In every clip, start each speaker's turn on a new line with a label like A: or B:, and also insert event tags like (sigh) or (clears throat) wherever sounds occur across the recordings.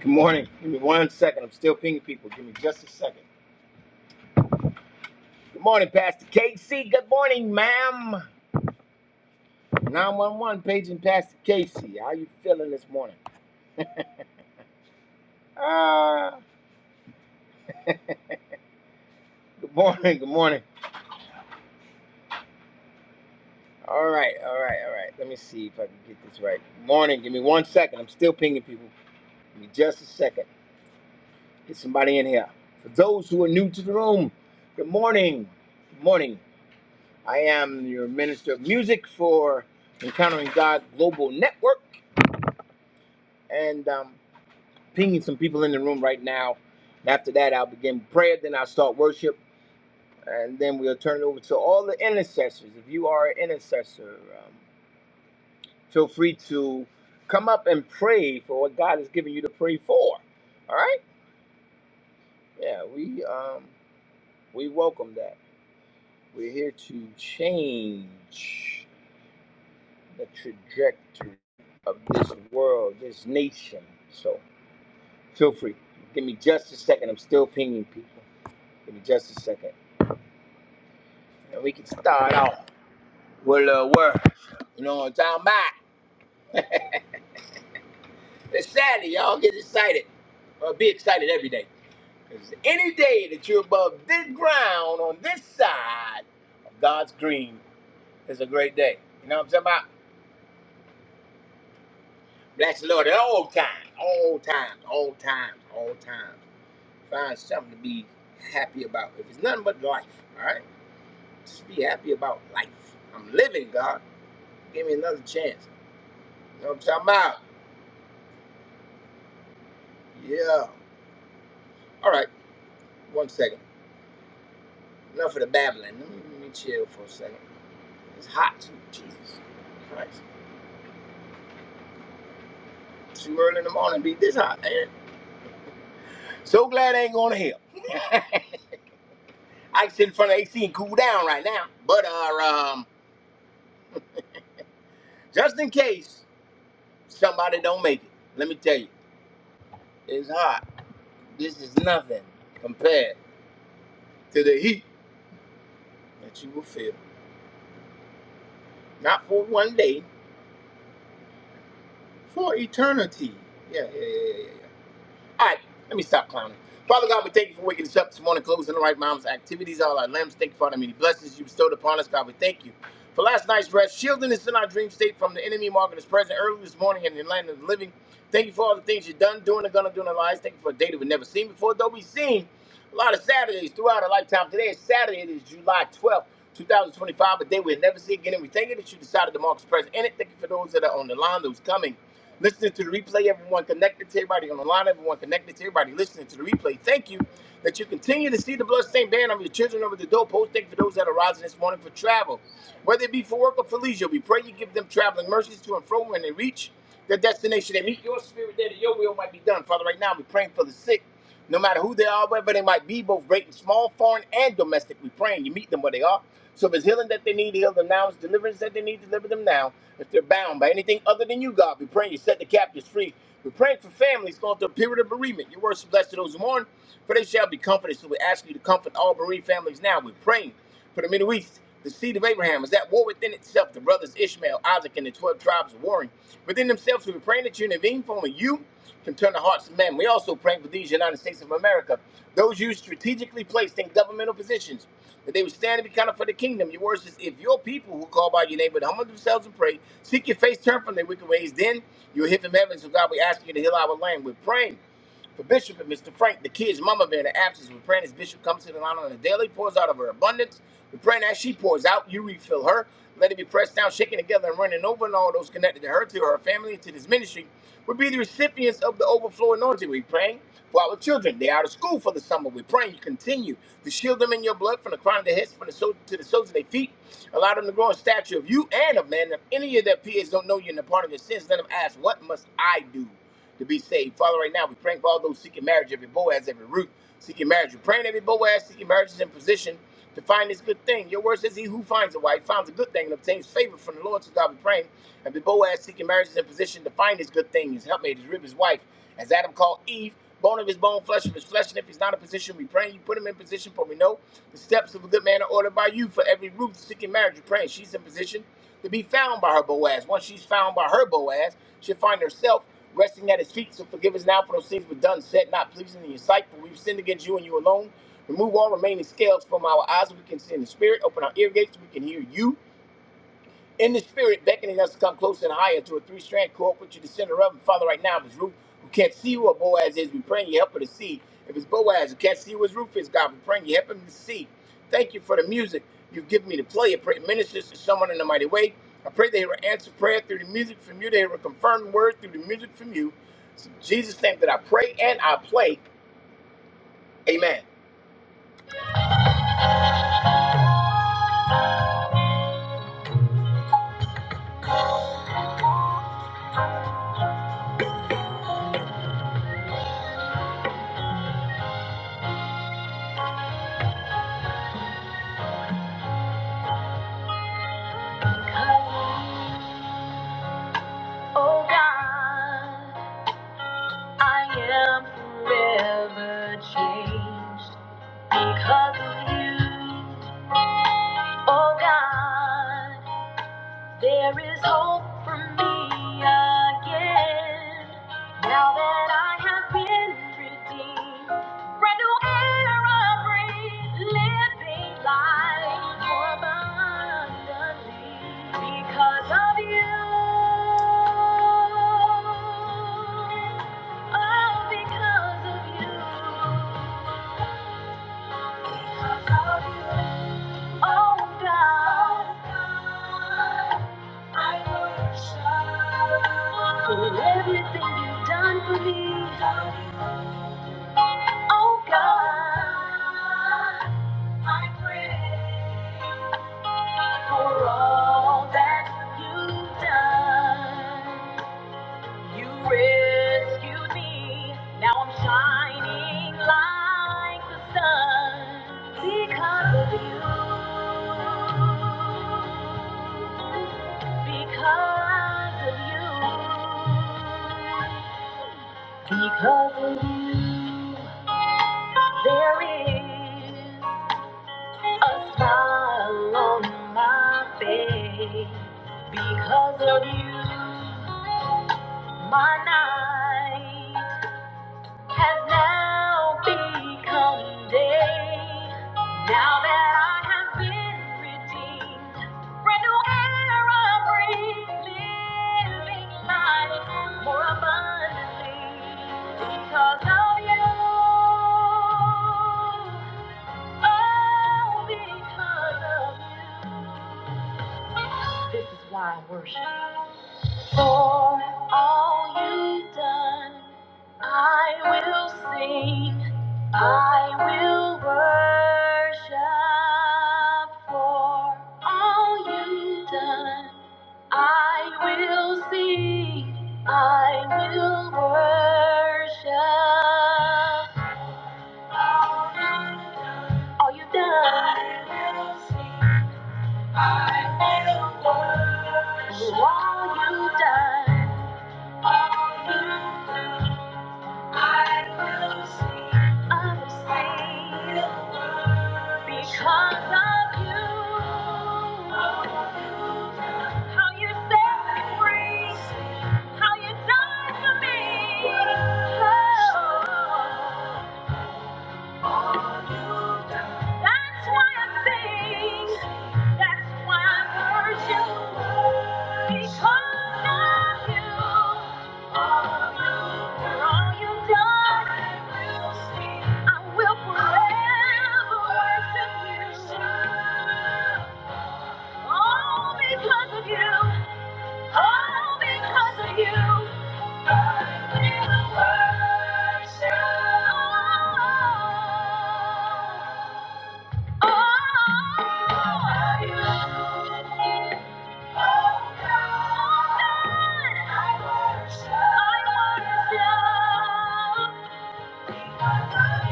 A: Good morning. Give me one second. I'm still pinging people. Give me just a second. Good morning, Pastor Casey. Good morning, ma'am. 911 paging Pastor Casey. How you feeling this morning? Ah, good morning. Good morning. All right, all right, all right. Let me see if I can get this right. Good morning. Give me one second. I'm still pinging people. Give me just a second. Get somebody in here. For those who are new to the room, good morning. Good morning. I am your minister of music for Encountering God Global Network and um, pinging some people in the room right now. After that, I'll begin prayer, then I'll start worship, and then we'll turn it over to all the intercessors. If you are an intercessor, um, feel free to come up and pray for what God has given you to pray for. All right? Yeah, we um, we welcome that. We're here to change the trajectory of this world, this nation. So feel free. Give me just a second. I'm still pinging people. Give me just a second. And we can start off with a word. You know what I'm talking about? It's Saturday, y'all get excited. Or be excited every day, cause any day that you're above this ground on this side of God's green is a great day. You know what I'm talking about? Bless the Lord at all times, all times, all times, all times. Find something to be happy about. If it's nothing but life, all right? Just be happy about life. I'm living, God. Give me another chance. You know what I'm talking about? Yeah. All right. One second. Enough of the babbling. Let me, let me chill for a second. It's hot too. Jesus Christ. Too early in the morning be this hot, man. So glad I ain't going to hell. (laughs) I can sit in front of AC and cool down right now. But uh, um, just in case somebody don't make it, let me tell you, it's hot. This is nothing compared to the heat that you will feel. Not for one day, for eternity. Yeah, yeah, yeah, yeah. yeah. All right, let me stop clowning. Father God, we thank you for waking us up this morning, closing the right mom's activities, all our limbs. Thank you for the many blessings you bestowed upon us, God. We thank you for last night's rest, shielding us in our dream state from the enemy, marking us present early this morning in the land of the living. Thank you for all the things you've done, doing, and gonna do in our lives. Thank you for a day that we've never seen before, though we've seen. A lot of Saturdays throughout our lifetime. Today is Saturday. It is July 12th, 2025, a day we'll never see again. And we thank you that you decided to mark this present in it. Thank you for those that are on the line, those coming. Listening to the replay, everyone connected to everybody on the line, everyone connected to everybody listening to the replay. Thank you that you continue to see the bloodstained band on your children over the doorpost. Thank you for those that are rising this morning for travel, whether it be for work or for leisure. We pray you give them traveling mercies to and fro when they reach their destination. They meet your spirit there that your will might be done. Father, right now we're praying for the sick. No matter who they are, wherever they might be, both great and small, foreign and domestic, we praying you meet them where they are. So if it's healing that they need, heal them now. If it's deliverance that they need, deliver them now. If they're bound by anything other than you, God, we praying you set the captives free. We're praying for families going through a period of bereavement. Your words blessed to those who mourn, for they shall be comforted. So we ask you to comfort all bereaved families now. We're praying. For the Middle East, the seed of Abraham is at war within itself. The brothers Ishmael, Isaac, and the 12 tribes are warring within themselves. We are praying that you intervene for them and you can turn the hearts of men. We also pray for these United States of America, those you strategically placed in governmental positions, that they would stand and be counted for the kingdom. Your word says, if your people who call by your name would humble themselves and pray, seek your face, turn from their wicked ways, then you'll hear from heaven. So, God, we ask you to heal our land. We're praying. For Bishop and Mr. Frank, the kid's mama being in the absence, we're praying as Bishop comes to the line on the daily, pours out of her abundance. We're praying as she pours out, you refill her. Let it be pressed down, shaken together, and running over, and all those connected to her, to her family, and to this ministry will be the recipients of the overflow anointing. We're praying for our children. They're out of school for the summer. We're praying you continue to shield them in your blood from the crown of their heads from the so- to the soles of their feet. Allow them to grow in stature of you and of man. If any of their peers don't know you and the part of your sins, let them ask, What must I do? to be saved. Father, right now, we praying for all those seeking marriage, every Boaz, every Ruth seeking marriage. We're praying every Boaz seeking marriage is in position to find this good thing. Your word says, He who finds a wife finds a good thing and obtains favor from the Lord. So, God, we praying. Every Boaz seeking marriage is in position to find his good thing, his helpmate, his rib, his wife. As Adam called Eve, bone of his bone, flesh of his flesh. And if he's not in position, we pray you put him in position, for we know the steps of a good man are ordered by you. For every Ruth seeking marriage, we are praying she's in position to be found by her Boaz. Once she's found by her Boaz, she'll find herself resting at his feet. So forgive us now for those things we've done, said, not pleasing in your sight, for we've sinned against you and you alone. Remove all remaining scales from our eyes, so we can see in the spirit. Open our ear gates, so we can hear you in the spirit, beckoning us to come closer and higher to a three-strand cord, put you the center of. And Father, right now, if it's Ruth who can't see who her Boaz is, we praying you help her to see. If it's Boaz who can't see who his Ruth is, God, we praying you help him to see. Thank you for the music you've given me to play. I pray it ministers to someone in a mighty way. I pray they will answer prayer through the music from you. They will confirm the word through the music from you. It's in Jesus' name that I pray and I play. Amen. Oh God. I am forever changed because of you, oh God. There is hope for me again. Now that I have been redeemed, brand new era breathe, living life more abundantly because of you. Everything you've done for me, oh God, I pray for all that you've done. You rescued me. Now I'm shining like the sun because of you. Because of you. Because of you. There is a smile on my face. Because of you, my night has now become day. Now that I have been redeemed, brand new era brings living life more abundantly because of you. Oh, because of you. This is why I worship. For all you've done, I will sing, I will worship. For all you've done, I will sing, I will worship. All you've done, all you've done. I will sing, I will worship. All you've done. How you died for me. Oh. That's why I sing. That's why I worship. Because of you. For all you've done, I will forever worship you. All because of you. All because of you, I will worship. Oh, you. Oh, God, I worship. I worship. Because of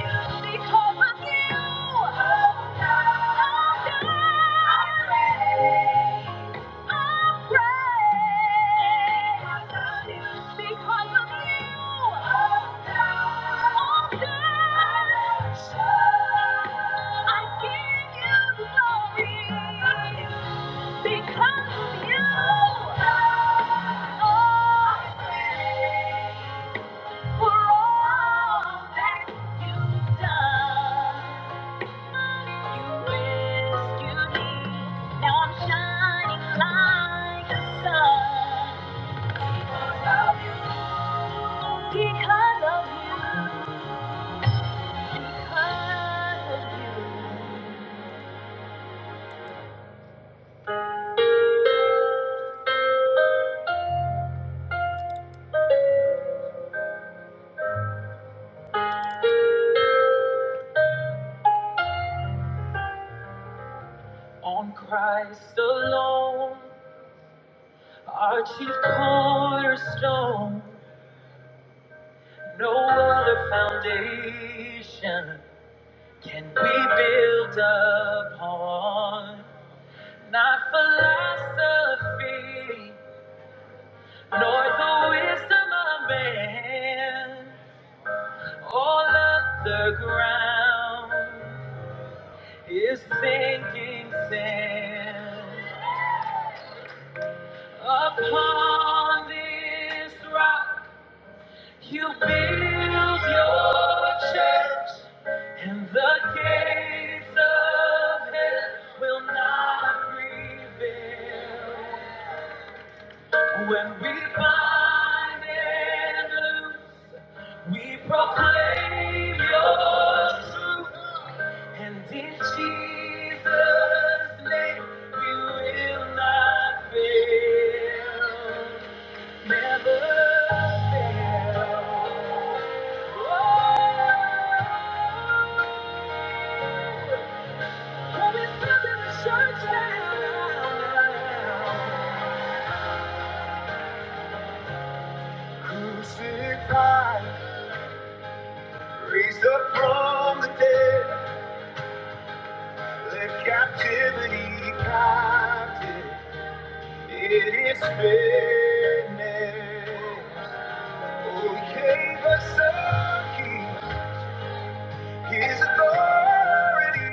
A: you, oh, I'm for all that you've done. you you, you, you. rescued me. Now I'm shining like the sun. Because because because of of of you. On Christ alone, our chief cornerstone, no other foundation can we build upon. Not philosophy, nor the wisdom of man. All other ground is sinking sand. Upon this rock, you build your church, and the gates of hell will not prevail. When we find enemies, we proclaim your truth. And in Jesus' name, we will not fail. Never fail. Oh, we're standing in the church now. Crucify. Raised up from the dead, let captivity captive. It is finished. Oh, he gave us a key, his authority.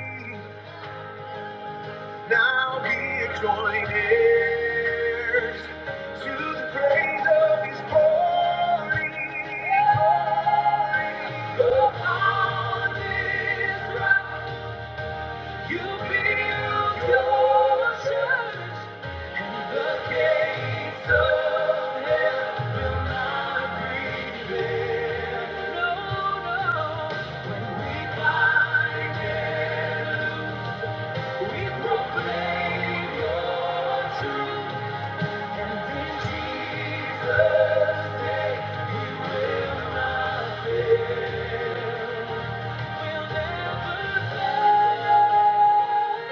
A: Now we are joint heirs to the praise of his glory. Glory glory. upon this rock. You build your church, and the gates of hell will not prevail. No, no. When we find it, we proclaim your truth, and in Jesus' name we will not fail. We'll never fail.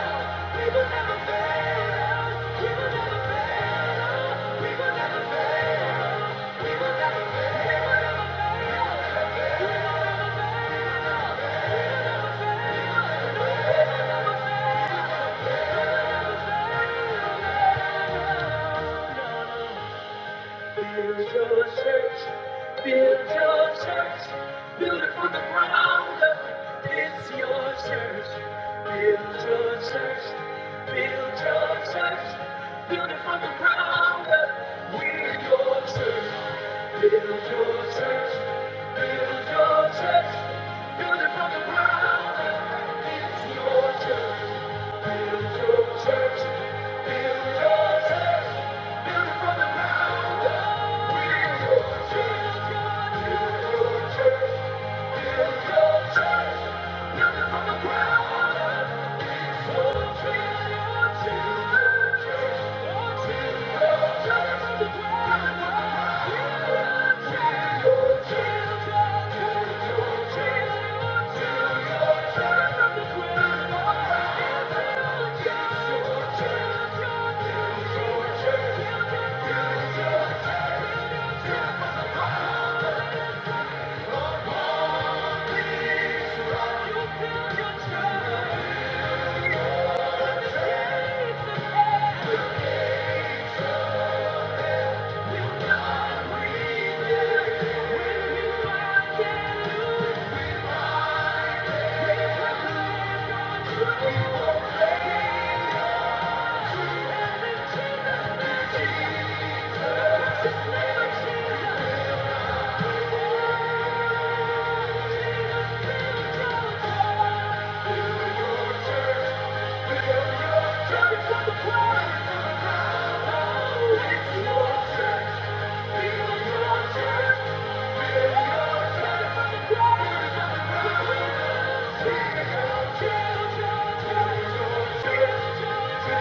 A: fail. Build your church, build your church, build it from the ground up. It's your church, build your church, build your church, build it from the ground up. We're your church, build your church, build your church, build it from the ground up. It's your church from the ground up. Thank you. Thank you.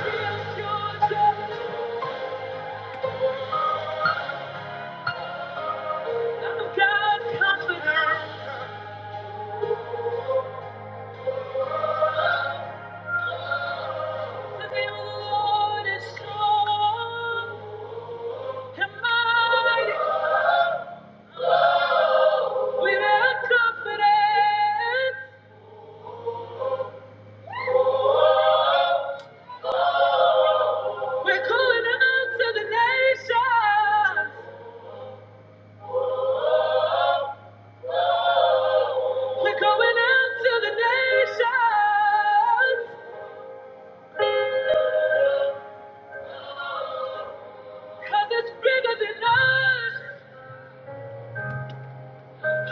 A: We're going out to the nations. Cause it's bigger than us.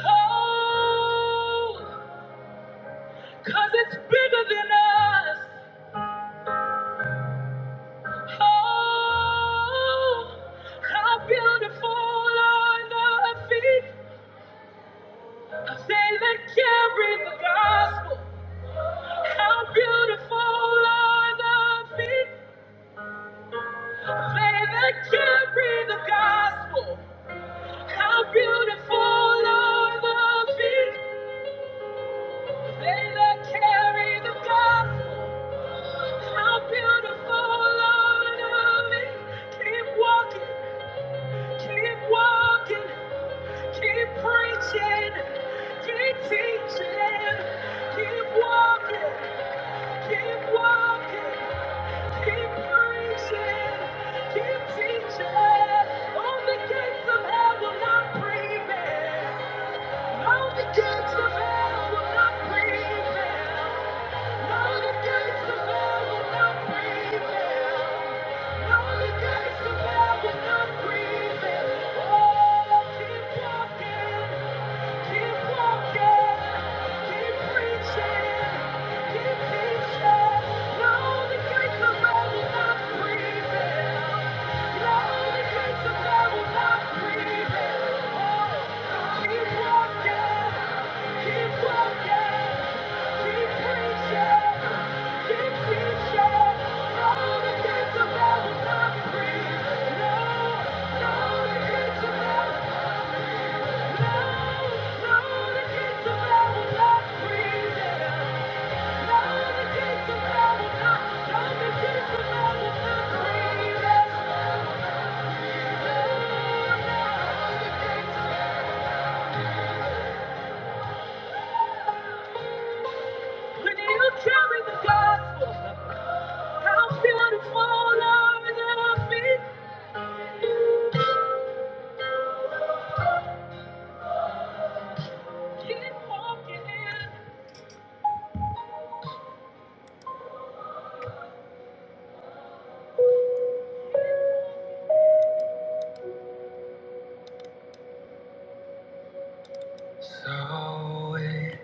A: Oh, cause it's bigger than us. Oh, how beautiful are the feet of they that carry the gospel. How beautiful are the feet of they that carry the gospel. How beautiful are the feet of they that carry the gospel. How beautiful are the feet. Keep walking, keep walking. Keep preaching, keep teaching, keep walking, keep walking, keep preaching, keep teaching. All the gates of hell will not prevail. All the gates of hell will not prevail. All the gates of hell will not prevail. All the gates of hell will not prevail. Oh, keep walking. Keep teaching. No, no, the gates of hell will not prevail. When you carry the gospel, how beautiful are the feet. Keep walking in. So wait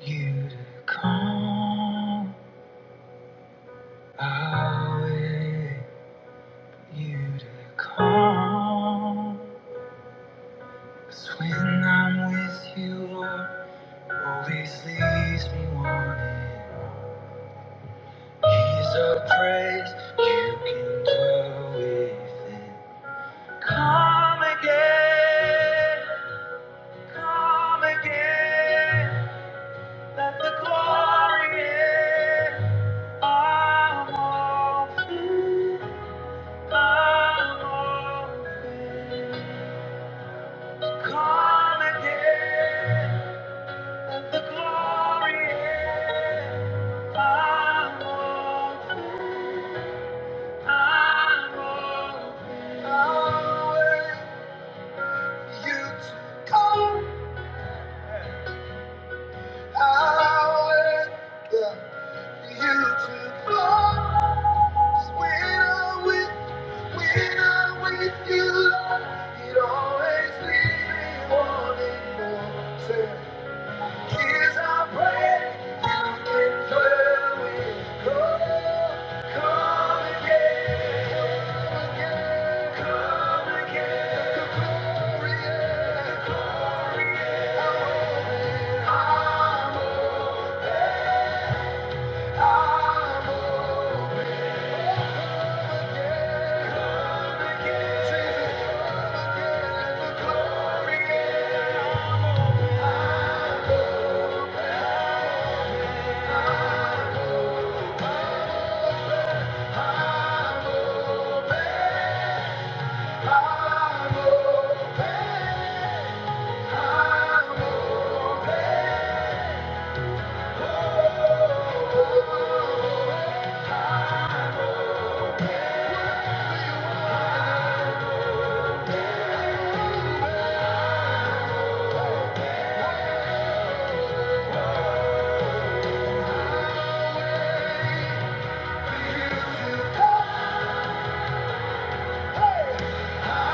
A: you to come. I wait. you to come. 'Cause when I'm with you, Lord, always leaves me wanting. He's a praise you can dwell within. Come again, come again. Let the glory in. I'm, I'm open. Come again. The glory is I'm open, I'm open, I'm open. You took us when with, when I'm with you, Lord, it always leaves me wanting more. Is our prayer to declare we come, come again, come again, the glorious, glorious, I'm Yeah.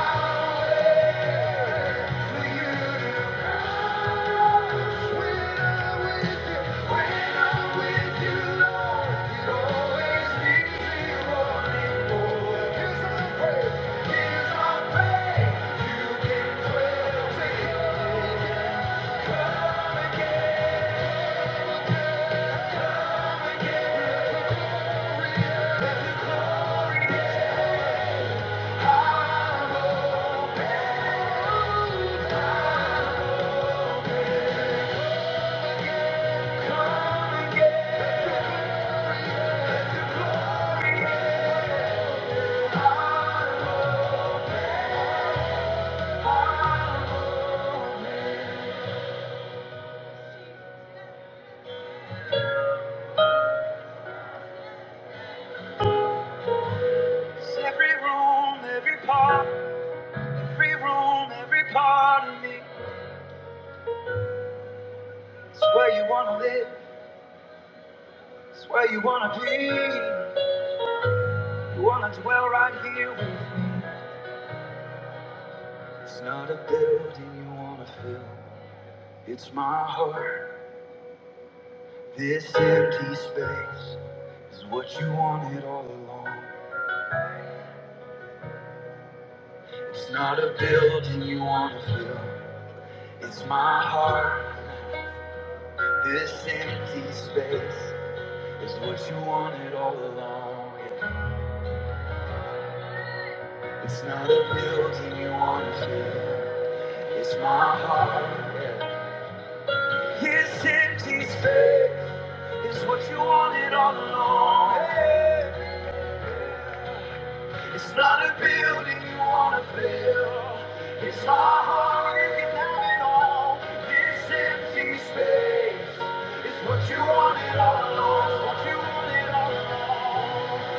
A: Every room, every part, every room, every part of me. It's where you wanna live, it's where you wanna be. You wanna dwell right here with me. It's not a building you wanna fill, it's my heart. This empty space is what you wanted all along. It's not a building you want to fill, it's my heart. This empty space is what you wanted all along. It's not a building you want to fill, it's my heart. This empty space is what you wanted all along. Hey. It's not a building you wanna fill. It's our heart you can have it all. This empty space is what you wanted all along. It's what you wanted all along.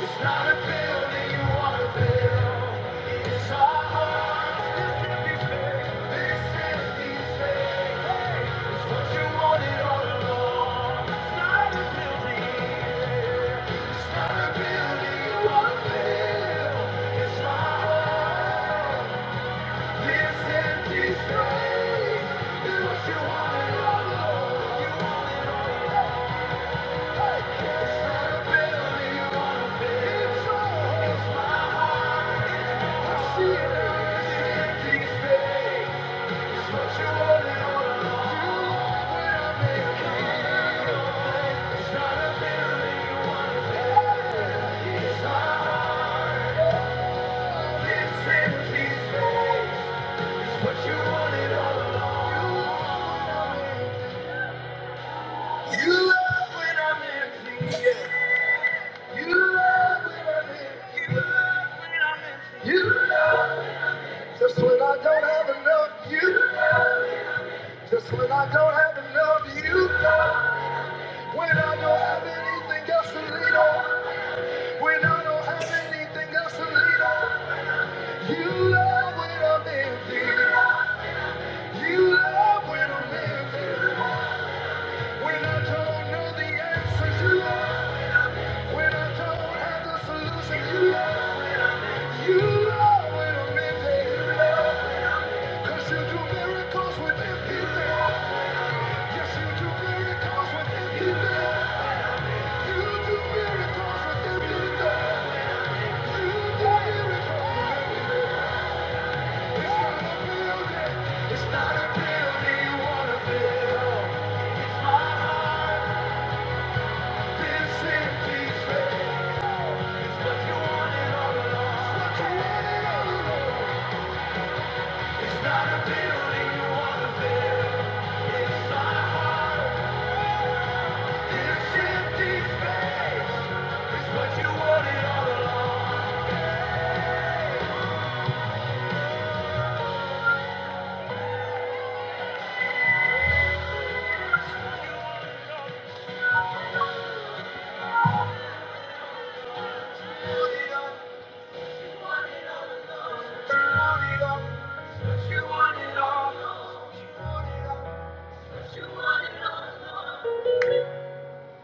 A: It's not a building you wanna fill. It's a heart. This empty space. This empty space. Hey, it's what you wanted all along. It's not a building. Just when I don't have enough, you know, Just when I don't have enough, you know. When I don't have anything else to lean on. When I don't have anything else to lean on. You love when I'm empty. You love when I'm empty. When I don't know the answers, you love. When I don't have the solution, you love. You love when I'm empty. You love, 'cause you do miracles with empty things. Yes, you do miracles with empty things. You do miracles with empty things. You do miracles with empty things. It's not a building, you wanna fill. It's my heart, this empty space. It's what you wanted all along. It's what you wanted all along. It's not a building you wanna fill. It's my heart, this empty space. It's what you wanted all along.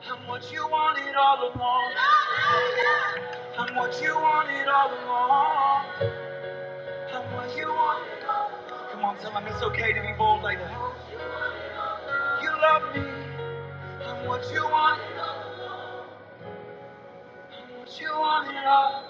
A: And what you wanted all along. i what you wanted all along. i what you want. Come on, tell 'em it's okay to be bold like that. You love me. I'm what you want. I'm what you want and I.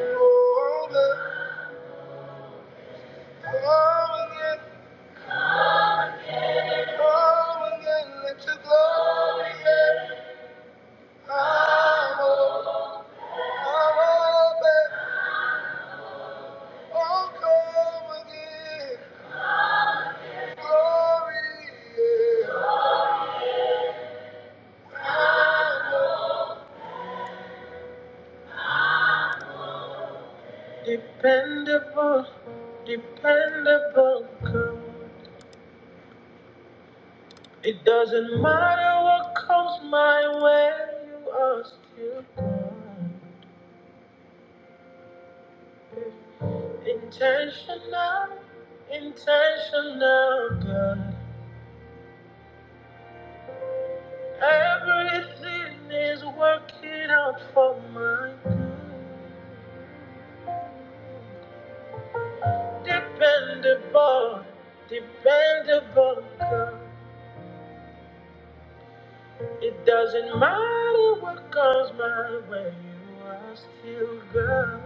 A: Oh, again, oh, again, oh, again. Let your glory in. I'm open. I'm open. Oh, come again. Glory in. Dependable, dependable girl. It doesn't matter what comes my way, you are still God. Intentional, intentional, God. Everything is working out for my good. Dependable, dependable, God. It doesn't matter what comes my way, you are still God.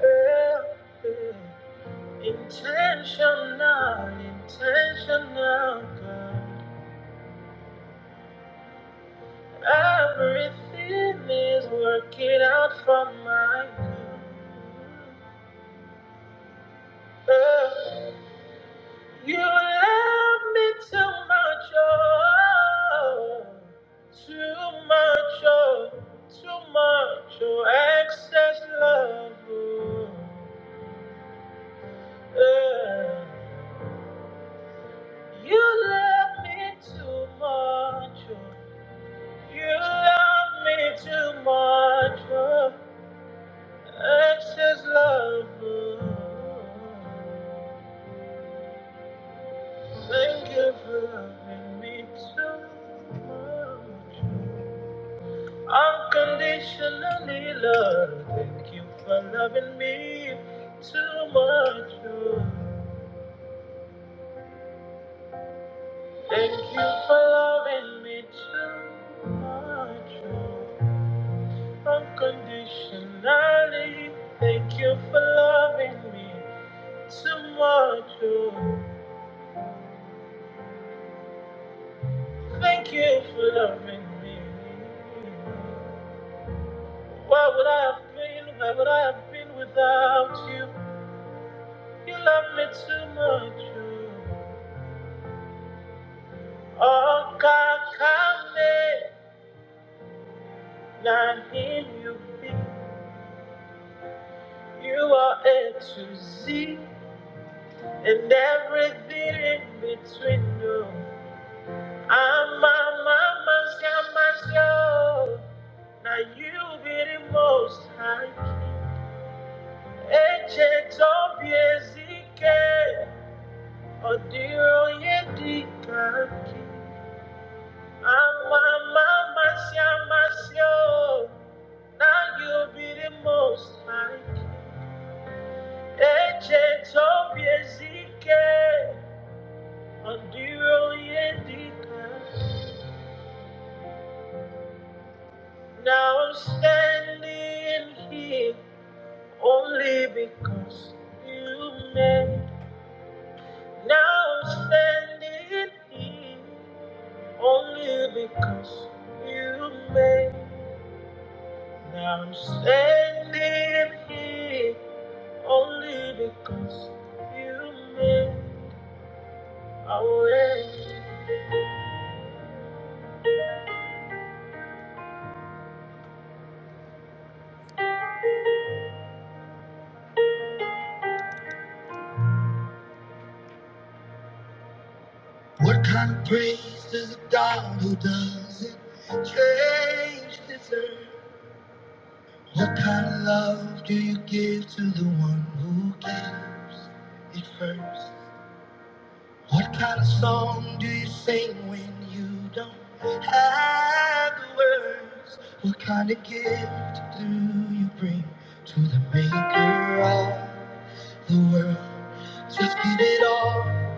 A: Yeah, yeah. Intentional, intentional, good. Everything is working out for my good. Oh, you love me too much, oh, too much, oh, too much, oh, excess love. Oh, oh. you love me too much, oh. You love me too much for excess love. Thank you for loving me too much. Unconditionally, Lord. Thank you for loving me too much. Thank you for loving me too much. Unconditionally, thank you for loving me so much. oh. Thank you for loving me. Why would I have been? Where would I have been without you? You love me too much. Oh, oh Kakame, Nahim, you be. You are A to Z and everything in between. oh. I'm my mama's got my soul. Now you be the most high king. Eche tobiezike. Odiro ye dikaki. I'm my mama's got my soul. Now you be the most high king. Eche tobiezike. Odiro ye dikaki. Now I'm standing here. Only because you made. Now I'm standing here. Only because you made. Now I'm standing here. Only because you made a way. What praise does a God who doesn't change deserve? What kind of love do you give to the one who gives it first? What kind of song do you sing when you don't have the words? What kind of gift do you bring to the maker of the world? Just give it all.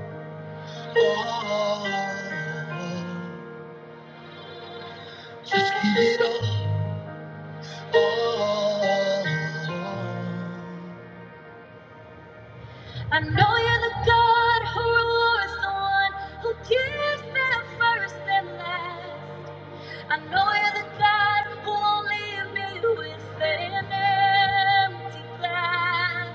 A: all. Just give it all. all. I know you're the God who rewards the one who gives them first and last. I know you're the God who won't leave me with an empty glass.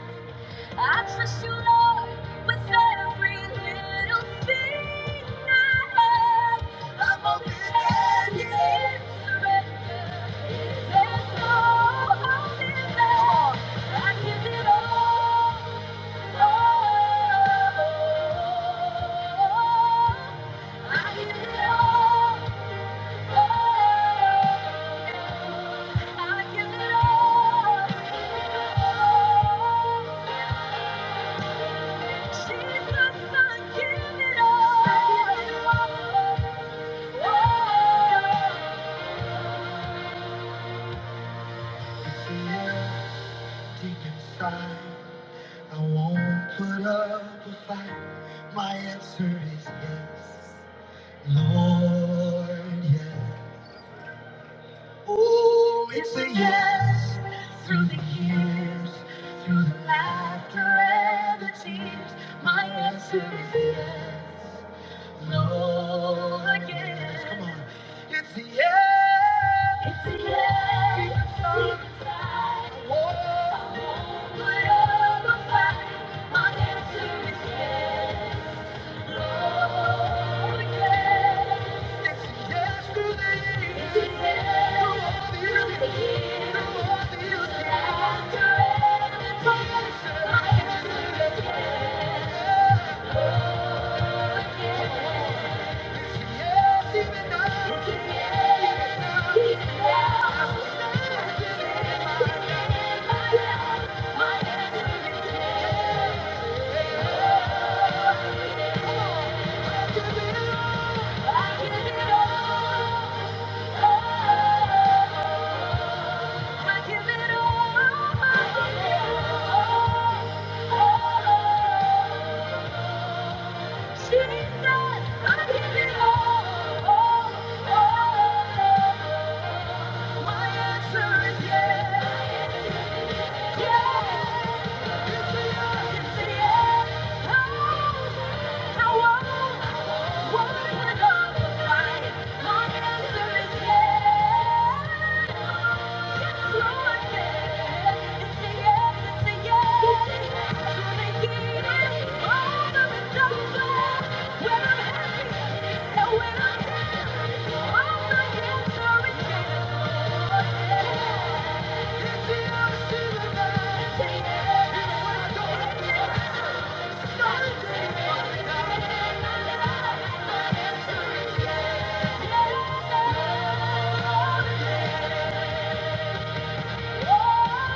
A: I trust you, Lord, with every little thing I have. I'm open handed surrender. There's no holding back. I give it all, Lord. I give it all. Deep inside, I won't put up a fight. My answer is yes, Lord, yes. It's a yes through the years, through the laughter and the tears. My answer is yes, no again. Come on, it's a yes. It's a yes. Even though I won't put up a fight, my answer is yes. Yeah. Yes, even now. Yes, even now. I will stand in my love. My answer is yes. I give it all. I give it all. I I give it all. Yeah. Yeah. I'll I'll say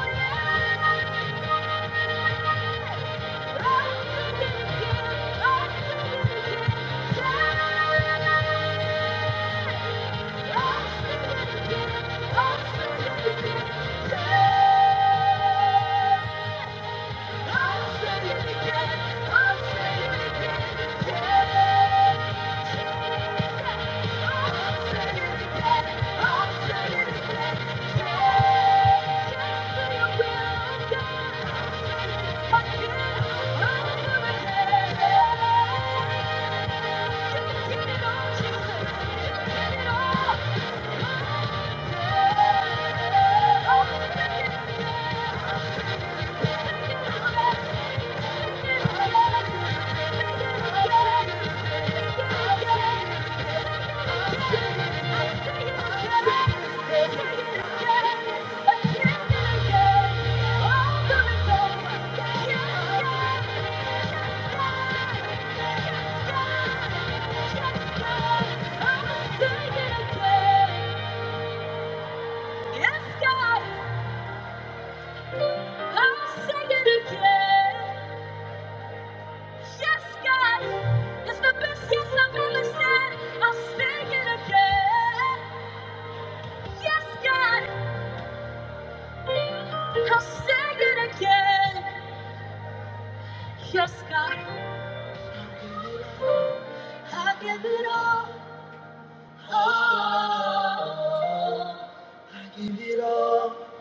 A: say it it again. I'll say it again. Yeah. I'll Yeah. Yes, God, I'm singing again. Yes, God, it's the best yes I've ever said. I'll sing it again. Yes, God, I'll sing it again. Yes, God, I give it all. Oh,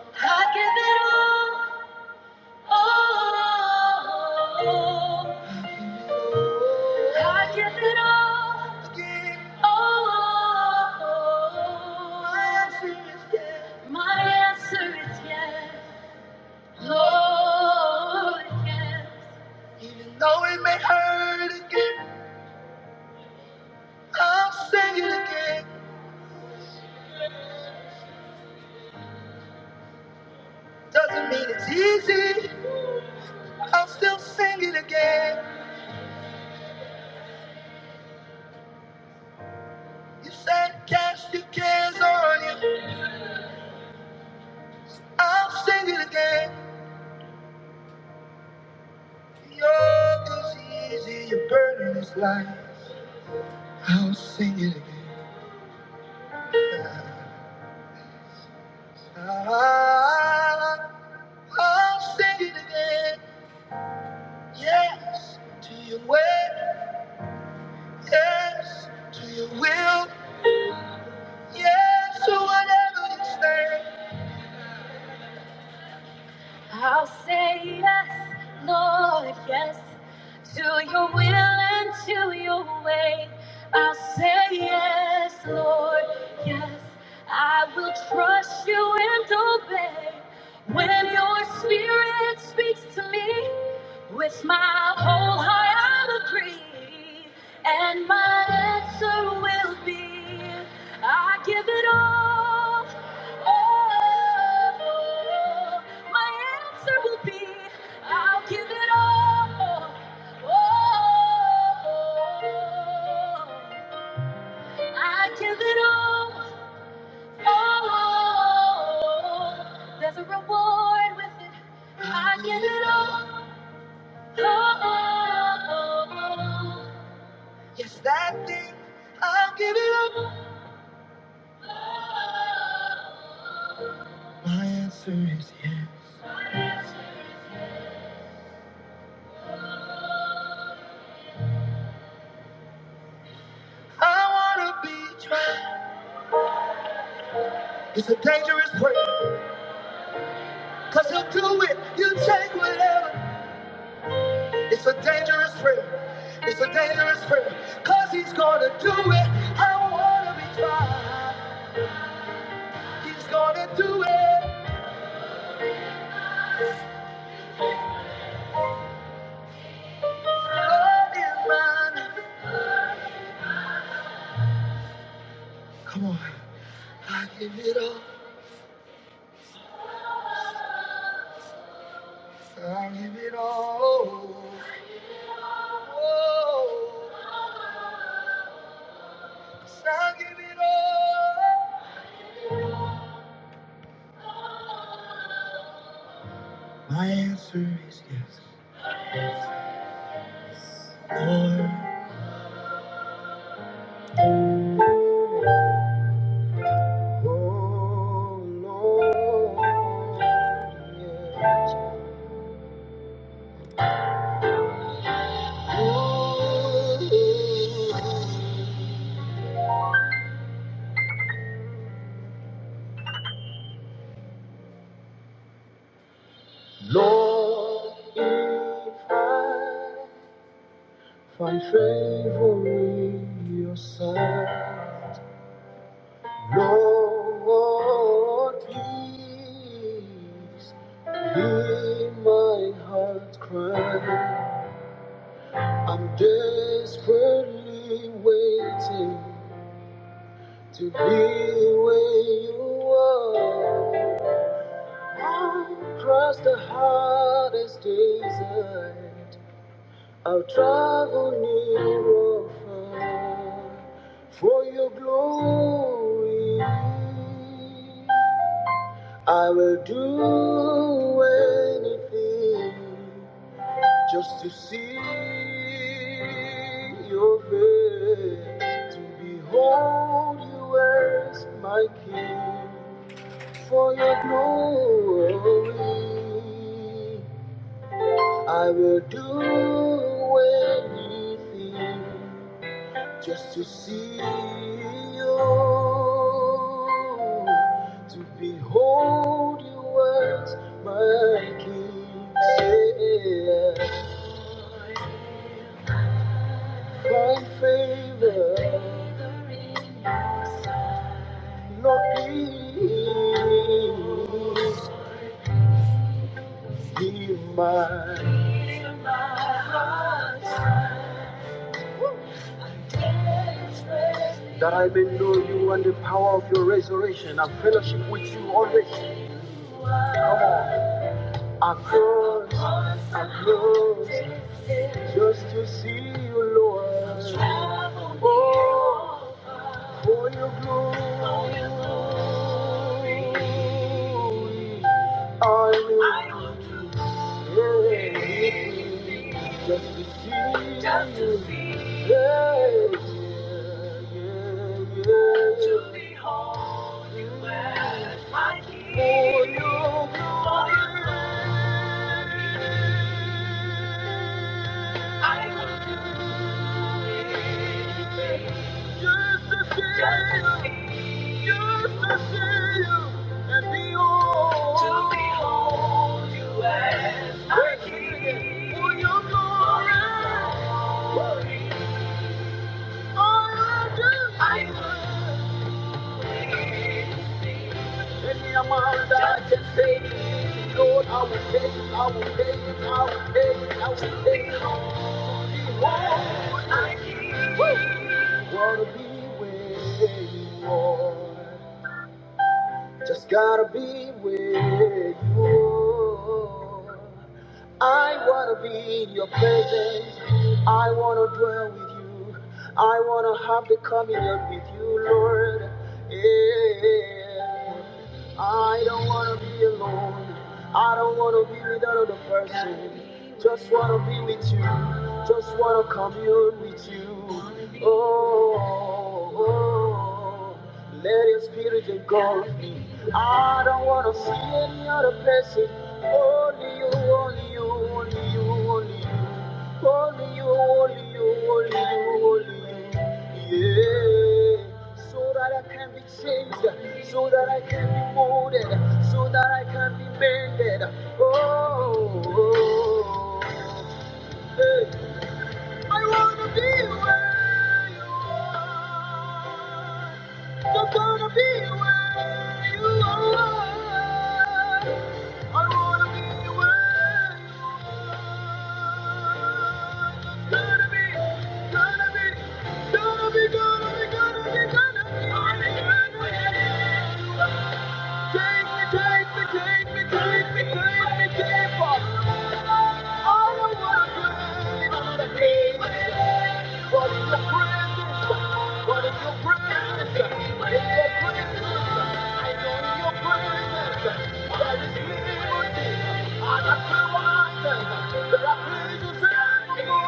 A: I give it all. Oh, I give it all. Oh, my answer is yes. Oh, yes. You said cast your cares on you. I'll sing it again. Your is easy, your burden is light. I'll sing it again. Ah, I'll sing it again. Yes to your way. Yes to your will. Yes to whatever you say. I'll say yes, Lord, yes, to your will and to your way. I'll say yes, Lord, yes. I will trust you and obey. When your spirit speaks to me, with my whole heart I'll agree, and my answer will be, I give it all. all. My answer will be, I'll give it all. Oh, I give it all. Oh, there's a reward with it. I give it all. Oh, yes, that thing, I'll give it all. My answer is yes. I wanna be tried. It's a dangerous prayer, cause he'll do it. You take whatever. It's a dangerous prayer. It's a dangerous prayer. Cause he's gonna do it. I wanna be tried. He's gonna do it. Lord is mine. Come on. I give it all. I give it all. Oh. I give it all. My answer is yes. Lord. Lord, if I find favor in your sight. Lord, please hear my heart cry. I'm desperately waiting to be where you are. I'll cross the hardest desert. I'll travel near or far for your glory. I will do anything just to see your face, to behold you as my king for your glory. I will do anything just to see you, to behold you as my king. Yeah. Find favor, not pity, in my that I may know you and the power of your resurrection and fellowship with you always. Come on. Up close, up close, Just to see you, Lord. Oh, for your glory. I will give anything just to see Just to see. Yeah, yeah, yeah. To be aware. For your glory. I will give Just to see Just to see. Lord, I will take it, I will take it, I will take it, I will take it all. To be whole, I want to be where you are. Just gotta be where you are. I wanna be in your presence. I wanna dwell with you. I wanna have the communion with you, Lord. Yeah. I don't wanna be alone. I don't wanna be with another person. Just wanna be with you. Just wanna commune with you. Oh, oh. let your spirit engulf me. I don't wanna see any other person. Only you, only you, only you, only you. Only you, only you, only you, only you. Yeah. So that I can be changed, so that I can be molded, so that I can be mended. Oh. oh, oh. Hey. I wanna be where you just gotta, gotta be. more.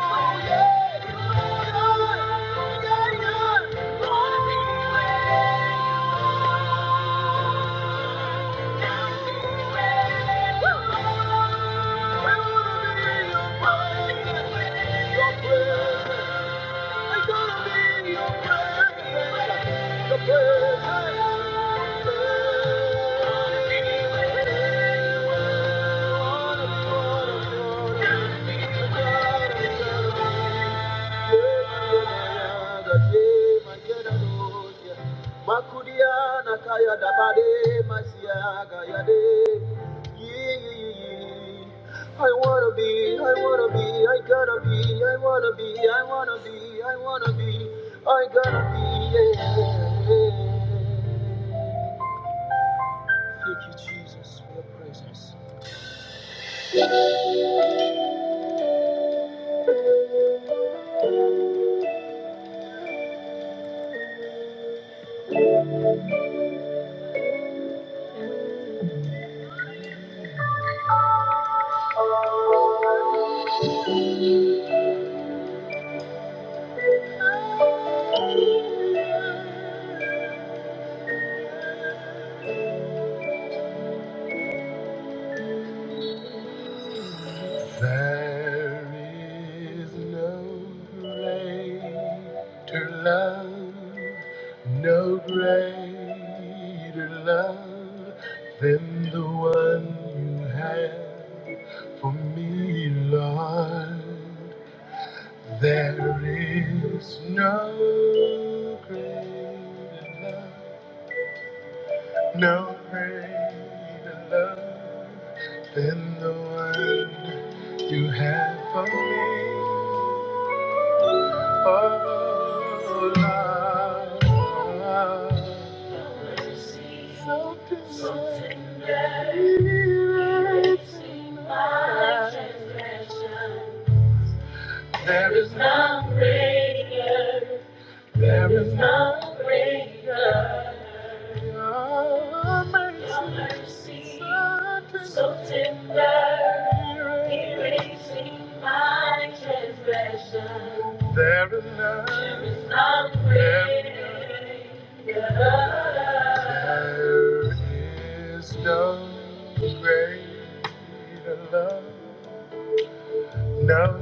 A: Thank you. Makudiana kaya dabade masiaga yade. I wanna be, I wanna be, I gotta be, I wanna be, I wanna be, I wanna be, I gotta be, yeah. Thank you, Jesus, for your presence. There is no greater love, no greater love than the one you have for me, Lord. There is no greater than you have. There is none greater. Your Your mercy, mercy, so so tender, tender, erasing erasing my transgression. There is none greater. No.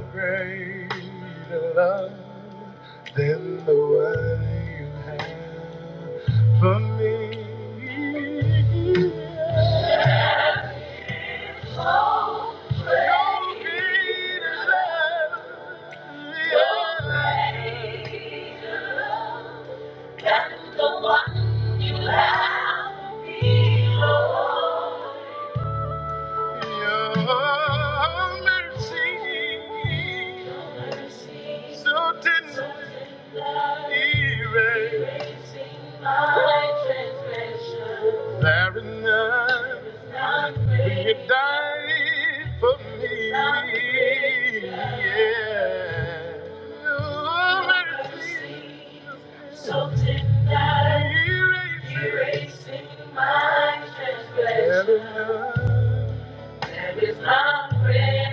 A: Your mercy so tender, erasing my transgression. transgression. Yeah. Something that is erasing my transgression. It is my prayer.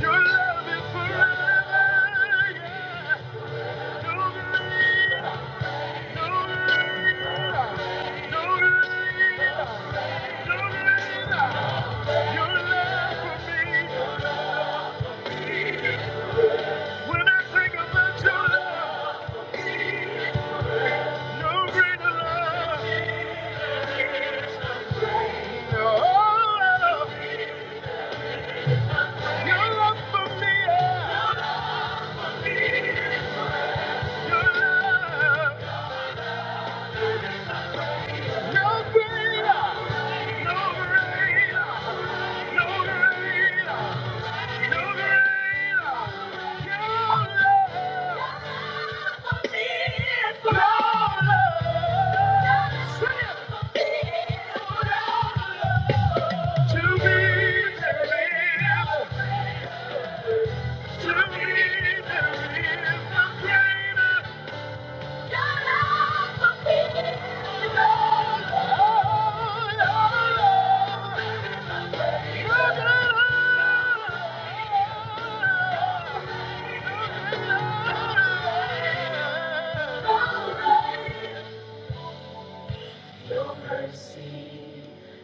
A: Your love is forever. Your love for me. When I think about your love, no greater love. No, love. your love for me. To be the real, to be the greater.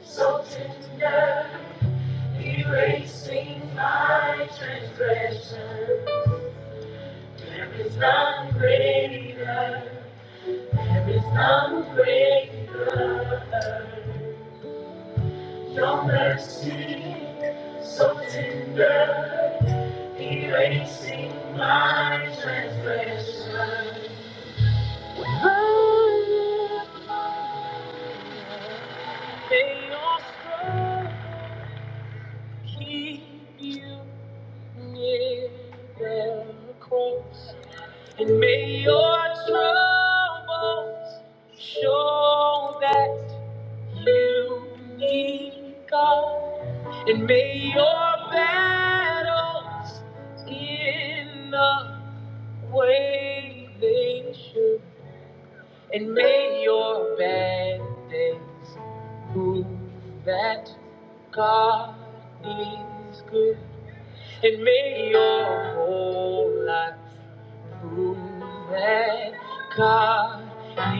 A: So tender, erasing my transgression. There is none greater, there is none greater. Your mercy So tender, erasing my transgression. May your strength keep you near the cross, and may your troubles show that you need God, and may your battles in the way they should. and may your bad days prove that God is good, and may your whole life whom that God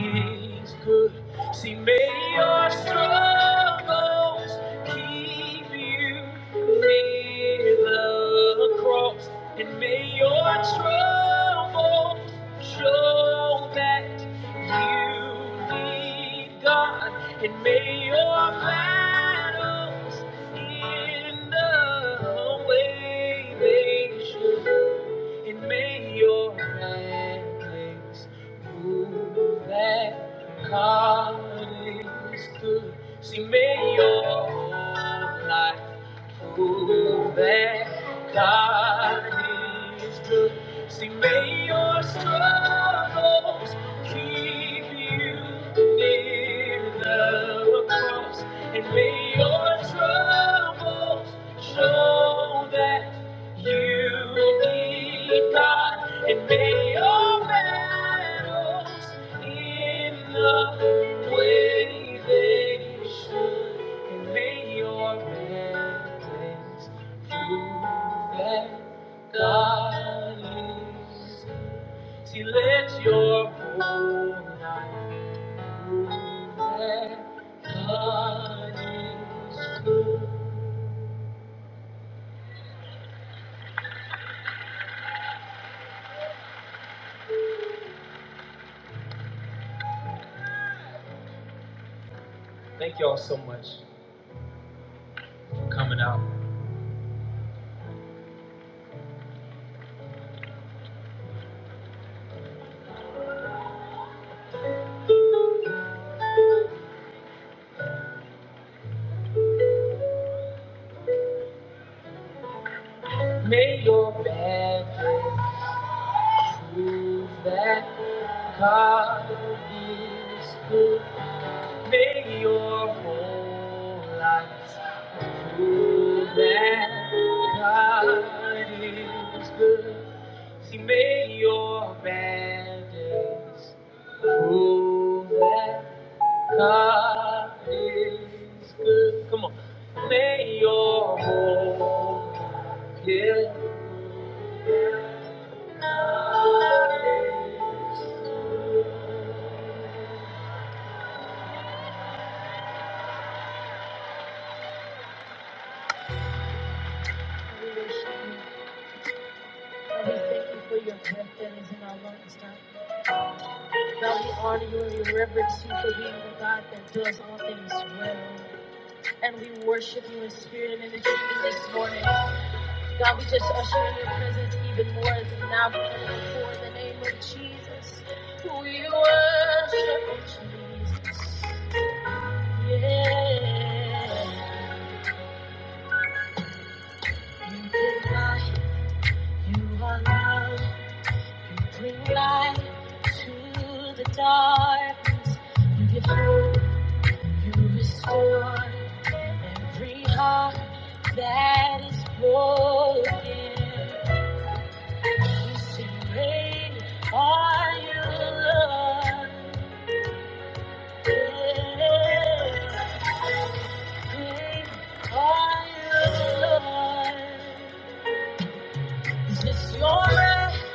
A: is good. See, may your struggles keep you near the cross, and may your troubles show that you need God, and may your battles in the way they should. And may your reckless move that God is good. See, may your whole life prove that God is good. See, may your struggles keep you near the cross. And may your troubles show that. You need God and may your battles in the way they should, and may your battles prove that God is. See, let your whole life that God is. good. Thank y'all so much for coming out. May your battles prove that God is good. May your whole life prove that God is good. See, may your bad days prove that God is good. Come on. May your whole yeah. We thank you for your breath that is in our lungs, God. God, we honor you and we reverence you for being the God that does all things well. And we worship you in spirit and in the truth this morning. God, we just usher in your presence even more as we now come before in the name of Jesus. We worship you, Jesus. Yeah. You bring light, you are love, you bring light to the darkness. You give hope. You restore every heart that is broken. You sing great are you, Lord. Yeah. Great are you, Lord. Is this is your breath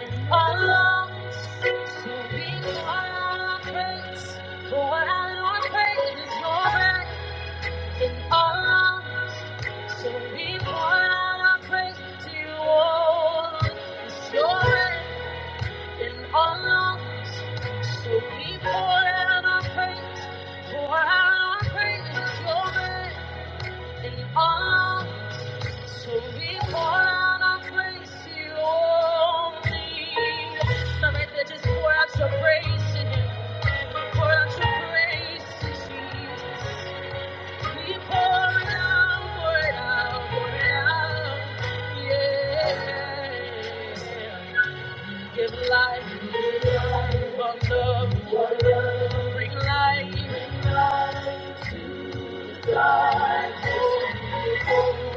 A: in our lungs? So we pour out our praise. Pour out our praise. It's your breath. and honest. So we pour out our praise to you, oh your in all So we pour out our praise, pour out our praise. It's your hand in So we pour out our praise to you only. Now right just pour out your praise to him. Pour out your praise to Jesus. We pour it out, pour it out, pour it out. Yeah. Give life, give life. One love, one love. Bring life. bring life. Thank you.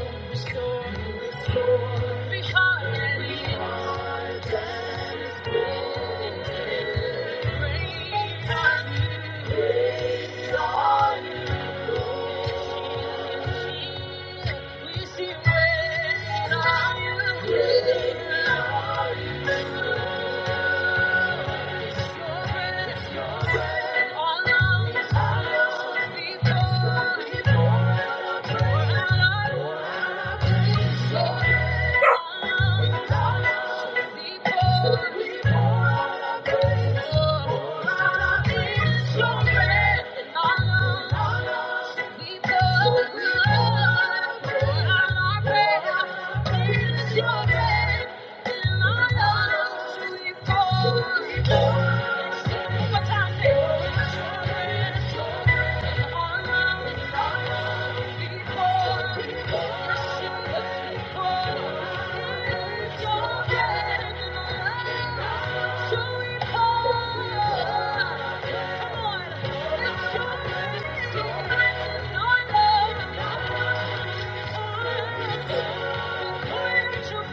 A: Thank you.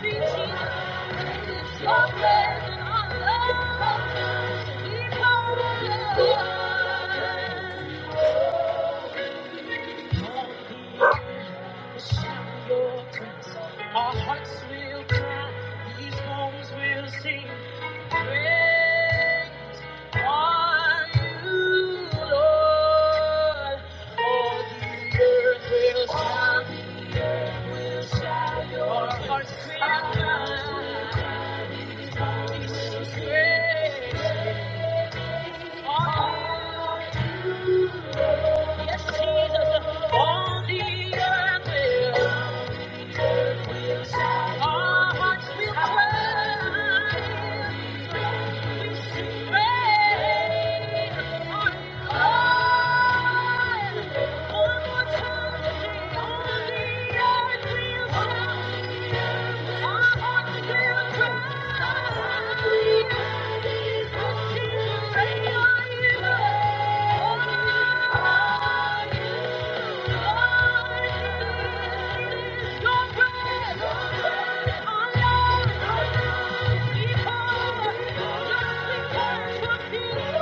A: Thank you. Our hearts will cry, these bones will sing. Great are you, Lord. All the earth will shout. Our hearts will cry. This is Great Our Yes, Jesus, all the earth will. Our hearts will cry. We sing praise on more time, the earth will Our hearts will cry. We sing praise on you. On you.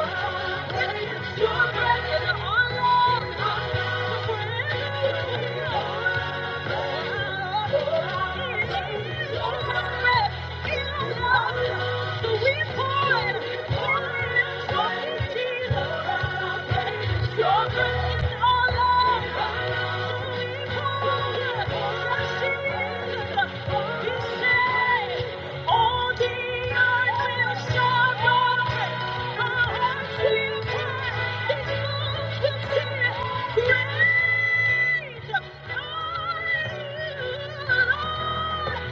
A: Thank you. Thank you. Thank you.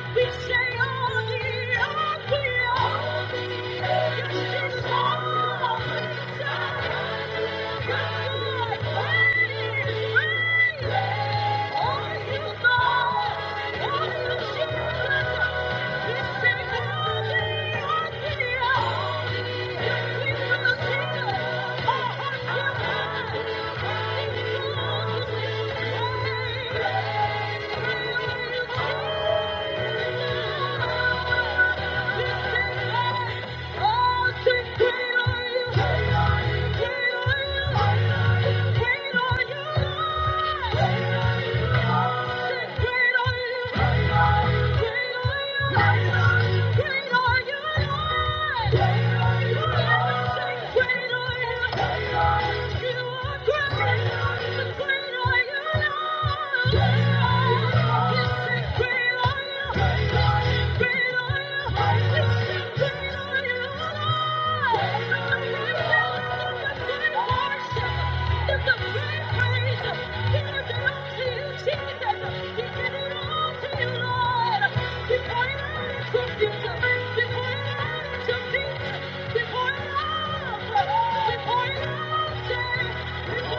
A: Great are you? Before it it it Before Before all, all. Thank you.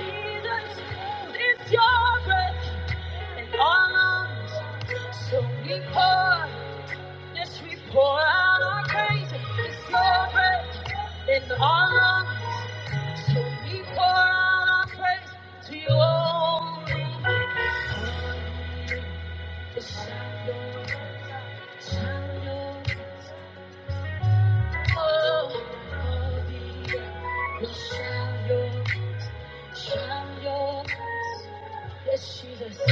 A: Jesus, it's your breath in our lungs. So we pour, yes, we pour out our praise. It's your breath in our lungs. So we pour out our praise to your Shine your, shine your Yes, Jesus. That's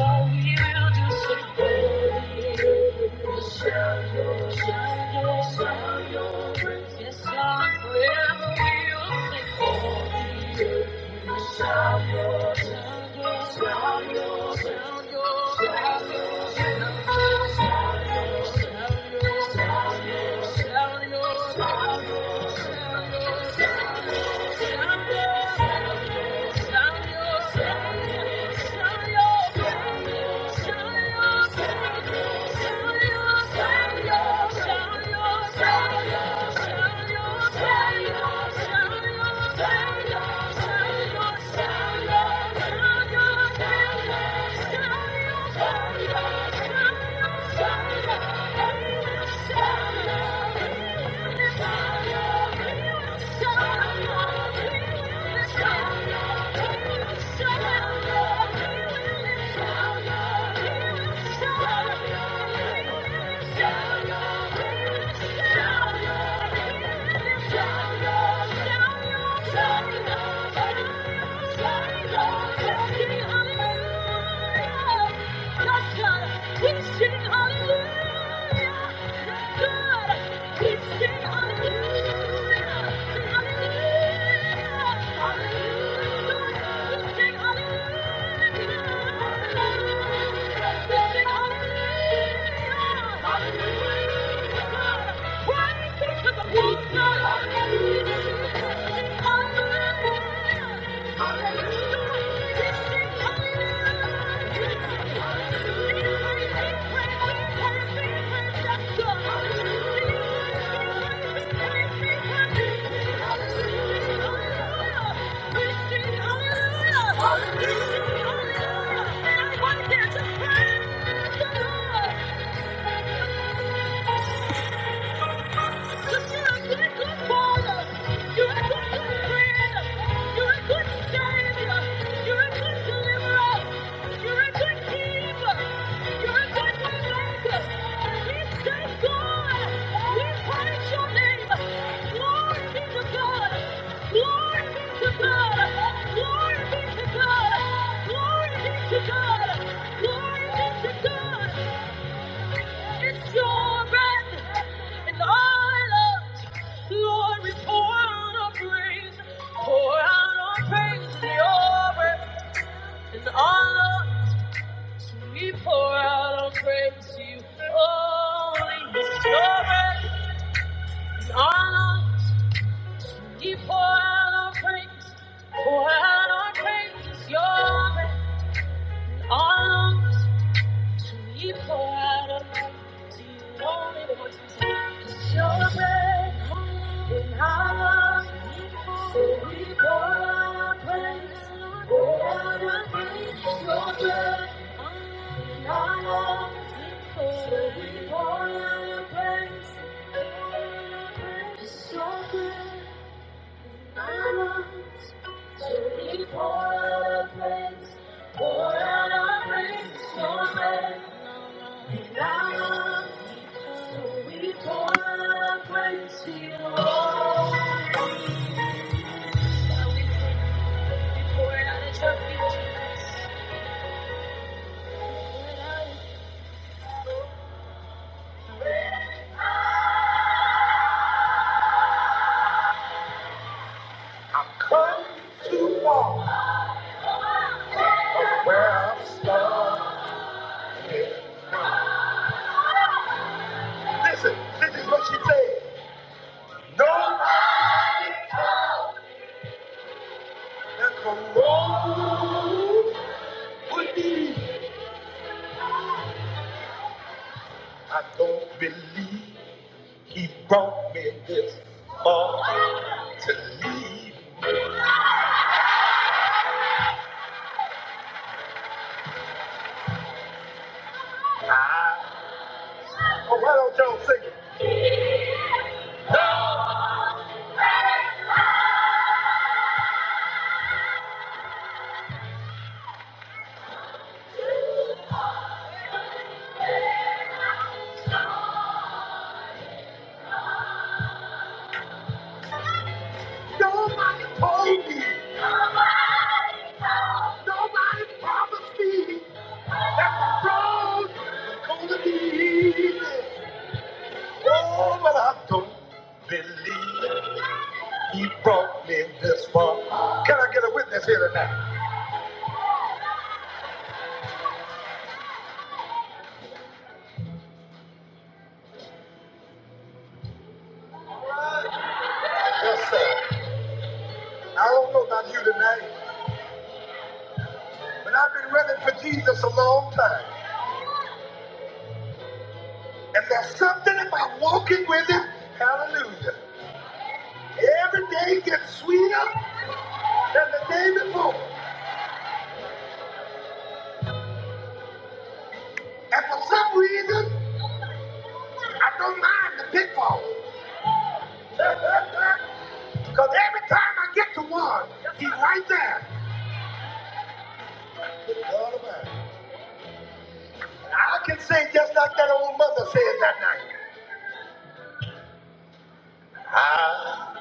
A: all we will do. Say, shout your, shout your, shout your grace. Yes, Lord, forever we will sing. Shine your, shine your, shout your, shout your, shout your, shout your. Thank you. Thank you. Hallelujah! Hallelujah. Hallelujah! Hallelujah! And I want to just praise the Lord. Glory be to God. It's your breath and all love. Lord, we pour out our praise, pour out our praise to your breath and honor. So we pour out our praise to you, holy Spirit, and honor. We pour out our praise, pour out our praise to your breath and honor. It's Your breath in our lungs. So we pour out our praise, pour out our praise to your breath. I'm Come to walk where I'm stuck. Listen, this is what she said. Nobody told that the road would be. I don't believe he brought me this. Nobody told me. Nobody promised me. I'm proud gonna be. Oh, but I don't believe he brought me this far. Can I get a witness here tonight? Yes, sir. I don't know about you tonight, but I've been running for Jesus a long time. And there's something about walking with him. Hallelujah. Every day gets sweeter than the day before. And for some reason, I don't mind the pitfall. (laughs) Because every time I get to one, he's right there. And I can sing just like that old mother said that night. I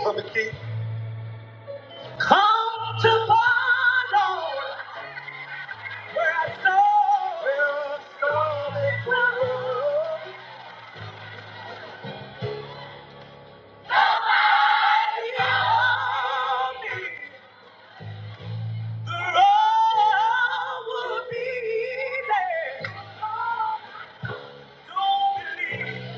A: will come to borrow where I saw where I saw the world. Beyond me, the road will be there. Don't believe,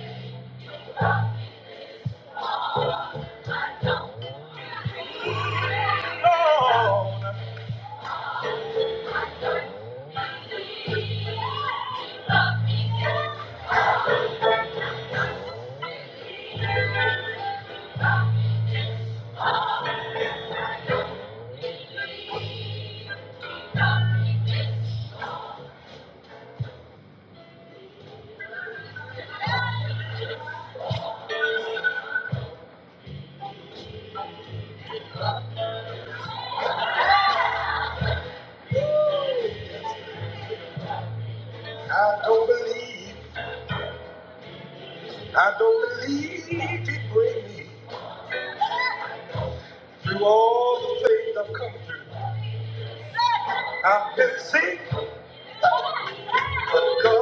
A: Lord. I don't believe. I don't believe he bring me through all the things I've come through. I've been sick, but God,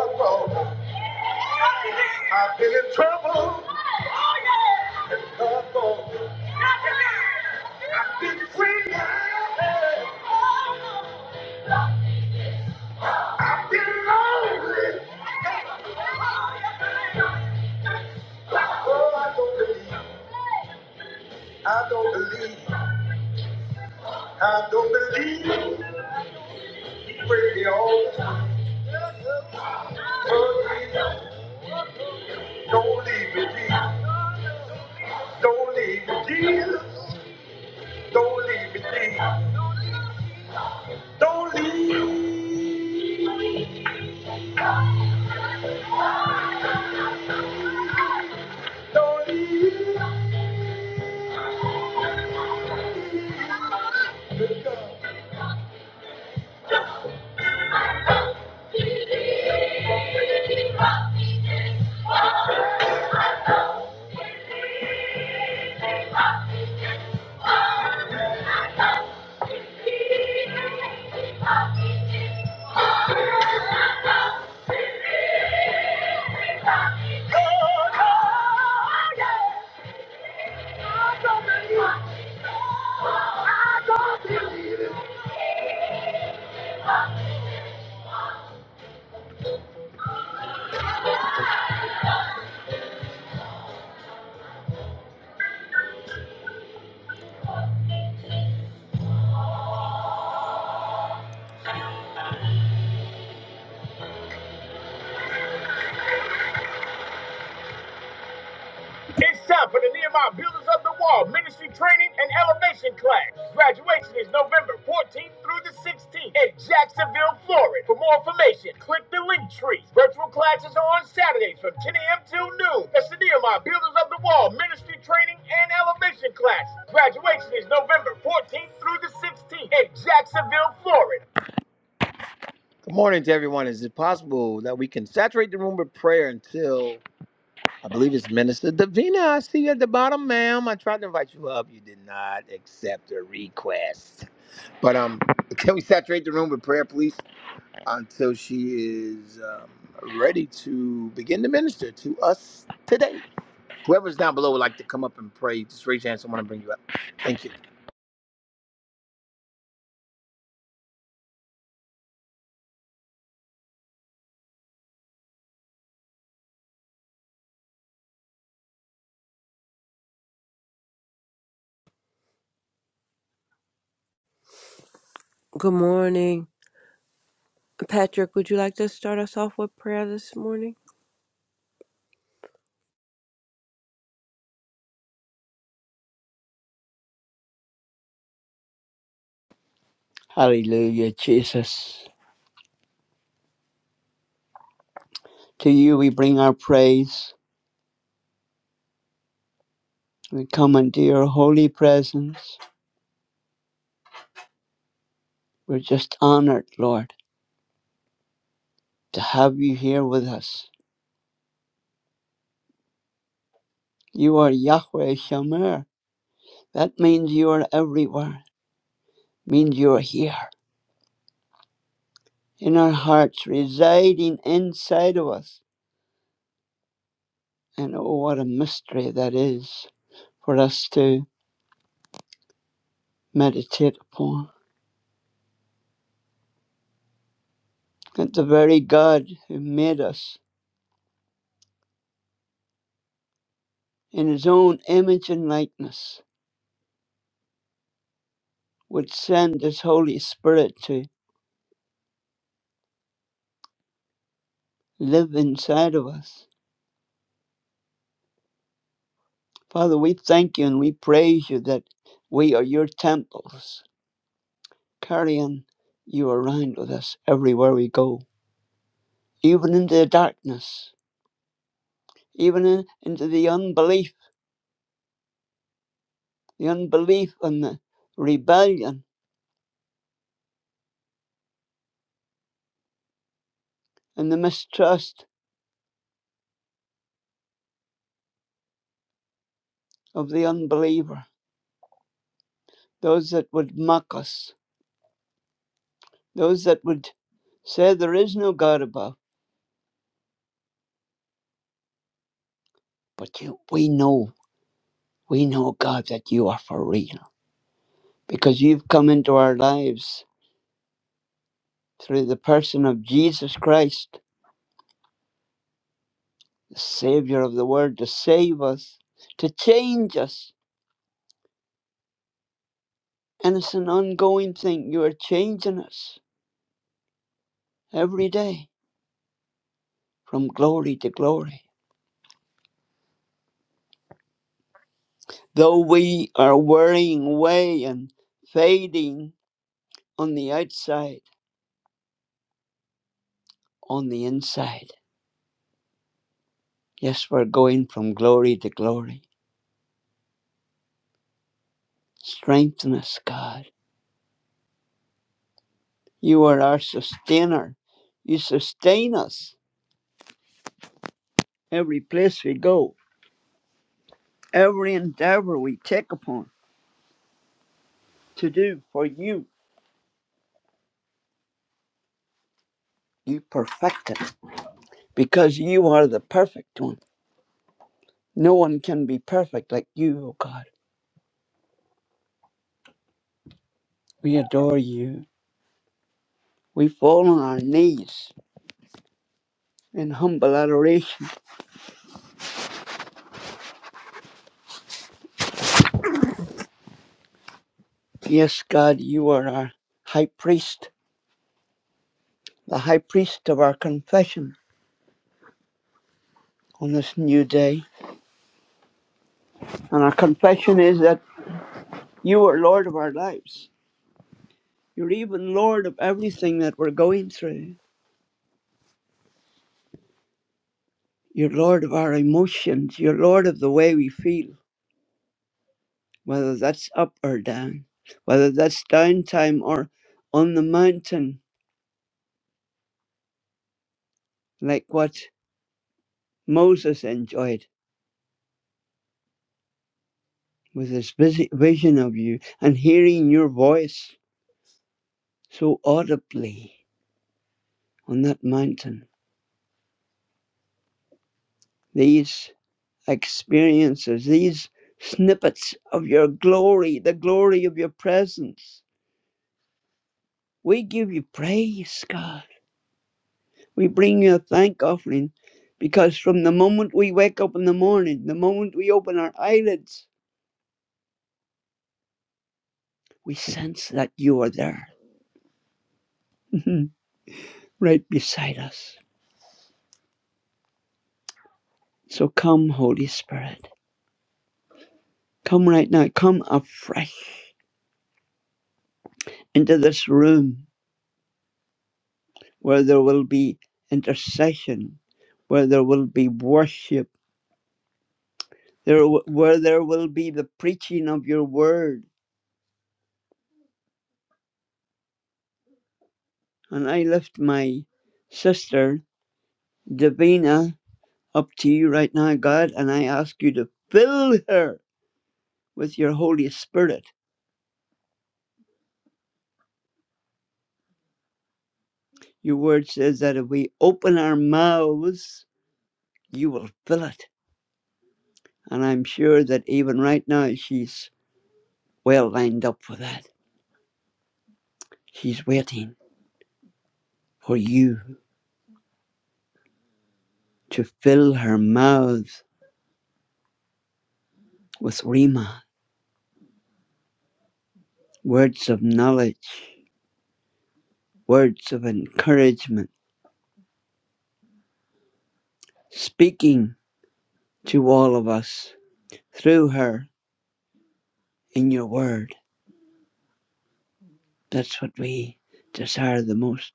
A: I'm troubled. Oh, I don't believe, I don't believe, I don't believe. Oh, God, It's time for the Nehemiah Builders of the Wall Ministry Training and Elevation Class. Graduation is November 14th through the 16th in Jacksonville, Florida. For more information, click the link tree. Virtual classes are on Saturdays from 10 a.m. till noon. That's the Nehemiah Builders of the Wall Ministry Training and Elevation Class. Graduation is November 14th through the 16th in Jacksonville, Florida. Good morning, Jack. Possible that we can saturate the room with prayer until I believe it's Minister Davina. I see you at the bottom, ma'am. I tried to invite you up. You did not accept her request. But um, (laughs) can we saturate the room with prayer, please, until she is um, ready to begin to minister to us today? Whoever's down below would like to come up and pray. Just raise your hand. Someone will bring you up. Thank you.
B: Good morning. Patrick, would you like to start us off with prayer this morning?
C: Hallelujah, Jesus. To you we bring our praise. We come into your holy presence. We're just honored, Lord, to have you here with us. You are Yahweh Shamer. That means you are everywhere. means you are here in our hearts, residing inside of us. And oh, what a mystery that is for us to meditate upon. That the very God who made us in his own image and likeness would send this Holy Spirit to live inside of us. Father, we thank you and we praise you that we are your temples, carrying you around with us everywhere we go, even into the darkness, even in, into the unbelief, the unbelief and the rebellion and the mistrust of the unbeliever, those that would mock us, those that would say there is no God above. But you, we know, we know, God, that you are for real because you've come into our lives through the person of Jesus Christ, the Savior of the world, to save us, to change us. And it's an ongoing thing. You are changing us every day from glory to glory. Though we are wearing away and fading on the outside, on the inside, yes, we're going from glory to glory. Strengthen us, God. You are our sustainer. You sustain us every place we go, every endeavor we take upon to do for you, you perfect it because you are the perfect one. No one can be perfect like you, O God. We adore you. We fall on our knees in humble adoration. Yes, God, you are our high priest, the high priest of our confession on this new day. And our confession is that you are Lord of our lives. You're even Lord of everything that we're going through. You're Lord of our emotions. You're Lord of the way we feel, whether that's up or down, whether that's downtime or on the mountain, like what Moses enjoyed with his visi- vision of you and hearing your voice so audibly on that mountain. These experiences, these snippets of your glory, the glory of your presence. We give you praise, God. We bring you a thank offering because from the moment we wake up in the morning, the moment we open our eyelids, we sense that you are there, (laughs) right beside us. So come, Holy Spirit. Come right now. Come afresh into this room where there will be intercession, where there will be worship, there, w- where there will be the preaching of your word. And I lift my sister, Davina, up to you right now, God, and I ask you to fill her with your Holy Spirit. Your word says that if we open our mouths, you will fill it. And I'm sure that even right now, she's well lined up for that. She's waiting for you to fill her mouth with Rima, words of knowledge, words of encouragement, speaking to all of us through her in your word. That's what we desire the most.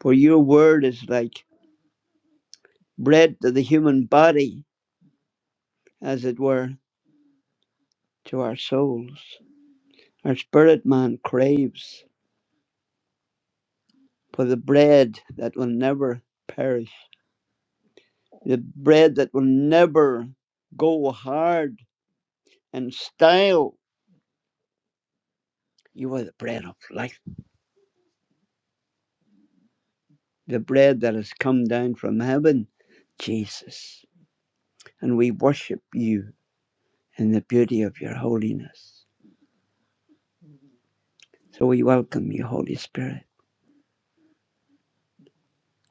C: For your word is like bread to the human body, as it were, to our souls. Our spirit man craves for the bread that will never perish, the bread that will never go hard and stale. You are the bread of life, the bread that has come down from heaven, Jesus. And we worship you in the beauty of your holiness. So we welcome you, Holy Spirit.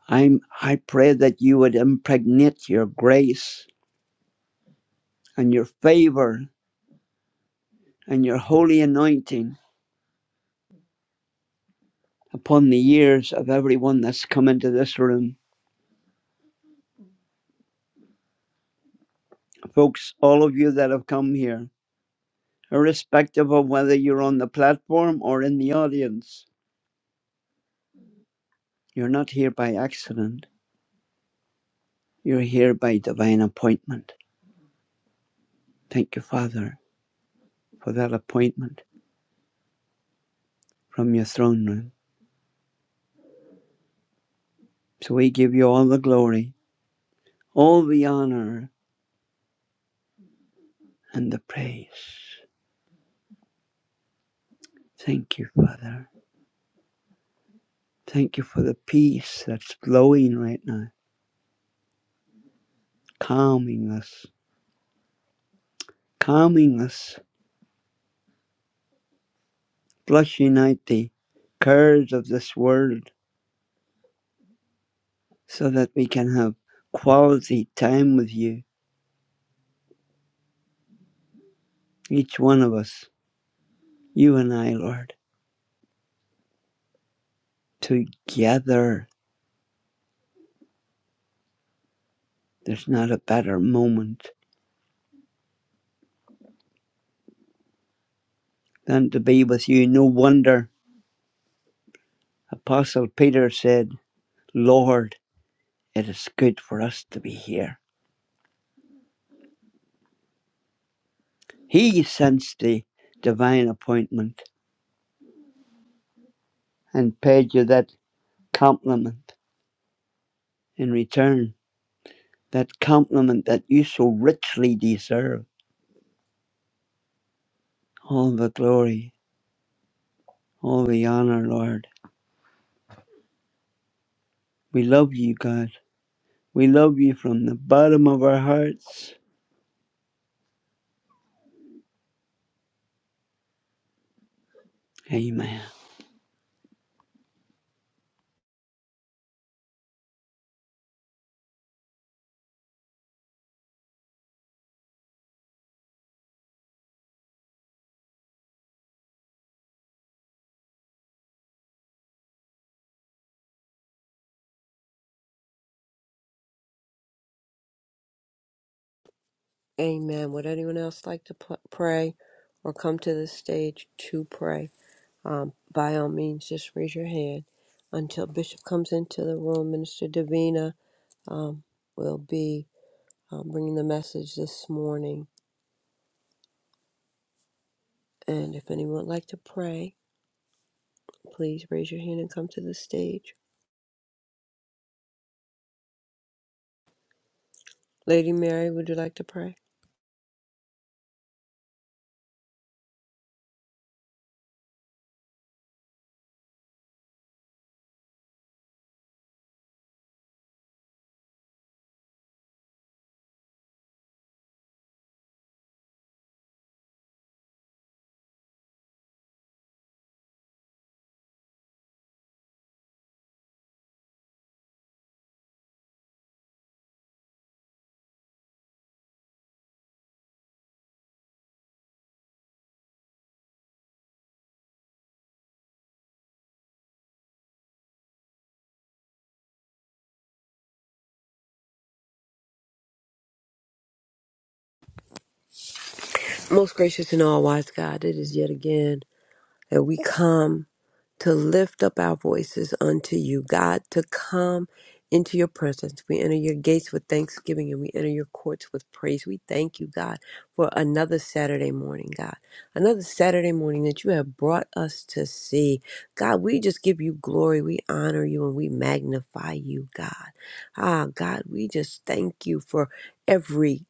C: I'm, I pray that you would impregnate your grace and your favor and your holy anointing upon the ears of everyone that's come into this room. Folks, all of you that have come here, irrespective of whether you're on the platform or in the audience, you're not here by accident. You're here by divine appointment. Thank you, Father, for that appointment from your throne room. So we give you all the glory, all the honor, and the praise. Thank you, Father. Thank you for the peace that's flowing right now, calming us, calming us, flushing out the cares of this world so that we can have quality time with you, each one of us, you and I, Lord, together. There's not a better moment than to be with you. No wonder Apostle Peter said, Lord, it is good for us to be here. He sensed the divine appointment and paid you that compliment in return, that compliment that you so richly deserve. All the glory, all the honor, Lord. We love you, God. We love you from the bottom of our hearts. Amen.
B: Amen. Would anyone else like to p- pray or come to the stage to pray? Um, by all means, just raise your hand until Bishop comes into the room. Minister Davina um, will be um, bringing the message this morning. And if anyone would like to pray, please raise your hand and come to the stage. Lady Mary, would you like to pray? Most gracious and all wise God, it is yet again. that we come to lift up our voices unto you, God, to come into your presence. We enter your gates with thanksgiving and we enter your courts with praise. We thank you, God, for another Saturday morning, God. Another Saturday morning that you have brought us to see. God, we just give you glory. We honor you and we magnify you, God. Ah, God, we just thank you for every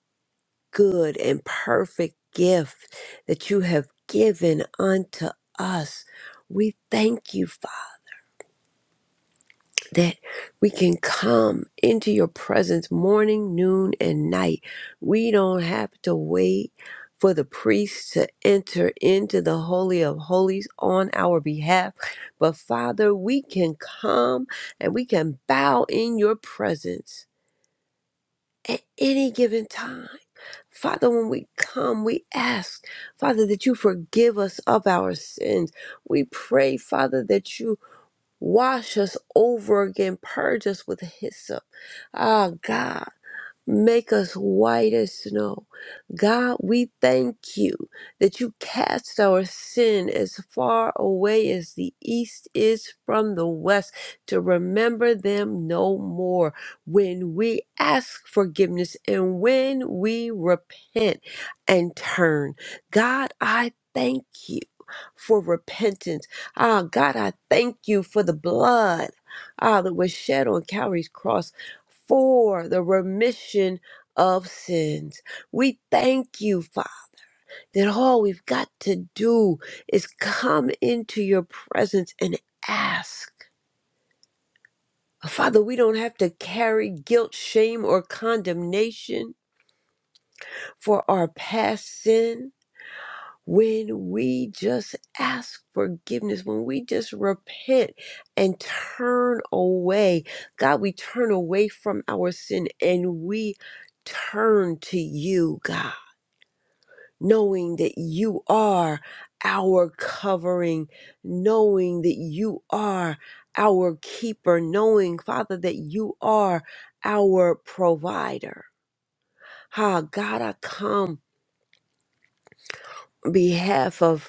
B: good and perfect gift that you have given unto us. We thank you, Father, that we can come into your presence morning, noon, and night. We don't have to wait for the priest to enter into the Holy of Holies on our behalf. But Father, we can come and we can bow in your presence at any given time Father, when we come, we ask, Father, that you forgive us of our sins. We pray, Father, that you wash us over again, purge us with hyssop. Ah, God. Make us white as snow. God, we thank you that you cast our sin as far away as the east is from the west to remember them no more. When we ask forgiveness and when we repent and turn, God, I thank you for repentance. Ah, God, I thank you for the blood. Ah, that was shed on Calvary's cross for the remission of sins. We thank you, Father, that all we've got to do is come into your presence and ask. Father, we don't have to carry guilt, shame, or condemnation for our past sin. when we just ask forgiveness, when we just repent and turn away, God, we turn away from our sin and we turn to you, God, knowing that you are our covering, knowing that you are our keeper, knowing, Father, that you are our provider. Ah, God, I come on behalf of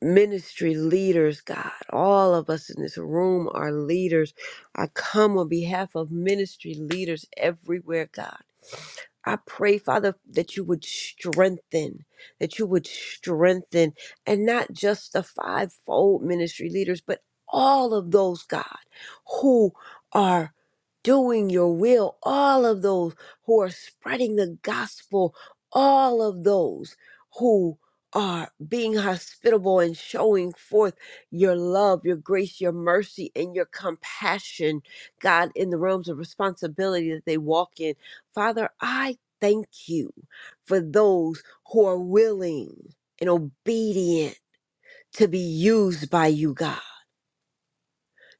B: ministry leaders, God. All of us in this room are leaders. I come on behalf of ministry leaders everywhere, God. I pray, Father, that you would strengthen, that you would strengthen, and not just the fivefold ministry leaders, but all of those, God, who are doing your will, all of those who are spreading the gospel, all of those who are being hospitable and showing forth your love, your grace, your mercy, and your compassion, God, in the realms of responsibility that they walk in. Father, I thank you for those who are willing and obedient to be used by you, God.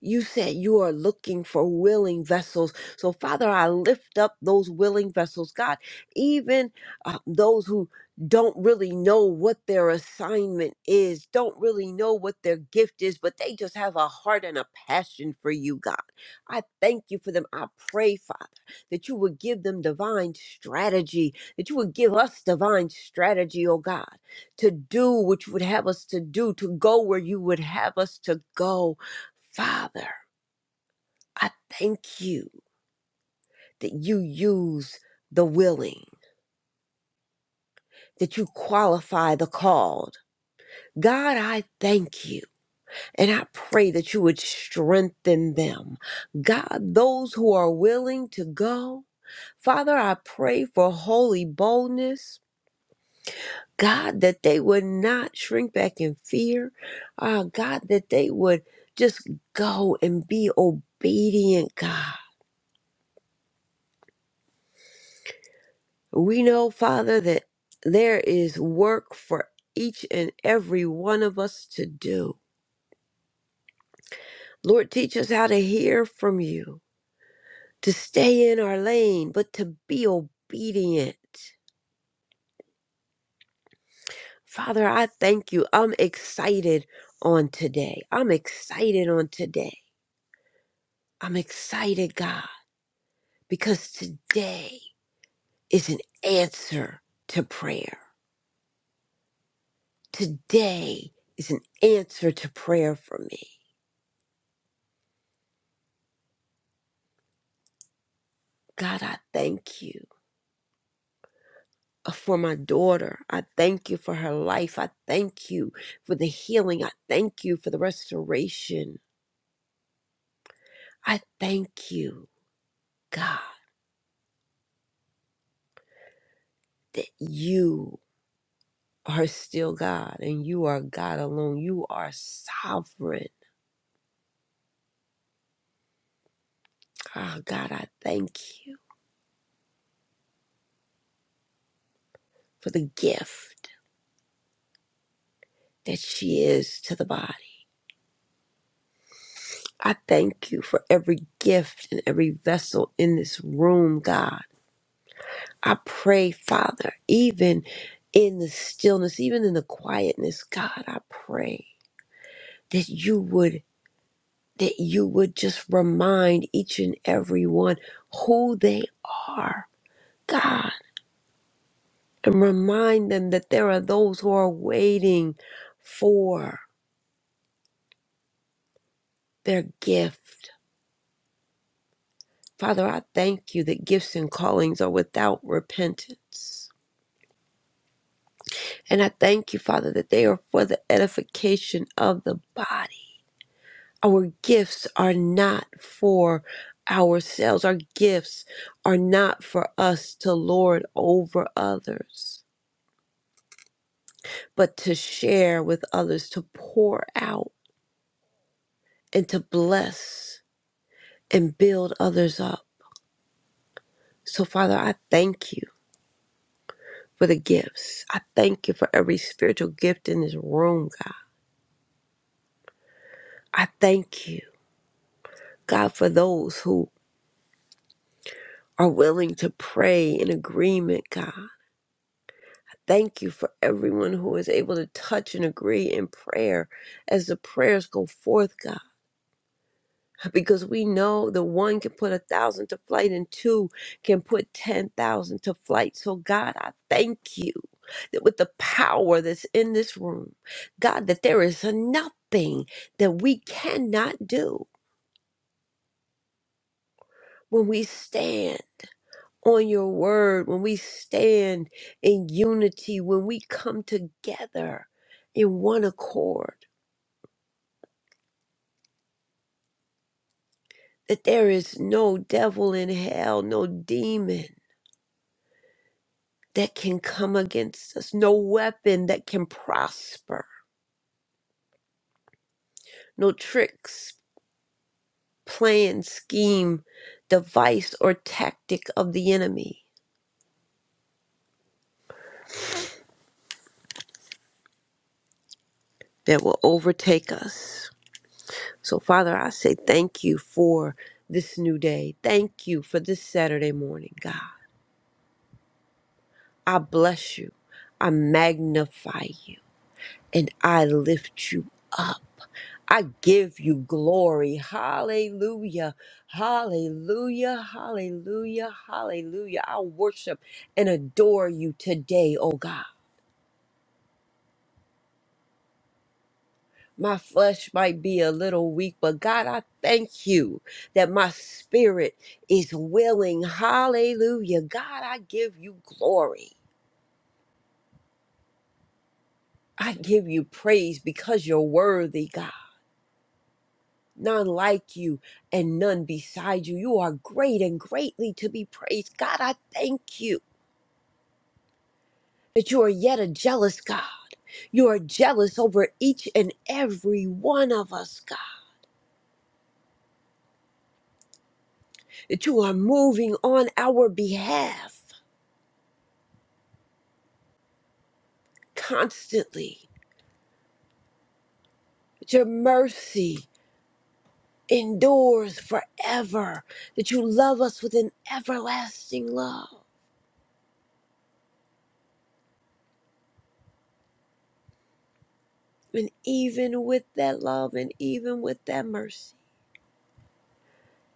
B: You said you are looking for willing vessels. So, Father, I lift up those willing vessels, God, even uh, those who don't really know what their assignment is, don't really know what their gift is, but they just have a heart and a passion for you, God. I thank you for them. I pray, Father, that you would give them divine strategy, that you would give us divine strategy, oh God, to do what you would have us to do, to go where you would have us to go. Father, I thank you that you use the willing, that you qualify the called. God, I thank you and I pray that you would strengthen them. God, those who are willing to go, Father, I pray for holy boldness. God, that they would not shrink back in fear. Ah, God, that they would just go and be obedient, God. We know, Father, that there is work for each and every one of us to do. Lord, teach us how to hear from you, to stay in our lane, but to be obedient. Father, I thank you. I'm excited on today. I'm excited on today. I'm excited, God, because today is an answer to prayer. Today is an answer to prayer for me. God, I thank you. uh, for my daughter. I thank you for her life. I thank you for the healing. I thank you for the restoration. I thank you, God, that you are still God and you are God alone. You are sovereign. Oh, God, I thank you for the gift that she is to the body. I thank you for every gift and every vessel in this room, God. I pray, Father, even in the stillness, even in the quietness, God, I pray that you would that you would just remind each and every one who they are, God, and remind them that there are those who are waiting for their gift. Father, I thank you that gifts and callings are without repentance. And I thank you, Father, that they are for the edification of the body. Our gifts are not for ourselves. Our gifts are not for us to lord over others, but to share with others, to pour out and to bless and build others up. So, Father, I thank you for the gifts. I thank you for every spiritual gift in this room, God. I thank you, God, for those who are willing to pray in agreement, God Thank you for everyone who is able to touch and agree in prayer as the prayers go forth, God. Because we know the one can put a thousand to flight and two can put 10,000 to flight. So, God, I thank you that with the power that's in this room, God, that there is nothing that we cannot do when we stand on your word, when we stand in unity, when we come together in one accord. that there is no devil in hell, no demon that can come against us, no weapon that can prosper, no tricks, plan, scheme, device, or tactic of the enemy that will overtake us. So, Father, I say thank you for this new day. Thank you for this Saturday morning, God. I bless you. I magnify you and I lift you up. I give you glory. Hallelujah. Hallelujah. Hallelujah. Hallelujah. I worship and adore you today, oh God. My flesh might be a little weak, but God, I thank you that my spirit is willing. Hallelujah. God, I give you glory. I give you praise because you're worthy, God. None like you and none beside you. You are great and greatly to be praised. God, I thank you. that you are yet a jealous God. You are jealous over each and every one of us, God. That you are moving on our behalf constantly. That your mercy endures forever. That you love us with an everlasting love. And even with that love and even with that mercy,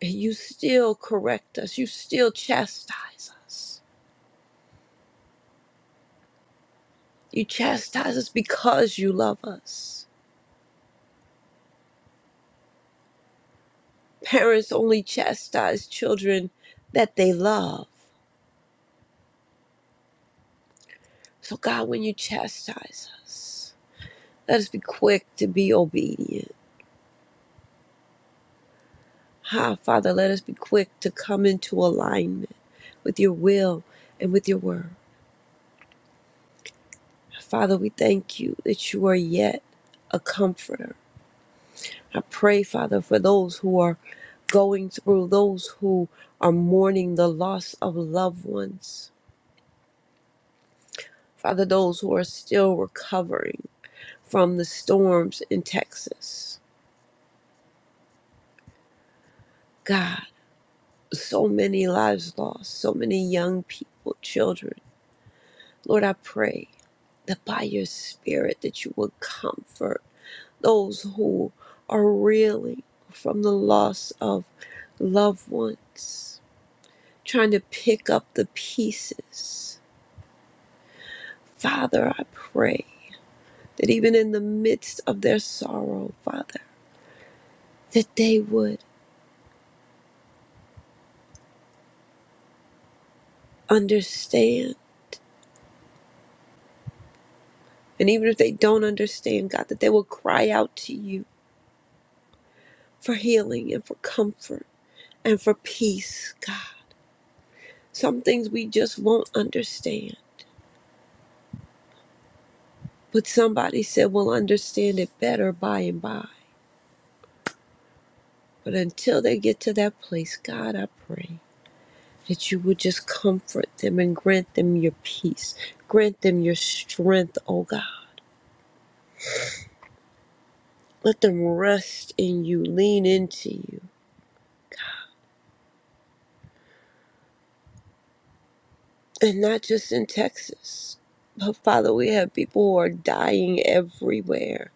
B: and you still correct us. You still chastise us. You chastise us because you love us. Parents only chastise children that they love. So, God, when you chastise us, let us be quick to be obedient. Ha, Father, let us be quick to come into alignment with your will and with your word. Father, we thank you that you are yet a comforter. I pray, Father, for those who are going through, those who are mourning the loss of loved ones. Father, those who are still recovering. from the storms in Texas. God, so many lives lost, so many young people, children. Lord, I pray that by your spirit that you would comfort those who are reeling from the loss of loved ones, trying to pick up the pieces. Father, I pray that even in the midst of their sorrow, Father, that they would understand And even if they don't understand, God, that they will cry out to you for healing and for comfort and for peace, God. Some things we just won't understand, but somebody said we'll understand it better by and by. But until they get to that place, God, I pray that you would just comfort them and grant them your peace. Grant them your strength, oh God. Let them rest in you, lean into you. and not just in Texas. But Father, we have people who are dying everywhere.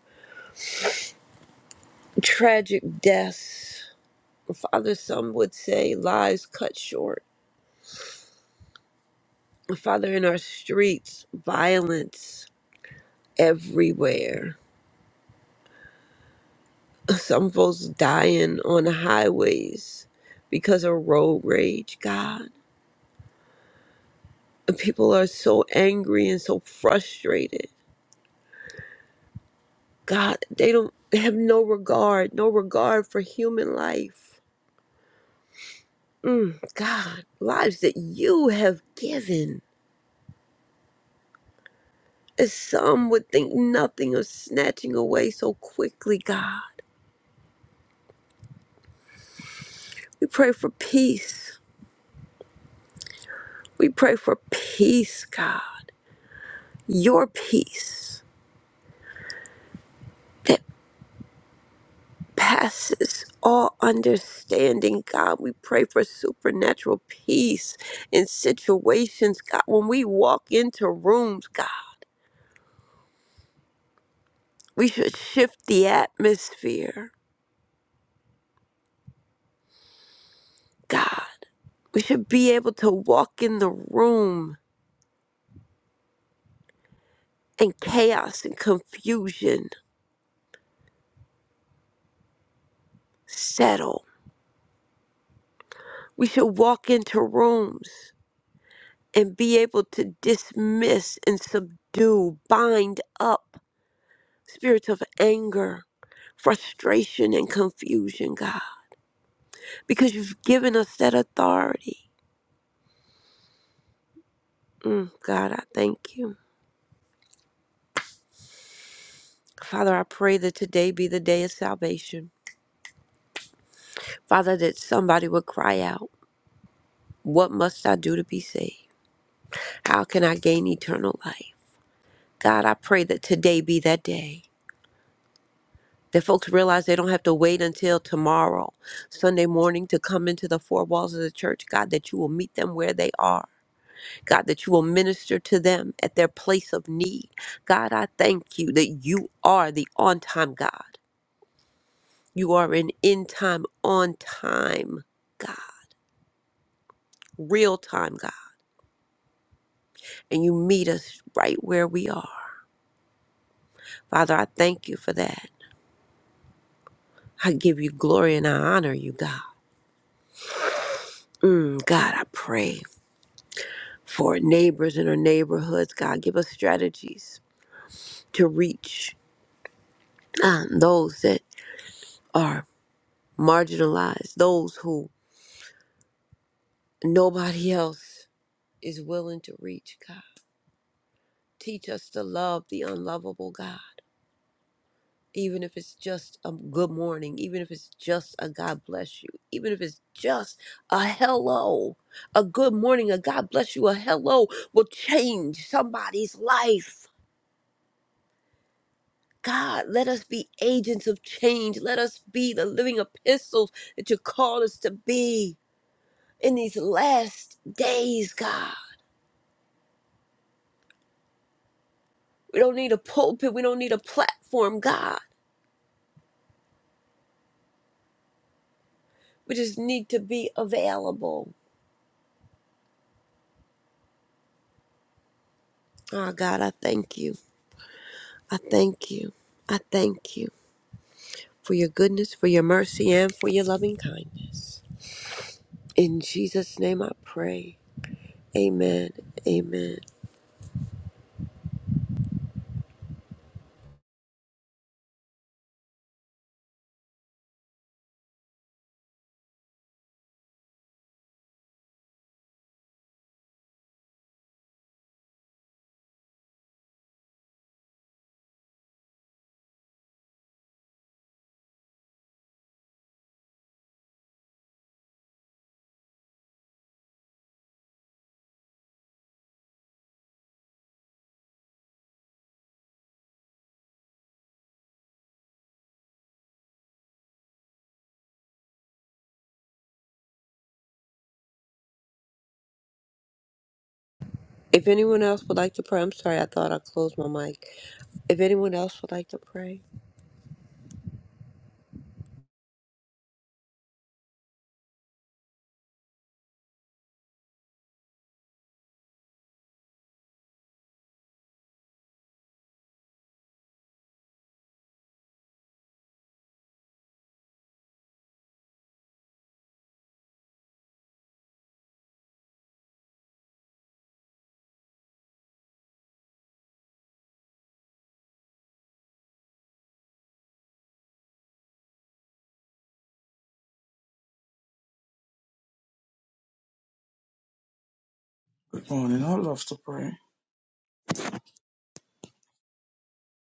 B: Tragic deaths. Father, some would say lives cut short. Father, in our streets, violence everywhere. Some folks dying on the highways because of road rage, God. People are so angry and so frustrated. God, they don't they have no regard, no regard for human life Mm, God, lives that you have given, as some would think nothing of snatching away so quickly, God. We pray for peace. We pray for peace, God. Your peace that passes all understanding, God. We pray for supernatural peace in situations, God. When we walk into rooms, God, we should shift the atmosphere, God. We should be able to walk in the room and chaos and confusion settle. We should walk into rooms and be able to dismiss and subdue, bind up spirits of anger, frustration, and confusion, God, because you've given us that authority. Mm, God, I thank you. Father, I pray that today be the day of salvation. Father, that somebody would cry out, What must I do to be saved? How can I gain eternal life? God, I pray that today be that day. That folks realize they don't have to wait until tomorrow, Sunday morning, to come into the four walls of the church. God, that you will meet them where they are. God, that you will minister to them at their place of need. God, I thank you that you are the on time God. You are an in time, on time God, real time God. And you meet us right where we are. Father, I thank you for that. I give you glory and I honor you, God. Mm, God, I pray. for neighbors in our neighborhoods. God, give us strategies to reach um, those that are marginalized, those who nobody (laughs) else is willing to reach, God. Teach us to love the unlovable, God. Even if it's just a good morning, even if it's just a God bless you, even if it's just a hello, a good morning, a God bless you, a hello will change somebody's life God, let us be agents of change. Let us be the living epistles that you call us to be in these last days, God. We don't need a pulpit, we don't need a platform, God. We just need to be available. Oh, God, I thank you. I thank you. I thank you for your goodness, for your mercy, and for your loving kindness. In Jesus' name I pray. Amen. Amen. If anyone else would like to pray, I'm sorry, I thought I closed my mic. If anyone else would like to pray.
D: Good morning. I love to pray.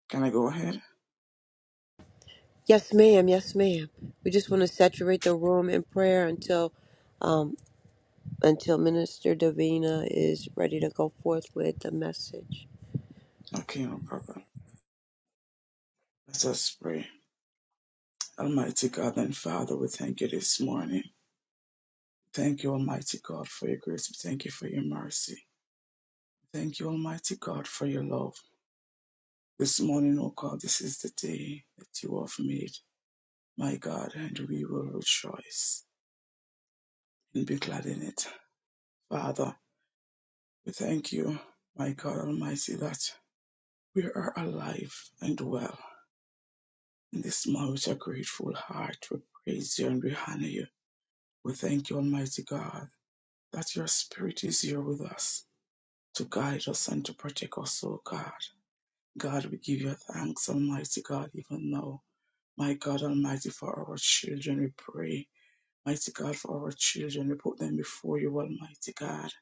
D: Can I go ahead?
B: Yes, ma'am. Yes, ma'am. We just want to saturate the room in prayer until um, until Minister Davina is ready to go forth with the message.
D: Okay, no problem. Let us pray. Almighty God and Father, we thank you this morning. Thank you, Almighty God, for your grace. We thank you for your mercy. Thank you, Almighty God, for your love. This morning, oh God, this is the day that you have made, my God, and we will rejoice and be glad in it. Father, we thank you, my God Almighty, that we are alive and well. And this morning, with a grateful heart, we praise you and we honor you. We thank you, Almighty God, that your Spirit is here with us to guide us and to protect us, O God. God, we give you thanks, Almighty God, even now. My God Almighty, for our children, we pray. Mighty God, for our children, we put them before you, Almighty God.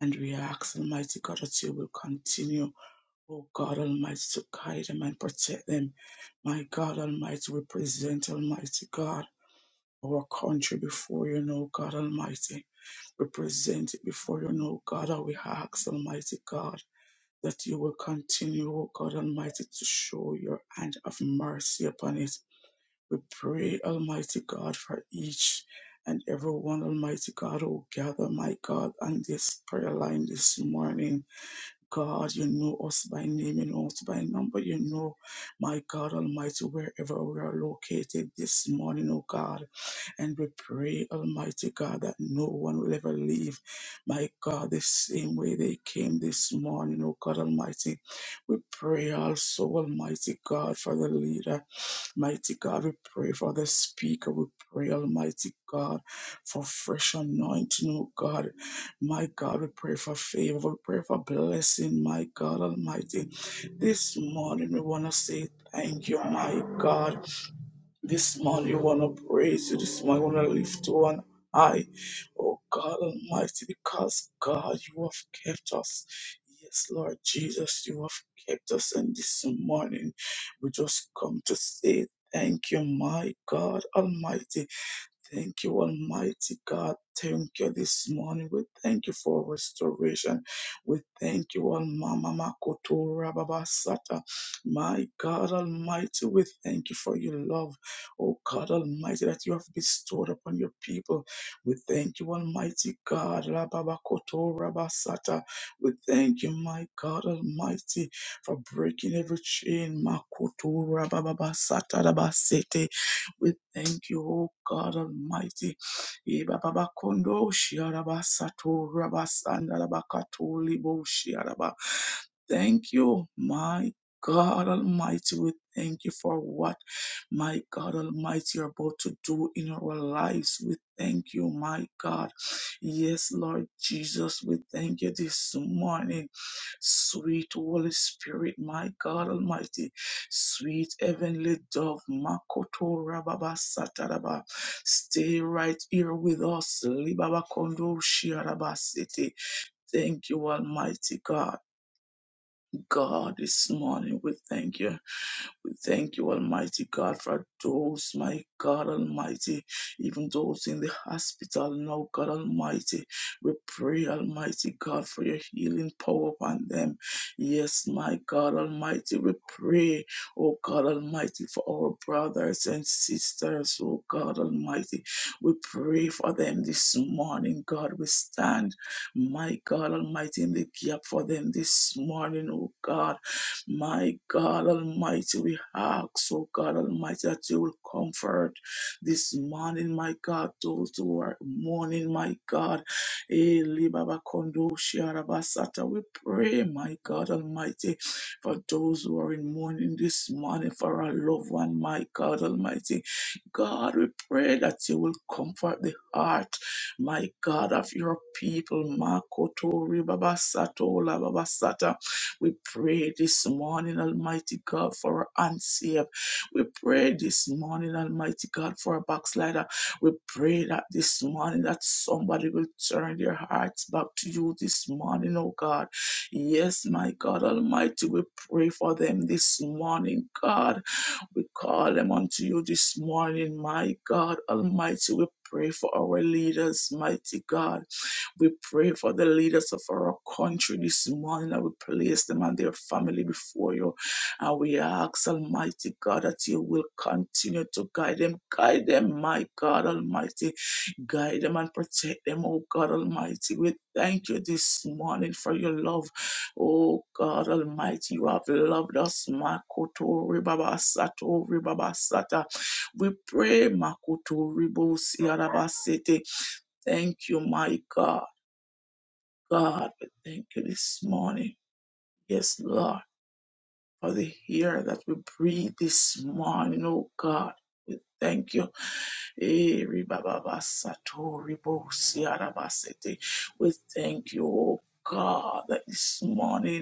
D: And we ask, Almighty God, that you will continue, O God Almighty, to guide them and protect them. My God Almighty, we present, Almighty God, our country before you, O God Almighty. We present it before you, now, God, and we ask, Almighty God, that you will continue, O God Almighty, to show your hand of mercy upon it. We pray, Almighty God, for each and every one, Almighty God, who gather, my God, on this prayer line this morning. God, you know us by name, you know us by number, you know, my God Almighty, wherever we are located this morning, oh God. And we pray, Almighty God, that no one will ever leave, my God, the same way they came this morning, oh God Almighty. We pray also, Almighty God, for the leader. Mighty God, we pray for the speaker. We pray, Almighty God, for fresh anointing, oh God. My God, we pray for favor. We pray for blessing, my God Almighty. This morning, we want to say thank you, my God. This morning, we want to praise you. This morning, we want to lift to on high. Oh God Almighty, because God, you have kept us. Yes, Lord Jesus, you have kept us. And this morning, we just come to say thank you, my God Almighty. Thank you, Almighty God. Thank you this morning. We thank you for restoration. We thank you, Almama Makoto Rababasata, My God Almighty, we thank you for your love. Oh God Almighty, that you have bestowed upon your people. We thank you, Almighty God. Rababa Rabasata. We thank you, my God Almighty, for breaking every chain. Makoto Rababasata, Rabasete. We thank you, O God Almighty. Ibababakondo shiarabasato rabasandarabakato libo shiaraba. Thank you, my God Almighty. We thank you for what, my God Almighty, you're about to do in our lives. We thank you, my God. Yes, Lord Jesus, we thank you this morning. Sweet Holy Spirit, my God Almighty. Sweet heavenly dove, Makoto Rababa Sataraba, stay right here with us. Libaba Kondo Shiaraba City. Thank you, Almighty God. God, this morning we thank you. We thank you, Almighty God, for those, my God Almighty, even those in the hospital now, God Almighty. We pray, Almighty God, for your healing power upon them. Yes, my God Almighty, we pray, oh God Almighty, for our brothers and sisters, oh God Almighty. We pray for them this morning, God. We stand, my God Almighty, in the gap for them this morning, oh God. My God Almighty, we ask, oh God Almighty, that you will comfort this morning, my God, those who are mourning, my God. Eh, libaba kondo shiarabasata. We pray, my God Almighty, for those who are in mourning this morning, for our loved one, my God Almighty. God, we pray that you will comfort the heart, my God, of your people. Makoto ribaba sato we pray this morning, Almighty God, for our unsaved. We pray this morning, Almighty God, for a backslider. We pray that this morning that somebody will turn their hearts back to you this morning, oh God. Yes, my God Almighty, we pray for them this morning, God. We call them unto you this morning, my God Almighty. We pray for our leaders, mighty God. We pray for the leaders of our country this morning. And we place them and their family before you. And we ask, Almighty God, that you will continue to guide them. Guide them, my God Almighty. Guide them and protect them, oh God Almighty. We thank you this morning for your love. Oh God Almighty, you have loved us, Makoto Ribaba Sato Ribaba Sata. We pray, Makoto Ribo Siarabasete. Thank you, my God. God, we thank you this morning. Yes, Lord, for the air that we breathe this morning, oh God. We thank you. Eh, ribababasato, ribosiarabasete. We thank you, oh God, that this morning.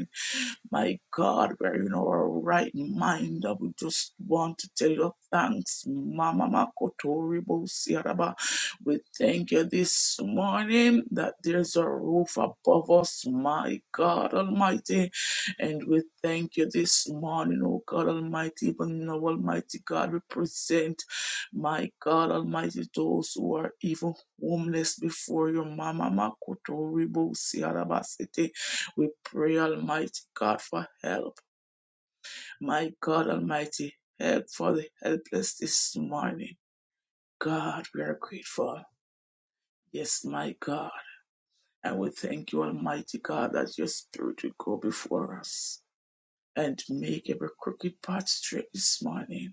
D: My God, we're in our right mind. I would just want to tell you thanks. Mama Makotori Bosiaraba. We thank you this morning that there's a roof above us, my God Almighty. And we thank you this morning, oh God Almighty, even now, Almighty God, we present, my God Almighty, those who are even homeless before your Mama Makotori City. We pray, Almighty God, for help. My God Almighty, help for the helpless this morning. God, we are grateful. Yes, my God. And we thank you, Almighty God, that your spirit will go before us and make every crooked path straight this morning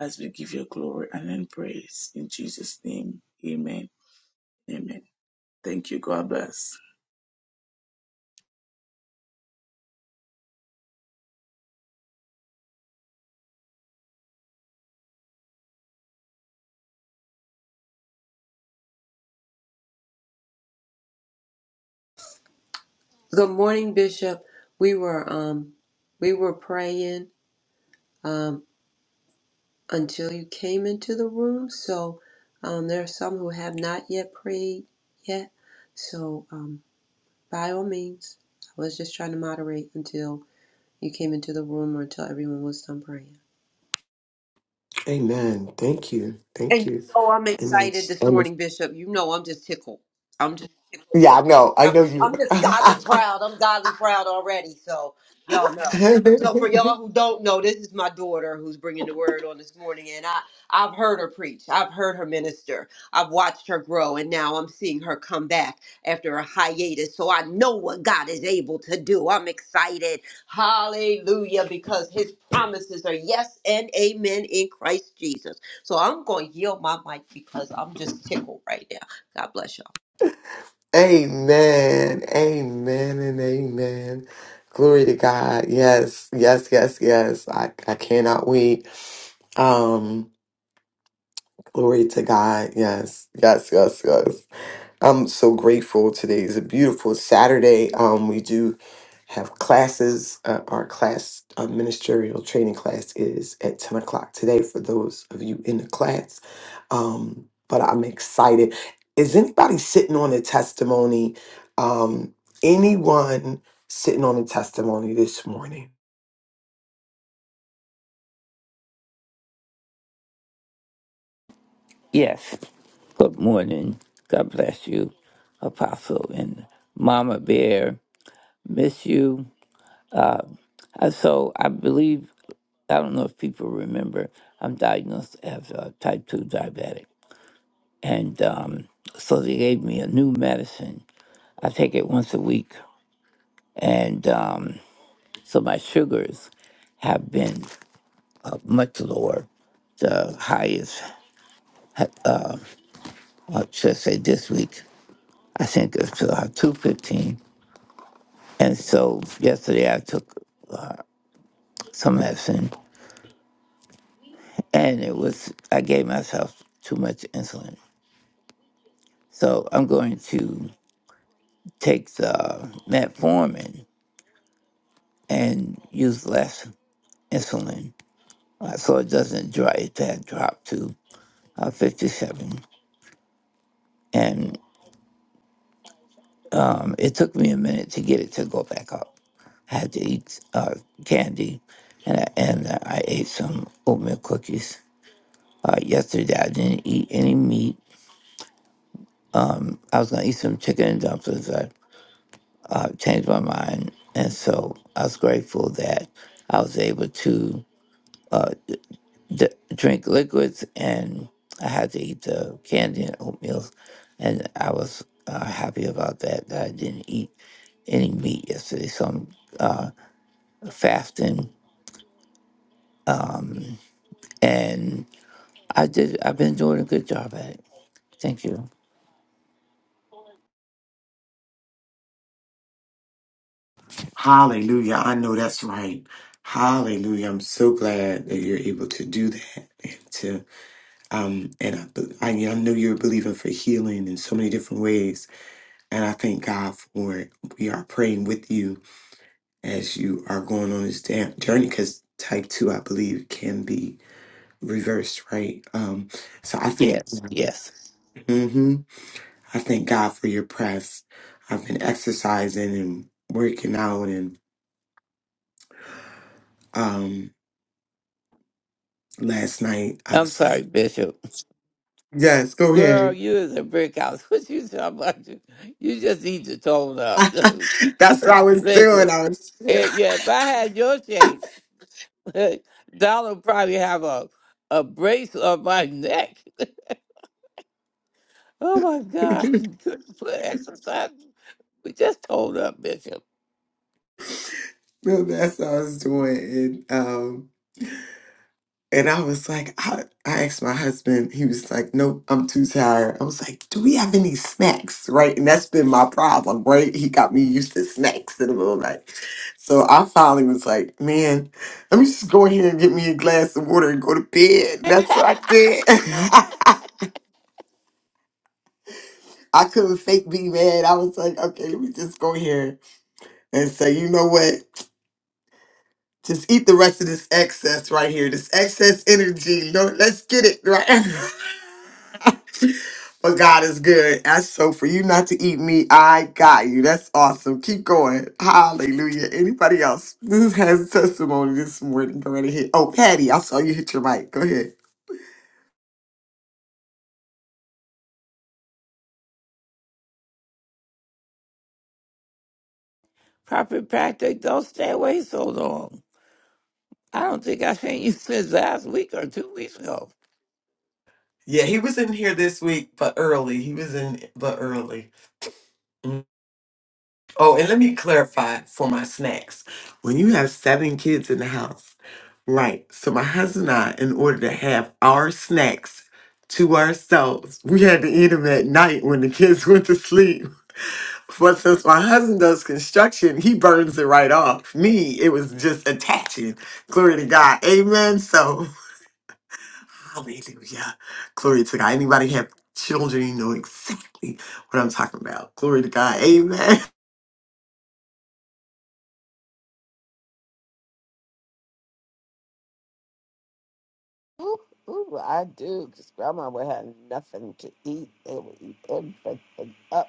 D: as we give you glory and praise. In Jesus' name, amen. Amen. Thank you. God bless.
B: Good morning, Bishop. We were um we were praying um until you came into the room. So um there are some who have not yet prayed yet. So um by all means, I was just trying to moderate until you came into the room or until everyone was done praying.
E: Amen. Thank you. Thank
B: And
E: you.
B: you know I'm
E: And
B: excited
E: that's
B: this
E: I'm-
B: morning,
E: a-
B: Bishop. You know I'm just tickled. I'm just tickled.
E: yeah,
B: pink.
E: I know. I
B: I'm
E: know you.
B: I'm just godly proud. I'm godly proud already. So y'all know.
E: (laughs)
B: So for y'all who don't know, this is my daughter who's bringing the word on this morning, and I I've heard her preach. I've heard her minister. I've watched her grow, and now I'm seeing her come back after a hiatus. So I know what God is able to do. I'm excited. Hallelujah, because His promises are yes and amen in Christ Jesus. So I'm going to yield my mic because I'm just tickled right now. God bless
E: amen. Amen and amen. Glory to God. Yes, yes, yes, yes. I, I cannot wait. Um, glory to God. Yes, yes, yes, yes. I'm so grateful. Today is a beautiful Saturday. Um, we do have classes. Uh, our class, uh, ministerial training class, is at 10 o'clock today for those of you in the class. Um, but I'm excited. Is anybody sitting on a testimony? Um, anyone sitting on a testimony this morning?
F: Yes. Good morning. God bless you, Apostle and Mama Bear. Miss you. Uh, So I believe I don't know if people remember. I'm diagnosed as a type two diabetic, and um, so they gave me a new medicine. I take it once a week, and um, so my sugars have been uh, much lower. The highest, I should say, this week I think it's uh, two fifteen. And so yesterday I took some medicine, and it was I gave myself too much insulin. So I'm going to take the metformin and use less insulin, uh, so it doesn't drive that drop to uh, 57. And um, it took me a minute to get it to go back up. I had to eat uh, candy, and I, and uh, I ate some oatmeal cookies. Uh, yesterday, I didn't eat any meat. I was gonna eat some chicken and dumplings. uh, changed my mind. And so I was grateful that I was able to d- drink liquids and I had to eat the candy and oatmeal. And I was uh, happy about that, that I didn't eat any meat yesterday. So I'm uh, fasting and I did, I've been doing a good job at it. Thank you.
E: Hallelujah. I know that's right. Hallelujah. I'm so glad that you're able to do that. Um, and I, I, I know you're believing for healing in so many different ways. And I thank God for it. We are praying with you as you are going on this damn journey because type 2, I believe, can be reversed, right? Um, so I thank,
F: Yes, yes.
E: hmm I thank God for your press. I've been exercising and working out. And um, last night I
F: I'm
E: was
F: sorry,
E: like,
F: Bishop.
E: yes, go
F: Girl,
E: ahead.
F: you is a brick house. (laughs) What you talking about? You you just need to tone
E: (laughs)
F: up.
E: That's what I
F: (laughs)
E: was
F: Listen,
E: doing. I was.
F: Eh, yeah, if I had your shape, (laughs) Donald would probably have a a brace on my neck. (laughs) oh my God, (laughs) couldn't put exercise. We just told up, Bishop.
E: No, that's what I was doing. And um and I was like, I, I asked my husband, he was like, Nope, I'm too tired. I was like, Do we have any snacks? Right. And that's been my problem, right? He got me used to snacks in the middle of the night. So I finally was like, Man, let me just go in here and get me a glass of water and go to bed. And that's what I did. (laughs) I couldn't fake be mad. I was like, okay, let me just go here and say, you know what? Just eat the rest of this excess right here, this excess energy. Lord, let's get it right. (laughs) but God is good. I so for you not to eat me, I got you. That's awesome. Keep going. Hallelujah. Anybody else? This has testimony this morning. Go right ahead. Oh, Patty, I saw you hit your mic. Go ahead.
F: proper practice. don't stay away so long. I don't think I seen you (laughs) since last week or two weeks ago.
E: Yeah, he was in here this week, but early. He was in, but early. Oh, and let me clarify for my snacks. When you have seven kids in the house, right? So my husband and I, in order to have our snacks to ourselves, we had to eat them at night when the kids (laughs) went to sleep. But since my husband does construction, he burns it right off. Me, it was just attaching. Glory to God. Amen. So, hallelujah. Glory to God. Anybody have children, you know exactly what I'm talking about. Glory to God. Amen. (laughs)
G: Ooh, ooh, I do, 'cause grandma would have nothing to eat. They would eat everything up.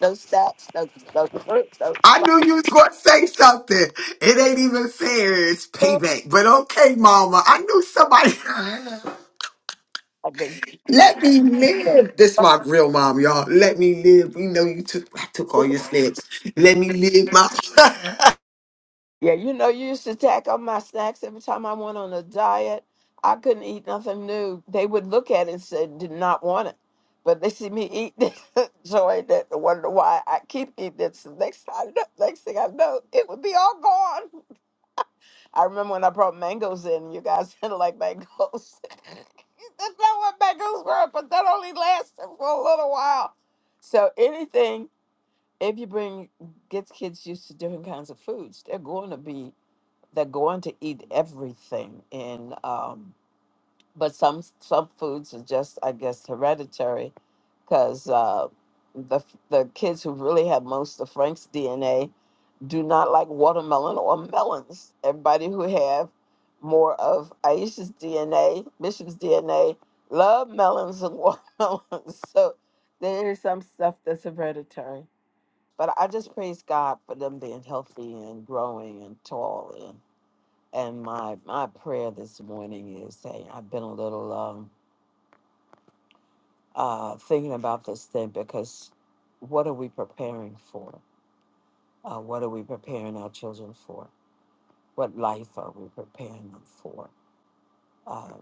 G: No snacks, no, no fruits, no
E: I
G: snacks.
E: knew you was going to say something. It ain't even fair. It's
G: I
E: payback. But okay, mama. I knew somebody. (laughs)
G: mean,
E: Let me live. This is my real mom, y'all. Let me live. We know you took. I took all your steps. Let me live my. (laughs)
G: yeah, you know, you used to tack on my snacks every time I went on a diet. I couldn't eat nothing new. They would look at it and say, did not want it. But they see me eat, (laughs) they enjoyed it, and wonder why I keep eating it. So next time, next thing I know, it would be all gone. I remember when I brought mangoes in, you guys (laughs) didn't like mangoes. (laughs) That's not what mangoes were, but that only lasted for a little while. So anything, if you bring gets kids used to different kinds of foods, they're going to be they're going to eat everything. And um, but some some foods are just I guess hereditary because uh, the the kids who really have most of Frank's DNA do not like watermelon or melons. Everybody who have more of Aisha's DNA, Bishop's DNA, love melons and (laughs) watermelons. So there is some stuff that's hereditary. But I just praise God for them being healthy and growing and tall and my my prayer this morning is, hey, I've been a little um, uh, thinking about this thing because what are we preparing for? Uh, what are we preparing our children for? What life are we preparing them for? Uh,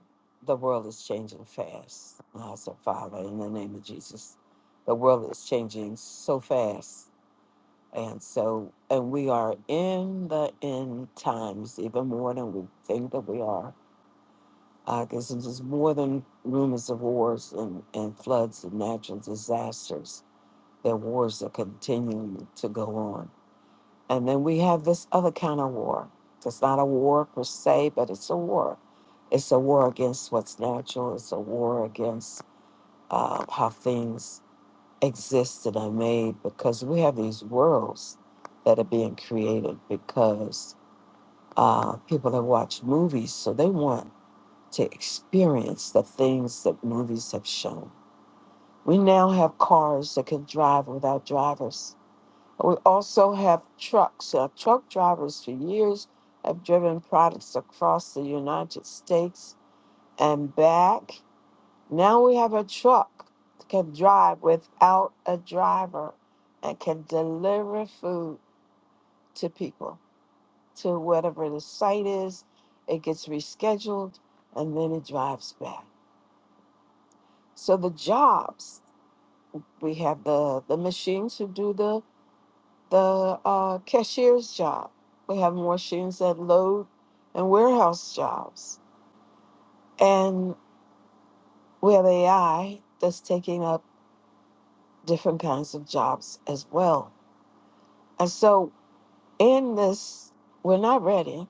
G: the world is changing fast. And I said, Father, in the name of Jesus, the world is changing so fast. And so, and we are in the end times even more than we think that we are Uh, there's just more than rumors of wars and, and floods and natural disasters. There are wars that continue to go on. And then we have this other kind of war. It's not a war per se, but it's a war. It's a war against what's natural. It's a war against uh, how things exist and are made because we have these worlds that are being created because uh, people have watched movies, so they want to experience the things that movies have shown. We now have cars that can drive without drivers. We also have trucks. Our truck drivers for years have driven products across the United States and back. Now we have a truck that can drive without a driver and can deliver food to people to whatever the site is. It gets rescheduled and then it drives back. So the jobs, we have the the machines who do the the uh, cashier's job. We have machines that load and warehouse jobs, and we have AI that's taking up different kinds of jobs as well. And so in this, we're not ready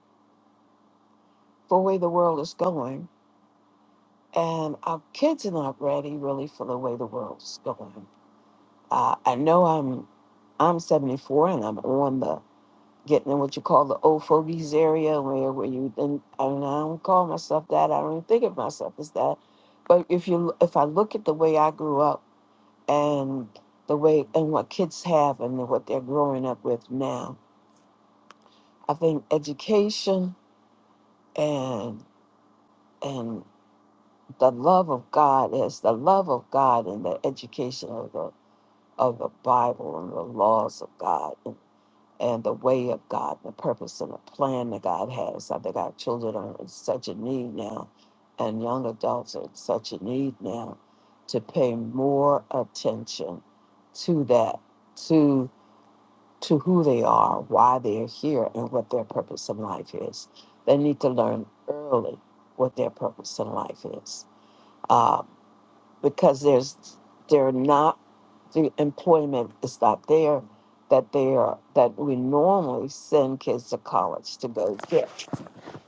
G: for the way the world is going, and our kids are not ready really for the way the world's going. Uh, I know I'm I'm 74 and I'm on the getting in what you call the old fogies area where, where you and, and I don't call myself that. I don't even think of myself as that. But if you if I look at the way I grew up and the way and what kids have and what they're growing up with now, I think education and and the love of God is the love of God and the education of the of the Bible and the laws of God and the way of God, the purpose and the plan that God has. I think our children are in such a need now, and young adults are in such a need now to pay more attention to that, to to who they are, why they're here, and what their purpose in life is. They need to learn early what their purpose in life is, uh, because there's they're not. The employment is not there that they are that we normally send kids to college to go get.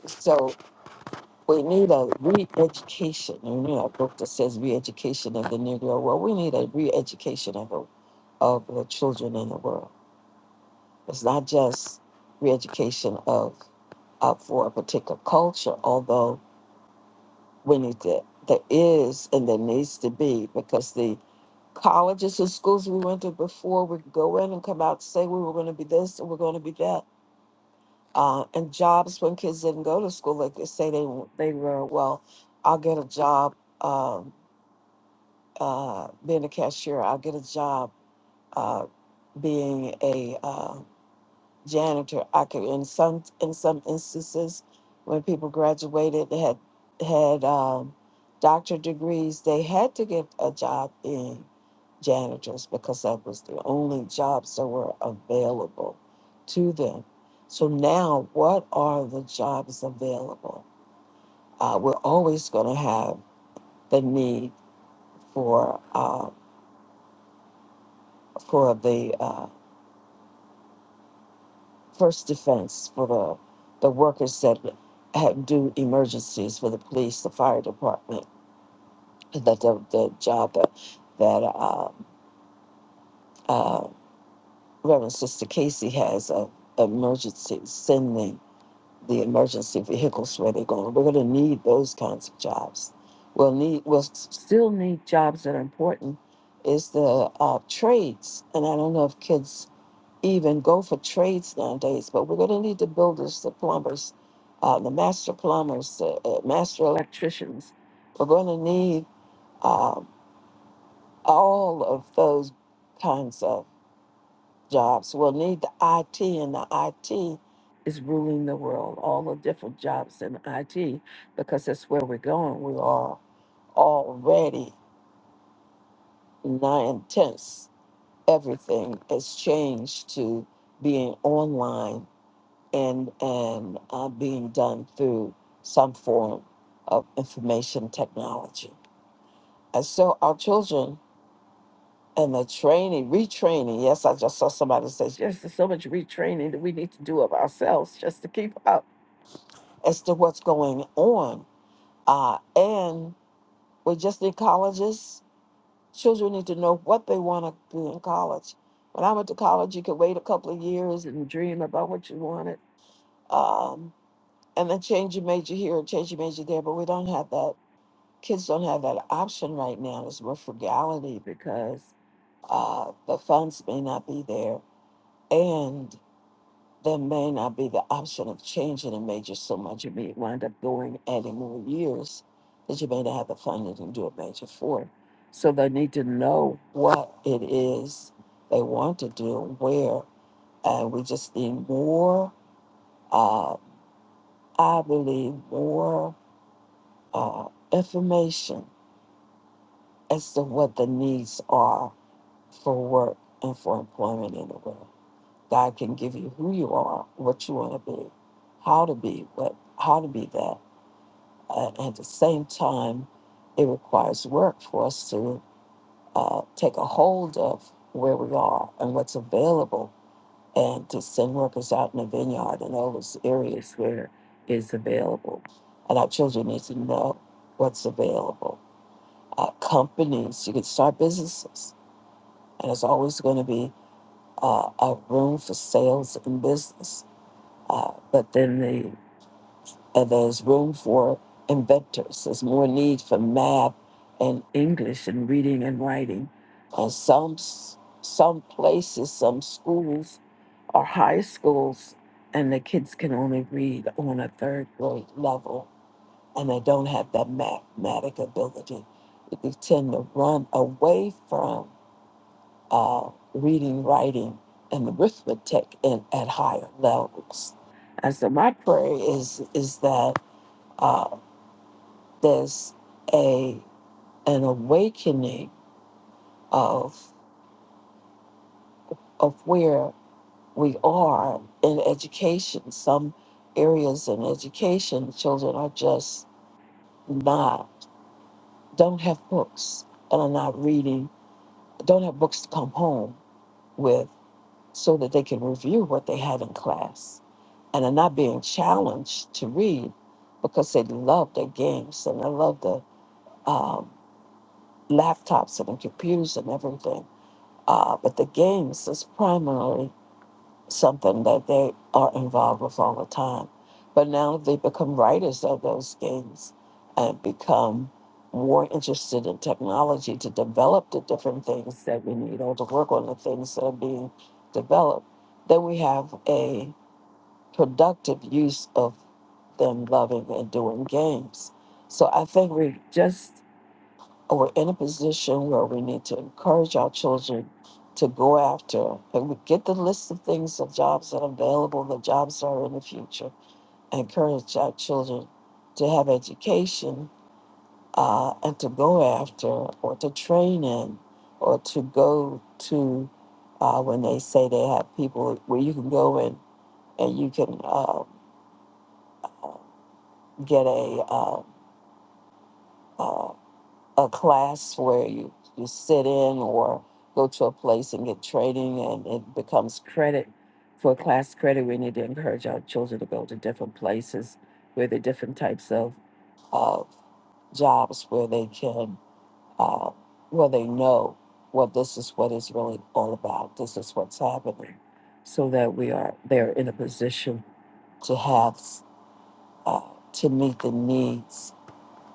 G: So we need a re-education. You know, a book that says re-education of the Negro. Well, we need a re-education of the, of the children in the world. It's not just re-education of up for a particular culture, although we need to there is and there needs to be because the colleges and schools we went to before would go in and come out and say we were going to be this and we're going to be that. Uh, and jobs when kids didn't go to school, like they say they they were, well, I'll get a job um, uh, being a cashier. I'll get a job uh, being a uh, janitor. I could in some in some instances when people graduated they had had um, doctorate degrees, they had to get a job in janitors because that was the only jobs that were available to them. So now, what are the jobs available? Uh, we're always going to have the need for uh, for the uh, first defense for the the workers that have do emergencies for the police, the fire department, that the, the job that that uh, uh, Reverend Sister Casey has of emergency sending the emergency vehicles where they're going. We're going to need those kinds of jobs. We'll need we'll s- still need jobs that are important. Is the uh, trades, and I don't know if kids even go for trades nowadays, but we're going to need the builders, the plumbers, uh, the master plumbers, the uh, master electricians. We're going to need uh, all of those kinds of jobs. We'll need the IT, and the IT is ruling the world, all the different jobs in IT, because that's where we're going. We are already nine tenths. Everything has changed to being online and and uh, being done through some form of information technology. And so our children and the training, retraining. Yes, I just saw somebody says yes. There's so much retraining that we need to do of ourselves just to keep up as to what's going on. Uh, and we just need colleges. Children need to know what they want to do in college. When I went to college, you could wait a couple of years and dream about what you wanted. Um, and then change your major here or change your major there. But we don't have that. Kids don't have that option right now. It's more frugality because uh, the funds may not be there, and there may not be the option of changing a major so much. You may wind up going adding more years that you may not have the funding to do a major for. So they need to know what it is they want to do, where, and we just need more. Uh, I believe more. uh, information as to what the needs are for work and for employment anywhere. God can give you who you are, what you want to be, how to be, what how to be that. Uh, and at the same time, it requires work for us to uh, take a hold of where we are and what's available, and to send workers out in the vineyard and all those areas where is available. And our children need to know what's available uh, companies. You can start businesses, and there's always going to be uh, a room for sales and business. Uh, but then the, uh, there's room for inventors. There's more need for math and English and reading and writing. And some s- some places, some schools are high schools, and the kids can only read on a third grade level, and they don't have that mathematic ability. They tend to run away from uh, reading, writing, and arithmetic in, at higher levels. And so my prayer is is that uh, there's a an awakening of of where we are in education. Some areas in education, children are just not don't have books and are not reading. Don't have books to come home with. so that they can review what they have in class and are not being challenged to read because they love their games and they love the um, laptops and the computers and everything. Uh, but the games is primarily something that they are involved with all the time. But now they become writers of those games and become more interested in technology to develop the different things that we need or to work on the things that are being developed. Then we have a productive use of them loving and doing games. So I think we just or we're in a position where we need to encourage our children to go after and we get the list of things of jobs that are available, the jobs that are in the future, and encourage our children to have education uh, and to go after or to train in or to go to uh, when they say they have people where you can go in and you can uh, get a uh, uh, a class where you, you sit in or go to a place and get training and it becomes credit for class credit we need to encourage our children to go to different places where there are different types of uh, jobs where they can uh, where they know well this is what it's really all about this is what's happening so that we are they're in a position to have uh, to meet the needs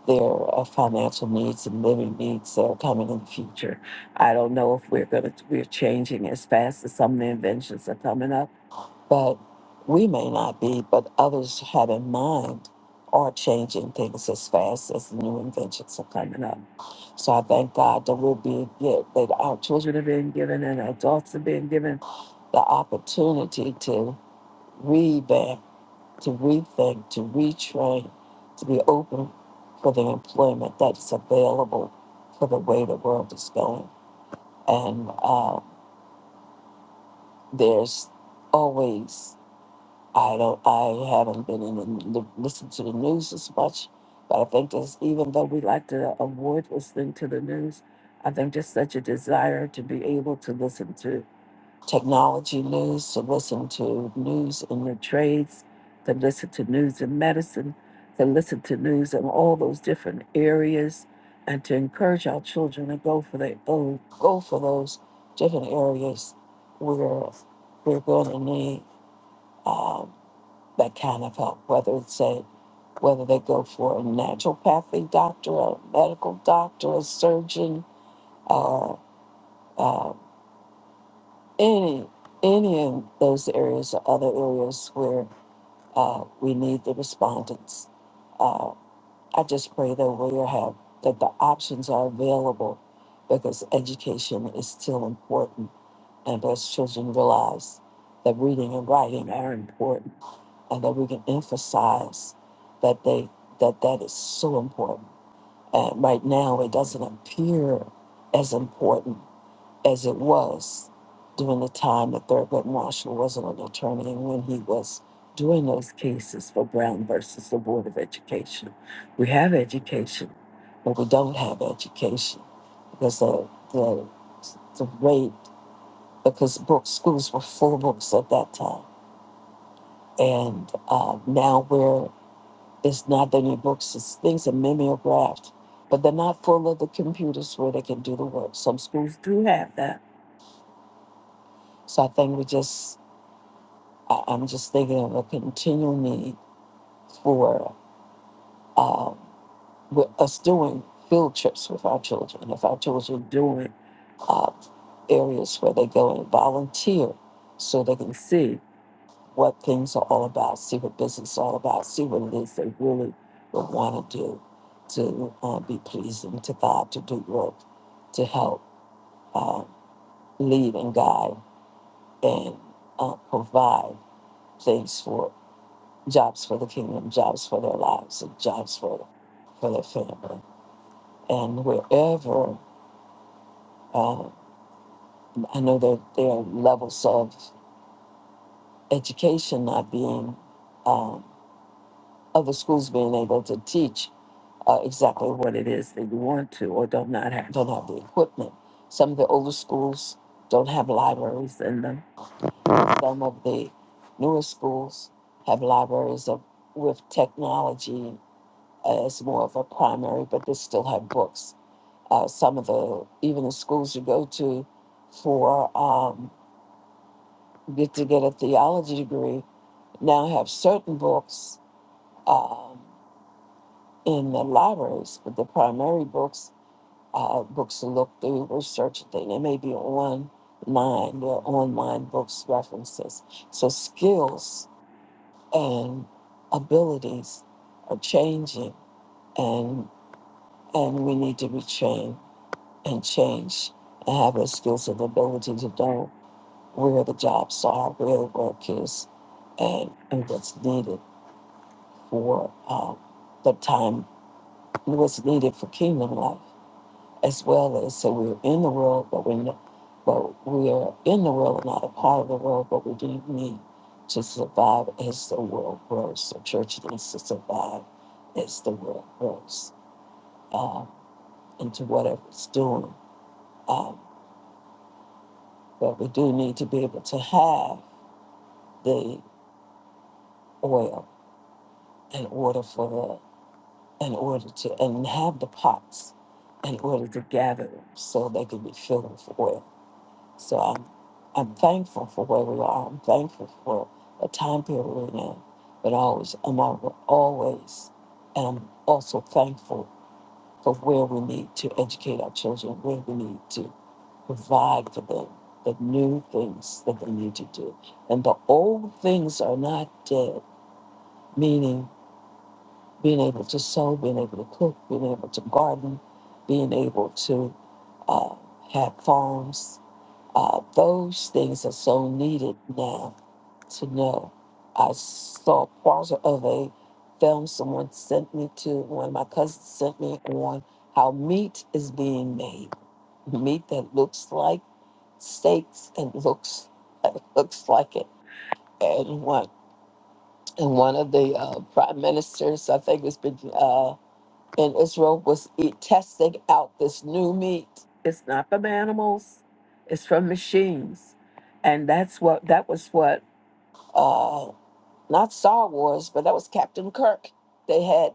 G: their uh, financial needs and living needs that are coming in the future. I don't know if we're going to, we're changing as fast as some of the inventions are coming up, but we may not be, but others have in mind are changing things as fast as the new inventions are coming up. So I thank God that we're being get that our children are being given and adults are being given the opportunity to revamp to rethink, to retrain, to be open for the employment that's available for the way the world is going. And uh, there's always, I don't, I haven't been in the, listened to the news as much, but I think there's, even though we like to avoid listening to the news, I think there's such a desire to be able to listen to technology news, to listen to news in your trades, to listen to news in medicine, to listen to news in all those different areas, and to encourage our children to go for the go, go for those different areas where we're going to need um, that kind of help. Whether it's a whether they go for a naturopathy doctor, a medical doctor, a surgeon, uh, uh, any any of those areas or other areas where uh, we need the respondents. Uh, I just pray that we have that the options are available because education is still important and as children realize that reading and writing are important and that we can emphasize that they that that is so important. And right now it doesn't appear as important as it was during the time that Thurgood Marshall wasn't an attorney and when he was doing those cases for Brown versus the Board of Education. We have education, but we don't have education because the, the, the rate, because books schools were full books at that time. And uh, now where it's not that many books, it's things are mimeographed, but they're not full of the computers where they can do the work. Some schools do have that. So I think we just I, I'm just thinking of a continual need for um, with us doing field trips with our children. If our children doing uh, areas where they go and volunteer, so they can see what things are all about, see what business is all about, see what it is they really would want to do to uh, be pleasing to God, to do work, to help uh, lead and guide and uh, provide things for jobs for the kingdom, jobs for their lives, and jobs for for their family. And wherever uh, I know that there are levels of education not being, um, other schools being able to teach uh, exactly what it is that you want to, or don't not have don't have the equipment. Some of the older schools don't have libraries in them. Some of the newer schools have libraries of with technology as more of a primary, but they still have books uh, some of the even the schools you go to for um, get to get a theology degree now have certain books um, in the libraries, but the primary books uh, books to look through, research and thing. They may be online, they're online books references. So skills and abilities are changing, and and we need to be trained and change and have the skills and ability to do. where the jobs are, where the work is, and, and what's needed for um, the time, what's needed for kingdom life, as well as so we're in the world, but we're not, but we are in the world, not a part of the world, but we do need to survive as the world grows. The church needs to survive as the world grows um, into whatever it's doing. Um, but we do need to be able to have the oil in order for the in order to and have the pots in order to gather them so they can be filled with oil. So I'm I'm thankful for where we are. I'm thankful for the time period we're in. But always I'm al- always and I'm also thankful for where we need to educate our children, where we need to provide for them the new things that they need to do. And the old things are not dead, meaning being able to sew, being able to cook, being able to garden, being able to uh, have farms. Uh, those things are so needed now to know. I saw part of a film someone sent me to, one of my cousins sent me on how meat is being made. Meat that looks like steaks and looks (laughs) it looks like it. And one and one of the uh, prime ministers, I think it was Brit- uh, and Israel was eat, testing out this new meat. It's not from animals; it's from machines, and that's what that was what uh, not Star Wars, but that was Captain Kirk. They had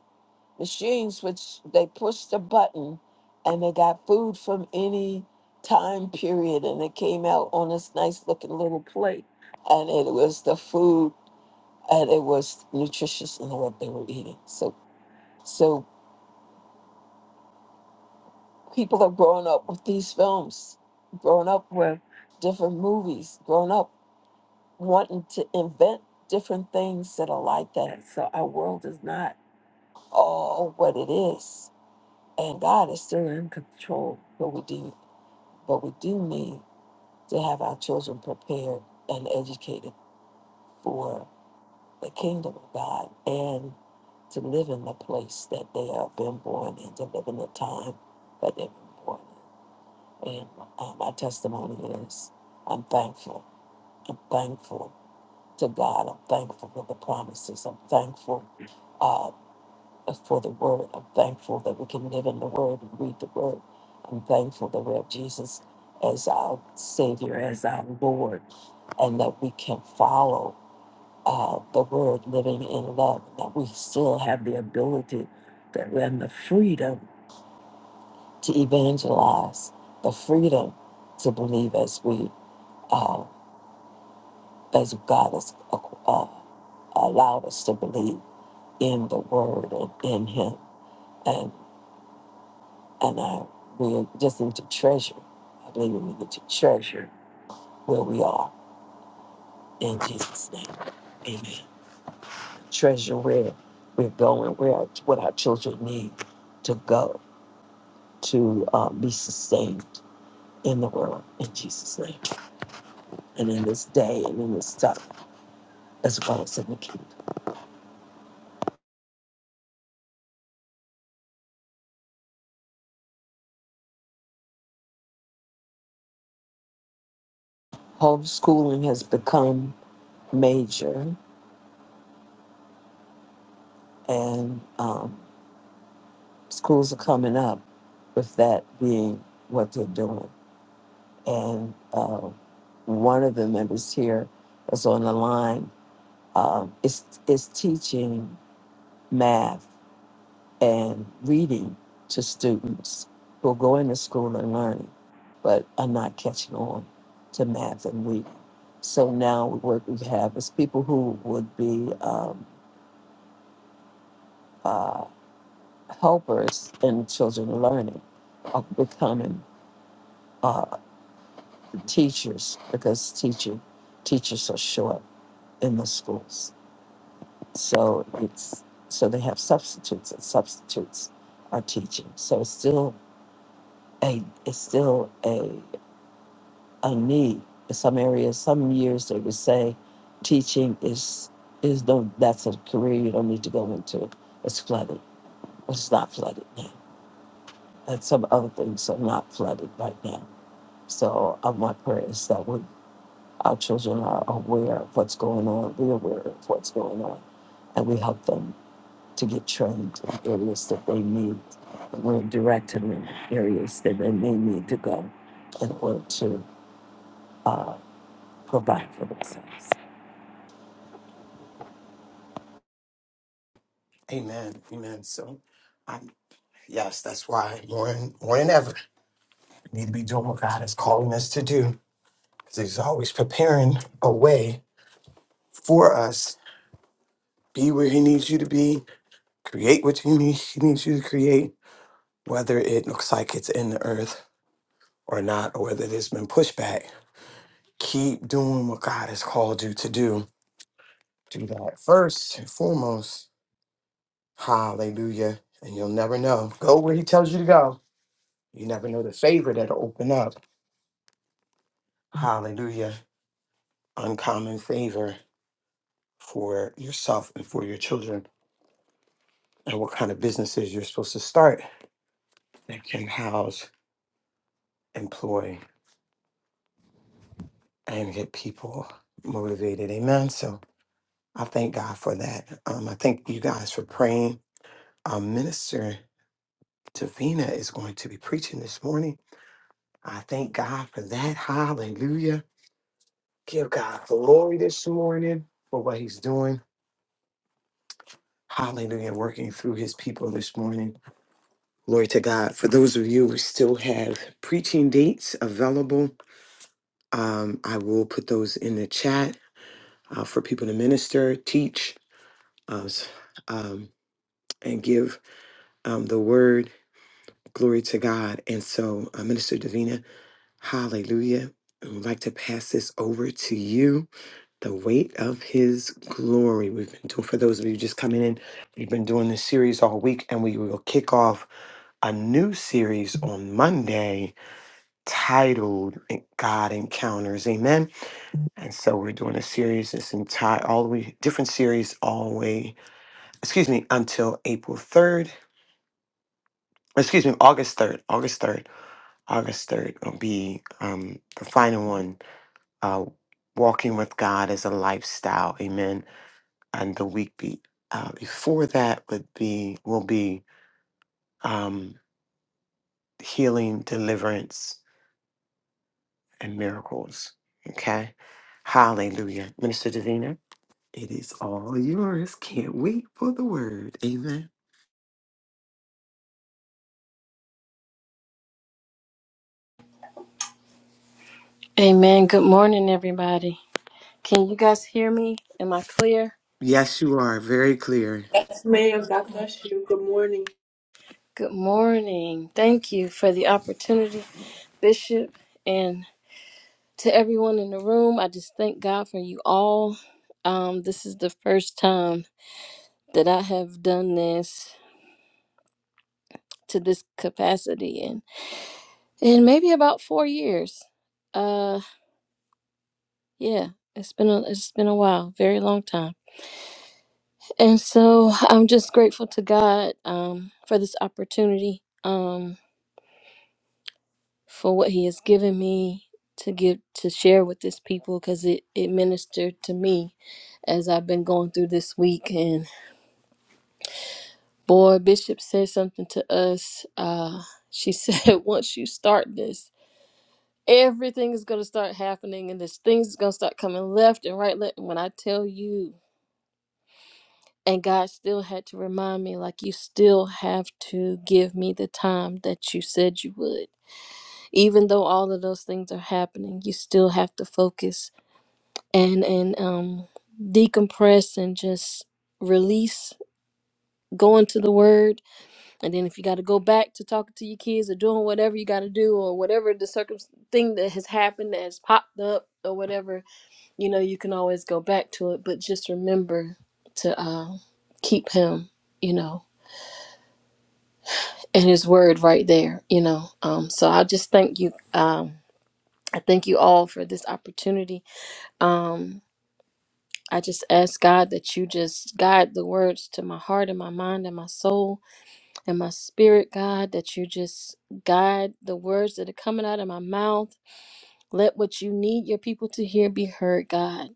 G: machines which they pushed a button, and they got food from any time period, and it came out on this nice looking little plate, and it was the food, and it was nutritious in what they were eating. So. So people are growing up with these films, growing up with different movies, growing up wanting to invent different things that are like that. So our world is not all what it is. And God is still in control. But we do but we do need to have our children prepared and educated for the kingdom of God and to live in the place that they have been born in, to live in the time that they've been born in. And uh, my testimony is I'm thankful. I'm thankful to God. I'm thankful for the promises. I'm thankful uh, for the word. I'm thankful that we can live in the word and read the word. I'm thankful that we have Jesus as our Savior, as our Lord, and that we can follow uh, the word living in love, that we still have the ability that we have the freedom to evangelize, the freedom to believe as we um, as God has uh, uh, allowed us to believe in the Word and in Him, and and I we just need to treasure. I believe we need to treasure where we are in Jesus' name. Amen. Treasure where we're going, where our, what our children need to go to uh, be sustained in the world in Jesus' name, and in this day and in this time, as well as in the kingdom. Homeschooling has become major and um, schools are coming up with that being what they're doing. And uh, one of the members here that's on the line um, is is teaching math and reading to students who are going to school and learning, but are not catching on to math and reading. So now what we have is people who would be um, uh, helpers in children learning are becoming uh, teachers because teaching teachers are short in the schools. So it's so they have substitutes and substitutes are teaching. So it's still a it's still a a need in some areas. Some years they would say teaching is is no that's a career you don't need to go into. It's flooded. But it's not flooded now. And some other things are not flooded right now So uh, my prayer is that we, our children are aware of what's going on. We're aware of what's going on, and we help them to get trained in areas that they need. And we're directing them in areas that they may need to go in order to provide for themselves.
E: Amen. Amen. So, I, yes, that's why more than, more than ever we need to be doing what God is calling us to do. Because He's always preparing a way for us. Be where He needs you to be. Create what you need, He needs you to create whether it looks like it's in the earth or not, or whether there's been pushback, keep doing what God has called you to do. Do that first and foremost. Hallelujah. And you'll never know. Go where He tells you to go. You never know the favor that'll open up. Hallelujah. Uncommon favor for yourself and for your children, and what kind of businesses you're supposed to start that can house, employ, and get people motivated. Amen. So, I thank God for that. Um, I thank you guys for praying. Um, Minister Davina is going to be preaching this morning. I thank God for that. Hallelujah. Give God glory this morning for what he's doing. Hallelujah. Working through his people this morning. Glory to God. For those of you who still have preaching dates available, um, I will put those in the chat uh, for people to minister, teach, uh, s- um, and give um, the word. Glory to God. And so, uh, Minister Davina, hallelujah. I would like to pass this over to you. The weight of his glory. We've been doing, for those of you just coming in, we've been doing this series all week, and we will kick off a new series on Monday titled God Encounters. Amen. And so we're doing a series, this entire, all the way, different series all the way, excuse me, until April 3rd. Excuse me, August 3rd. August 3rd. August 3rd will be um, the final one. Uh, walking with God as a lifestyle. Amen. And the week be, uh, before that would be will be um, healing, deliverance, and miracles. Okay. Hallelujah. Minister Davina, it is all yours. Can't wait for the word. Amen.
H: Amen. Good morning, everybody. Can you guys hear me? Am I clear?
E: Yes, you are very clear.
B: y'all.
H: Good morning. Thank you for the opportunity, Bishop, and to everyone in the room. I just thank God for you all. Um, this is the first time that I have done this to this capacity, and in in maybe about four years. Uh, yeah, it's been a, it's been a while, very long time, and so I'm just grateful to God um, for this opportunity. Um, for what he has given me to give to share with this people because it, it ministered to me as I've been going through this week and boy Bishop said something to us. Uh she (laughs) said once you start this, everything is gonna start happening and this things is gonna start coming left and right left when I tell you and God still had to remind me like you still have to give me the time that you said you would. Even though all of those things are happening, you still have to focus and and um decompress and just release going to the word and then if you got to go back to talking to your kids or doing whatever you got to do or whatever the circum thing that has happened that has popped up or whatever you know you can always go back to it but just remember to uh, keep him you know and his word right there you know um so i just thank you um i thank you all for this opportunity um I just ask God that you just guide the words to my heart and my mind and my soul and my spirit, God, that you just guide the words that are coming out of my mouth. Let what you need your people to hear be heard, God,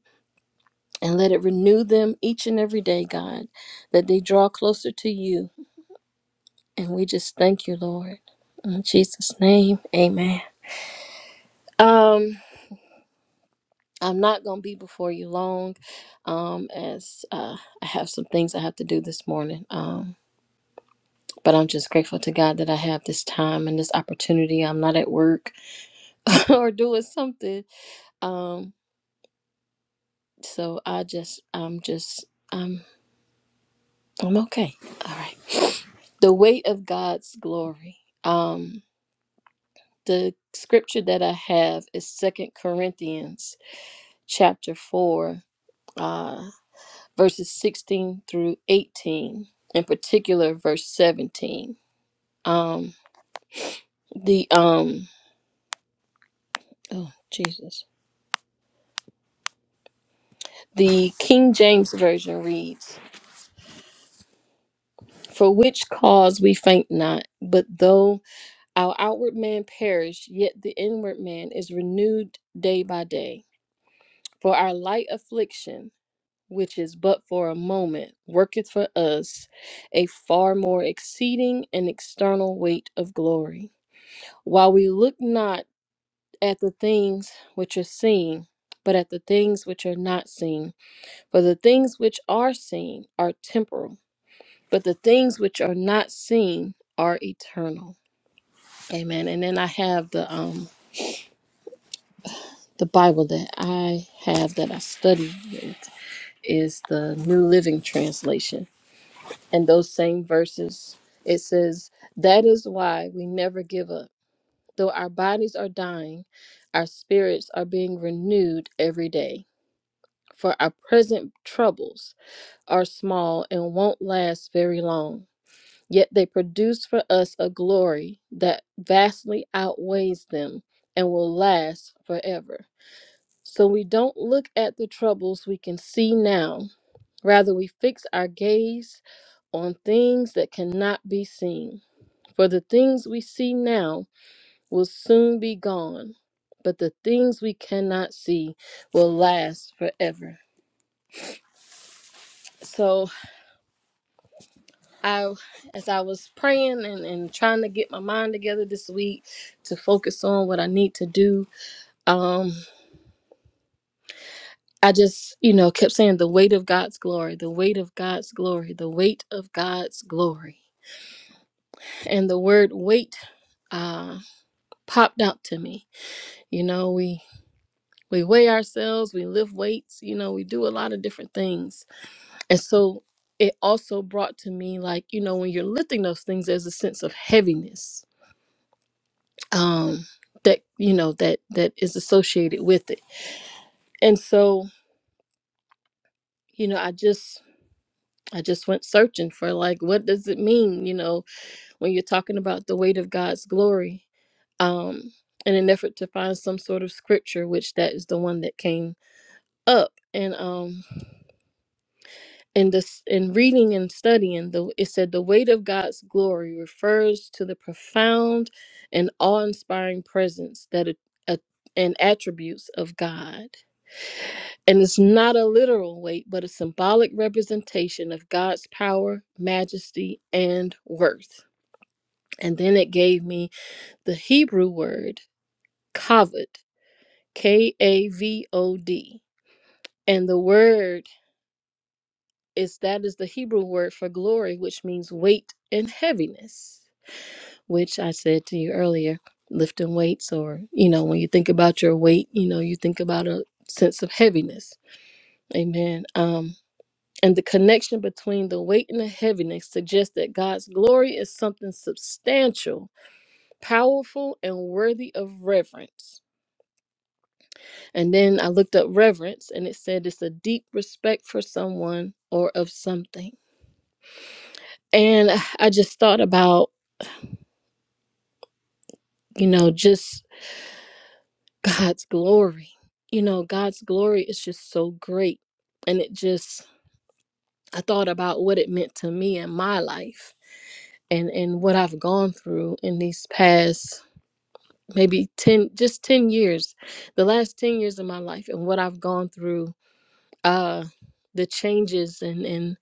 H: and let it renew them each and every day, God, that they draw closer to you. And we just thank you, Lord. In Jesus' name, amen. Um, I'm not going to be before you long, um, as uh, I have some things I have to do this morning. Um, But I'm just grateful to God that I have this time and this opportunity. I'm not at work (laughs) or doing something. Um, so I just, I'm just, I'm, I'm okay. All right. The weight of God's glory. Um, the scripture that I have is Second Corinthians chapter four, uh, verses sixteen through eighteen. In particular, verse seventeen. Um, the um, oh Jesus. The King James Version reads, For which cause we faint not, but though our outward man perish, yet the inward man is renewed day by day. For our light affliction, which is but for a moment, worketh for us a far more exceeding and external weight of glory. While we look not at the things which are seen, but at the things which are not seen, for the things which are seen are temporal but the things which are not seen are eternal. Amen. And then I have the um the Bible that I have that I study with is the New Living Translation. And those same verses, it says, That is why we never give up. Though our bodies are dying, our spirits are being renewed every day. For our present troubles are small and won't last very long Yet they produce for us a glory that vastly outweighs them and will last forever. So we don't look at the troubles we can see now, rather, we fix our gaze on things that cannot be seen. For the things we see now will soon be gone, but the things we cannot see will last forever. So I, as I was praying and, and trying to get my mind together this week to focus on what I need to do, um, I just, you know, kept saying the weight of God's glory, the weight of God's glory, the weight of God's glory. And the word weight uh, popped out to me. You know, we we weigh ourselves, we lift weights, you know, we do a lot of different things. And so it also brought to me like, you know, when you're lifting those things, there's a sense of heaviness um, that you know that that is associated with it. And so you know, I just I just went searching for like what does it mean? You know, when you're talking about the weight of God's glory, um, in an effort to find some sort of scripture, which that is the one that came up. And um, in this in reading and studying, the it said the weight of God's glory refers to the profound and awe-inspiring presence that a, a, and attributes of God And it's not a literal weight, but a symbolic representation of God's power, majesty, and worth. And then it gave me the Hebrew word kavod, K A V O D. And the word is that is the Hebrew word for glory, which means weight and heaviness, which I said to you earlier, lifting weights, or, you know, when you think about your weight, you know, you think about a sense of heaviness. Amen. Um, And the connection between the weight and the heaviness suggests that God's glory is something substantial, powerful, and worthy of reverence. And then I looked up reverence and it said it's a deep respect for someone or of something. And I just thought about, you know, just God's glory. You know, God's glory is just so great. And it just, I thought about what it meant to me in my life and and what I've gone through in these past maybe 10 just 10 years the last 10 years of my life and what i've gone through uh the changes and and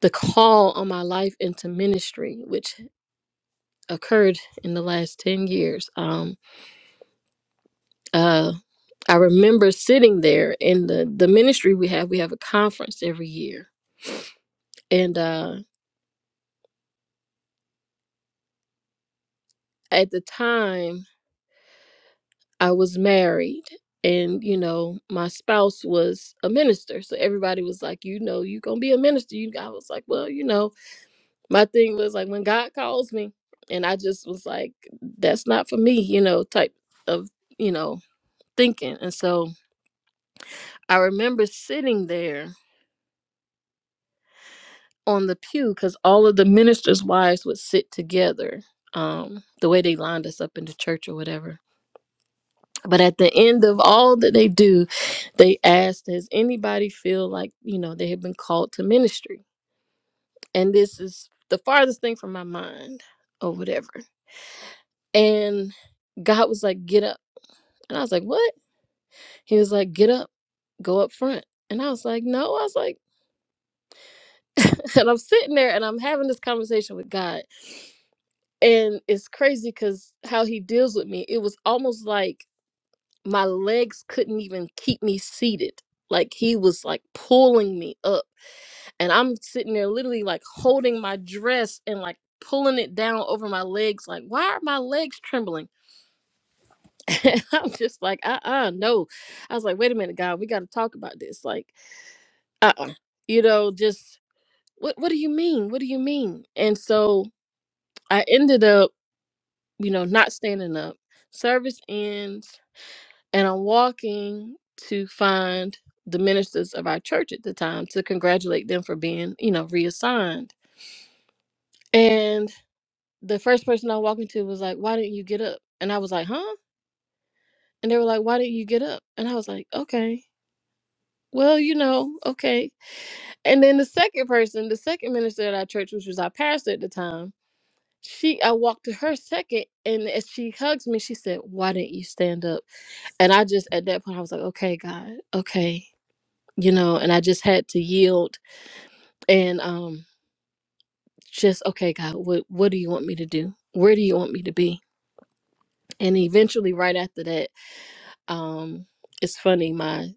H: the call on my life into ministry which occurred in the last 10 years um uh i remember sitting there in the the ministry we have we have a conference every year and uh at the time i was married and you know my spouse was a minister so everybody was like you know you're gonna be a minister you i was like well you know my thing was like when God calls me, and I just was like, that's not for me, you know, type of, you know, thinking. And so I remember sitting there on the pew because all of the ministers' wives would sit together, um, the way they lined us up in the church or whatever. But at the end of all that they do, they asked, Does anybody feel like, you know, they have been called to ministry? And this is the farthest thing from my mind or whatever. And God was like, Get up. And I was like, what? He was like, get up, go up front. And I was like, no. I was like, (laughs) and I'm sitting there and I'm having this conversation with God. And it's crazy because how he deals with me, it was almost like my legs couldn't even keep me seated. Like he was like pulling me up. And I'm sitting there literally like holding my dress and like pulling it down over my legs. Like, why are my legs trembling? (laughs) And I'm just like, uh uh no. I was like, wait a minute, God, we got to talk about this. Like, uh-uh. you know just what what do you mean what do you mean and so i ended up you know not standing up service ends and i'm walking to find the ministers of our church at the time to congratulate them for being you know reassigned and the first person i walked into was like why didn't you get up and i was like huh and they were like why didn't you get up and i was like okay well you know okay and then the second person the second minister at our church which was our pastor at the time she I walked to her second and as she hugs me, she said, Why didn't you stand up? And I just at that point I was like, Okay, God, okay. You know, and I just had to yield and um just okay, God, what what do you want me to do? Where do you want me to be? And eventually right after that, um, it's funny, my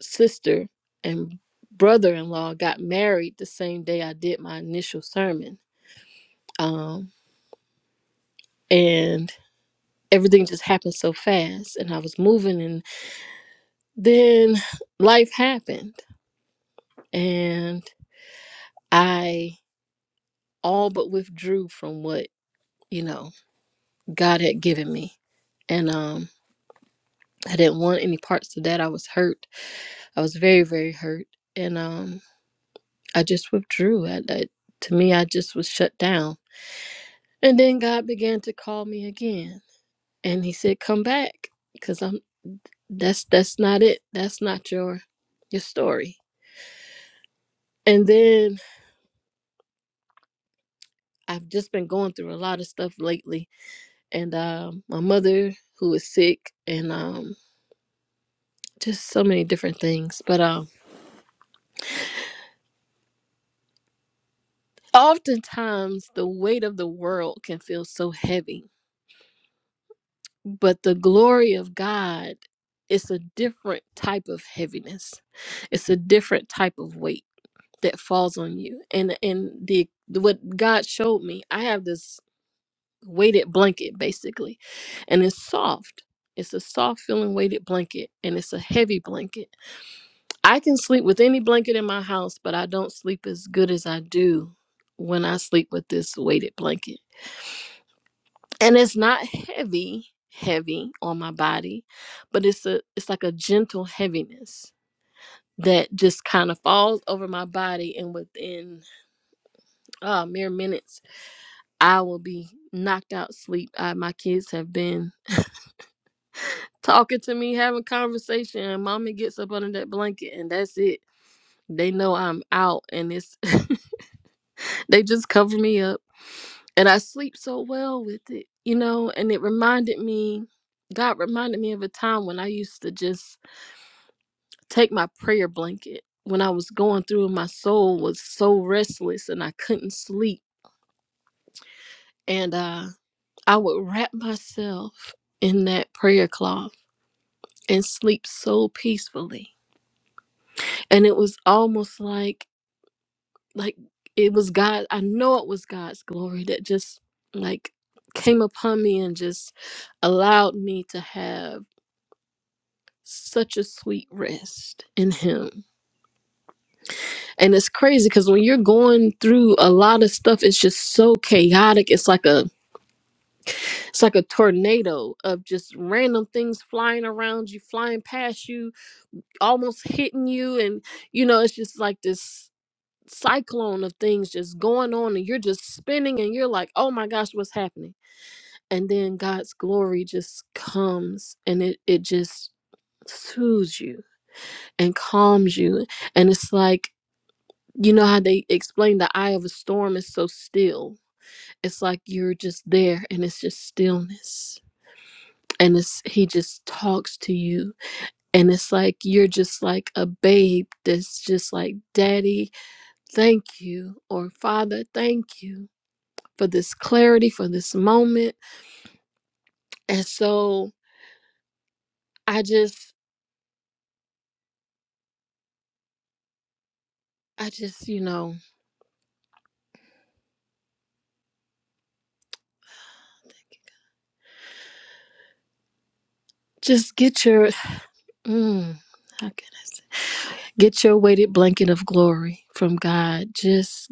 H: sister and brother in law got married the same day I did my initial sermon. Um and everything just happened so fast and I was moving Then life happened and I all but withdrew from what, you know, God had given me. And um I didn't want any parts of that. I was hurt. I was very, very hurt. And um I just withdrew. I, I to me I just was shut down. And then God began to call me again and he said, Come back because I'm that's that's not it. That's not your your story. And then I've just been going through a lot of stuff lately and um my mother who was sick and um just so many different things but um oftentimes the weight of the world can feel so heavy but the glory of god it's a different type of heaviness it's a different type of weight that falls on you and and the what god showed me i have this weighted blanket basically and it's soft it's a soft feeling weighted blanket and it's a heavy blanket I can sleep with any blanket in my house, but I don't sleep as good as I do when I sleep with this weighted blanket. And it's not heavy, heavy on my body, but it's a it's like a gentle heaviness that just kind of falls over my body and within uh, mere minutes I will be knocked out sleep. I, my kids have been talking to me, having conversation, and mommy gets up under that blanket and that's it. They know I'm out and it's (laughs) they just cover me up and I sleep so well with it, you know. And it reminded me, God reminded me of a time when I used to just take my prayer blanket when I was going through, and my soul was so restless and I couldn't sleep. And uh, I would wrap myself in that prayer cloth and sleep so peacefully. And it was almost like, like it was God. I know it was God's glory that just like came upon me and just allowed me to have such a sweet rest in him and it's crazy because when you're going through a lot of stuff it's just so chaotic it's like a it's like a tornado of just random things flying around you flying past you almost hitting you and you know it's just like this cyclone of things just going on and you're just spinning and you're like oh my gosh what's happening and then god's glory just comes and it it just soothes you and calms you and it's like You know how they explain the eye of a storm is so still. It's like you're just there and it's just stillness. And it's he just talks to you. And it's like you're just like a babe that's just like, Daddy, thank you. Or Father, thank you for this clarity, for this moment. And so I just I just, you know, just get your mm, how can I say? get your weighted blanket of glory from God. Just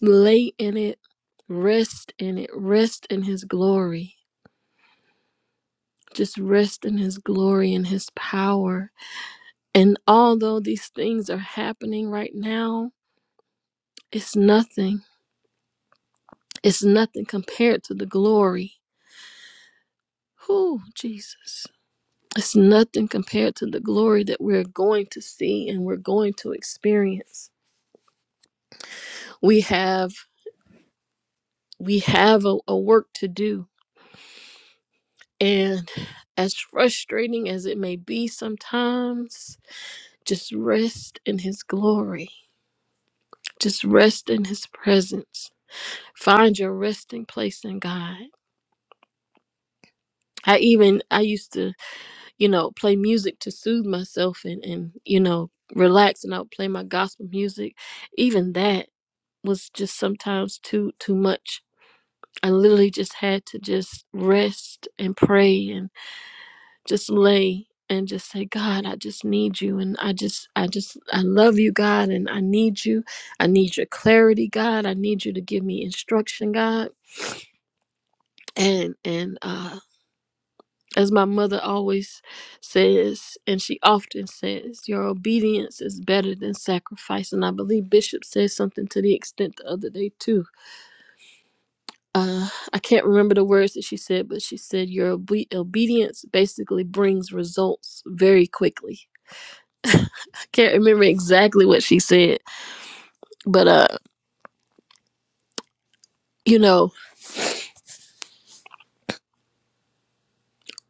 H: Lay in it, rest in it, rest in His glory. Just rest in His glory and His power. And although these things are happening right now, it's nothing. It's nothing compared to the glory. Who, Jesus? It's nothing compared to the glory that we're going to see and we're going to experience. We have we have a, a work to do. And as frustrating as it may be sometimes, Just rest in His glory. Just rest in His presence. Find your resting place in God. I even I used to, you know, play music to soothe myself and and you know relax, and I would play my gospel music. Even that was just sometimes too too much. I literally just had to just rest and pray and. just lay and just say god i just need you and i just i just i love you god and i need you i need your clarity god i need you to give me instruction god and and uh as my mother always says and she often says your obedience is better than sacrifice and i believe bishop said something to the extent the other day too uh i can't remember the words that she said but she said your obe- obedience basically brings results very quickly Can't remember exactly what she said, but uh, you know,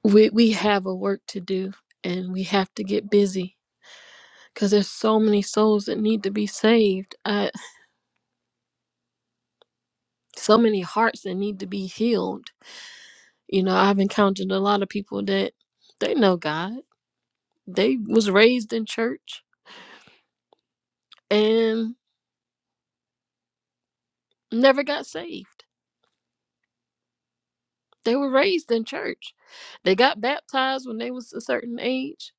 H: we we have a work to do, and we have to get busy because there's so many souls that need to be saved. Uh, so many hearts that need to be healed. You know, I've encountered a lot of people that they know God, they was raised in church and never got saved. They were raised in church. They got baptized when they was a certain age,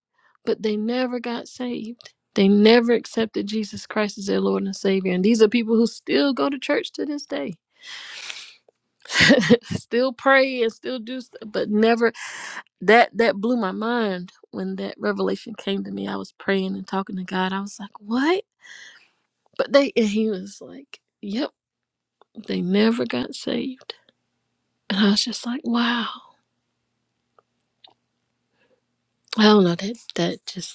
H: but they never got saved. They never accepted Jesus Christ as their Lord and Savior. And these are people who still go to church to this day. (laughs) still pray and still do stuff, but never that that blew my mind when that revelation came to me. I was praying and talking to God. I was like, "What?" But they and he was like, "Yep, they never got saved." And I was just like, "Wow." I don't know that that just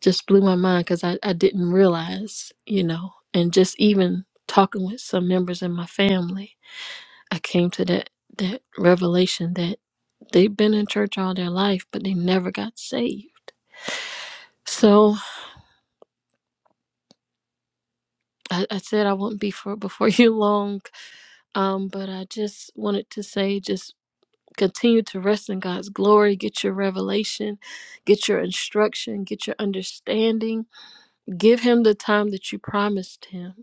H: just blew my mind because I, I didn't realize, you know, and just even talking with some members in my family, I came to that that revelation that they've been in church all their life, but they never got saved. So I, I said I won't be for before (laughs) you long, um, but I just wanted to say just continue to rest in God's glory, get your revelation, get your instruction, get your understanding, give him the time that you promised him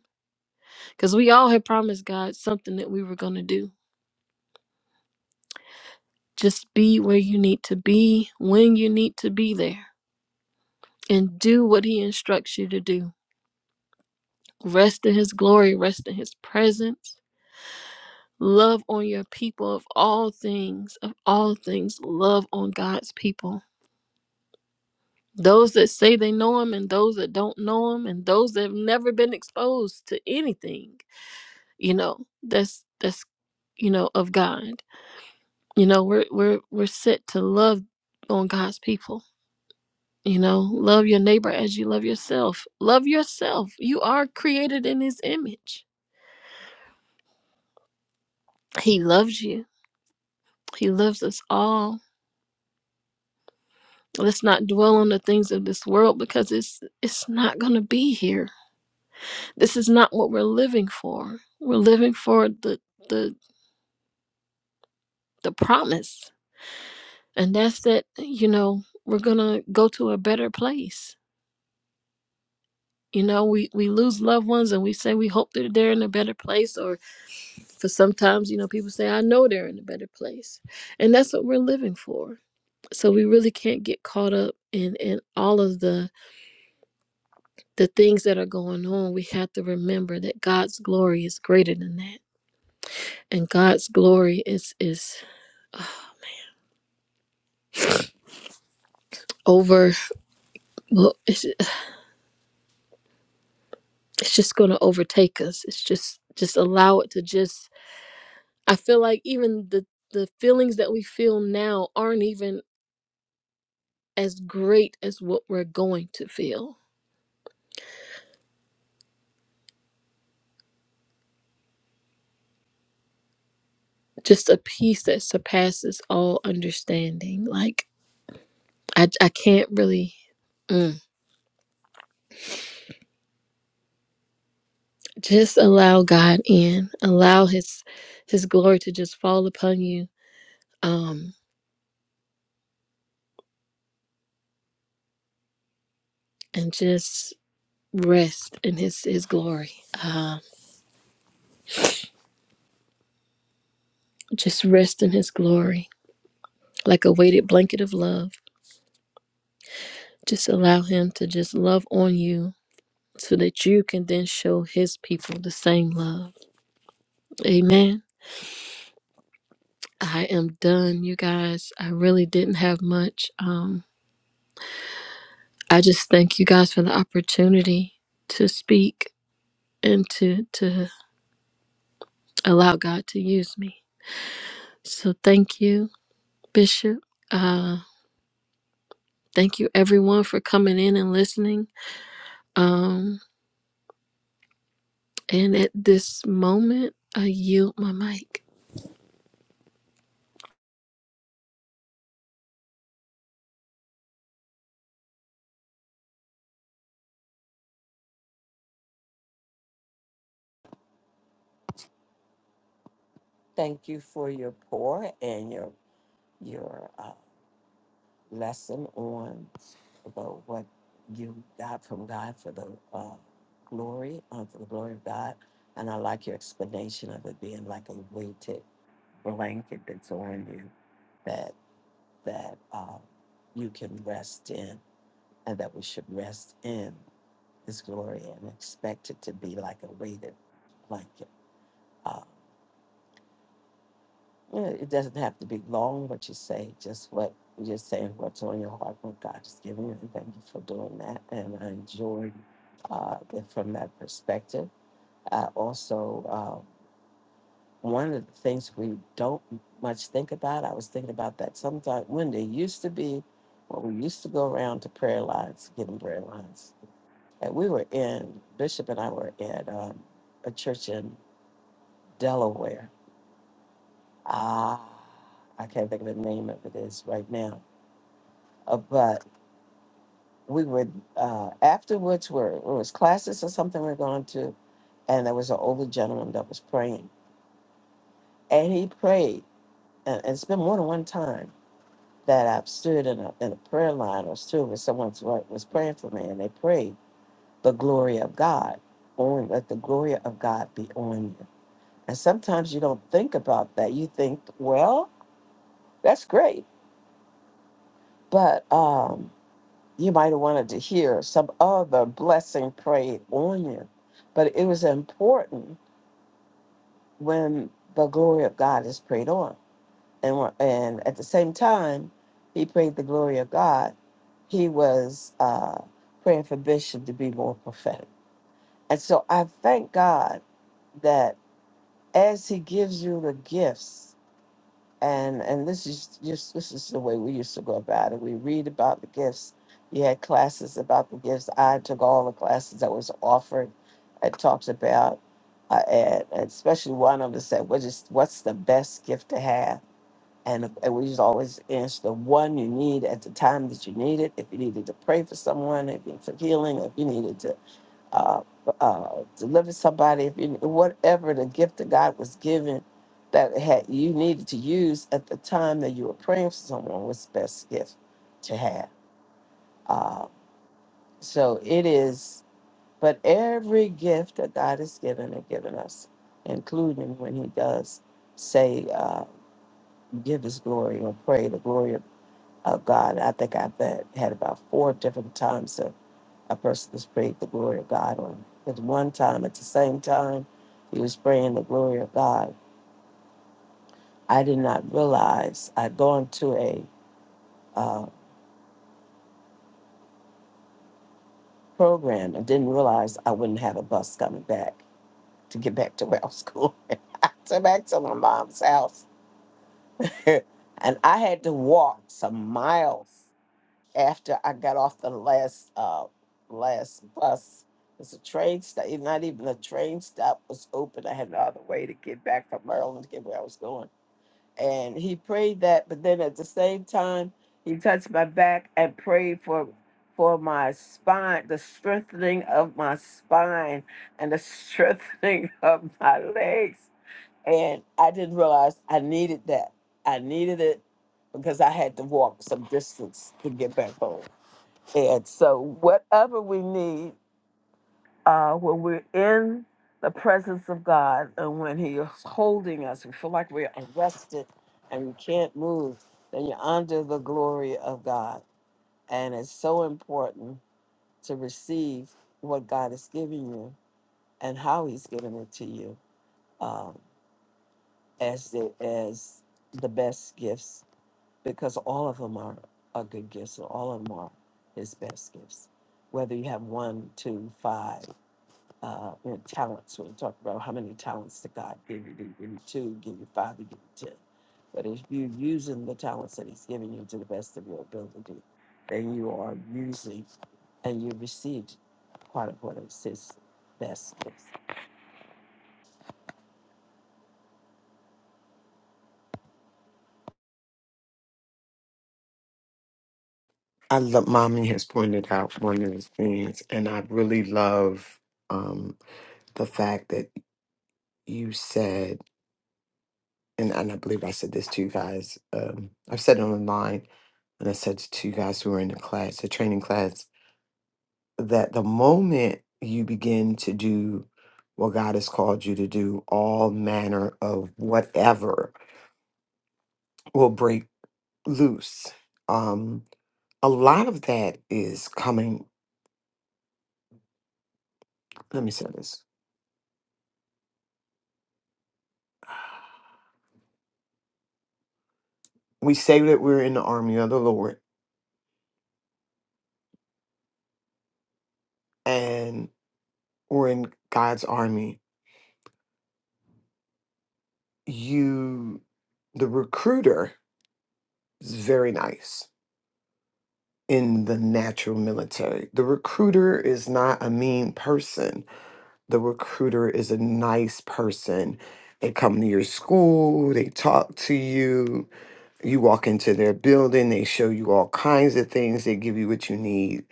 H: Because we all had promised God something that we were going to do. Just be where you need to be when you need to be there and do what He instructs you to do. Rest in His glory, rest in His presence. Love on your people of all things, of all things, love on God's people. Those that say they know Him and those that don't know Him and those that have never been exposed to anything, you know, that's, that's, you know, of God You know, we're we're we're set to love on God's people. You know, love your neighbor as you love yourself. Love yourself. You are created in his image. He loves you. He loves us all. Let's not dwell on the things of this world because it's it's not going to be here. This is not what we're living for. We're living for the the the promise. And that's that, you know, we're going to go to a better place you know we we lose loved ones and we say we hope that they're in a better place or for sometimes you know people say i know they're in a better place and that's what we're living for so we really can't get caught up in in all of the the things that are going on we have to remember that god's glory is greater than that and god's glory is is uh, over well it's, it's just going to overtake us it's just just allow it to just i feel like even the the feelings that we feel now aren't even as great as what we're going to feel. Just a peace that surpasses all understanding. Like, I, I can't really. mm. Just allow God in. Allow His His glory to just fall upon you, um, and just rest in His His glory. Um, just rest in His glory, like a weighted blanket of love. Just allow Him to just love on you, so that you can then show His people the same love. Amen. I am done, you guys. I really didn't have much. Um, I just thank you guys for the opportunity to speak and to to allow God to use me. So thank you, Bishop. Uh, thank you everyone for coming in and listening. Um, and at this moment, I yield my mic.
G: Thank you for your pour and your your. Uh, lesson on about what you got from God for the uh, glory, uh, for the glory of God. And I like your explanation of it being like a weighted blanket that's on you that that uh, you can rest in and that we should rest in His glory and expect it to be like a weighted blanket. Uh, Yeah, It doesn't have to be long, what you say, just what you're saying, what's on your heart, what God is giving you. And thank you for doing that. And I enjoyed uh, it from that perspective. I also, uh, one of the things we don't much think about, I was thinking about that sometimes when there used to be, when we used to go around to prayer lines, getting prayer lines. And we were in, Bishop and I were at um, a church in Delaware. Ah, I can't think of the name of it is right now Uh, but we were uh, afterwards. Were it was classes or something we are going to, and there was an older gentleman that was praying, and he prayed, and, and it's been more than one time that I've stood in a in a prayer line or stood with someone who was praying for me, and they prayed the glory of God on let the glory of God be on you. And sometimes you don't think about that. You think, well, that's great, but. um you might have wanted to hear some other blessing prayed on you. But it was important when the glory of God is prayed on. And, when- and at the same time, he prayed the glory of God. He was uh, praying for Bishop to be more prophetic. And so I thank God that as he gives you the gifts, and and this is just this is the way we used to go about it. We read about the gifts. You had classes about the gifts. I took all the classes that was offered. It talked about, uh, and, and especially one of them said, "What is what's the best gift to have?" And, and we just always answer the one you need at the time that you need it. If you needed to pray for someone, if you need for healing, if you needed to uh, uh, deliver somebody, if you, whatever the gift that God was given that had you needed to use at the time that you were praying for someone was the best gift to have. Uh, so it is, but every gift that God has given and given us, including when He does say, uh, give His glory Or pray the glory of, of God. I think I've had, had about four different times a person to spread the glory of God on. At one time, at the same time, he was spreading the glory of God. I did not realize I'd gone to a uh, program and didn't realize I wouldn't have a bus coming back to get back to where I was going, (laughs) to back to my mom's house. (laughs) and I had to walk some miles after I got off the last uh last bus. It's a train stop. Not even a train stop was open. I had no other way to get back from Maryland to get where I was going. And he prayed that, but then at the same time, he touched my back and prayed for for my spine, the strengthening of my spine and the (laughs) strengthening of my legs. And I didn't realize I needed that. I needed it because I had to walk some distance to get back home. And so, whatever we need, uh, when we're in the presence of God and when He is holding us, we feel like we're arrested and we can't move, then you're under the glory of God. And it's so important to receive what God is giving you and how He's giving it to you um, as, the, as the best gifts, because all of them are, are good gifts, and all of them are His best gifts, whether you have one, two, five uh, and talents. We talk about how many talents did God give you? Did he give you two? Give you five? Did he give you ten? But if you're using the talents that He's giving you to the best of your ability, then you are using and you received part of what is His best. gifts.
E: I love mommy has pointed out one of the things, and I really love um, the fact that you said, and, and I believe I said this to you guys. Um, I've said it online, and I said to you guys who were in the class, the training class, that the moment you begin to do what God has called you to do, all manner of whatever will break loose. Um, a lot of that is coming. Let me say this: we say that we're in the army of the Lord, and we're in God's army. You, the recruiter It's very nice in the natural military. The recruiter is not a mean person. The recruiter is a nice person. They come to your school, they talk to you, you walk into their building, they show you all kinds of things, they give you what you need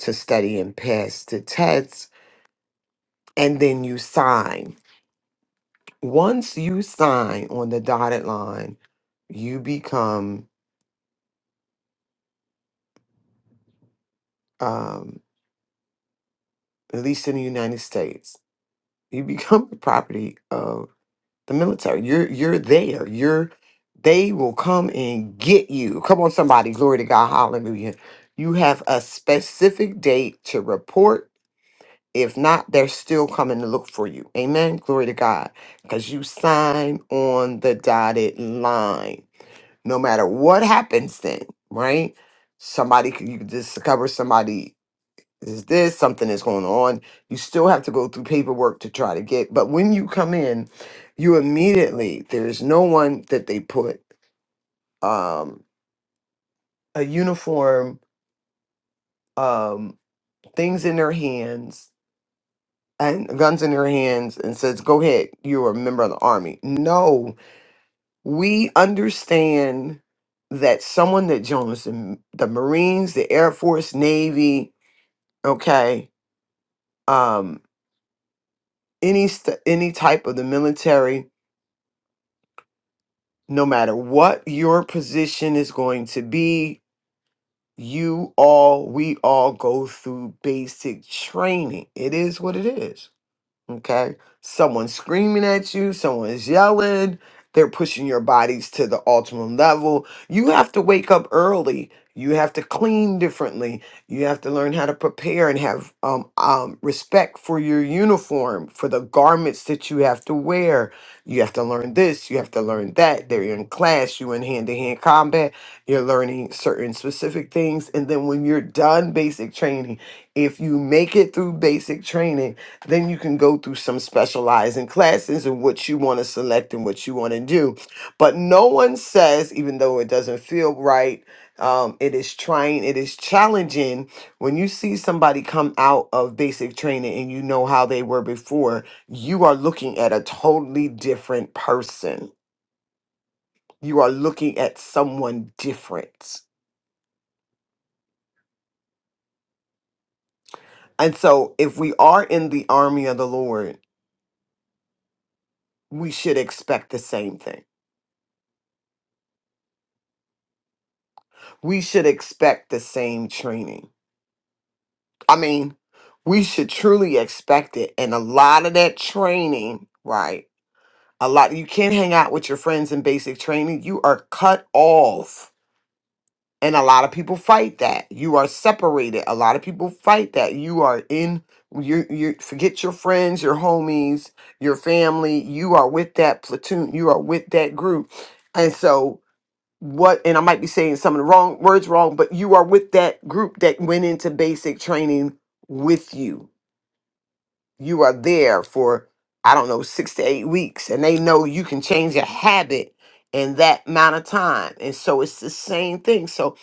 E: to study and pass the tests, and then you sign. Once you sign on the dotted line, you become, um, at least in the United States, You become the property of the military. You're you're there. You're they will come and get you. Come on, somebody. Glory to God. Hallelujah. You have a specific date to report. If not, they're still coming to look for you. Amen. Glory to God. Because you sign on the dotted line. No matter what happens then, right? Somebody could you could discover somebody is this something is going on you still have to go through paperwork to try to get but when you come in you immediately there's no one that they put um a uniform um things in their hands and guns in their hands and says go ahead you're a member of the army no we understand that someone that joins the, the marines the air force navy okay um any st- any type of the military no matter what your position is going to be, you all, we all go through basic training. It is what it is. Okay. Someone's screaming at you, someone's yelling, they're pushing your bodies to the ultimate level. You have to wake up early. You have to clean differently. You have to learn how to prepare and have um, um, respect for your uniform, for the garments that you have to wear. You have to learn this. You have to learn that. They're in class. You're in hand-to-hand combat. You're learning certain specific things, and then when you're done basic training, if you make it through basic training, then you can go through some specializing classes and what you want to select and what you want to do. But no one says, even though it doesn't feel right, um, it is trying, it is challenging when you see somebody come out of basic training and you know how they were before, you are looking at a totally different person. You are looking at someone different. And so if we are in the army of the Lord, we should expect the same thing we should expect the same training. I mean, we should truly expect it. And a lot of that training, right? A lot, you can't hang out with your friends in basic training. You are cut off. And a lot of people fight that. You are separated. A lot of people fight that. You are in, you you forget your friends, your homies, your family. You are with that platoon. You are with that group. And so what and I might be saying some of the wrong words wrong, but you are with that group that went into basic training with you. You are there for I don't know 6 to 8 weeks and they know you can change a habit in that amount of time. And so it's the same thing. So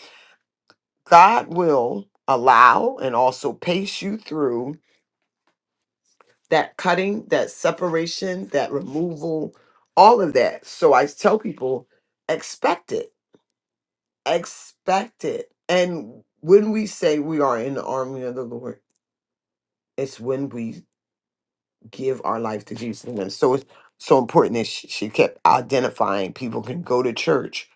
E: God will allow and also pace you through that cutting, that separation, that removal, all of that. So I tell people expect it expected. And when we say we are in the army of the Lord, it's when we give our life to Jesus. And so it's so important that she, she kept identifying people can go to church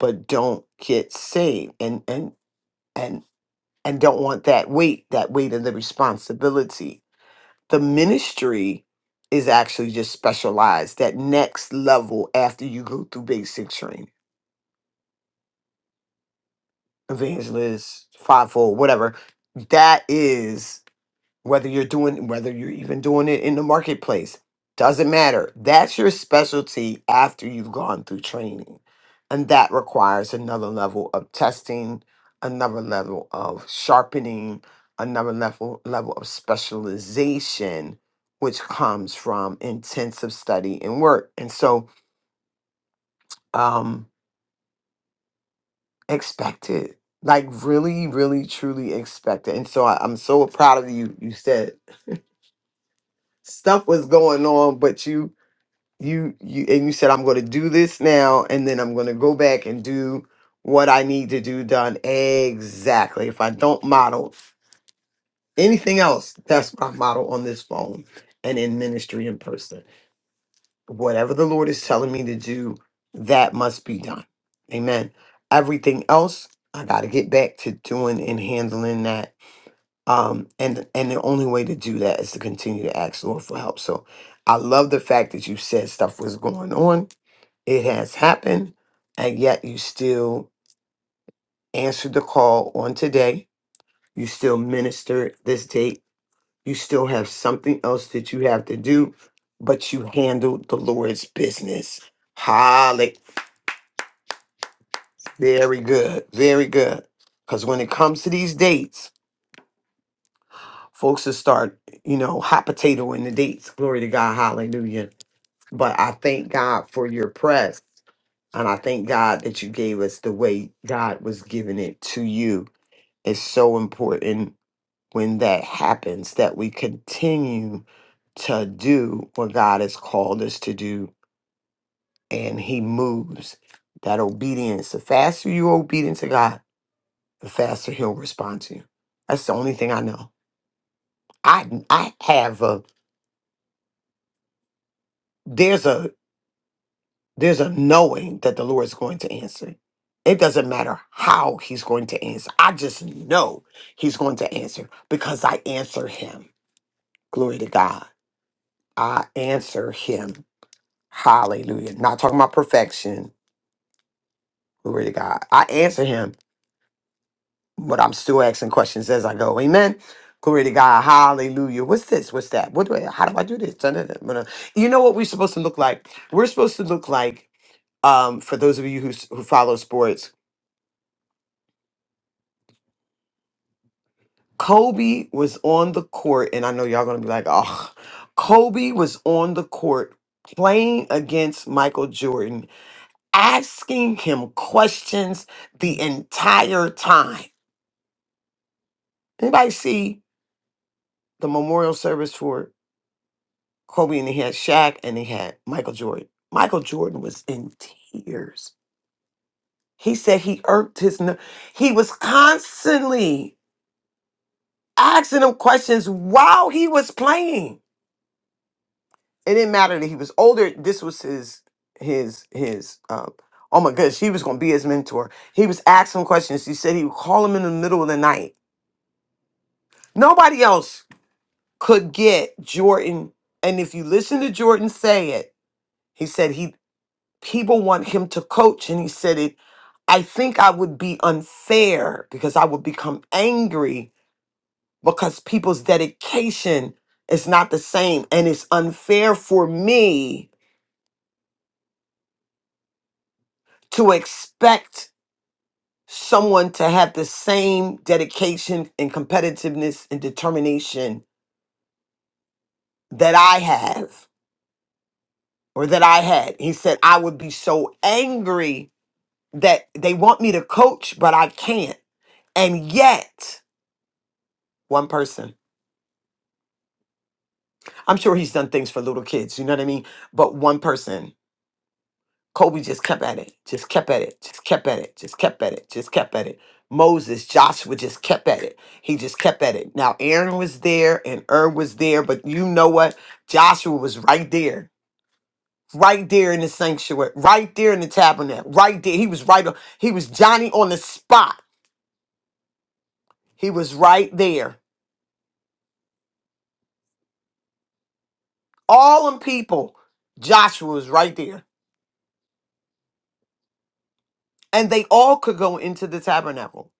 E: but don't get saved and and and and don't want that weight, that weight of the responsibility. The ministry is actually just specialized, that next level after you go through basic training, evangelist, fivefold, whatever. That is whether you're doing whether you're even doing it in the marketplace doesn't matter that's your specialty after you've gone through training and that requires another level of testing another level of sharpening another level level of specialization which comes from intensive study and work and so um expect it like really really truly expect it and so I, i'm so proud of you you said stuff was going on but you you you and you said i'm going to do this now and then i'm going to go back and do what i need to do done exactly if i don't model anything else that's my model on this phone and in ministry in person whatever the lord is telling me to do that must be done amen everything else i got to get back to doing and handling that um and and the only way to do that is to continue to ask the lord for help so i love the fact that you said stuff was going on it has happened, and yet you still answered the call on today. You still ministered this date. You still have something else that you have to do, but you handled the Lord's business. Holly. Very good. Very good. Because when it comes to these dates, folks will start, you know, hot potato in the dates. Glory to God. Hallelujah. But I thank God for your press. And I thank God that you gave us the way God was giving it to you It's so important when that happens that we continue to do what God has called us to do and He moves. That obedience, the faster you're obedient to God, the faster He'll respond to you. That's the only thing I know. I I have a there's a there's a knowing that the Lord is going to answer. It doesn't matter how he's going to answer. I just know he's going to answer because I answer him. Glory to God. I answer him. Hallelujah. Not talking about perfection. Glory to God. I answer him, but I'm still asking questions as I go. Amen. Glory to God. Hallelujah. What's this? What's that? What do I, how do I do this? Da, da, da, da, da. You know what we're supposed to look like? We're supposed to look like, um, for those of you who, s- who follow sports, Kobe was on the court, and I know y'all gonna be like, oh, Kobe was on the court playing against Michael Jordan asking him questions the entire time. Anybody see the memorial service for Kobe and they had Shaq and they had Michael Jordan? Michael Jordan was in tears. He said he irked his ner- he was constantly asking him questions while he was playing. It didn't matter that he was older. This was his his his um oh my goodness, he was gonna be his mentor. He was asking questions. He said he would call him in the middle of the night. Nobody else could get Jordan. And if you listen to Jordan say it, he said he people want him to coach, and he said it. I think I would be unfair because I would become angry because people's dedication is not the same, and it's unfair for me to expect someone to have the same dedication and competitiveness and determination that I have or that I had. He said I would be so angry that they want me to coach, but I can't. And yet, one person, I'm sure he's done things for little kids, you know what I mean? But one person, Kobe just kept at it, just kept at it, just kept at it, just kept at it, just kept at it. Moses, Joshua just kept at it. He just kept at it. Now, Aaron was there and Ur was there, but you know what? Joshua was right there. Right there in the sanctuary, right there in the tabernacle, right there. He was right. on- He was Johnny on the spot. He was right there. all them people, Joshua was right there. And they all could go into the tabernacle.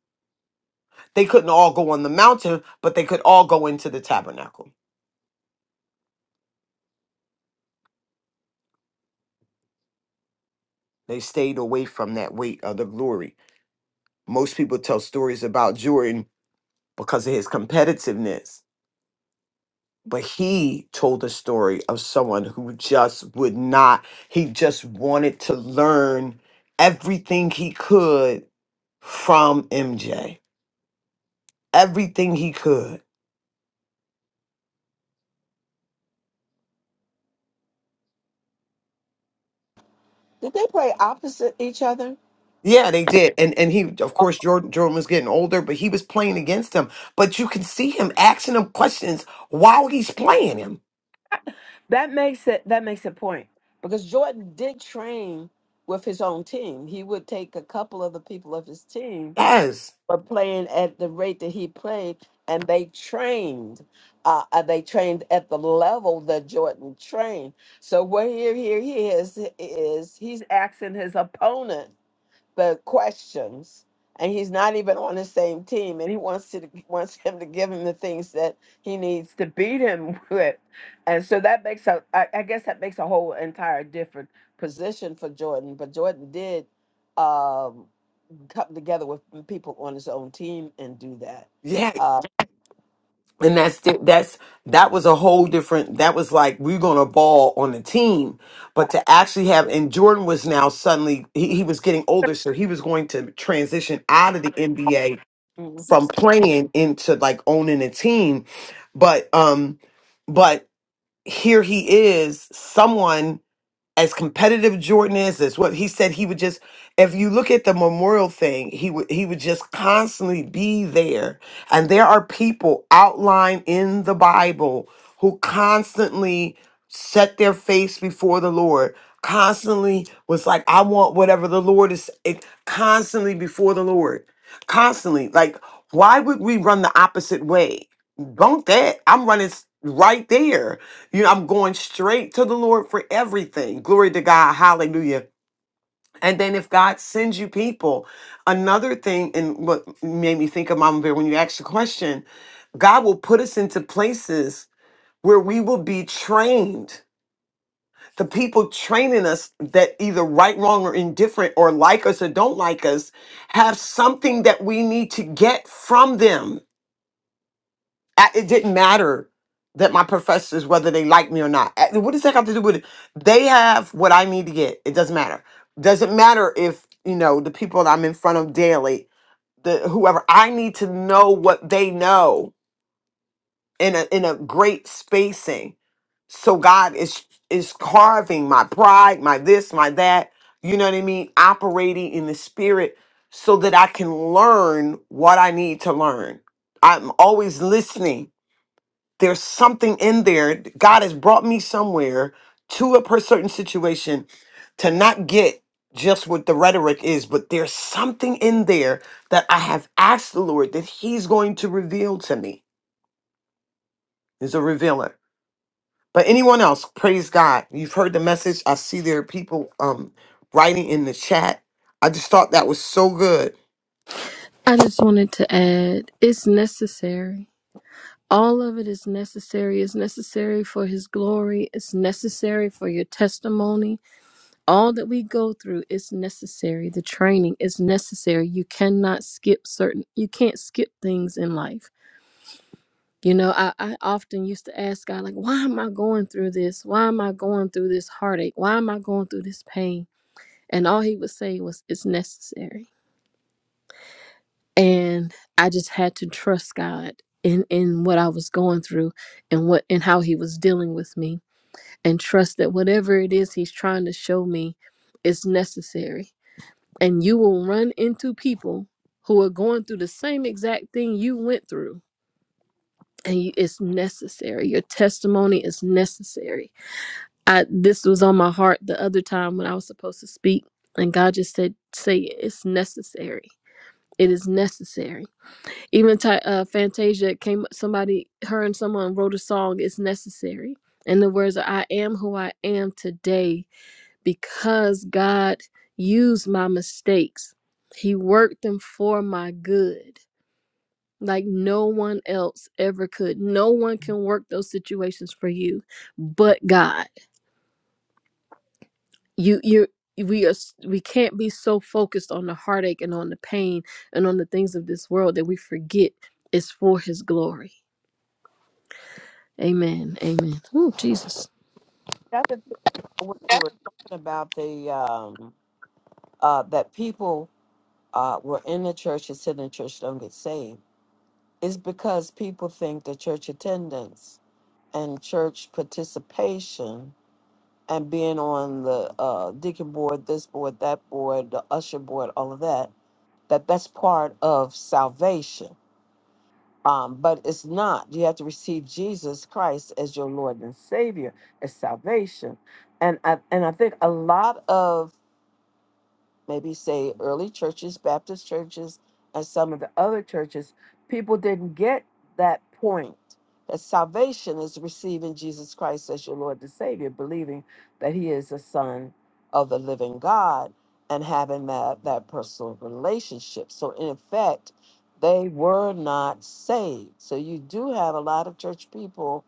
E: They couldn't all go on the mountain, but they could all go into the tabernacle. They stayed away from that weight of the glory. Most people tell stories about Jordan because of his competitiveness. But he told the story of someone who just would not, he just wanted to learn everything he could from MJ. Everything he could
G: Did they play opposite each other?
E: Yeah, they did. And and he of course Jordan Jordan was getting older, but he was playing against him. But you can see him asking him questions while he's playing him.
G: That makes it that makes a point because Jordan did train with his own team. He would take a couple of the people of his team
E: Yes.
G: were playing at the rate that he played, and they trained. Uh, uh, they trained at the level that Jordan trained. So what here, here he is is he's asking his opponent the questions, and he's not even on the same team, and he wants to wants him to give him the things that he needs to beat him (laughs) with, and so that makes a I, I guess that makes a whole entire different position for Jordan. But Jordan did. Um, come together with people on his own team and do that.
E: Yeah.
G: Uh,
E: And that's di- that's that was a whole different that was like we're gonna ball on the team. But to actually have and Jordan was now suddenly he, he was getting older, so he was going to transition out of the NBA
G: Mhm.
E: from playing into like owning a team. But um but here he is, someone as competitive Jordan is, as what he said he would just if you look at the memorial thing, he would he would just constantly be there. And there are people outlined in the Bible who constantly set their face before the Lord, constantly was like, I want whatever the Lord is it, constantly before the Lord. Constantly. Like, why would we run the opposite way? Bunk that. I'm running s- right there you know, I'm going straight to the Lord for everything. Glory to God. Hallelujah. And then if God sends you people, another thing, and what made me think of Mama Bear when you asked the question, God will put us into places where we will be trained. The people training us that either right, wrong, or indifferent, or like us or don't like us, have something that we need to get from them I- It didn't matter that my professors, whether they like me or not. Uh, What does that have to do with it? They have what I need to get. It doesn't matter. Doesn't matter if, you know, the people that I'm in front of daily, the whoever, I need to know what they know in a in a great spacing. So God is is carving my pride, my this, my that, you know what I mean, operating in the spirit so that I can learn what I need to learn. I'm always listening there's something in there. God has brought me somewhere to a per certain situation to not get just what the rhetoric is, but there's something in there that I have asked the Lord that He's going to reveal to me. He's a revealer. But anyone else, praise God. You've heard the message. I see there are people um, writing in the chat. I just thought that was so good.
H: I just wanted to add, it's necessary. All of it is necessary. It's necessary for His glory. It's necessary for your testimony all that we go through is necessary the training is necessary you cannot skip certain you can't skip things in life you know I, I often used to ask god like why am i going through this why am i going through this heartache why am i going through this pain and all he would say was it's necessary and i just had to trust god in in what i was going through and what and how he was dealing with me and trust that whatever it is he's trying to show me is necessary and you will run into people who are going through the same exact thing you went through and you, it's necessary your testimony is necessary i this was on my heart the other time when i was supposed to speak and god just said say it. it's necessary it is necessary even Ty, uh, fantasia came somebody her and someone wrote a song it's necessary and the words are i am who i am today because God used my mistakes. He worked them for my good, like no one else ever could. No one can work those situations for you but God. You you we are s- we can't be so focused on the heartache and on the pain and on the things of this world that we forget it's for his glory. Amen. Amen. Oh, Jesus.
G: That's the thing when you were talking about the um, uh, that people uh, were in the church and said in the church don't get saved is because people think that church attendance and church participation and being on the uh, deacon board, this board, that board, the usher board, all of that, that that's part of salvation Um, but it's not. You have to receive Jesus Christ as your Lord and Savior, as salvation. And I, and I think a lot of maybe say early churches, Baptist churches, and some of the other churches, people didn't get that point that salvation is receiving Jesus Christ as your Lord and Savior, believing that He is the Son of the living God and having that, that personal relationship. So, in effect, they were not saved. So, you do have a lot of church people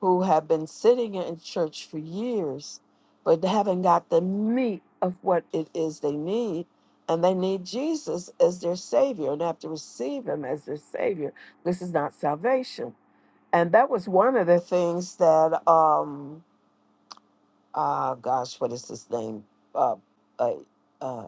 G: who have been sitting in church for years, but haven't got the meat of what it is they need. And they need Jesus as their Savior and have to receive Him as their Savior. This is not salvation. And that was one of the things that, um, uh, gosh, what is his name? Uh, uh, uh,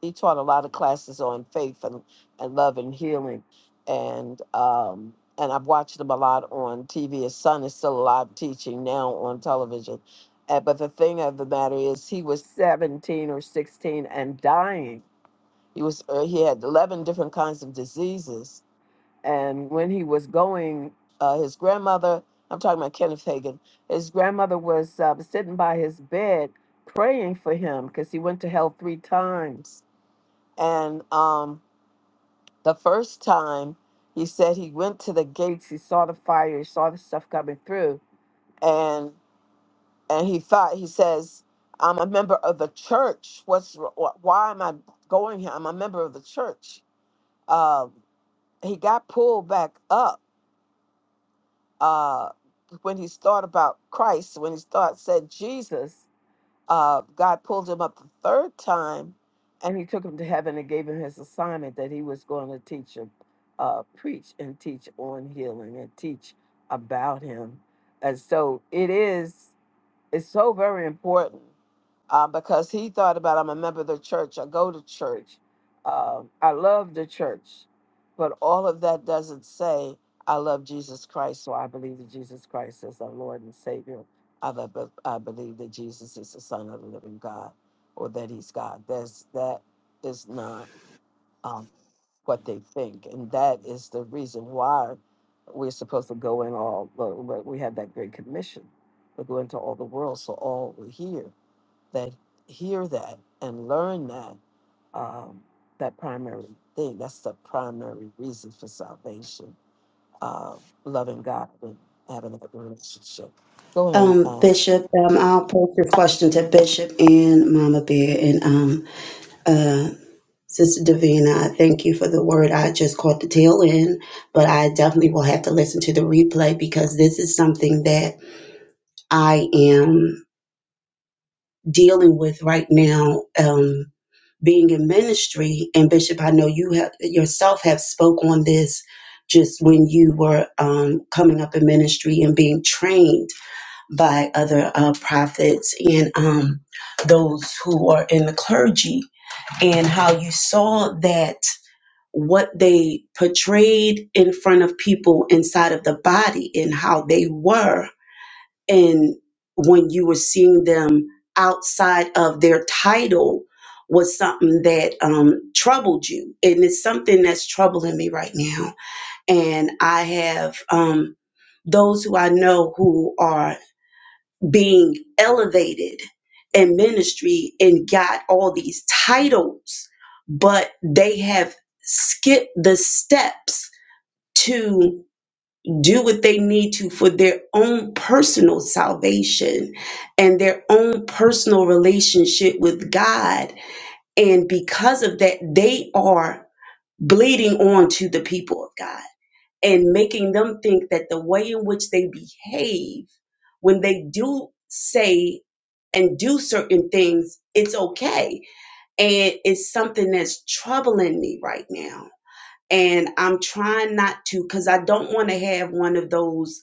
G: he taught a lot of classes on faith and, and love and healing and um and I've watched him a lot on TV. His son is still alive teaching now on television. Uh, but the thing of the matter is he was 17 or 16 and dying. He was uh, he had 11 different kinds of diseases and when he was going uh, his grandmother I'm talking about Kenneth Hagin. His grandmother was uh, sitting by his bed praying for him because he went to hell three times and um, the first time he said he went to the gates, he saw the fire, he saw the stuff coming through, and and he thought he says, "I'm a member of the church. What's wh- why am I going here? I'm a member of the church." Uh, he got pulled back up uh, when he thought about Christ, when he thought said Jesus. uh, God pulled him up the third time, and he took him to heaven and gave him his assignment that he was going to teach him, uh, preach and teach on healing and teach about him. And so it is, it's so very important uh, because he thought about I'm a member of the church. I go to church. Uh, I love the church, but all of that doesn't say I love Jesus Christ. So I believe that Jesus Christ is our Lord and Savior. I, be- be- I believe that Jesus is the Son of the Living God, or that He's God. That's that is not um, what they think, and that is the reason why we're supposed to go in all. but- but We have that great commission to go into all the world, so all will hear that hear that and learn that um, that primary thing. That's the primary reason for salvation. Uh, loving God and having a good relationship. Go ahead.
I: Um,
G: Um,
I: Bishop, um, I'll post your question to Bishop and Mama Bear and um, uh, Sister Davina. I Thank you for the word. I just caught the tail end, but I definitely will have to listen to the replay because this is something that I am dealing with right now. Um, being in ministry, and Bishop, I know you have yourself have spoke on this just when you were um, coming up in ministry and being trained by other uh, prophets and um, those who are in the clergy, and how you saw that what they portrayed in front of people inside of the body and how they were, and when you were seeing them outside of their title was something that um, troubled you and it's something that's troubling me right now and i have um, those who i know who are being elevated in ministry and got all these titles, but they have skipped the steps to do what they need to for their own personal salvation and their own personal relationship with God. And because of that, they are bleeding on to the people of God and making them think that the way in which they behave when they do say and do certain things, it's okay. And it's something that's troubling me right now. And I'm trying not to because I don't want to have one of those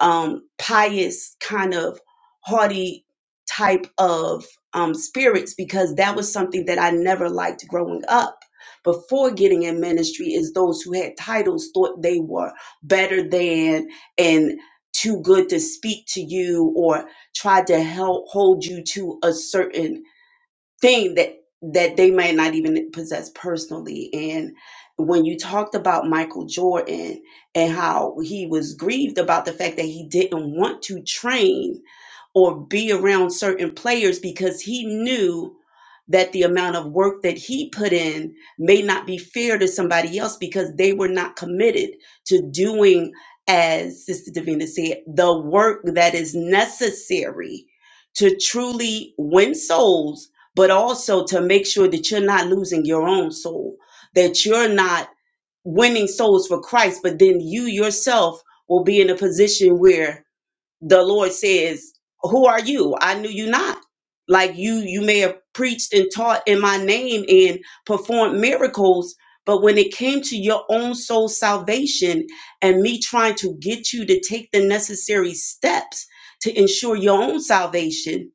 I: um, pious kind of haughty type of um, spirits because that was something that I never liked growing up. Before getting in ministry, is those who had titles thought they were better than and too good to speak to you or tried to help hold you to a certain thing that that they might not even possess personally and when you talked about Michael Jordan and how he was grieved about the fact that he didn't want to train or be around certain players because he knew that the amount of work that he put in may not be fair to somebody else because they were not committed to doing, as Sister Davina said, the work that is necessary to truly win souls, but also to make sure that you're not losing your own soul, that you're not winning souls for Christ, but then you yourself will be in a position where the lord says who are you i knew you not like you you may have preached and taught in my name and performed miracles but when it came to your own soul salvation and me trying to get you to take the necessary steps to ensure your own salvation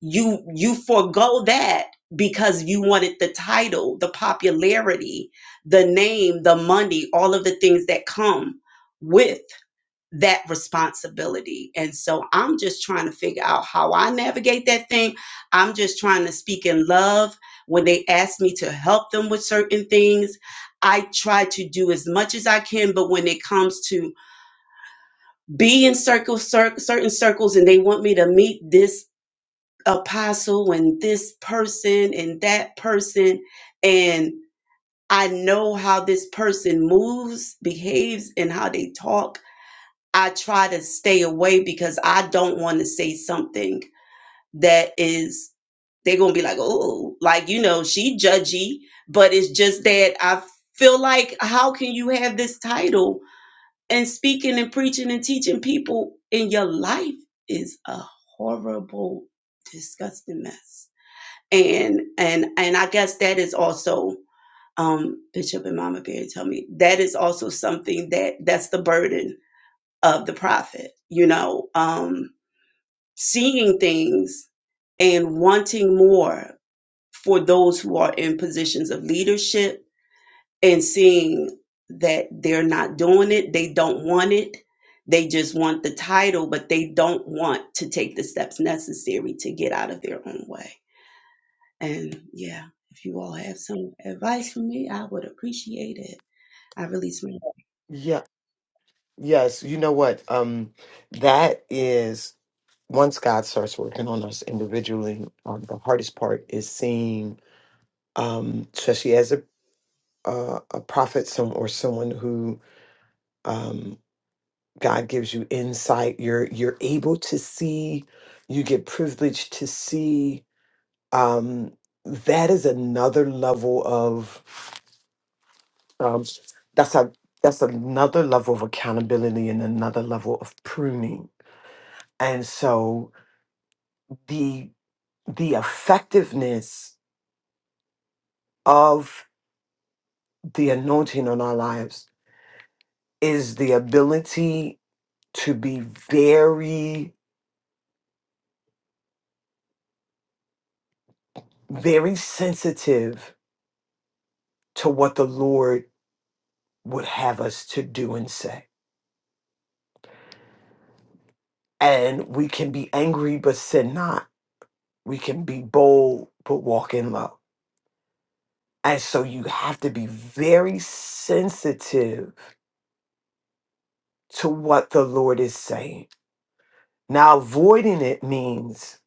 I: you you forego that because you wanted the title the popularity the name the money all of the things that come with that responsibility. And so I'm just trying to figure out how I navigate that thing. I'm just trying to speak in love. When they ask me to help them with certain things, I try to do as much as I can. But when it comes to be in circles, cer- certain circles, and they want me to meet this apostle and this person and that person, and I know how this person moves, behaves, and how they talk I try to stay away because I don't want to say something that is they're gonna be like, oh, like you know, she judgy, but it's just that I feel like how can you have this title and speaking and preaching and teaching people in your life is a horrible, disgusting mess. And and and I guess that is also um Bishop and Mama Bear tell me that is also something that that's the burden of the prophet, you know, um, seeing things and wanting more for those who are in positions of leadership and seeing that they're not doing it, they don't want it, they just want the title, but they don't want to take the steps necessary to get out of their own way. And yeah, if you all have some advice for me, I would appreciate it. I release my
E: Yeah. Yes. You know what? Um, that is once God starts working on us individually, um, the hardest part is seeing, um, especially as a uh, a prophet, some or someone who um, God gives you insight. You're you're able to see. You get privileged to see um, that is another level of um, that's a that's another level of accountability and another level of pruning and so the the effectiveness of the anointing on our lives is the ability to be very very sensitive to what the lord would have us to do and say and we can be angry but sin not We can be bold, but walk in love. And so you have to be very sensitive to what the Lord is saying. Now, avoiding it means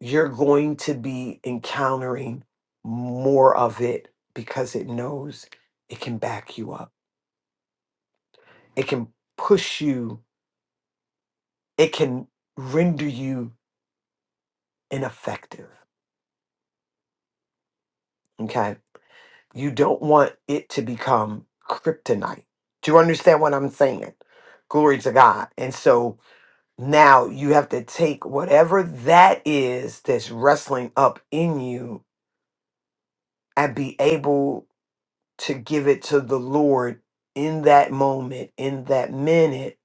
E: you're going to be encountering more of it because it knows it can back you up, it can push you, it can render you ineffective. Okay You don't want it to become kryptonite. Do you understand what I'm saying? Glory to God. And so now you have to take whatever that is that's wrestling up in you and be able to give it to the Lord in that moment, in that minute,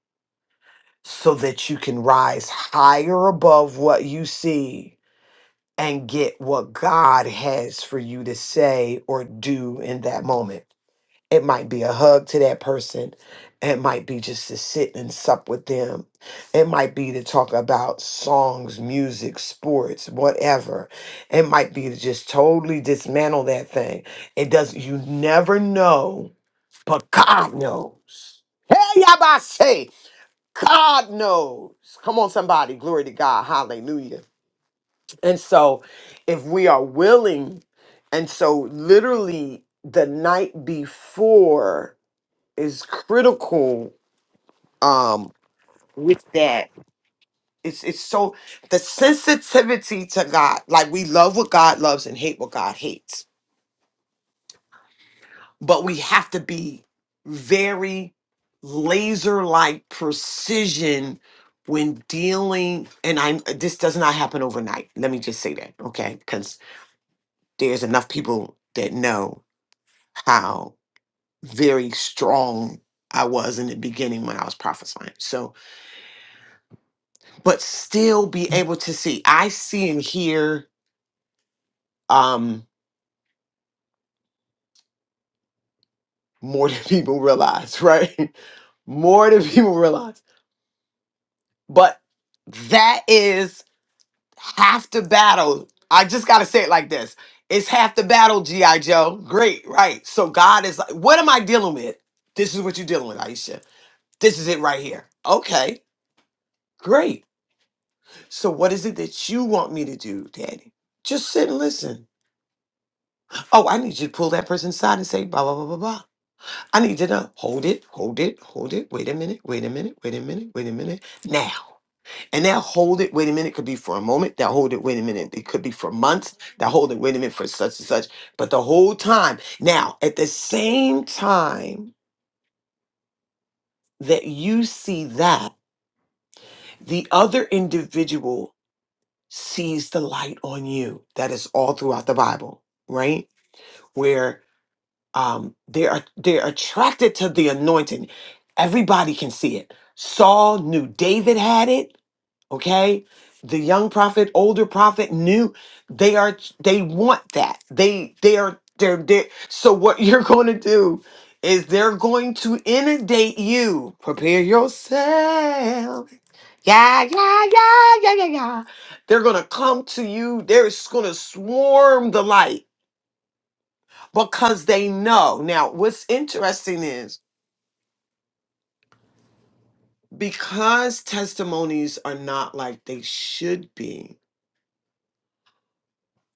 E: so that you can rise higher above what you see and get what God has for you to say or do in that moment. It might be a hug to that person. It might be just to sit and sup with them. It might be to talk about songs, music, sports, whatever. It might be to just totally dismantle that thing. It does you never know, but God knows. Hey, y'all say, God knows. Come on, somebody. Glory to God. Hallelujah. And so if we are willing, and so literally the night before is critical um with that it's it's so the sensitivity to god like we love what god loves and hate what god hates but we have to be very laser like precision when dealing and i'm this does not happen overnight let me just say that okay because there's enough people that know how very strong i was in the beginning when i was prophesying so but still be able to see. I see and hear um more than (laughs) people realize, right? (laughs) more than people realize. But that is half the battle. I just gotta say it like this. It's half the battle, G.I. Joe. Great, right. So God is like, what am I dealing with? This is what you're dealing with, Aisha. This is it right here. Okay, great. So what is it that you want me to do, Daddy? Just sit and listen. Oh, I need you to pull that person aside and say blah blah blah blah blah. I need to know. Hold it, hold it, hold it. Wait a minute, wait a minute, wait a minute, wait a minute. Now. And that hold it, wait a minute could be for a moment. That hold it, wait a minute. It could be for months. That hold it, wait a minute for such and such. But the whole time. Now, at the same time that you see that, the other individual sees the light on you. That is all throughout the Bible, right? Where um, they're they're attracted to the anointing. Everybody can see it. Saul knew David had it. Okay, the young prophet, older prophet knew they are they want that. They they are they're, they're so what (laughs) you're going to do is they're going to inundate you. Prepare yourself. Yeah, yeah, yeah, yeah, yeah, yeah. They're gonna come to you. They're just gonna swarm the light because they know. Now, what's interesting is because testimonies are not like they should be,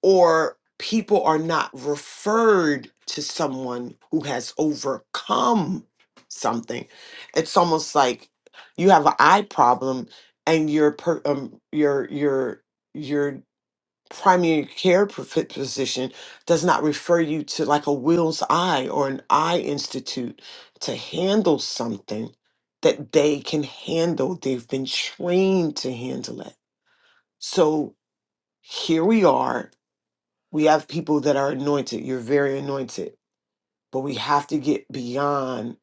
E: or people are not referred to someone who has overcome something, it's almost like you have an eye problem and your per, um, your your your primary care prof- physician does not refer you to like a Will's Eye or an Eye Institute to handle something that they can handle. They've been trained to handle it. So here we are. We have people that are anointed. You're very anointed. But we have to get beyond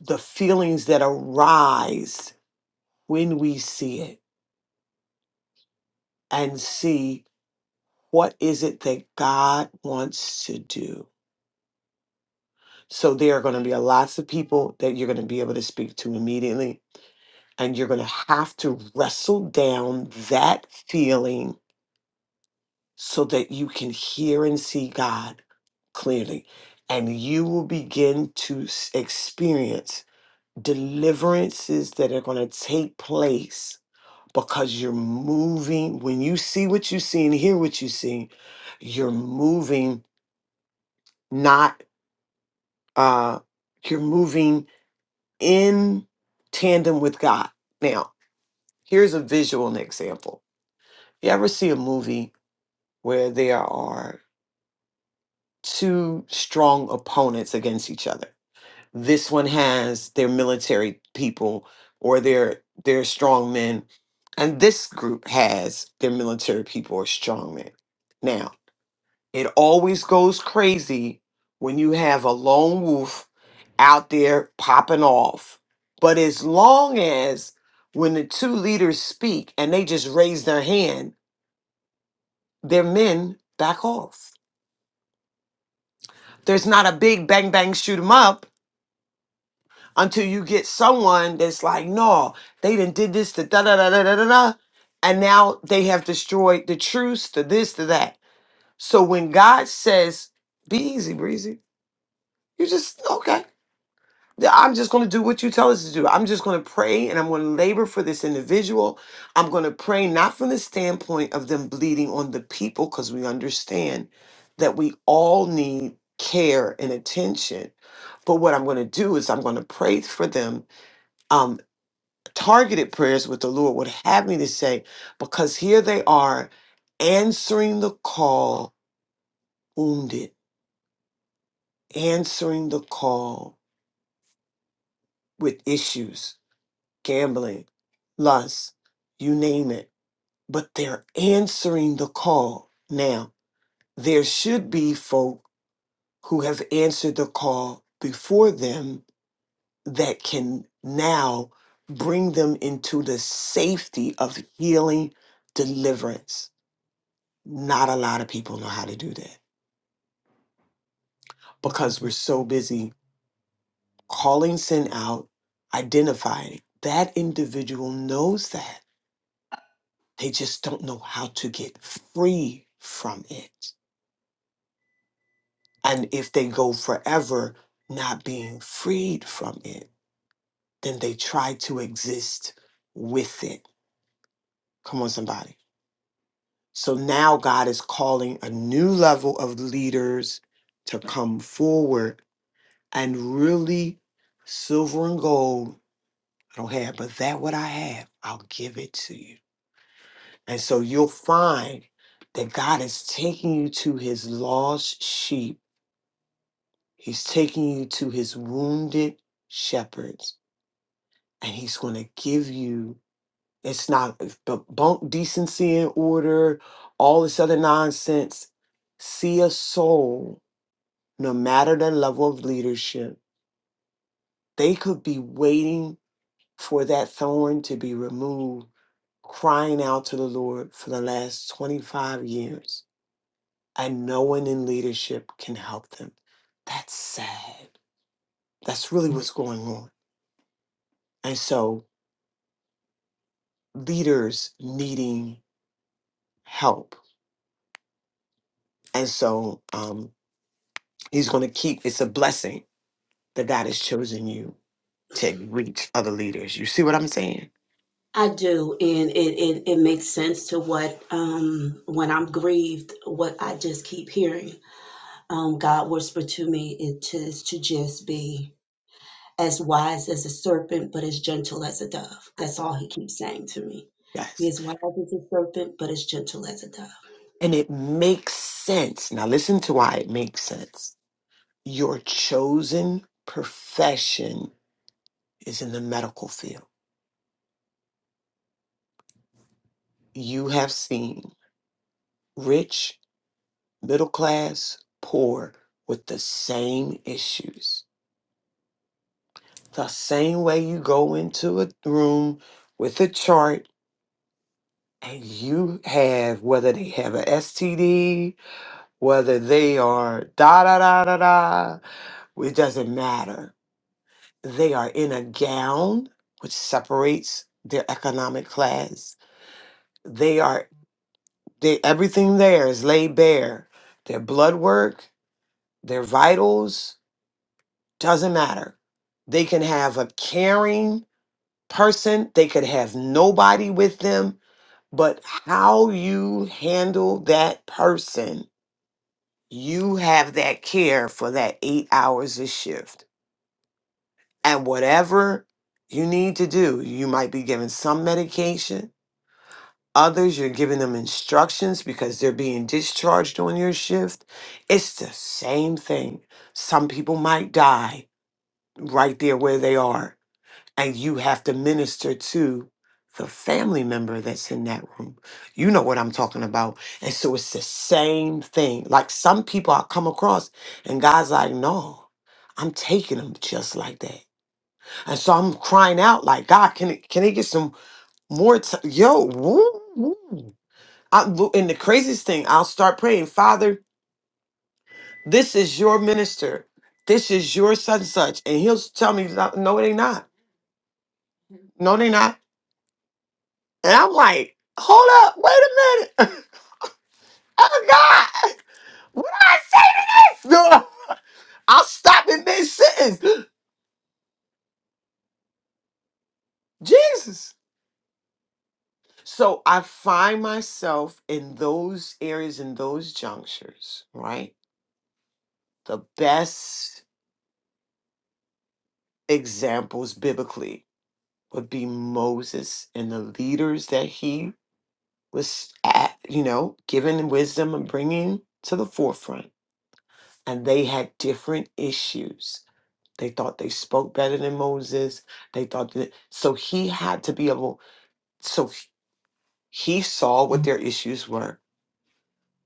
E: the feelings that arise when we see it and see what is it that God wants to do So there are going to be a lots of people that you're going to be able to speak to immediately, and you're going to have to wrestle down that feeling so that you can hear and see God clearly, and you will begin to s- experience deliverances that are going to take place because you're moving. When you see what you see and hear what you see, you're moving not. Uh, you're moving in tandem with God. Now, here's a visual and example. You ever see a movie where there are two strong opponents against each other? This one has their military people or their their strong men, and this group has their military people or strong men. Now. It always goes crazy when you have a lone wolf out there popping off. But as long as when the two leaders speak and they just raise their hand, their men back off. There's not a big bang bang shoot 'em up until you get someone that's like, no, they didn't did this, the da da da da da da da, and now they have destroyed the truce, the this, the that. So when God says, "Be easy, breezy," you just okay. Yeah, I'm just going to do what you tell us to do. I'm just going to pray and I'm going to labor for this individual. I'm going to pray not from the standpoint of them bleeding on the people because we understand that we all need care and attention. But what I'm going to do is I'm going to pray for them, um, targeted prayers with the Lord would have me to say, because here they are answering the call wounded, answering the call with issues gambling, lust, you name it. But they're answering the call. Now, there should be folk who have answered the call before them that can now bring them into the safety of healing, deliverance. Not a lot of people know how to do that because we're so busy calling sin out, identifying. That individual knows that They just don't know how to get free from it. And if they go forever not being freed from it, then they try to exist with it. Come on, somebody. So now God is calling a new level of leaders to come forward and really silver and gold. I don't have, but that what I have, I'll give it to you. And so you'll find that God is taking you to his lost sheep He's taking you to his wounded shepherds, and he's going to give you. It's not b- bunk decency and order, all this other nonsense. See a soul, no matter the level of leadership, they could be waiting for that thorn to be removed, crying out to the Lord for the last 25 years, and no one in leadership can help them. That's sad. That's really what's going on. And so leaders needing help. And so um, he's going to keep, it's a blessing that God has chosen you to reach other leaders. You see what I'm saying?
I: I do, and it, it, it makes sense to what um when I'm grieved, what I just keep hearing um God whisper to me it is to just be as wise as a serpent, but as gentle as a dove. That's all he keeps saying to me. Be
E: Yes.
I: as wise as a serpent, but as gentle as a dove.
E: And it makes sense. Now, listen to why it makes sense. Your chosen profession is in the medical field. You have seen rich, middle class, poor with the same issues The same way you go into a room with a chart and you have whether they have a STD, whether they are da da da da da, it doesn't matter. They are in a gown, which separates their economic class. They are they, everything there is laid bare. Their blood work, their vitals, doesn't matter. They can have a caring person. They could have nobody with them but how you handle that person, you have that care for that eight hours a shift. And whatever you need to do, you might be given some medication. Others, you're giving them instructions because they're being discharged on your shift. It's the same thing. Some people might die right there where they are. and you have to minister to the family member that's in that room. You know what I'm talking about. And so it's the same thing. Like some people I come across, and God's like, no, I'm taking them just like that. And so I'm crying out, like, God, can it, can it get some more time? Yo, woo, woo. I, lo- and the craziest thing, I'll start praying, Father, this is your minister. This is your such and such. And he'll tell me, no, no, they not. No, they not. And I'm like, hold up, wait a minute. (laughs) Oh God, what did I say? (laughs) I'll stop in mid sentence. (gasps) Jesus. So I find myself in those areas, in those junctures, right? The best examples biblically would be Moses and the leaders that he was at, you know, giving wisdom and bringing to the forefront. And they had different issues They thought they spoke better than Moses. They thought that so he had to be able. So he he saw what their issues were,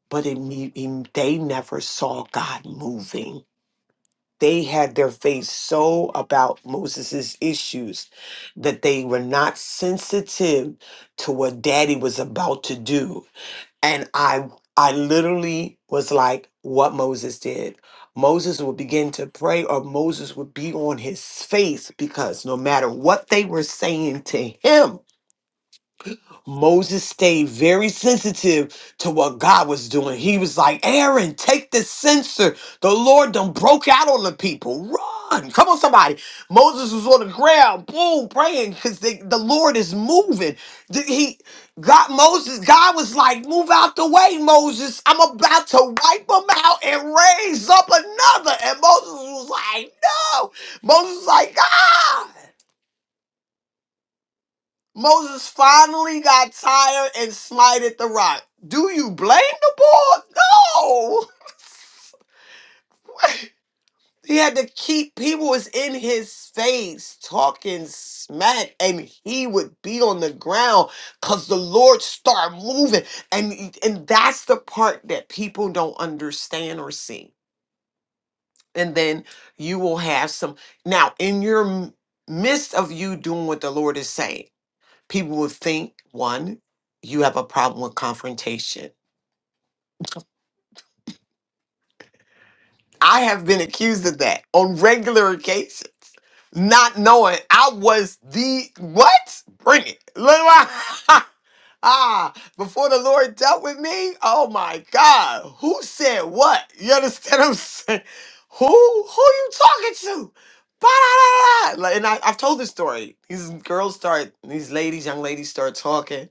E: but it, ne- he- they never saw God moving. They had their faith so about Moses' issues that they were not sensitive to what Daddy was about to do and i i literally was like what moses did moses would begin to pray or moses would be on his face because no matter what they were saying to him Moses stayed very sensitive to what God was doing. He was like, Aaron, take the censer. The Lord done broke out on the people. Run. Come on, somebody. Moses was on the ground, boom, praying because the Lord is moving. Th- He got Moses, God was like, move out the way, Moses. I'm about to wipe them out and raise up another. And Moses was like, no. Moses was like, ah. Moses finally got tired and smited the rock. Do you blame the boy? No. (laughs) He had to keep people was in his face talking smack, and he would be on the ground because the Lord started moving, and and that's the part that people don't understand or see. And then you will have some now in your m- midst of you doing what the Lord is saying. people will think one, you have a problem with confrontation. I have been accused of that on regular occasions, not knowing I was the what? Bring it. Look what- (laughs) Ah, before the Lord dealt with me, oh my God, who said what? You understand what I'm saying? Who who you talking to? Ba-da-da-da. Like, And I, I've told this story. These girls start, these ladies, young ladies start talking.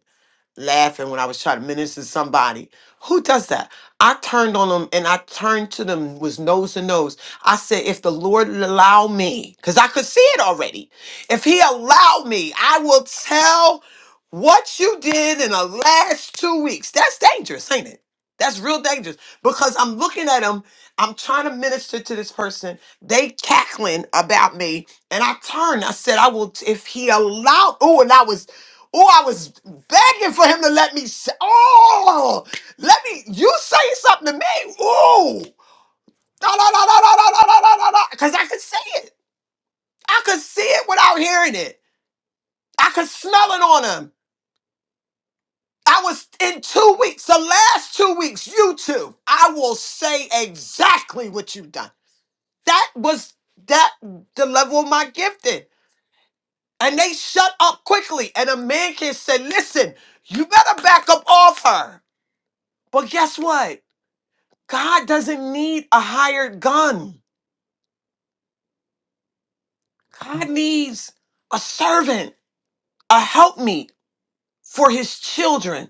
E: laughing when I was trying to minister to somebody. Who does that? I turned on them and I turned to them was nose to nose. I said, if the Lord allow me, because I could see it already. If he allow me, I will tell what you did in the last two weeks. That's dangerous, ain't it? That's real dangerous because I'm looking at them. I'm trying to minister to this person. They cackling about me. And I turned. I said, I will, t- if he allowed. Oh, and I was Oh, I was begging for him to let me say, oh, let me, you say something to me. Oh, no, no, no, no, no, no, no, no, no, no, no. Because I could see it. I could see it without hearing it. I could smell it on him. I was in two weeks, the last two weeks, you two, I will say exactly what you've done. That was that the level of my gifting. And they shut up quickly. And a man can say, listen, you better back up off her. But guess what? God doesn't need a hired gun. God needs a servant, a helpmeet for his children.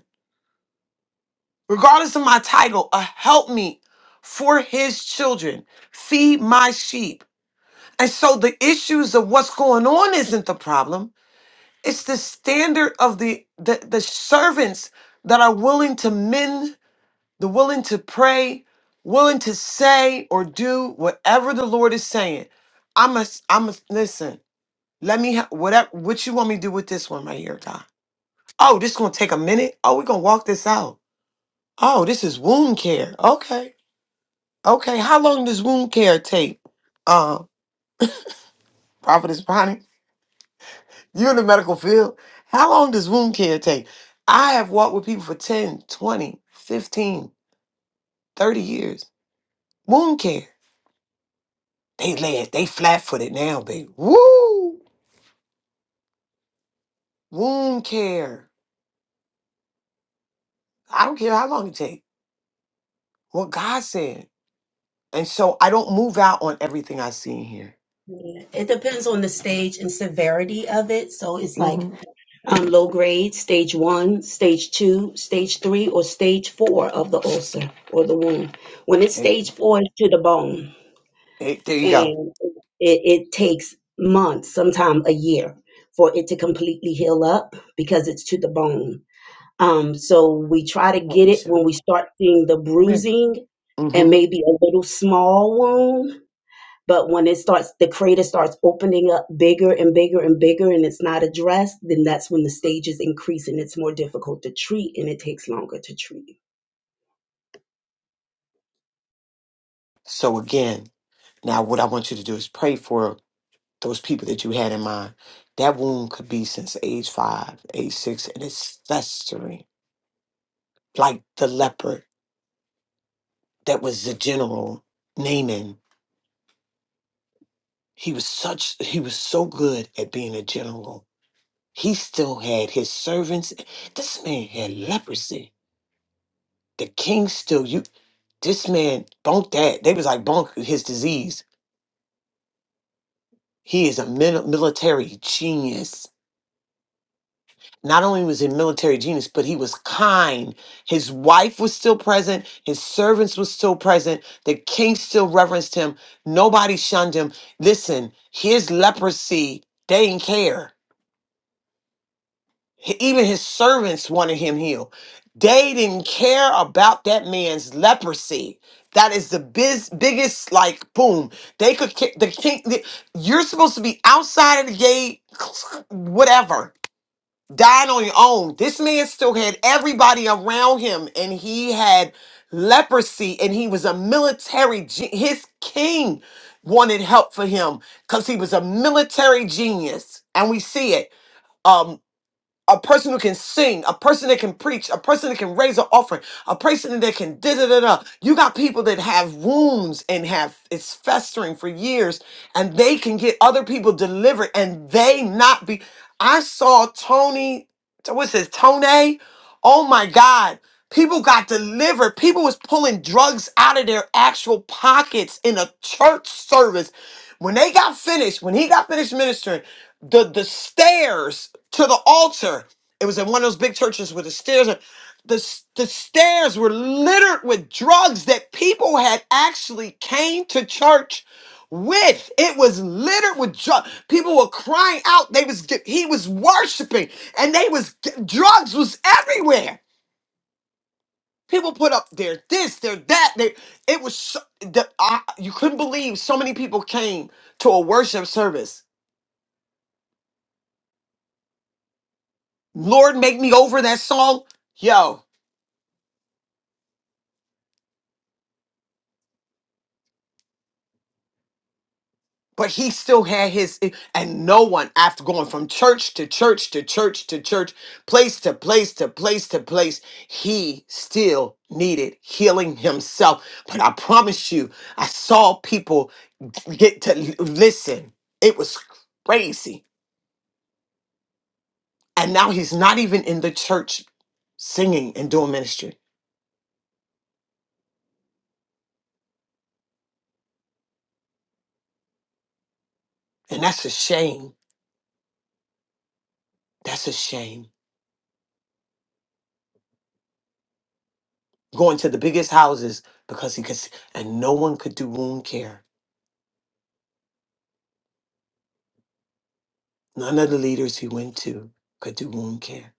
E: Regardless of my title, a helpmeet for his children. Feed my sheep. And so the issues of what's going on isn't the problem. It's the standard of the the, the servants that are willing to mend, the willing to pray, willing to say or do whatever the Lord is saying. I'm a I'm a listen. Let me ha- whatever what you want me to do with this one right here, Doc. Oh, this gonna take a minute. Oh, we're gonna walk this out. Oh, this is wound care. Okay. Okay. How long does wound care take? Uh Prophetess Bonnie, you in the medical field. How long does wound care take? I have walked with people for 10, 20, 15, 30 years. Wound care. They led, they flat footed now, baby. Woo! Wound care. I don't care how long it take. What God said. And so I don't move out on everything I see in here.
I: Yeah. It depends on the stage and severity of it. So it's like
E: hmm
I: um, low grade, stage one, stage two, stage three, or stage four of the ulcer or the wound. When it's
E: there
I: stage four, it's to the bone,
E: you go.
I: and it, it takes months, sometimes a year, for it to completely heal up because it's to the bone. Um, so we try to
E: What
I: get
E: we
I: it when we start seeing the
E: Come here.
I: bruising and
E: hmm
I: maybe a little small wound but when it starts, the crater starts opening up bigger and bigger and bigger, and it's not addressed, then that's when the stages increase and it's more difficult to treat and it takes longer to treat.
E: So again, now what I want you to do is pray for those people that you had in mind. That wound could be since age five, age six, and it's festering. Like the leopard that was the general Naaman. He was such he was so good at being a general. He still had his servants. This man had leprosy The king still you this man bunk that they was like bunk his disease he is a mil- military genius not only was he a military genius but he was kind his wife was still present his servants was still present the king still reverenced him nobody shunned him listen his leprosy they didn't care H- Even his servants wanted him healed. They didn't care about that man's leprosy. That is the biz, biggest, like, boom. They could, ki- the king, the, you're supposed to be outside of the gate, (clears throat) whatever, dying on your own. This man still had everybody around him, and he had leprosy, and he was a military, ge- his king wanted help for him because he was a military genius. And we see it. Um, a person who can sing, a person that can preach, a person that can raise an offering, a person that can da da da da. You got people that have wounds and have it's festering for years, and they can get other people delivered, and they not be. I saw Tony, what's his Tony? Oh my God. People got delivered. People was pulling drugs out of their actual pockets in a church service. When they got finished, when he got finished ministering, the the stairs to the altar. It was in one of those big churches where the stairs are the, s- the stairs were littered with drugs that people had actually came to church with. It was littered with drugs. People were crying out. They was get- he was worshiping and they was drugs was everywhere. People put up their this, their that. They, it was so, the, I, you couldn't believe so many people came to a worship service Lord make me over that song, yo. But he still had his, eh, and no one after going from church to church to church to church, place to place to place to place, he still needed healing himself. But I promise you, I saw people get to l- listen. It was crazy. And now he's not even in the church singing and doing ministry. And that's a shame. That's a shame. going to the biggest houses because he could, s- and no one could do wound care. None of the leaders he went to could do wound care.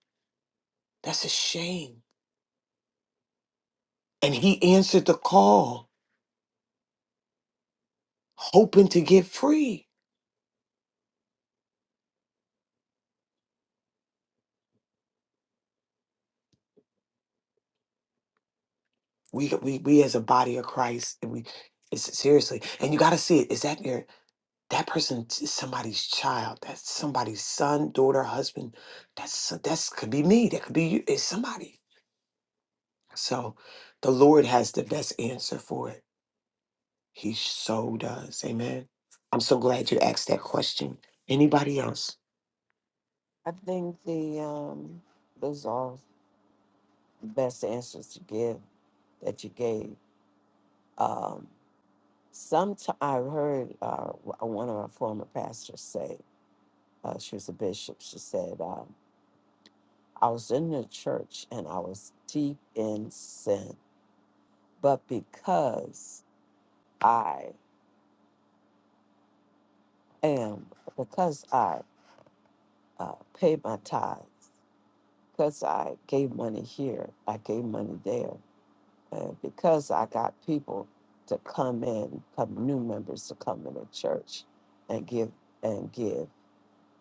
E: That's a shame. And he answered the call, hoping to get free. We, we, we as a body of Christ, and we, it's seriously, and you got to see it. Is that your, that person is somebody's child? That's somebody's son, daughter, husband. That's, so, that's could be me. That could be you. It's somebody. So the Lord has the best answer for it He so does. Amen. I'm so glad you asked that question. Anybody else?
G: I think the um, those are all the best answers to give that you gave. Um, Sometimes I heard uh, one of our former pastors say, uh, she was a bishop, she said, um, I was in the church and I was deep in sin but because I am, because I uh, paid my tithes, because I gave money here, I gave money there, and because I got people to come in, come new members to come in the church and give and give,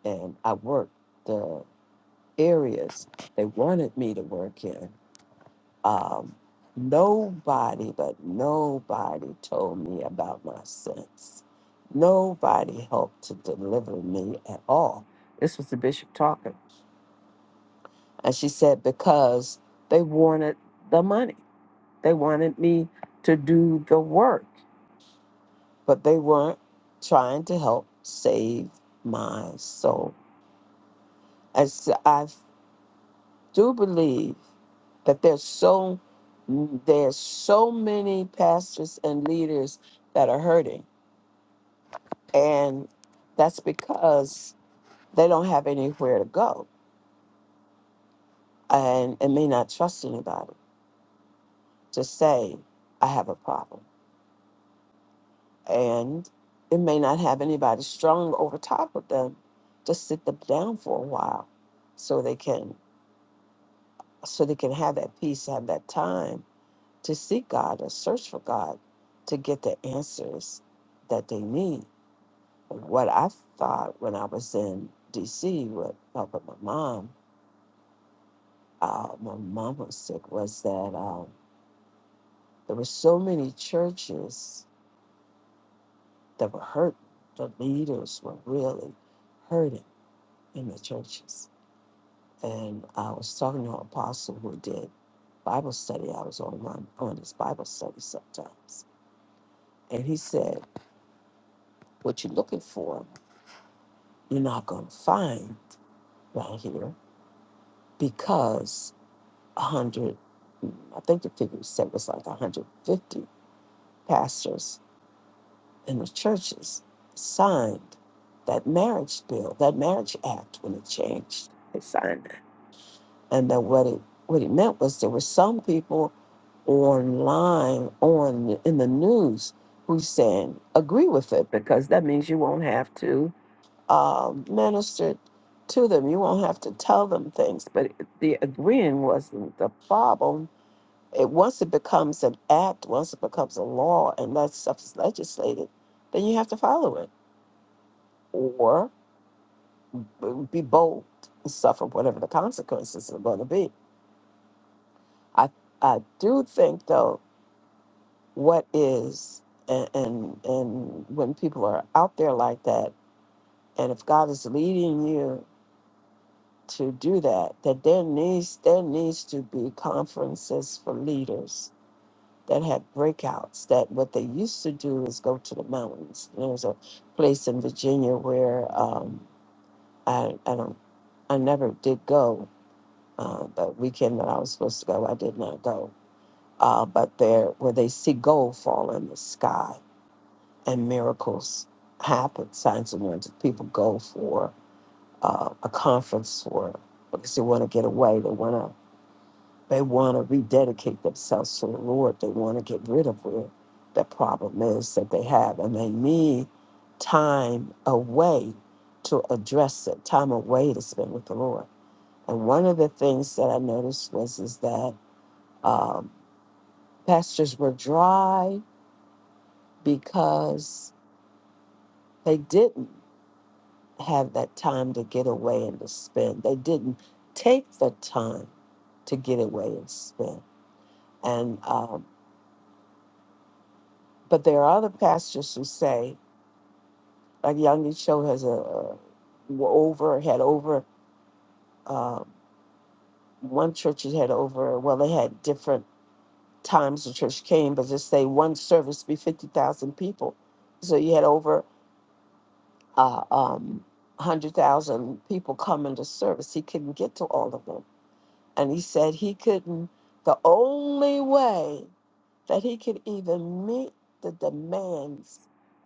G: and I worked the areas they wanted me to work in Um, nobody, but nobody told me about my sins. Nobody helped to deliver me at all. This was the bishop talking. And she said, because they wanted the money, they wanted me to do the work, but they weren't trying to help save my soul. As I do believe that there's so there's so many pastors and leaders that are hurting and that's because they don't have anywhere to go and and may not trust anybody to say i have a problem and it may not have anybody strong over top of them to sit them down for a while so they can so they can have that peace have that time to seek God or search for God to get the answers that they need. What I thought when I was in DC with helping my mom, uh, my mom was sick, was that um, there were so many churches that were hurt. The leaders were really hurting in the churches. And I was talking to an apostle who did Bible study. I was on one on his Bible study sometimes. And he said, What you are looking for? you're not going to find down here because 100, I think the figure said was like 150 pastors in the churches signed that marriage bill, that marriage act when it changed. They signed it. And that what it, what it meant was there were some people online on in the news who saying agree with it because that means you won't have to uh, ministered to them. You won't have to tell them things. But the agreeing wasn't the problem. It once it becomes an act, once it becomes a law, and that stuff is legislated, then you have to follow it or be bold and suffer whatever the consequences are going to be. I I do think though what is and, and and when people are out there like that, and if God is leading you to do that that there needs there needs to be conferences for leaders that have breakouts that what they used to do is go to the mountains there was a place in virginia where um, I, I don't i never did go uh, the weekend that i was supposed to go i did not go uh, but there where they see gold fall in the sky and miracles happen signs and wonders people go for uh, a conference for because they want to get away they want to They want to rededicate themselves to the Lord. They want to get rid of where the problem is that they have. And they need time away to address it, time away to spend with the Lord. And one of the things that I noticed was is that um, pastors were dry because they didn't have that time to get away and to spend. They didn't take the time to get away and spend. And um, But there are other pastors who say, like Young Cho has a, a- were over had over uh, one church that had over well they had different times the church came, but just say one service be fifty thousand people, so you had over uh, um, hundred thousand people come into service. He couldn't get to all of them, and he said he couldn't. The only way that he could even meet the demands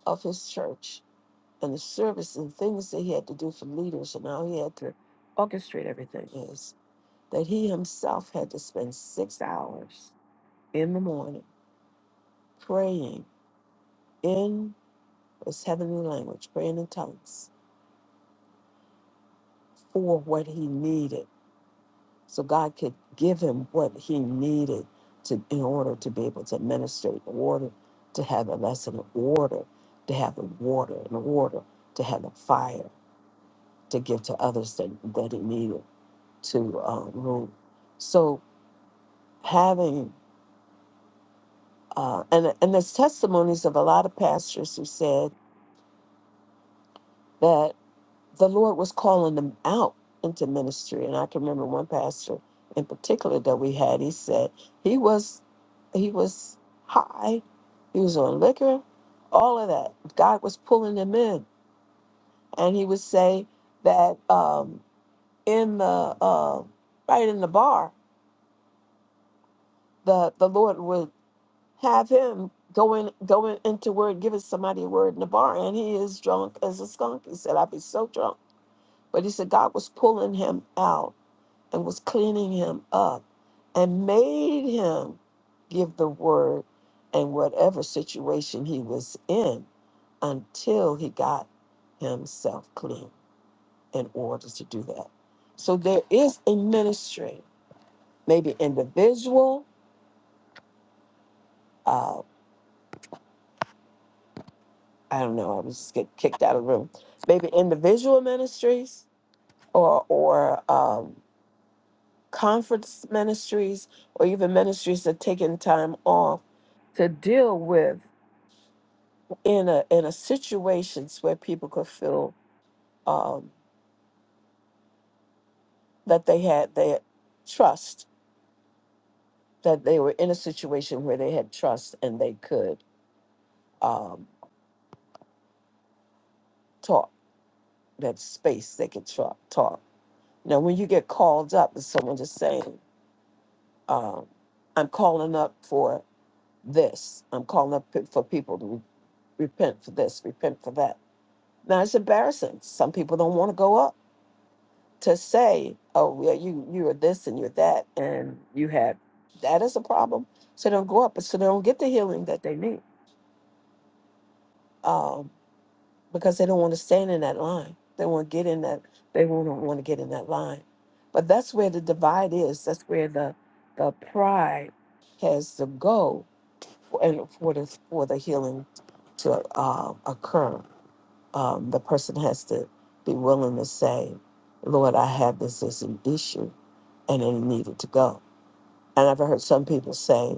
G: of his church and the service and things that he had to do for leaders and how he had to orchestrate everything is that he himself had to spend six hours in the morning praying in his heavenly language, praying in tongues for what he needed. So God could give him what he needed to in order to be able to administrate the water, to have a lesson of order, to have the water and the water, to have the fire to give to others that, that he needed to uh, room. So having uh, and and there's testimonies of a lot of pastors who said that the Lord was calling them out into ministry. And I can remember one pastor in particular that we had. He said he was he was high, he was on liquor, all of that. God was pulling him in, and he would say that um, in the uh, right in the bar, the the Lord would have him going going into word, giving somebody a word in the bar, and he is drunk as a skunk. He said, I'd be so drunk. But he said God was pulling him out and was cleaning him up and made him give the word in whatever situation he was in until he got himself clean in order to do that. So there is a ministry, maybe individual. uh, I don't know, I was just get kicked out of the room. Maybe individual ministries or or um, conference ministries or even ministries that are taking time off to deal with in a in a situations where people could feel um, that they had their trust that they were in a situation where they had trust and they could um, talk that space they could tra- talk. Now, when you get called up and someone just saying um, I'm calling up for this. I'm calling up p- for people to re- repent for this, repent for that. Now it's embarrassing. Some people don't want to go up to say, "Oh, well, you you are this and you're that, and you have that is a problem." So they don't go up, so they don't get the healing that they need um, because they don't want to stand in that line. They want to get in that. They won't want to get in that line. But that's where the divide is. That's where the the pride has to go and for the for the healing to uh, occur, um, the person has to be willing to say, "Lord, I have this as an issue, and it needed to go." And I've heard some people say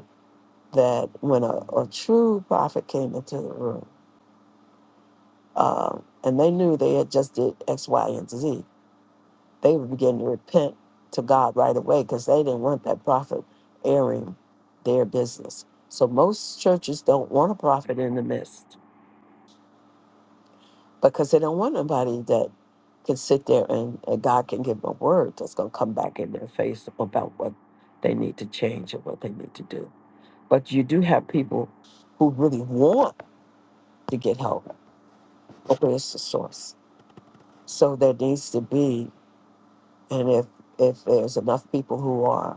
G: that when a, a true prophet came into the room, um, and they knew they had just did X, Y, and Z, they would begin to repent to God right away because they didn't want that prophet airing their business. So most churches don't want a prophet in the midst because they don't want nobody that can sit there and, and God can give them a word that's going to come back in their face about what they need to change and what they need to do. But you do have people who really want to get help, but where's the source? So there needs to be, and if if there's enough people who are,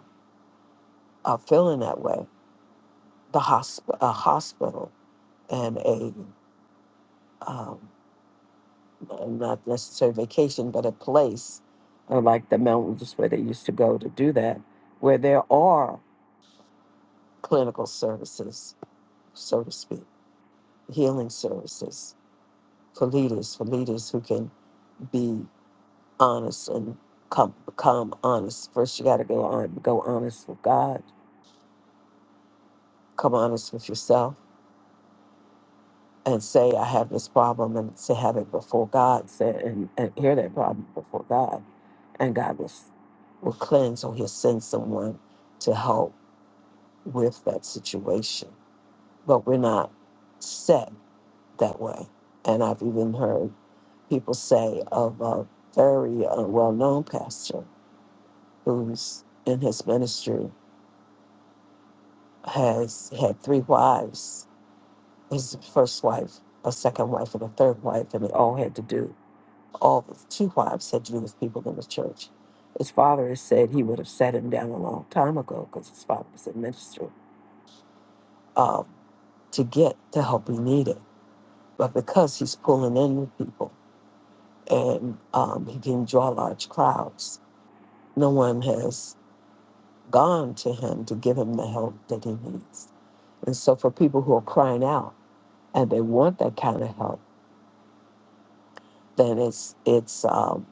G: are feeling that way, the hosp- a hospital and a um, uh, not necessarily vacation, but a place uh, like the mountains where they used to go to do that, where there are clinical services, so to speak, healing services for leaders, for leaders who can be honest and come, come honest. First, you got to go on, go honest with God, come honest with yourself and say I have this problem and to have it before God said and, and hear that problem before God. And God will, will cleanse or he'll send someone to help with that situation. But we're not set that way. And I've even heard people say of a very uh, well-known pastor who's in his ministry has had three wives his first wife a second wife and a third wife and they all had to do all the two wives had to do with people in the church. His father has said he would have set him down a long time ago because his father was a minister um, to get the help he needed. But because he's pulling in with people and um, he can draw large crowds, no one has gone to him to give him the help that he needs. And so for people who are crying out and they want that kind of help, then it's it's um,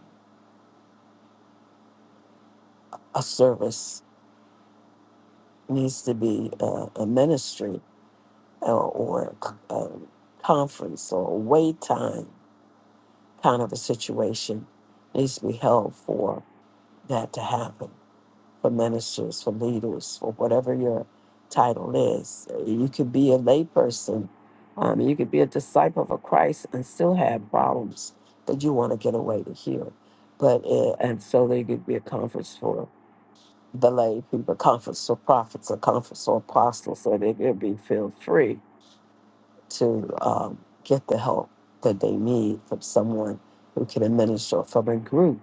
G: a service needs to be a, a ministry or, or a, a conference or a wait time kind of a situation needs to be held for that to happen for ministers, for leaders, for whatever your title is. You could be a layperson, um, you could be a disciple of Christ and still have problems that you want to get away to heal. But uh, and so there could be a conference for the lay people, a conference for prophets, a conference for apostles, so they could be feel free to um, get the help that they need from someone who can administer, from a group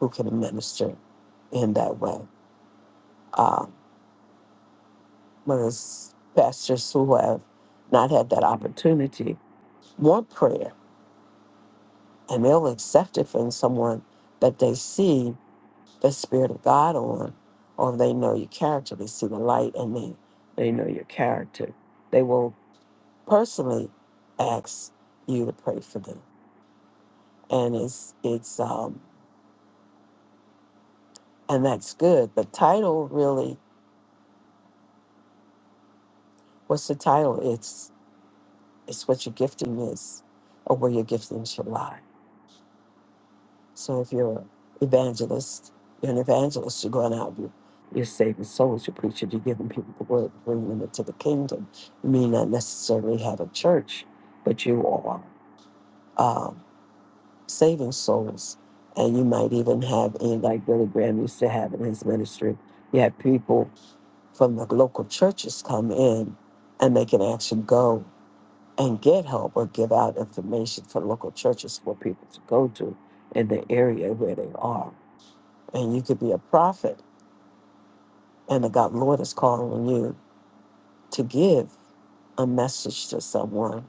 G: who can administer in that way. Um, but as pastors who have not had that opportunity want prayer, and they'll accept it from someone that they see the Spirit of God on, or they know your character, they see the light and they, they know your character. They will personally ask you to pray for them. And it's, it's, um, and that's good. But title really, what's the title? It's it's what your gifting is, or where your gifting should lie. So if you're an evangelist, you're an evangelist. You're going out. You're, you're saving souls. You're preaching. You're giving people the word, bringing them into the kingdom. You may not necessarily have a church, but you are um, saving souls, and you might even have, in like Billy Graham used to have in his ministry, you have people. from the local churches come in and they can actually go and get help or give out information for local churches for people to go to in the area where they are. And you could be a prophet and the God Lord is calling on you to give a message to someone.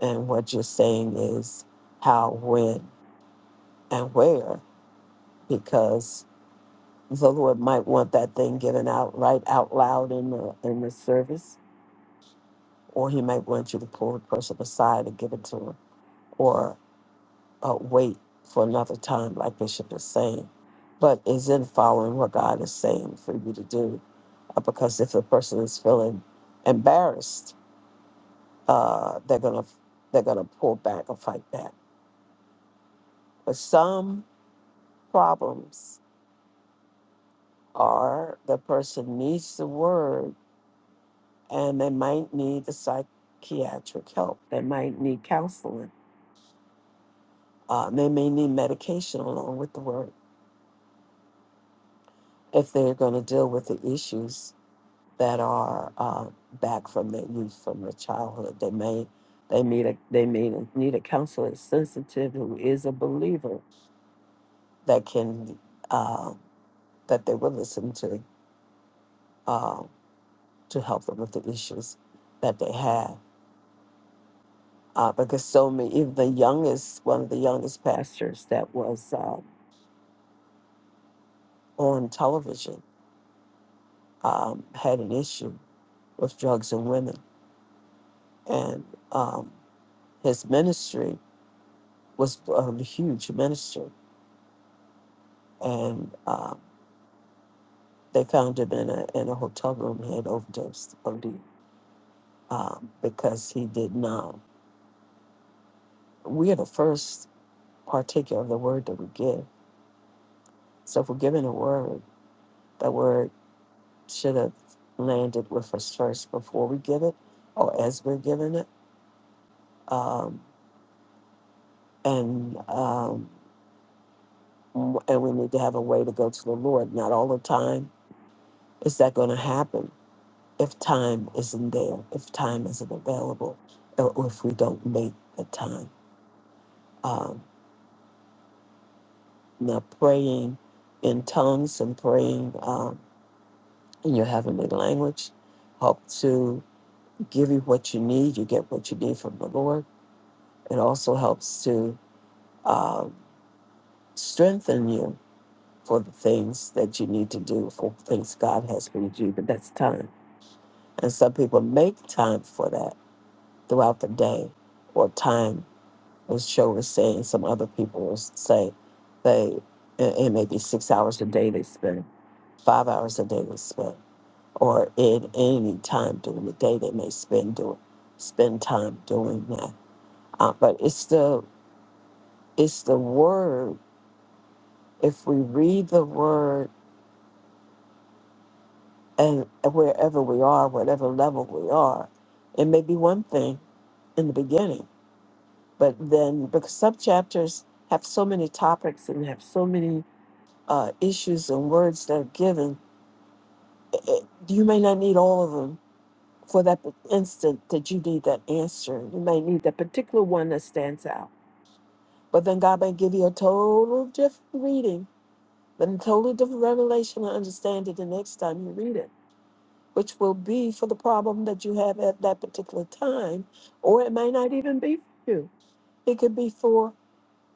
G: And what you're saying is how, when, and where, because the Lord might want that thing given out right out loud in the in the service or he might want you to pull the person aside and give it to him, or uh, wait for another time, like Bishop is saying. But is in following what God is saying for you to do, uh, because if the person is feeling embarrassed, uh, they're gonna they're gonna pull back or fight back. But some problems are the person needs the word, and they might need the psychiatric help. They might need counseling. Uh, they may need medication along with the word if they're going to deal with the issues that are uh, back from their youth, from their childhood. They may they need a they may need a counselor that's sensitive who is a believer that can uh, that they will listen to uh, to help them with the issues that they have. Uh, because so many, even the youngest, one of the youngest pastors that was uh, on television um, had an issue with drugs and women, and um, his ministry was um, a huge minister, and um, they found him in a in a hotel room. He had overdosed OD um, because he did not. We are the first partaker of the word that we give. So if we're giving a word, that word should have landed with us first before we give it, or as we're giving it. Um, and um, and we need to have a way to go to the Lord. Not all the time is that going to happen if time isn't there, if time isn't available, or if we don't make the time. Um, now, praying in tongues and praying um, in your heavenly language help to give you what you need. You get what you need from the Lord. It also helps to um, strengthen you for the things that you need to do, for things God has for you to do. But that's time. And some people make time for that throughout the day or time was Cho was saying, some other people was say they it, it may be six hours a day they spend, five hours a day they spend, or in any time during the day they may spend doing spend time doing that. Uh, but it's the it's the word. If we read the word and wherever we are, whatever level we are, it may be one thing in the beginning, but then because subchapters have so many topics and have so many uh, issues and words that are given, it- it- you may not need all of them for that instant that you need that answer. You may need that particular one that stands out. But then God may give you a total different reading, but a totally different revelation and understand it the next time you read it, which will be for the problem that you have at that particular time, or it may not even be for you. It could be for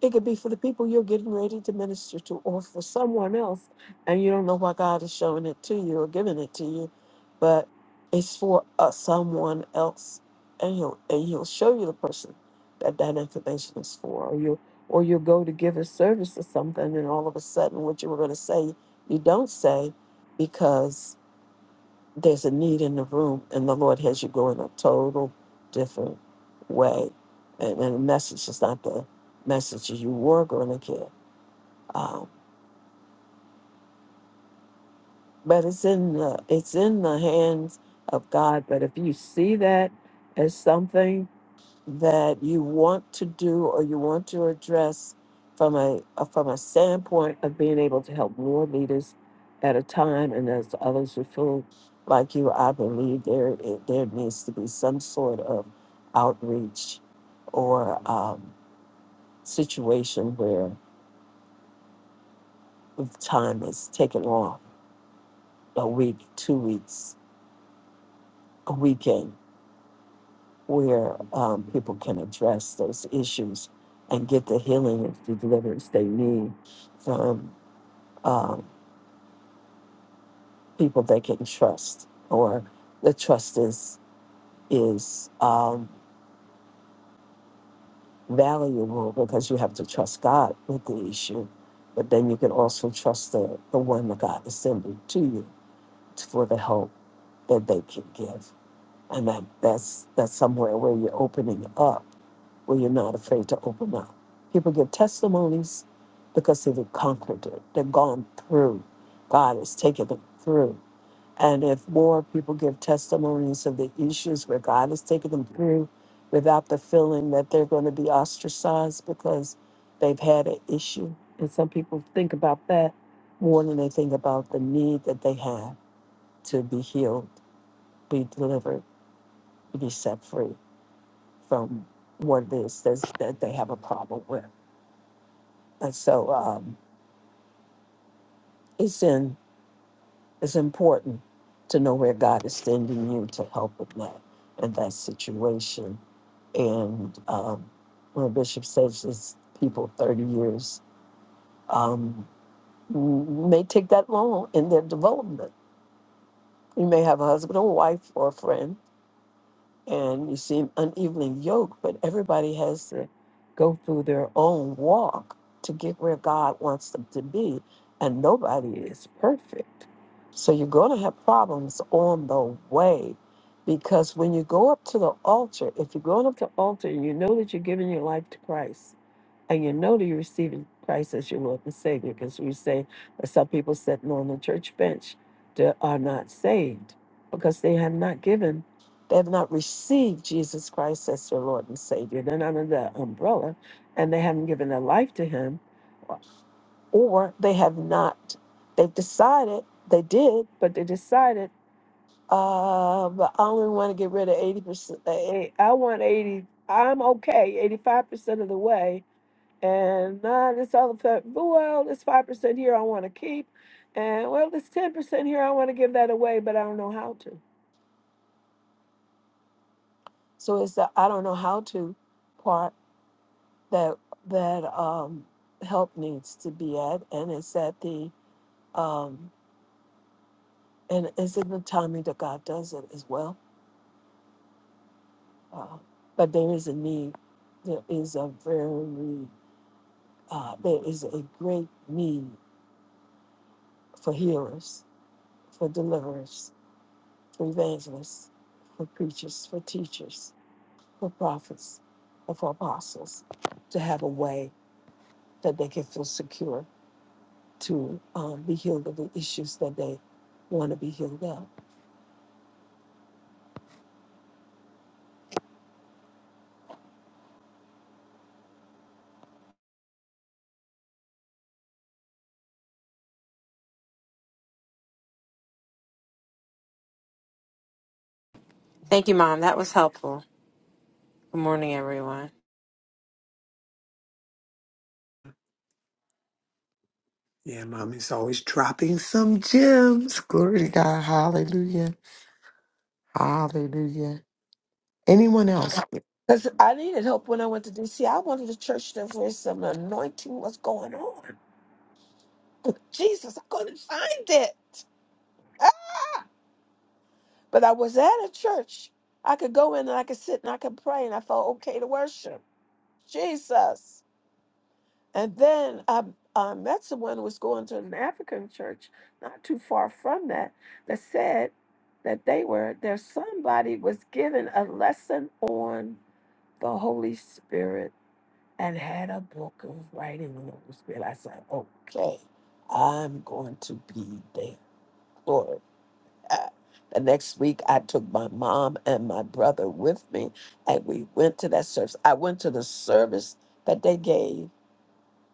G: It could be for the people you're getting ready to minister to or for someone else, and you don't know why God is showing it to you or giving it to you, but it's for uh, someone else, and he'll and he'll show you the person that that information is for, or you or you'll go to give a service or something, and all of a sudden, what you were going to say, you don't say because there's a need in the room, and the Lord has you go in a total different way. And, and the message is not the message you were going to get, um, but it's in the it's in the hands of God. But if you see that as something that you want to do or you want to address from a uh, from a standpoint of being able to help more leaders at a time and as others who feel like you i believe there it- there needs to be some sort of outreach or um, situation where the time is taken off a week two weeks a weekend where um, people can address those issues and get the healing and the deliverance they need from um, people they can trust or the trust is is um, valuable because you have to trust God with the issue, but then you can also trust the, the one that God is sending to you for the help that they can give. And that, that's that's somewhere where you're opening up, where you're not afraid to open up. People give testimonies because they've conquered it. They've gone through. God has taken them through. And if more people give testimonies of the issues where God has taken them through without the feeling that they're going to be ostracized because they've had an issue. And some people think about that more than they think about the need that they have to be healed, be delivered, to be set free from what it is that's, that they have a problem with. And so um, it's in it's important to know where God is sending you to help with that in that situation. And um, when Bishop says it's people 30 years, um, m- may take that long in their development. You may have a husband or wife or a friend and you see an evening yoke, but everybody has to go through their own walk to get where God wants them to be, and nobody is perfect. So you're going to have problems on the way because when you go up to the altar, if you're going up to the altar and you know that you're giving your life to Christ, and you know that you're receiving Christ as your Lord and Savior, because we say that some people sitting on the church bench that are not saved because they have not given, they have not received Jesus Christ as their Lord and Savior. They're not under that umbrella, and they haven't given their life to Him, or they have not. They've decided they did, but they decided, uh, but I only want to get rid of eighty percent. I want eighty. I'm okay, eighty-five percent of the way and nah, this other stuff. Well, this five percent here I want to keep, and well, this ten percent here I want to give that away, but I don't know how to. So it's the I don't know how to part that that um, help needs to be at, and it's at the um, and it's in the timing that God does it as well. Uh, but there is a need. There is a very uh, there is a great need for healers, for deliverers for evangelists, for preachers, for teachers, for prophets, and for apostles to have a way that they can feel secure to um, be healed of the issues that they want to be healed of.
J: Thank you, Mom. That was helpful. Good morning, everyone.
E: Yeah, mommy's always dropping some gems. Glory to God. Hallelujah. Hallelujah. Anyone else?
G: Because I needed help when I went to DC. I wanted a church that where some anointing was going on. (laughs) Jesus, I couldn't find it. (laughs) but I was at a church. I could go in and I could sit and I could pray and I felt okay to worship. Jesus. And then I, I met someone who was going to an African church not too far from that that said that they were there. Somebody was given a lesson on the Holy Spirit and had a book of writing on the Holy Spirit. I said, okay, I'm going to be there. Lord. Uh, The next week, I took my mom and my brother with me, and we went to that service. I went to the service that they gave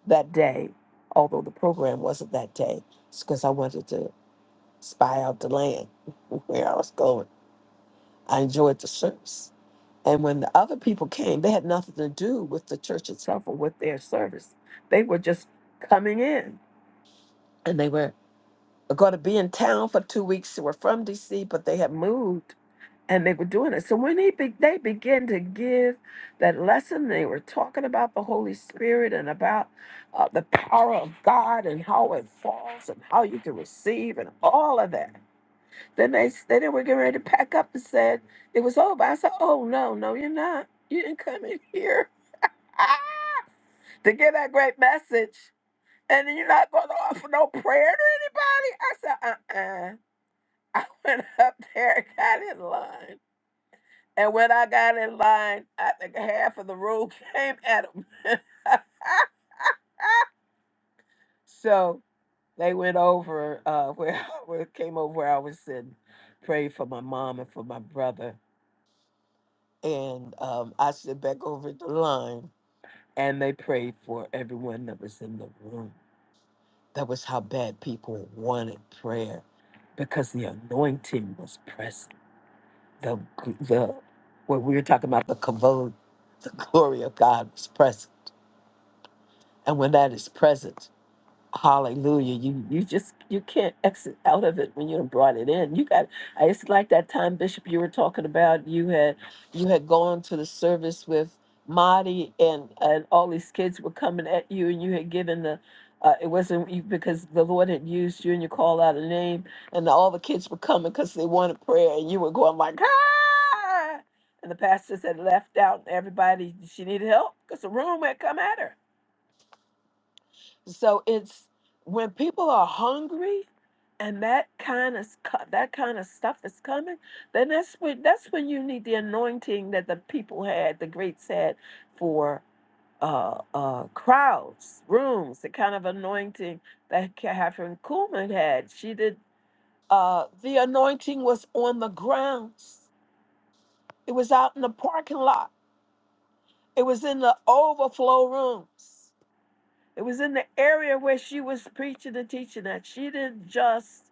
G: that day, although the program wasn't that day, it's because I wanted to spy out the land (laughs) where I was going. I enjoyed the service. And when the other people came, they had nothing to do with the church itself or with their service. They were just coming in and they were going to be in town for two weeks. They were from DC, but they had moved and they were doing it. So when he be- they began to give that lesson, they were talking about the Holy Spirit and about uh, the power of God and how it falls and how you can receive and all of that. Then they s- then they were getting ready to pack up and said it was over. I said, "Oh no, no, you're not. You didn't come in here (laughs) to give that great message, and you're not going to offer no prayer to anybody." I said, "Uh-uh." (laughs) I went up there and got in line And when I got in line, I think half of the room (laughs) came at him. (laughs) so they went over uh, where, (laughs) I- where came over where I was sitting, prayed for my mom and for my brother, and um, I sit back over the line, and they prayed for everyone that was in the room. That was how bad people wanted prayer, because the anointing was present. the the when we were talking about the kavod, the glory of God was present. And when that is present, Hallelujah. You you just you can't exit out of it when you done brought it in. You got I it's like that time, Bishop, you were talking about you had you had gone to the service with Marty and and all these kids were coming at you and you had given the uh, it wasn't you because the Lord had used you and you called out a name and all the kids were coming because they wanted prayer and you were going like ah and the pastors had left out everybody she needed help because the room had come at her so it's when people are hungry and that kind of scu- that kind of stuff is coming, then that's when that's when you need the anointing that the people had, the greats had for uh, uh, crowds, rooms, the kind of anointing that Catherine Kuhlman had. She did. Uh, the anointing was on the grounds. It was out in the parking lot. It was in the overflow rooms. It was in the area where she was preaching and teaching that she didn't just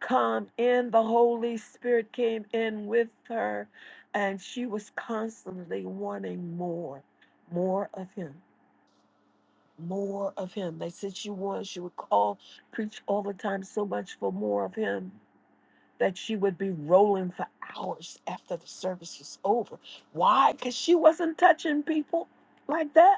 G: come in, the Holy Spirit came in with her, and she was constantly wanting more, more of Him, more of Him. They said she was, she would call, preach all the time so much for more of Him that she would be rolling for hours after the service was over. Why? Because she wasn't touching people like that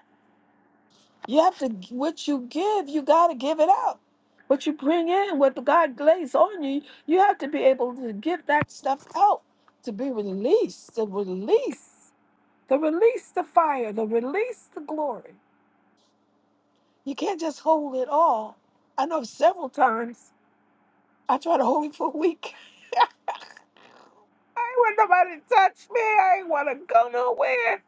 G: You have to, what you give, you got to give it out. What you bring in, what God lays on you, you have to be able to give that stuff out to be released, to release, to release the fire, to release the glory. You can't just hold it all. I know several times I tried to hold it for a week. (laughs) I ain't want nobody to touch me. I ain't want to go nowhere.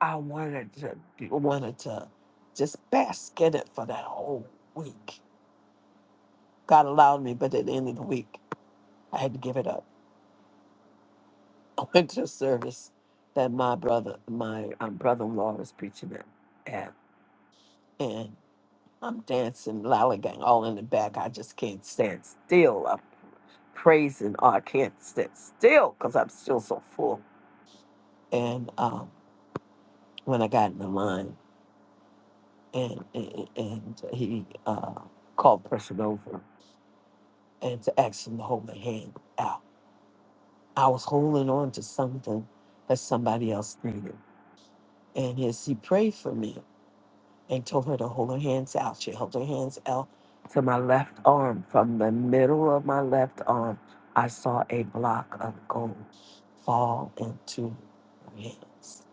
G: I wanted to, wanted to just bask in it for that whole week. God allowed me, but at the end of the week, I had to give it up. (laughs) I went to a service that my brother, my um, brother-in-law was preaching at, at, and I'm dancing, lollygagging, all in the back. I just can't stand still. I'm praising, oh, I can't stand still because I'm still so full. And um, when I got in the line, and and, and he uh, called the person over and to ask him to hold my hand out I was holding on to something that somebody else needed. And as he prayed for me and told her to hold her hands out, she held her hands out to my left arm. From the middle of my left arm, I saw a block of gold fall into her hands.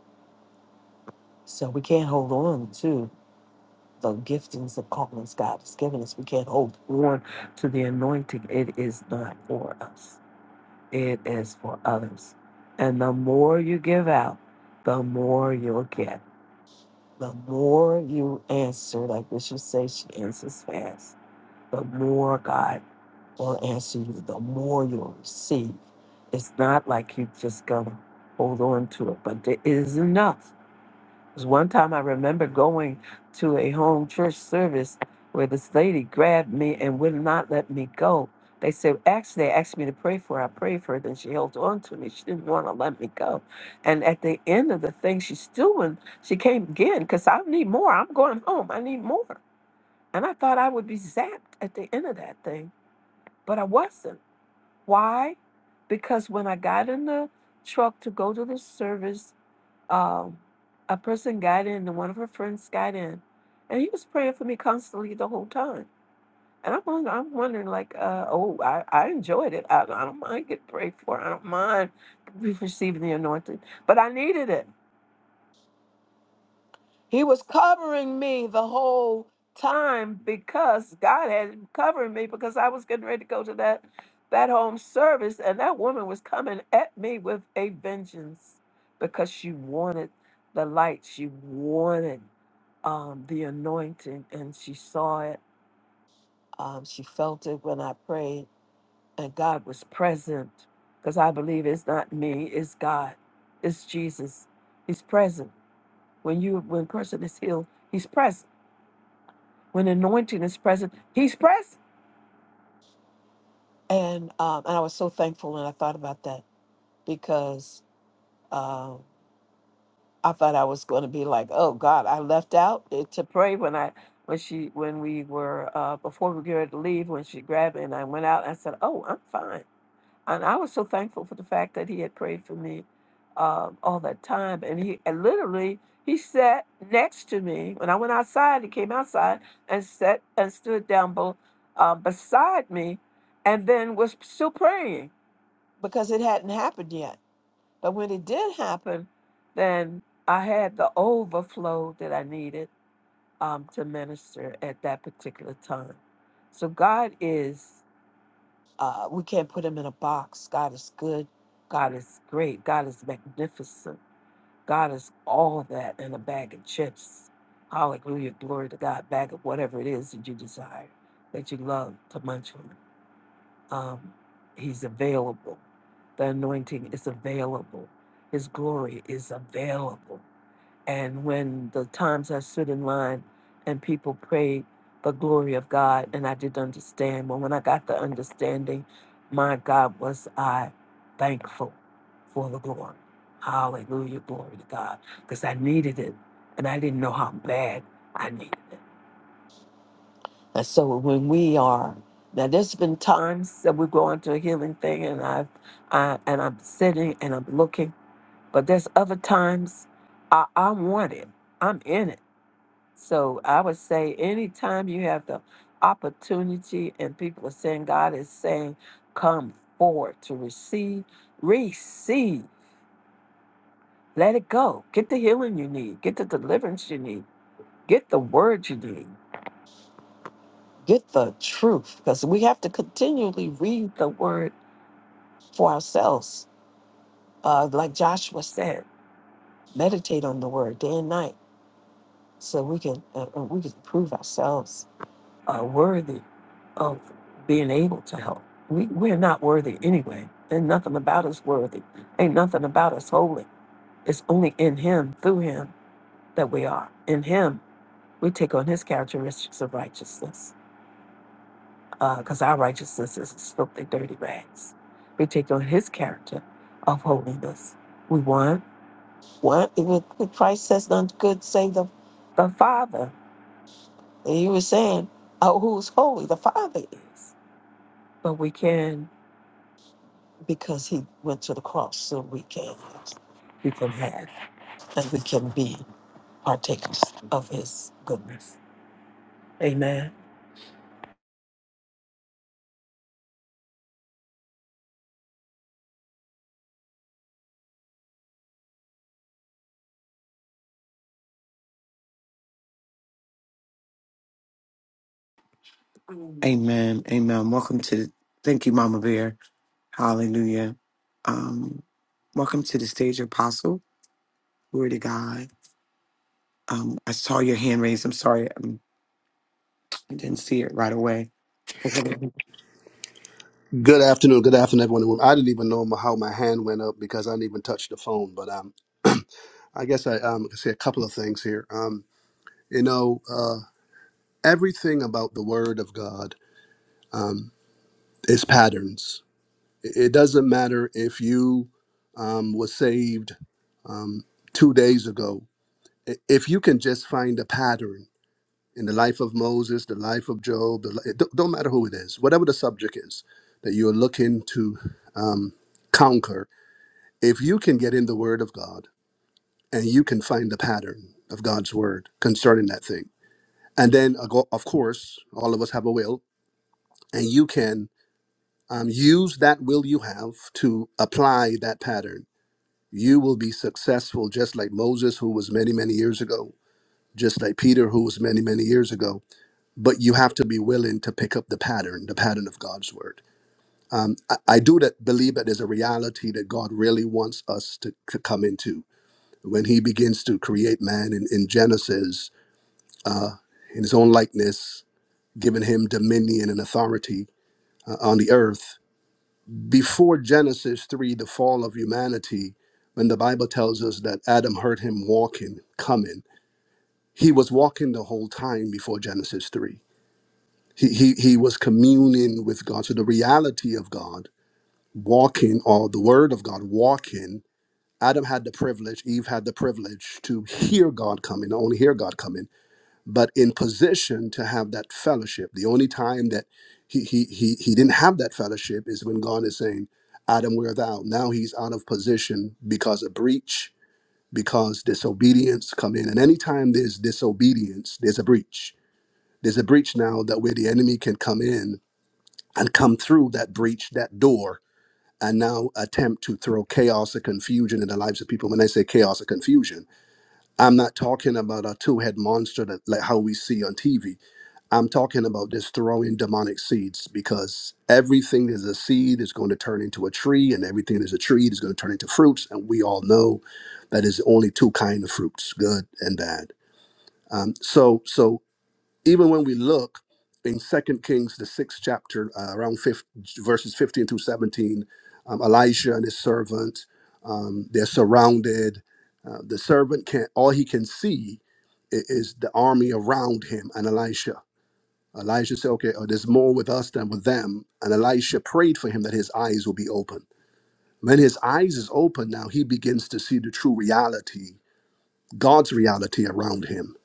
G: So we can't hold on to the giftings and callings God has given us. We can't hold on to the anointing. It is not for us. it is for others. And the more you give out, the more you'll get. The more you answer, like Bishop says, she answers fast. The more God will answer you, the more you'll receive. It's not like you just gonna hold on to it, but there is enough 'Cause One time I remember going to a home church service where this lady grabbed me and would not let me go. They said, actually, they asked me to pray for her. I prayed for her. Then she held on to me. She didn't want to let me go. And at the end of the thing, she's doing, she came again because I need more. I'm going home. I need more. And I thought I would be zapped at the end of that thing, but I wasn't. Why? Because when I got in the truck to go to the service, um, a person got in, and one of her friends got in, and he was praying for me constantly the whole time. And I'm, wonder- I'm wondering, like, uh, oh, I, I enjoyed it. I, I don't mind getting prayed for. I don't mind receiving the anointing, but I needed it. He was covering me the whole time because God had him covering me because I was getting ready to go to that that home service and that woman was coming at me with a vengeance because she wanted the light. She wanted um, the anointing and she saw it. Um, she felt it when I prayed and God was present because I believe it's not me, it's God, it's Jesus. He's present. When you when a person is healed, he's present. When anointing is present, he's present. And um, and I was so thankful when I thought about that because um, I thought I was going to be like, oh God, I left out it to pray when I when she when we were uh, before we were ready to leave when she grabbed me and I went out. I said, oh, I'm fine. And I was so thankful for the fact that he had prayed for me um, all that time. And he and literally he sat next to me when I went outside. He came outside and sat and stood down be, uh, beside me, and then was still praying because it hadn't happened yet. But when it did happen, then I had the overflow that I needed um, to minister at that particular time. So God is. Uh, we can't put him in a box. God is good. God is great. God is magnificent. God is all that in a bag of chips. Hallelujah. Glory to God. Bag of whatever it is that you desire, that you love to munch on. Um, he's available. The anointing is available. His glory is available. And when the times I stood in line and people prayed the glory of God, and I didn't understand. But when I got the understanding, my God, was I thankful for the glory. Hallelujah, glory to God. Because I needed it, and I didn't know how bad I needed it. And so when we are, now there's been times that we go into a healing thing, and I've, I, and I'm sitting and I'm looking, but there's other times I, I want it. I'm in it. So I would say anytime you have the opportunity and people are saying God is saying, come forward to receive, receive, let it go. Get the healing you need, get the deliverance you need, get the word you need, get the truth. Because we have to continually read the word for ourselves. Uh, like Joshua said, meditate on the word day and night so we can uh, uh, we can prove ourselves are worthy of being able to help. We, we're not worthy anyway. Ain't nothing about us worthy. Ain't nothing about us holy. It's only in Him, through Him, that we are. In Him, we take on His characteristics of righteousness, because our righteousness is as filthy, dirty rags. We take on His character of holiness. We want what Even Christ says, none good save the, the Father. And He was saying, "Oh, who's holy? The Father is." But we can. because he went to the cross so we can we can have and we can be partakers of his goodness. Amen.
E: Amen. Amen. Welcome to the thank you, Mama Bear. Hallelujah. Um, welcome to the stage, Apostle. Glory to God. Um, I saw your hand raised. I'm sorry, um, I didn't see it right away. (laughs)
K: Good afternoon. Good afternoon, everyone. I didn't even know my- how my hand went up because I didn't even touch the phone. But um, (clears throat) I guess I um, can say a couple of things here. Um, you know, uh, everything about the Word of God um, is patterns. It it doesn't matter if you um, was saved um, two days ago. I- If you can just find a pattern in the life of Moses, the life of Job, the, li- it don't don't matter who it is, whatever the subject is that you're looking to um, conquer If you can get in the Word of God and you can find the pattern of God's Word concerning that thing, and then of of course all of us have a will, and you can um, use that will you have to apply that pattern, you will be successful, just like Moses, who was many many years ago. Just like Peter, who was many, many years ago, but you have to be willing to pick up the pattern, the pattern of God's word. Um, I, I do that, believe that there's a reality that God really wants us to, to come into when he begins to create man in, in Genesis uh, in his own likeness, giving him dominion and authority uh, on the earth. Before Genesis 3, the fall of humanity, when the Bible tells us that Adam heard him walking, coming, he was walking the whole time before Genesis 3. He, he, he was communing with God. So the reality of God, walking, or the word of God, walking, Adam had the privilege, Eve had the privilege to hear God coming, only hear God coming but in position to have that fellowship. The only time that he he he he didn't have that fellowship is when God is saying, "Adam, where thou?" Now he's out of position because of breach, because disobedience come in, and anytime there's disobedience, there's a breach. There's a breach now that where the enemy can come in and come through that breach, that door, and now attempt to throw chaos or confusion in the lives of people. When I say chaos or confusion, I'm not talking about a two-head monster that like how we see on TV. I'm talking about this throwing demonic seeds because everything is a seed is going to turn into a tree, and everything is a tree is going to turn into fruits. And we all know that is only two kind of fruits, good and bad. Um, so, so even when we look in Second Kings, the sixth chapter, uh, around 15, verses 15 through 17, um, Elijah and his servant, um, they're surrounded. Uh, the servant can't. All he can see i- is the army around him and Elisha Elijah said, Okay, oh, there's more with us than with them. And Elisha prayed for him that his eyes will be open. When his eyes is open, now he begins to see the true reality, God's reality around him.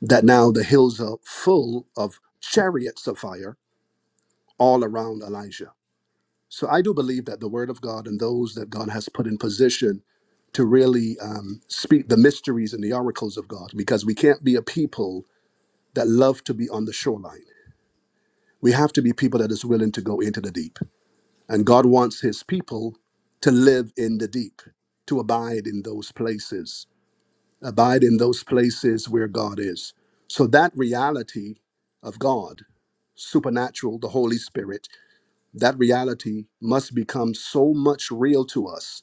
K: That now the hills are full of chariots of fire all around Elijah. So I do believe that the word of God and those that God has put in position to really um, speak the mysteries and the oracles of God, because we can't be a people that love to be on the shoreline. We have to be people that is willing to go into the deep And God wants his people to live in the deep, to abide in those places, abide in those places where God is. So that reality of God, supernatural, the Holy Spirit, that reality must become so much real to us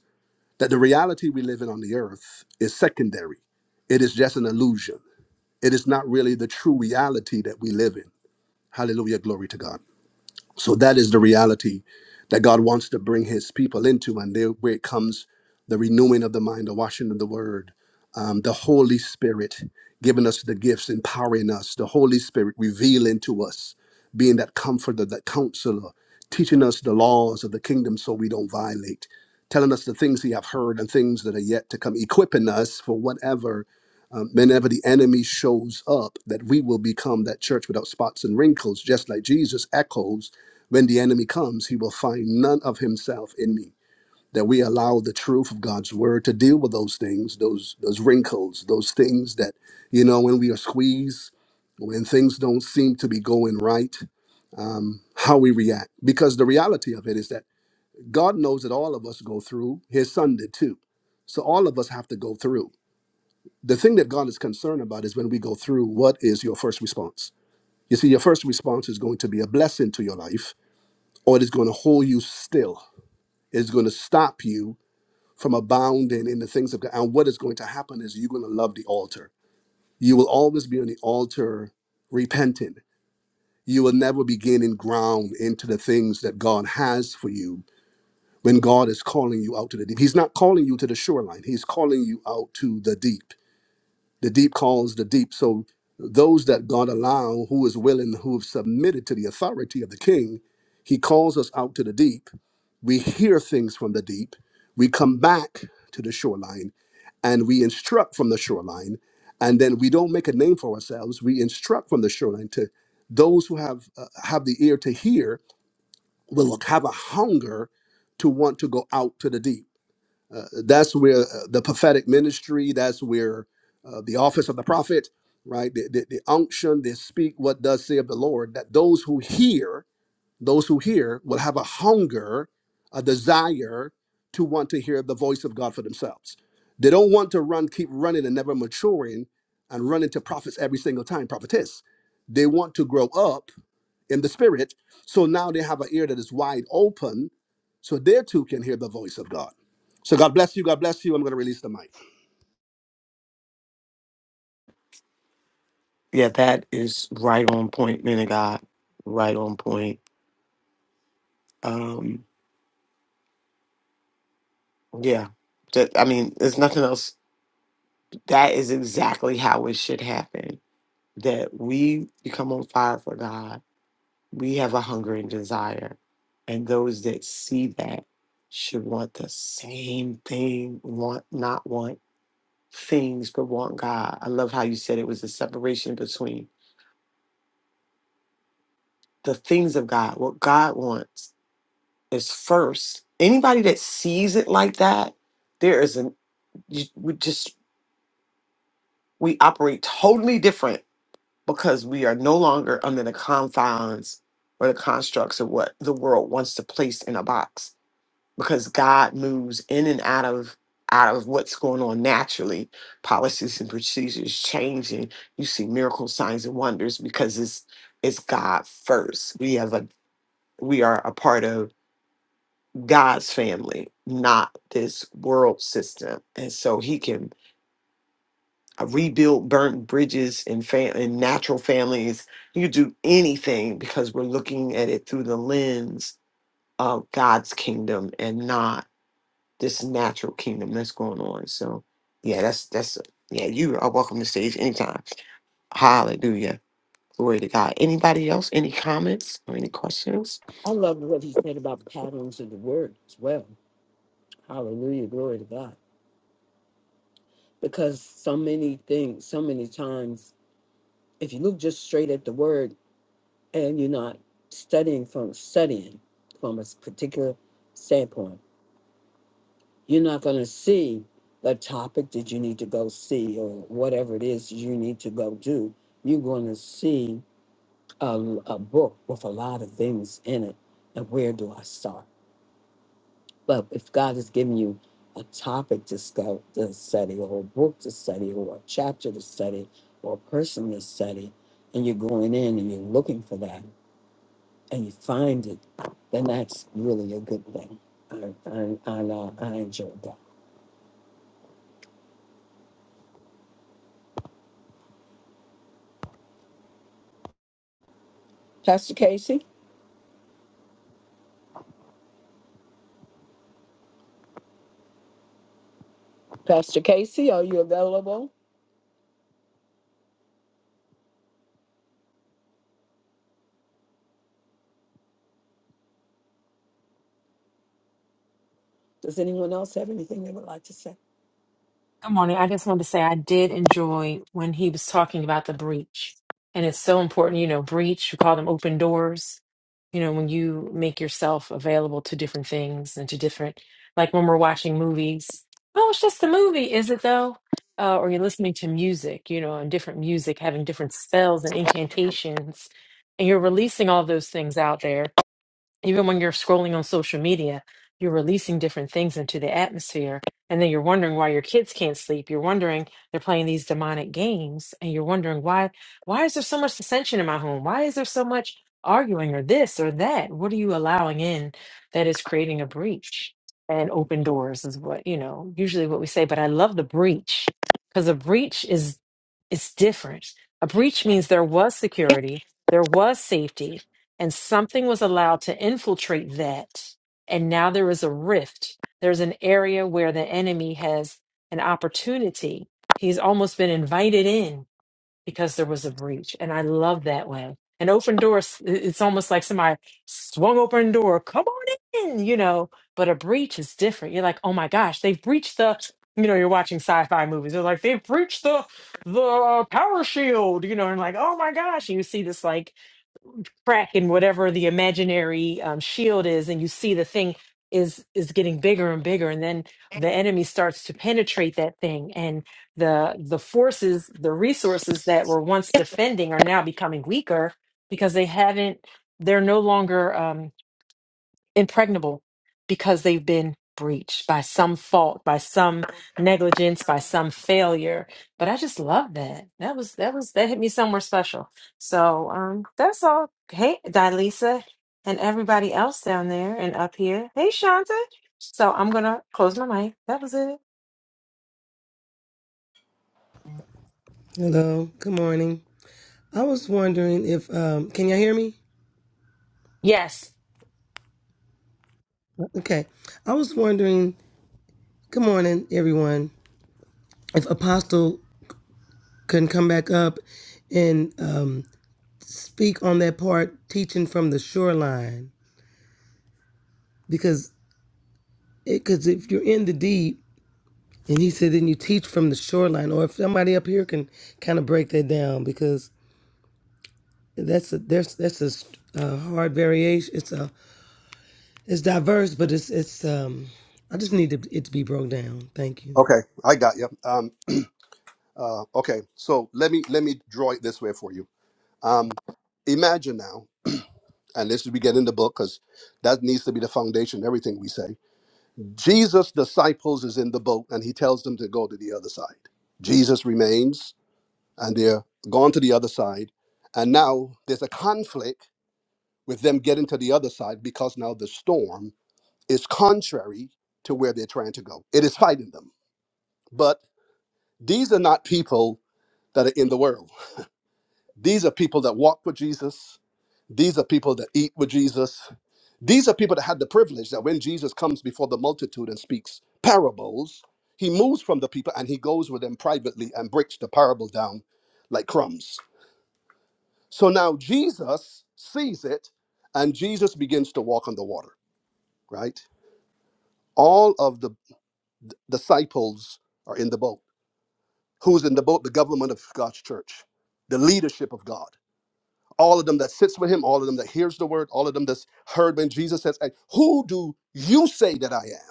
K: that the reality we live in on the earth is secondary. It is just an illusion. It is not really the true reality that we live in. Hallelujah. Glory to God. So that is the reality that God wants to bring his people into. And there where it comes the renewing of the mind, the washing of the word, um, the Holy Spirit giving us the gifts, empowering us, the Holy Spirit revealing to us, being that comforter, that counselor, teaching us the laws of the kingdom so we don't violate, telling us the things he have heard and things that are yet to come, equipping us for whatever. Um, whenever the enemy shows up, that we will become that church without spots and wrinkles, just like Jesus echoes when the enemy comes, he will find none of himself in me. That we allow the truth of God's word to deal with those things, those those wrinkles, those things that, you know, when we are squeezed, when things don't seem to be going right, um, how we react. Because the reality of it is that God knows that all of us go through. His son did too. So all of us have to go through. The thing that God is concerned about is when we go through, what is your first response? You see, your first response is going to be a blessing to your life or it is going to hold you still. It's going to stop you from abounding in the things of God. And what is going to happen is you're going to love the altar. You will always be on the altar repenting. You will never be gaining ground into the things that God has for you when God is calling you out to the deep. He's not calling you to the shoreline, He's calling you out to the deep. The deep calls the deep. So those that God allow, who is willing, who have submitted to the authority of the king, he calls us out to the deep we hear things from the deep, we come back to the shoreline, and we instruct from the shoreline. And then we don't make a name for ourselves. We instruct from the shoreline to those who have uh, have the ear to hear will have a hunger to want to go out to the deep. Uh, that's where uh, the prophetic ministry. That's where uh, the office of the prophet, right? The, the, the unction, they speak what does say of the Lord. That those who hear those who hear will have a hunger, a desire to want to hear the voice of God for themselves. They don't want to run, keep running and never maturing and run into prophets every single time, prophetess. They want to grow up in the spirit. So now they have an ear that is wide open so they too can hear the voice of God. So God bless you. God bless you. I'm going to release the mic.
E: Yeah, that is right on point, man of God. Right on point Um, yeah, that, I mean, there's nothing else. That is exactly how it should happen. That we become on fire for God. We have a hunger and desire, and those that see that should want the same thing. Want not want things, but want God. I love how you said it was the separation between the things of God. What God wants is first. Anybody that sees it like that, there is an. You, we just we operate totally different because we are no longer under the confines or the constructs of what the world wants to place in a box because God moves in and out of out of what's going on naturally policies and procedures changing you see miracle signs and wonders because it's it's God first we have a we are a part of God's family not this world system and so he can I rebuild burnt bridges and fam- and natural families. You could do anything because we're looking at it through the lens of God's kingdom and not this natural kingdom that's going on. So, yeah, that's that's yeah. You are welcome to stage anytime. Hallelujah, glory to God. Anybody else? Any comments or any questions?
G: I love what he said about patterns of the word as well. Hallelujah, glory to God. Because so many things, so many times, if you look just straight at the word and you're not studying from studying from a particular standpoint, You're not going to see the topic that you need to go see or whatever it is you need to go do. You're going to see a, a book with a lot of things in it. And where do I start? But if God has given you a topic to, sco- to study, or a book to study, or a chapter to study, or a person to study, and you're going in and you're looking for that and you find it, then that's really a good thing. I, I, I, uh, I enjoyed that. Pastor Casey? Pastor Casey, are you available? Does anyone else have anything they would like to say?
J: Good morning. I just wanted to say I did enjoy when he was talking about the breach. And it's so important, you know, breach, we call them open doors. You know, when you make yourself available to different things and to different, like when we're watching movies, oh, it's just a movie, is it though? Uh, or you're listening to music, you know, and different music having different spells and incantations. And you're releasing all those things out there even when you're scrolling on social media, you're releasing different things into the atmosphere. And then you're wondering why your kids can't sleep. You're wondering they're playing these demonic games, and you're wondering why why is there so much dissension in my home? Why is there so much arguing or this or that? What are you allowing in that is creating a breach? And open doors is what you know usually what we say. But I love the breach because a breach is it's different. A breach means there was security, there was safety, and something was allowed to infiltrate that. And now there is a rift. There's an area where the enemy has an opportunity. He's almost been invited in because there was a breach. And I love that way. An open door, s- i- it's almost like somebody swung open door, come on in, you know. But a breach is different. You're like, oh my gosh, they've breached the, you know, you're watching sci fi movies. They're like, they've breached the, the uh, power shield, you know, and like, oh my gosh. And you see this like, Crack in whatever the imaginary um, shield is and you see the thing is is getting bigger and bigger and then the enemy starts to penetrate that thing and the the forces the resources that were once defending are now becoming weaker because they haven't they're no longer um, impregnable because they've been breached by some fault, by some negligence, by some failure. But I just love that. That was that was that hit me somewhere special. So um that's all. Hey Dilisa and everybody else down there and up here. Hey Shanta. So I'm gonna close my mic. That was it.
L: Hello, good morning. I was wondering if, um, can y'all hear me?
J: Yes.
L: Okay. I was wondering, good morning, everyone, if Apostle can come back up and um, speak on that part, teaching from the shoreline. Because it, cause if you're in the deep, and he said, then you teach from the shoreline, or if somebody up here can kind of break that down, because that's a, there's, that's a s- a hard variation. It's a It's diverse, but it's it's um I just need to- it to be broke down. Thank you.
K: Okay, I got you. Um, uh, okay, so let me let me draw it this way for you. Um, imagine now. and this we get in the book because that needs to be the foundation everything we say jesus disciples is in the boat and he tells them to go to the other side jesus remains and they're gone to the other side and now there's a conflict with them getting to the other side because now the storm is contrary to where they're trying to go it is fighting them but these are not people that are in the world these are people that walk with jesus these are people that eat with jesus These are people that had the privilege that when Jesus comes before the multitude and speaks parables, he moves from the people and he goes with them privately and breaks the parable down like crumbs. So now Jesus sees it and Jesus begins to walk on the water, right? All of the d- disciples are in the boat. Who's in the boat? The government of God's church, the leadership of God. All of them that sits with him, all of them that hears the word, all of them that's heard when Jesus says, "And Who do you say that I am?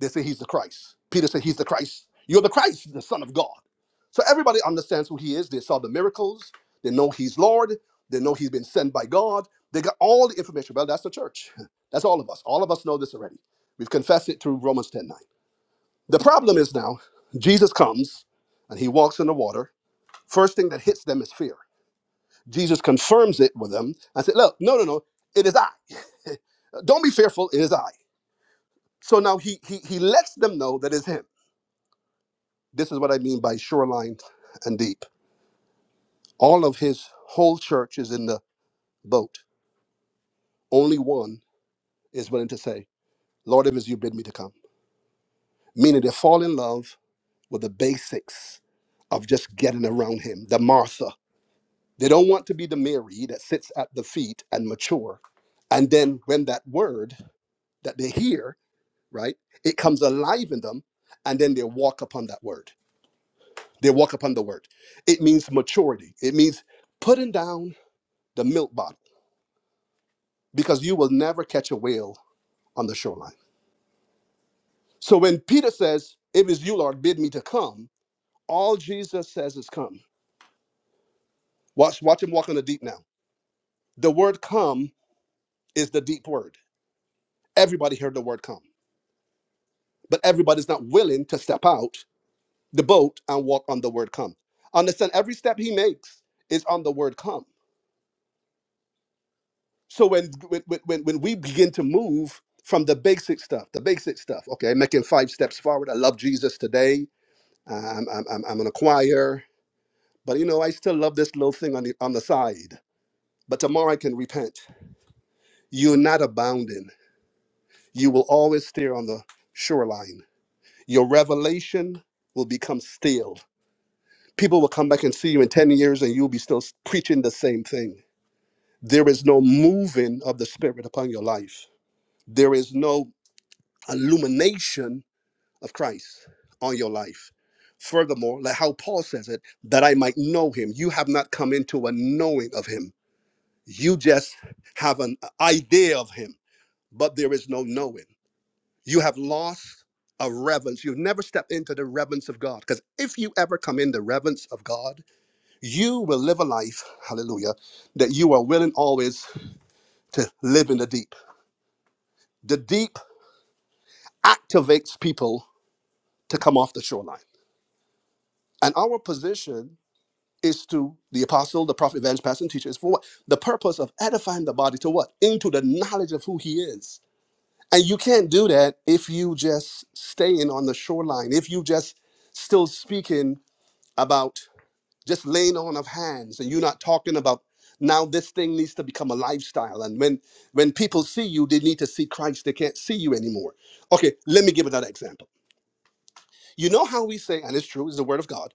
K: They say he's the Christ. Peter said he's the Christ. You're the Christ, the Son of God. So everybody understands who he is. They saw the miracles. They know he's Lord. They know he's been sent by God. They got all the information. Well, that's the church. (laughs) That's all of us. All of us know this already. We've confessed it through Romans 10:9. The problem is now, Jesus comes and he walks in the water. First thing that hits them is fear. Jesus confirms it with them and said, Look, no, no, no, it is I. Don't be fearful, it is I. So now he, he, he lets them know that it's him. This is what I mean by shoreline and deep. All of his whole church is in the boat. Only one is willing to say, Lord, if it's you bid me to come. Meaning they fall in love with the basics of just getting around him, the Martha. They don't want to be the Mary that sits at the feet and mature. And then when that word that they hear, right, it comes alive in them, and then they walk upon that word. They walk upon the word. It means maturity. It means putting down the milk bottle because you will never catch a whale on the shoreline. So when Peter says, If it's you, Lord, bid me to come, all Jesus says is come. Watch, watch him walk on the deep now. The word come is the deep word. Everybody heard the word come, but everybody's not willing to step out the boat and walk on the word come. Understand every step he makes is on the word come. So when when when, when we begin to move from the basic stuff, the basic stuff, okay, making five steps forward. I love Jesus today. I'm, I'm, I'm I'm in a choir. But you know, I still love this little thing on the on the side. But tomorrow I can repent. You're not abounding. You will always steer on the shoreline. Your revelation will become stale. People will come back and see you in 10 years and you'll be still preaching the same thing. There is no moving of the Spirit upon your life. There is no illumination of Christ on your life. Furthermore, like how Paul says it, that I might know him. You have not come into a knowing of him You just have an idea of him, but there is no knowing. You have lost a reverence. You've never stepped into the reverence of God. Because if you ever come in the reverence of God, you will live a life, hallelujah, that you are willing always to live in the deep. The deep activates people to come off the shoreline. And our position is to the apostle, the prophet, evangelist, pastor, and teacher is for what? The purpose of edifying the body to what? Into the knowledge of who he is And you can't do that if you just staying on the shoreline, if you just still speaking about just laying on of hands and you're not talking about now this thing needs to become a lifestyle. And when when people see you, they need to see Christ. They can't see you anymore. Okay, let me give another example. You know how we say, and it's true, it's the word of God,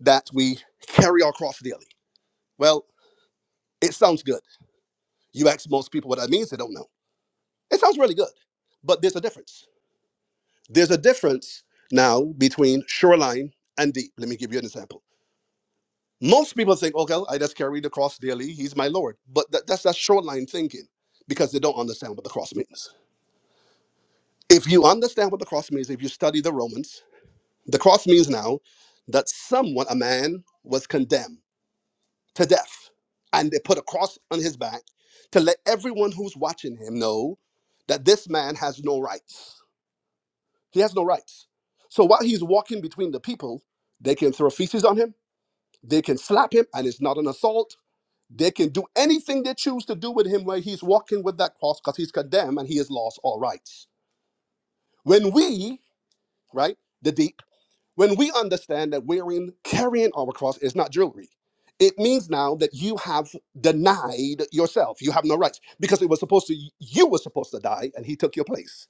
K: that we carry our cross daily. Well, it sounds good. You ask most people what that means, they don't know. It sounds really good, but there's a difference There's a difference now between shoreline and deep. Let me give you an example. Most people think, okay, I just carry the cross daily. He's my Lord. But that, that's that shoreline thinking because they don't understand what the cross means. If you understand what the cross means, if you study the Romans, the cross means now that someone, a man, was condemned to death. And they put a cross on his back to let everyone who's watching him know that this man has no rights He has no rights. So while he's walking between the people, they can throw feces on him, they can slap him, and it's not an assault. They can do anything they choose to do with him while he's walking with that cross because he's condemned and he has lost all rights. When we, right, the, when we understand that wearing, carrying our cross is not jewelry, it means now that you have denied yourself. You have no rights because it was supposed to, you were supposed to die and he took your place.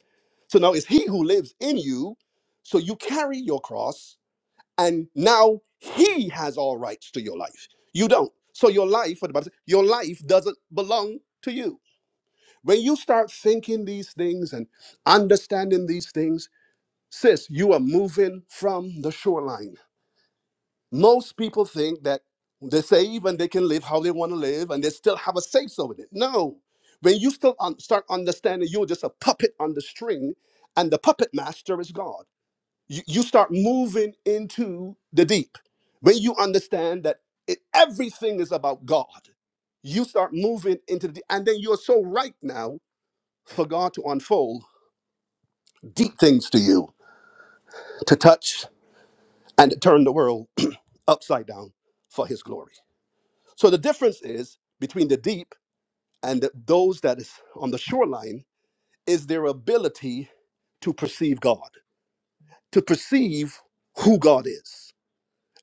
K: So now it's he who lives in you. So you carry your cross and now he has all rights to your life. You don't. So your life, what the Bible says, your life doesn't belong to you. When you start thinking these things and understanding these things, sis, you are moving from the shoreline most people think that they save and they can live how they want to live and they still have a say so in it. No. When you still un- start understanding you're just a puppet on the string and the puppet master is God, you, you start moving into the deep. When you understand that it, everything is about God, you start moving into the deep, and then you're so right now for God to unfold deep things to you, to touch and turn the world (clears throat) upside down for his glory. So the difference is between the deep and the, those that is on the shoreline is their ability to perceive God, to perceive who God is.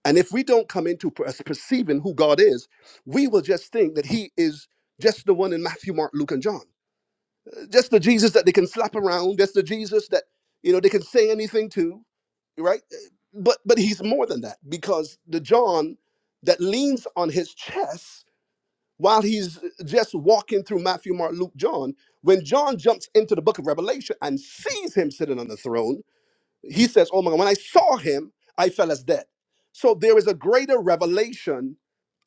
K: And if we don't come into per- perceiving who God is, we will just think that He is just the one in Matthew, Mark, Luke, and John, just the Jesus that they can slap around, just the Jesus that you know they can say anything to, right? But but He's more than that because the John that leans on His chest while he's just walking through Matthew, Mark, Luke, John. When John jumps into the book of Revelation and sees him sitting on the throne, he says, Oh my God, when I saw him, I fell as dead. So there is a greater revelation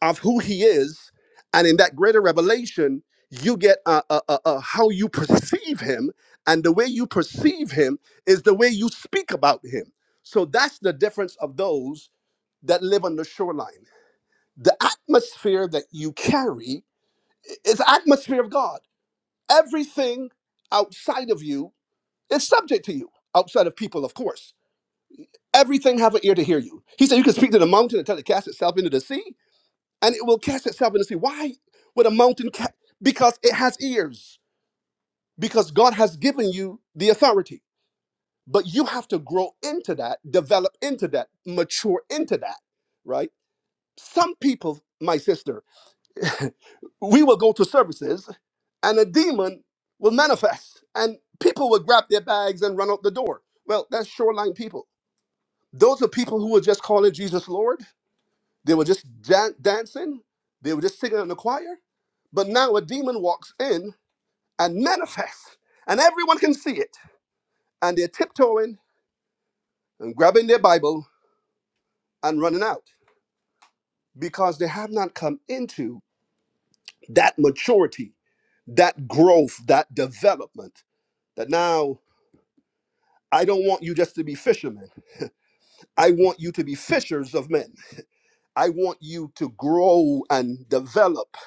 K: of who he is. And in that greater revelation, you get uh, uh, uh, uh, how you perceive him. And the way you perceive him is the way you speak about him. So that's the difference of those that live on the shoreline. The atmosphere that you carry I- It's the atmosphere of God. Everything outside of you is subject to you, outside of people, of course. Everything have an ear to hear you. He said you can speak to the mountain and tell it to cast itself into the sea, and it will cast itself into the sea. Why would a mountain cast? Because it has ears. Because God has given you the authority. But you have to grow into that, develop into that, mature into that, right? Some people, my sister. (laughs) we will go to services and a demon will manifest and people will grab their bags and run out the door. Well, that's shoreline people. Those are people who were just calling Jesus Lord. They were just dan- dancing. They were just singing in the choir. But now a demon walks in and manifests and everyone can see it. And they're tiptoeing and grabbing their Bible and running out because they have not come into that maturity, that growth, that development that now I don't want you just to be fishermen. I want you to be fishers of men. I want you to grow and develop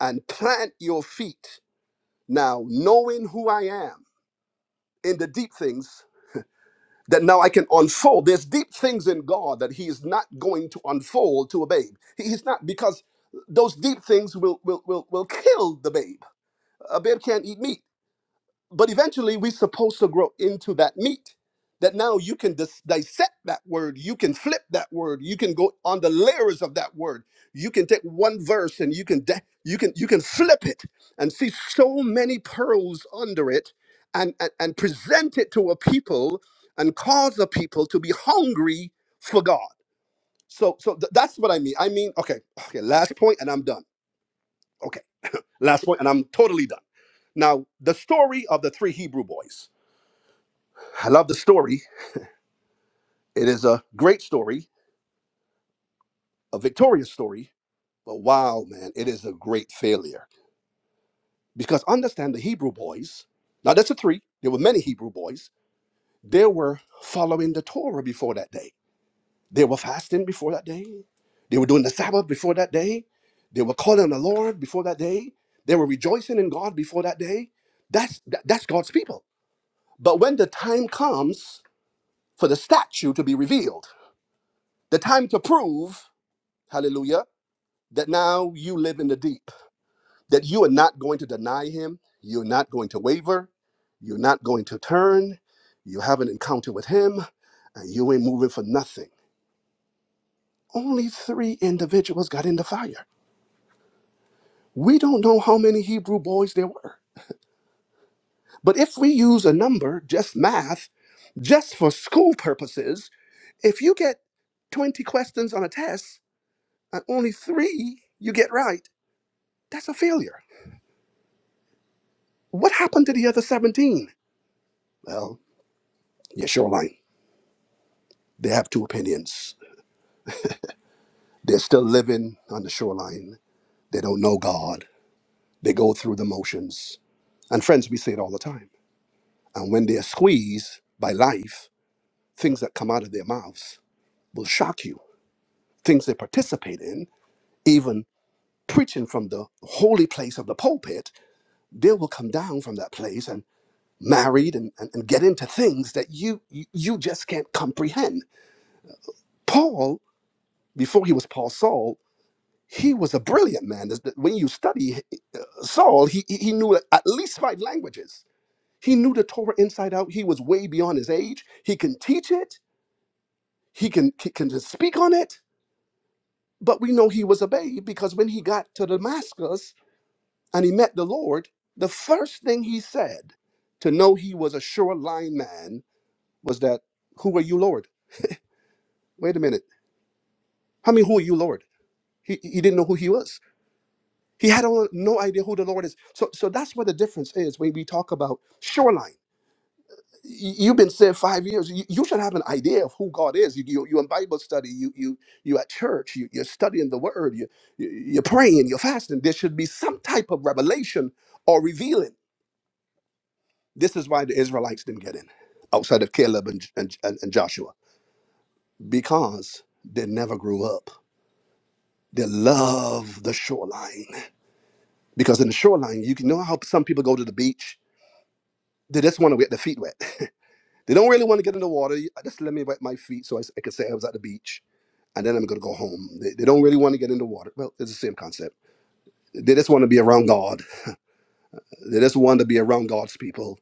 K: and plant your feet. Now, knowing who I am in the deep things that now I can unfold. There's deep things in God that He is not going to unfold to a babe. He- He's not because those deep things will will will, will kill the babe. A babe can't eat meat but eventually we're supposed to grow into that meat that now you can dis- dissect that word you can flip that word you can go on the layers of that word you can take one verse and you can de- you can you can flip it and see so many pearls under it and, and and present it to a people and cause a people to be hungry for god so so th- that's what i mean i mean okay okay last point and i'm done okay last point and i'm totally done now the story of the three hebrew boys I love the story. It is a great story, a victorious story, but wow, man, it is a great failure. Because understand the Hebrew boys, now that's a three, there were many Hebrew boys, they were following the Torah before that day. They were fasting before that day. They were doing the Sabbath before that day. They were calling on the Lord before that day. They were rejoicing in God before that day. That's, that- that's God's people. But when the time comes for the statue to be revealed, the time to prove, hallelujah, that now you live in the deep, that you are not going to deny him, you're not going to waver, you're not going to turn, you have an encounter with him, and you ain't moving for nothing. Only three individuals got in the fire. We don't know how many Hebrew boys there were. But if we use a number, just math, just for school purposes, if you get 20 questions on a test and only three you get right, that's a failure. What happened to the other 17? Well, Yeah, shoreline. They have two opinions. They're still living on the shoreline. They don't know God. They go through the motions. And friends, we say it all the time. And when they're squeezed by life, things that come out of their mouths will shock you. Things they participate in, even preaching from the holy place of the pulpit, they will come down from that place and married and, and, and get into things that you you you just can't comprehend. Paul, before he was Paul Saul, He was a brilliant man. This- When you study Saul, he, he he knew at least five languages. He knew the Torah inside out. He was way beyond his age. He can teach it, he can, he can just speak on it. But we know he was a babe because when he got to Damascus and he met the Lord, the first thing he said to know he was a sure line man was that, Who are you, Lord? Wait a minute. I mean, who are you, Lord? He, he didn't know who he was He had no no idea who the Lord is. So, so that's what the difference is when we talk about shoreline. Y- You've been saved five years. You, you should have an idea of who God is. You, you, you're in Bible study. You, you, you at church. You, you're studying the Word. You, you- you're praying. You're fasting. There should be some type of revelation or revealing. This is why the Israelites didn't get in, outside of Caleb and, and, and and Joshua, because they never grew up. They love the shoreline because in the shoreline, you can know how some people go to the beach They just want to get their feet wet. (laughs) They don't really want to get in the water. Just let me wet my feet so I, s- I can say I was at the beach and then I'm going to go home. They, they don't really want to get in the water. Well, it's the same concept. They just want to be around God. They just want to be around God's people.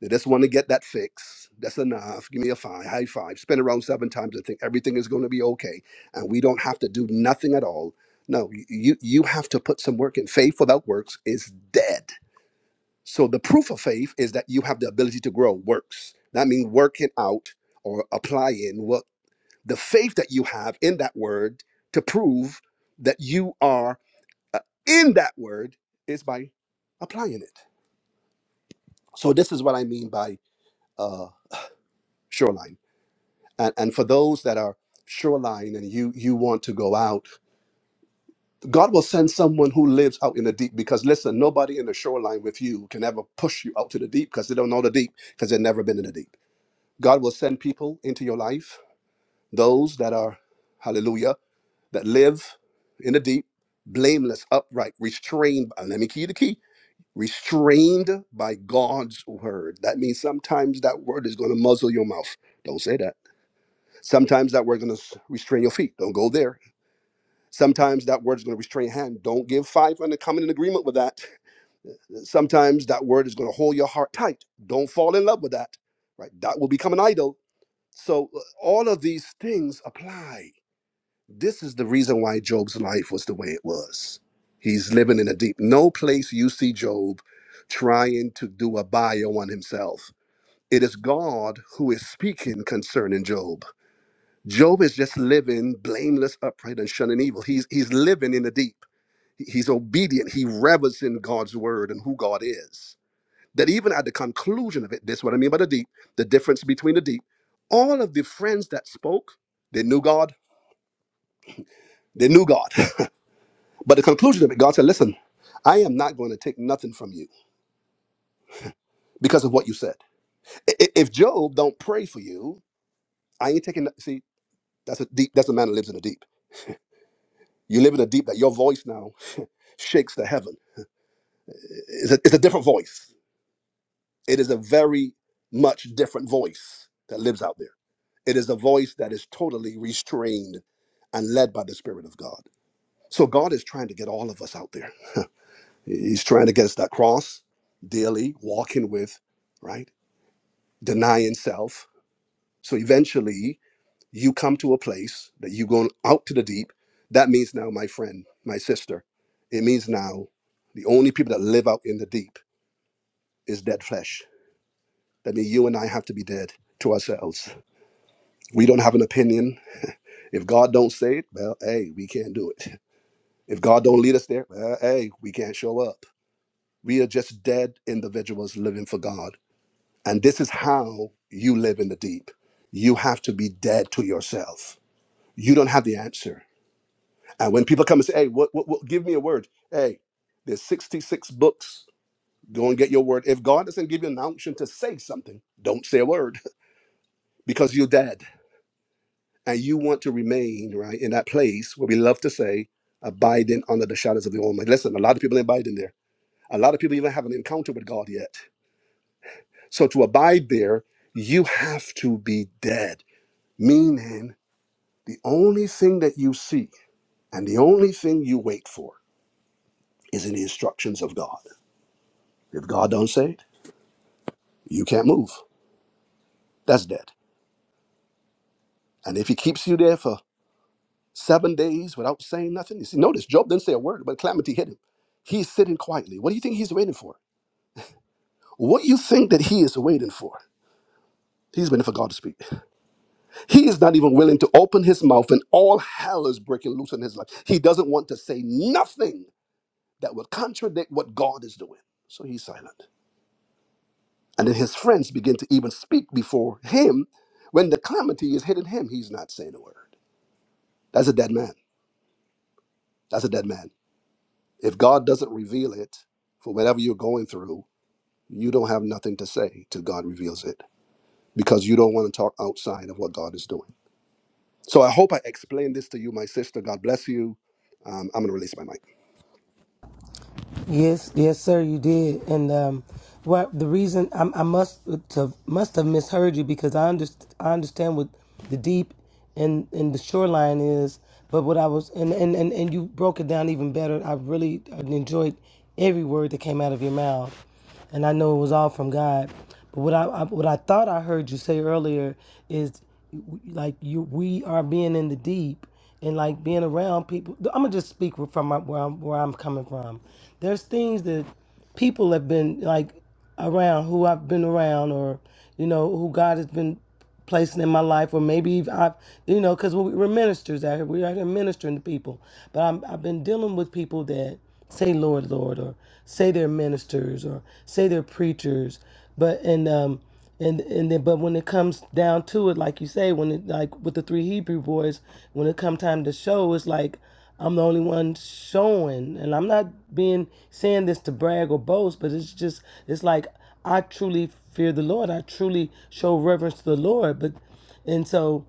K: They just want to get that fix. That's enough. Give me a five, high five. Spin around seven times and think everything is going to be okay. And we don't have to do nothing at all. No, you, you you have to put some work in. Faith without works is dead So the proof of faith is that you have the ability to grow works. That means working out or applying what the faith that you have in that word to prove that you are uh, in that word is by applying it. So this is what I mean by uh, shoreline. And, and for those that are shoreline and you you want to go out, God will send someone who lives out in the deep. Because listen, nobody in the shoreline with you can ever push you out to the deep because they don't know the deep because they've never been in the deep. God will send people into your life, those that are, hallelujah, that live in the deep, blameless, upright, restrained. uh, Let me key the key. Restrained by God's word. That means sometimes that word is going to muzzle your mouth. Don't say that. Sometimes that word is going to restrain your feet. Don't go there. Sometimes that word is going to restrain your hand. Don't give five and come in agreement with that. Sometimes that word is going to hold your heart tight. Don't fall in love with that. Right? That will become an idol So uh, all of these things apply. This is the reason why Job's life was the way it was. He's living in a deep. No place you see Job trying to do a bio on himself. It is God who is speaking concerning Job. Job is just living blameless, upright, and shunning evil. He's he's living in the deep. He's obedient. He revels in God's word and who God is that even at the conclusion of it, this is what I mean by the deep, the difference between the deep, all of the friends that spoke, they knew God, they knew God. (laughs) But the conclusion of it, God said, listen, I am not going to take nothing from you because of what you said. I- i- If Job don't pray for you, I ain't taking, no- see, that's a deep, that's a man that lives in the deep. You live in the deep that your voice now shakes the heaven. It's a, it's a different voice. It is a very much different voice that lives out there. It is a voice that is totally restrained and led by the Spirit of God. So God is trying to get all of us out there. He's trying to get us that cross daily, walking with, right? Denying self. So eventually you come to a place that you going out to the deep. That means now, my friend, my sister, it means now the only people that live out in the deep is dead flesh. That means you and I have to be dead to ourselves. We don't have an opinion. If God don't say it, well, hey, we can't do it. If God don't lead us there, uh, hey, we can't show up. We are just dead individuals living for God. And this is how you live in the deep. You have to be dead to yourself. You don't have the answer. And when people come and say, hey, what, what, what, give me a word. Hey, there's 66 books. Go and get your word. If God doesn't give you an option to say something, don't say a word (laughs) because you're dead. And you want to remain, right, in that place where we love to say, abiding under the shadows of the Almighty. Listen, a lot of people ain't abiding there A lot of people even haven't encountered with God yet. So to abide there, you have to be dead, meaning the only thing that you see and the only thing you wait for is in the instructions of God. If God don't say it, you can't move. That's dead. And if he keeps you there for seven days without saying nothing, you see, notice Job didn't say a word, but calamity hit him. He's sitting quietly. What do you think he's waiting for? What do you think that he is waiting for? He's waiting for God to speak. He is not even willing to open his mouth, and all hell is breaking loose in his life. He doesn't want to say nothing that would contradict what God is doing. So he's silent. And then his friends begin to even speak before him. When the calamity is hitting him, he's not saying a word. That's a dead man. That's a dead man. If God doesn't reveal it for whatever you're going through, you don't have nothing to say till God reveals it because you don't want to talk outside of what God is doing. So I hope I explained this to you, my sister. God bless you. Um, I'm going to release my mic.
L: Yes, yes, sir, you did. And um well the reason I, I must to, must have misheard you because I underst- I understand what the deep and and the shoreline is, but what I was and, and and and you broke it down even better. I really enjoyed every word that came out of your mouth. and I know it was all from God. But what I, I what I thought I heard you say earlier is like you we are being in the deep and like being around people. I'm gonna just speak from my, where I'm where I'm coming from. There's things that people have been like around who I've been around or you know who God has been placing in my life, or maybe I've, you know, because we we're ministers out here. We're out here ministering to people. But I'm, I've been dealing with people that say Lord, Lord, or say they're ministers, or say they're preachers. But, and, um, and, and then, but when it comes down to it, like you say, when it, like with the three Hebrew boys, when it come time to show, it's like, I'm the only one showing, and I'm not being saying this to brag or boast, but it's just it's like I truly fear the Lord. I truly show reverence to the Lord. But and so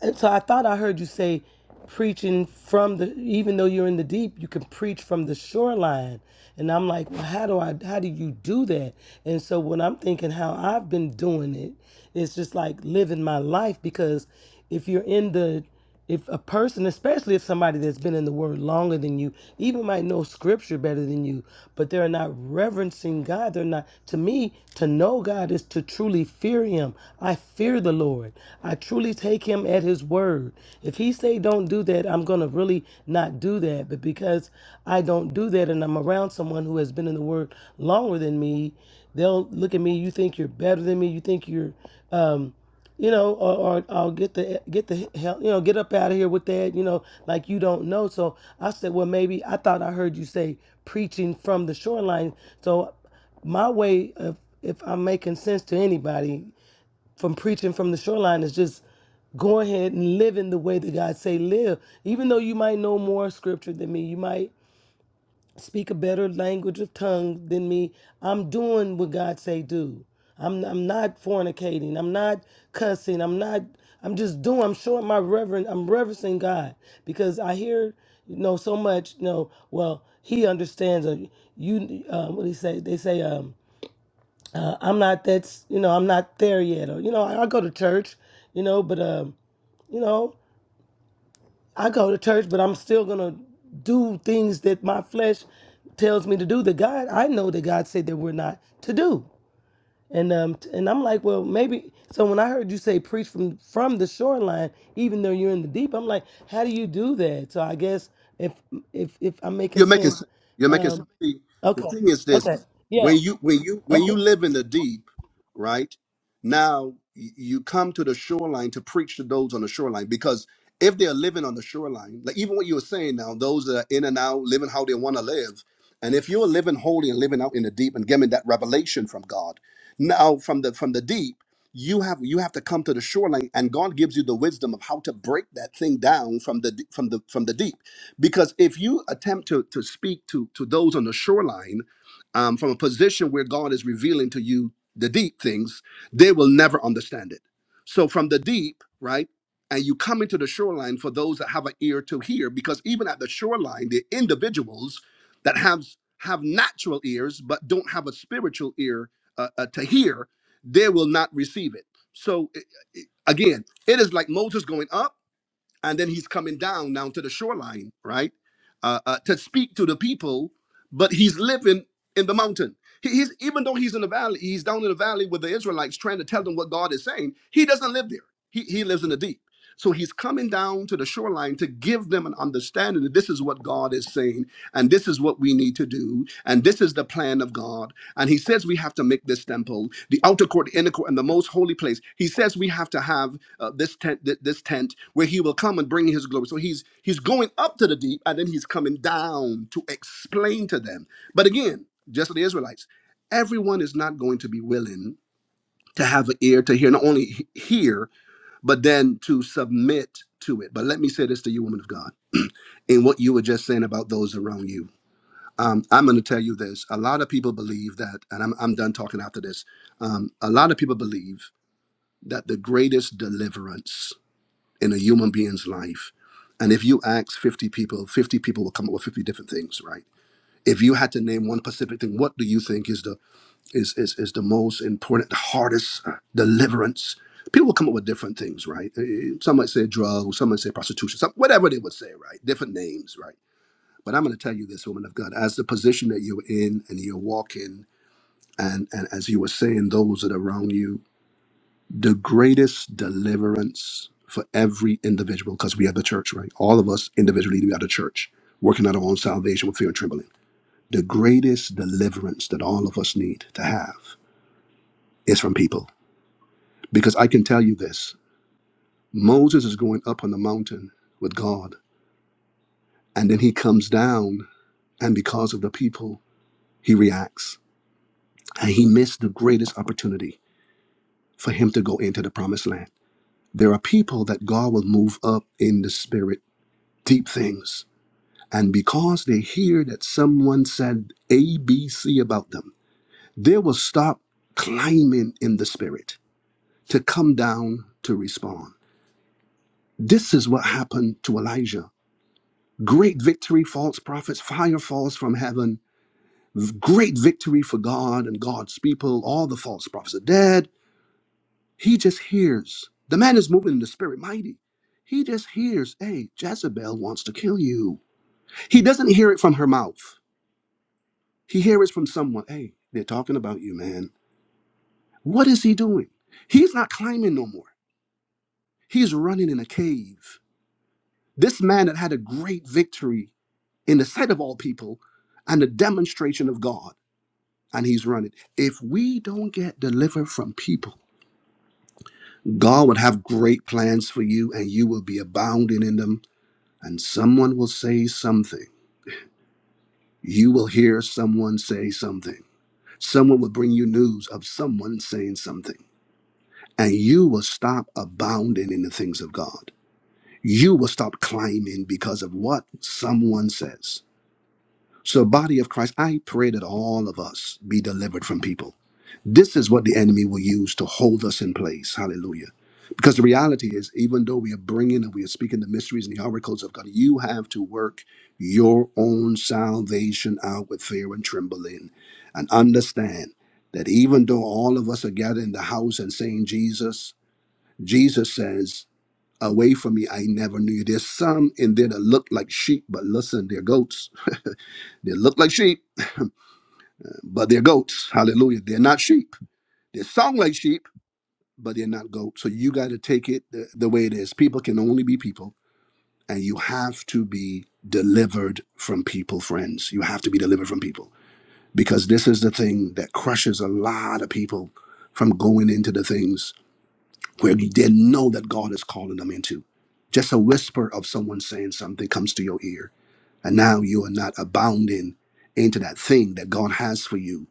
L: and so I thought I heard you say preaching from the even though you're in the deep, you can preach from the shoreline. And I'm like, well, how do I how do you do that? And so when I'm thinking how I've been doing it, it's just like living my life because if you're in the if a person, especially if somebody that's been in the word longer than you, even might know scripture better than you, but they're not reverencing God, they're not, to me, to know God is to truly fear him. I fear the Lord. I truly take him at his word. If he say don't do that, I'm going to really not do that. But because I don't do that and I'm around someone who has been in the word longer than me, they'll look at me, you think you're better than me, you think you're, um, you know, or, or or get the get the hell, you know, get up out of here with that, you know, like you don't know. So I said, well, maybe I thought I heard you say preaching from the shoreline. So my way of if I'm making sense to anybody from preaching from the shoreline is just go ahead and live in the way that God say live. Even though you might know more scripture than me, you might speak a better language of tongue than me. I'm doing what God say do. I'm I'm not fornicating. I'm not cussing. I'm not. I'm just doing. I'm showing my reverend. I'm reverencing God because I hear you know so much. You know, well, He understands. Or you, uh, what do he say? They say, um, uh, I'm not. That's you know, I'm not there yet. Or you know, I, I go to church. You know, but um, you know. I go to church, but I'm still gonna do things that my flesh tells me to do. That God, I know that God said that we're not to do. And um, t- and I'm like, well, maybe. So when I heard you say preach from from the shoreline, even though you're in the deep, I'm like, how do you do that? So I guess if if if I'm making
K: You're making
L: sense,
K: sense. You're making sense.
L: um,
K: See, The
L: okay,
K: thing is this:
L: okay,
K: when you when you when
L: okay.
K: you live in the deep, right now y- you come to the shoreline to preach to those on the shoreline because if they're living on the shoreline, like even what you were saying now, those that are in and out, living how they want to live, and if you're living holy and living out in the deep and getting that revelation from God, now from the from the deep. You have you have to come to the shoreline, and God gives you the wisdom of how to break that thing down from the d- from the from the deep because if you attempt to to speak to to those on the shoreline um, from a position where god is revealing to you the deep things they will never understand it so from the deep right and you come into the shoreline for those that have an ear to hear because even at the shoreline the individuals that have have natural ears but don't have a spiritual ear uh, uh, to hear they will not receive it so i- again it is like moses going up and then he's coming down down to the shoreline, right, uh, uh, to speak to the people. But he's living in the mountain. He, he's even though he's in the valley, he's down in the valley with the Israelites, trying to tell them what God is saying. He doesn't live there. He he lives in the deep. So he's coming down to the shoreline to give them an understanding that this is what God is saying, and this is what we need to do, and this is the plan of God. And he says we have to make this temple, the outer court, the inner court, and the most holy place. He says we have to have uh, this tent, th- this tent, where he will come and bring his glory. So he's he's going up to the deep, and then he's coming down to explain to them. But again, just like the Israelites, everyone is not going to be willing to have an ear to hear, not only he- hear, but then to submit to it. But let me say this to you, woman of God, in what you were just saying about those around you. Um, I'm going to tell you this. A lot of people believe that, and I'm, I'm done talking after this. Um, a lot of people believe that the greatest deliverance in a human being's life. And if you ask 50 people, 50 people will come up with 50 different things, right? If you had to name one specific thing, what do you think is the is is, is the most important, the hardest uh, deliverance? People will come up with different things, right? Eh, eh, Some might say drugs, some might say prostitution, some, whatever they would say, right? Different names, right? But I'm going to tell you this, woman of God, as the position that you're in and you're walking, and and as you were saying, those that are around you, the greatest deliverance for every individual because we are the church, right? All of us individually, we are the church, working out our own salvation with fear and trembling. The greatest deliverance that all of us need to have is from people. Because I can tell you this Moses is going up on the mountain with God, and then he comes down, and because of the people, he reacts. And he missed the greatest opportunity for him to go into the promised land. There are people that God will move up in the spirit, deep things And because they hear that someone said A, B, C about them, they will stop climbing in the spirit to come down to respond. This is what happened to Elijah. Great victory, false prophets, fire falls from heaven, great victory for God and God's people. All the false prophets are dead. He just hears. The man is moving in the spirit, mighty. He just hears, hey, Jezebel wants to kill you. He doesn't hear it from her mouth. He hears from someone, hey, they're talking about you, man. What is he doing? He's not climbing no more. He's running in a cave. This man had had a great victory in the sight of all people and a demonstration of God, and he's running. If we don't get delivered from people, God would have great plans for you, and you will be abounding in them, and someone will say something. You will hear someone say something. Someone will bring you news of someone saying something and you will stop abounding in the things of God. You will stop climbing because of what someone says. So, body of Christ, I pray that all of us be delivered from people. This is what the enemy will use to hold us in place. Hallelujah. Because the reality is, even though we are bringing and we are speaking the mysteries and the oracles of God, you have to work your own salvation out with fear and trembling and understand that even though all of us are gathered in the house and saying, Jesus, Jesus says, Away from me, I never knew you. There's some in there that look like sheep, but listen, they're goats. They look like sheep, but they're goats. Hallelujah. They're not sheep. They sound like sheep, but they're not goats. So you got to take it the, the way it is. People can only be people, and you have to be delivered from people, friends. You have to be delivered from people because this is the thing that crushes a lot of people from going into the things. where they know that God is calling them into. Just a whisper of someone saying something comes to your ear, and now you are not abounding into that thing that God has for you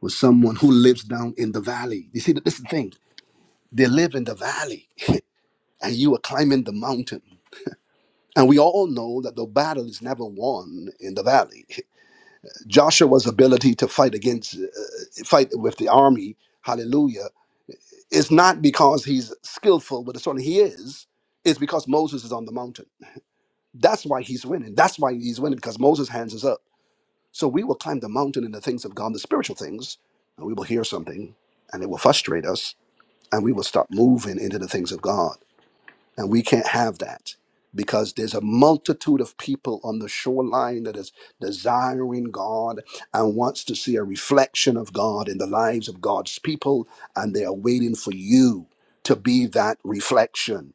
K: with someone who lives down in the valley. You see, that this is the thing they live in the valley, and you are climbing the mountain. And we all know that the battle is never won in the valley. (laughs) Joshua's ability to fight against, uh, fight with the army, hallelujah, It's not because he's skillful, but it's certainly he is. It's because Moses is on the mountain. That's why he's winning. That's why he's winning because Moses' hands is up. So we will climb the mountain in the things of God, the spiritual things, and we will hear something, and it will frustrate us, and we will stop moving into the things of God. And we can't have that because there's a multitude of people on the shoreline that is desiring God and wants to see a reflection of God in the lives of God's people. And they are waiting for you to be that reflection.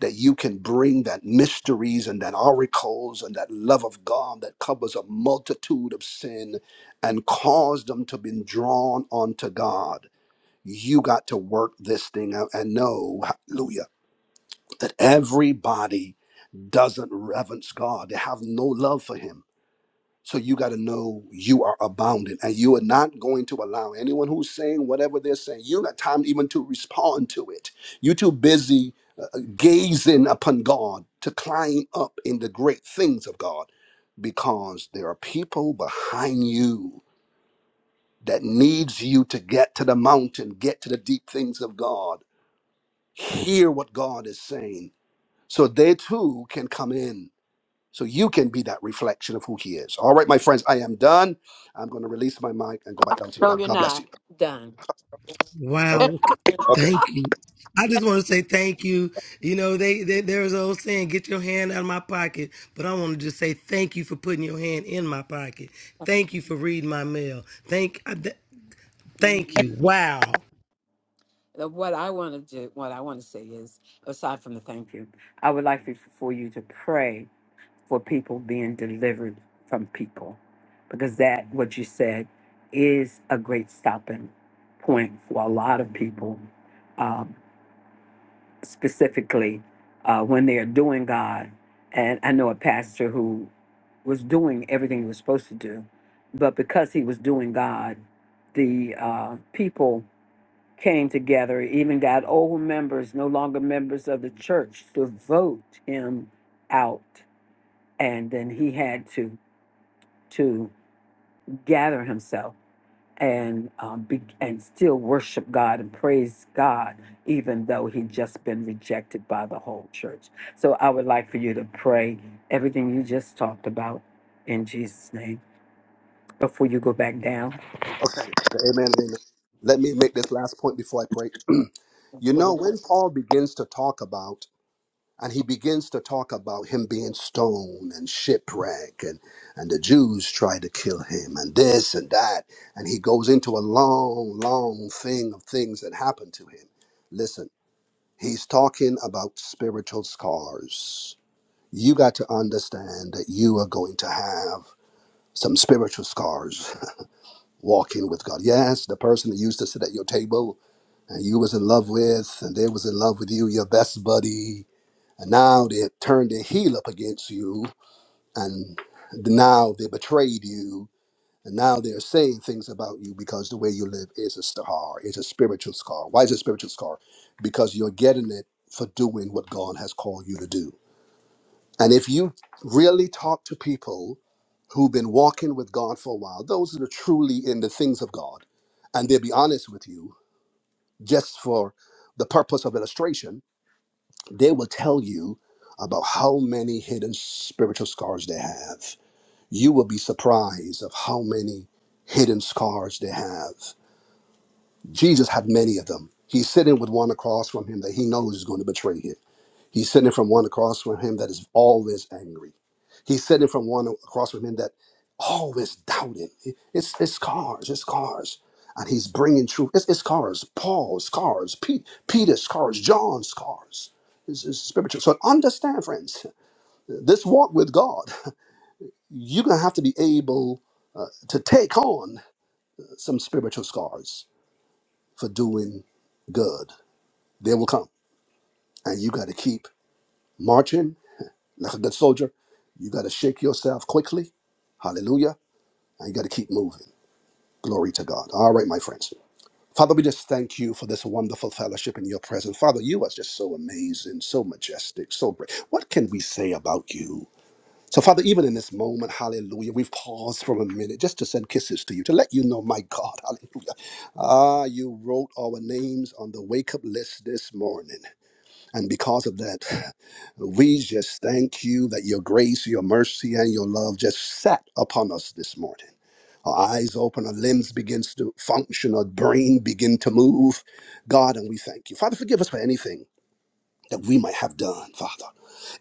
K: That you can bring that mysteries and that oracles and that love of God that covers a multitude of sin and cause them to be drawn onto God. You got to work this thing out and know, hallelujah that everybody doesn't reverence God. They have no love for Him. So you got to know you are abounding and you are not going to allow anyone who's saying whatever they're saying, you don't got time even to respond to it. You're too busy uh, uh, gazing upon God to climb up in the great things of God because there are people behind you that needs you to get to the mountain, get to the deep things of God, hear what God is saying so they too can come in So you can be that reflection of who he is. All right, my friends, I am done. I'm going to release my mic and go back down to the
G: No,
K: bottom.
G: you're
K: God bless you.
G: not done.
K: Okay,
L: Wow.
K: okay,
L: Thank you. I just want to say thank you. You know, they, they there's an old saying, get your hand out of my pocket. But I want to just say thank you for putting your hand in my pocket. Thank you for reading my mail. Thank I- th-
G: Mhm.
L: thank you. Wow.
G: Uh, What I want to do, what I want to say is, aside from the thank you, I would like for for you to pray for people being delivered from people, because that what you said is a great stopping point for a lot of people. um, specifically uh, when they are doing God. And I know a pastor who was doing everything he was supposed to do, but because he was doing God, the uh, people came together, even got old members, no longer members of the church, to vote him out. And then he had to to gather himself and um, be, and still worship God and praise God, even though he'd just been rejected by the whole church. So I would like for you to pray everything you just talked about in Jesus' name before you go back down.
K: okay, okay. Amen. and Amen. Let me make this last point before I pray. (clears throat) you know, when Paul begins to talk about, and he begins to talk about him being stoned and shipwreck, and and the Jews tried to kill him, and this and that, and he goes into a long, long thing of things that happened to him. Listen, he's talking about spiritual scars you got to understand that you are going to have some spiritual scars (laughs) walking with God. Yes, the person that used to sit at your table and you was in love with, and they was in love with you, your best buddy, and now they turned their heel up against you, and now they betrayed you, and now they're saying things about you because the way you live is a scar, it's a spiritual scar. Why is it a spiritual scar? Because you're getting it for doing what God has called you to do. And if you really talk to people who've been walking with God for a while, those that are truly in the things of God, and they'll be honest with you, just for the purpose of illustration, they will tell you about how many hidden spiritual scars they have. You will be surprised of how many hidden scars they have. Jesus had many of them. He's sitting with one across from him that he knows is going to betray him. He's sitting from one across from him that is always angry. He's sitting from one across from him that always doubting. It's it's cars, it's cars. And he's bringing truth. It's, it's cars, Paul's cars, Pete, Peter's cars, John's cars. It's, it's spiritual. So understand, friends, this walk with God, you're going to have to be able uh, to take on some spiritual scars for doing good. They will come. And you got to keep marching Like a good soldier, you got to shake yourself quickly. Hallelujah. And you got to keep moving. Glory to God. All right, my friends. Father, we just thank you for this wonderful fellowship in your presence. Father, you are just so amazing, so majestic, so great. What can we say about you? So, Father, even in this moment, hallelujah, we've paused for a minute just to send kisses to you, to let you know, my God, hallelujah. Ah, you wrote our names on the wake up list this morning. And because of that, we just thank you that your grace, your mercy, and your love just sat upon us this morning. Our eyes open, our limbs begins to function, our brain begin to move. God, and we thank you. Father, forgive us for anything that we might have done, Father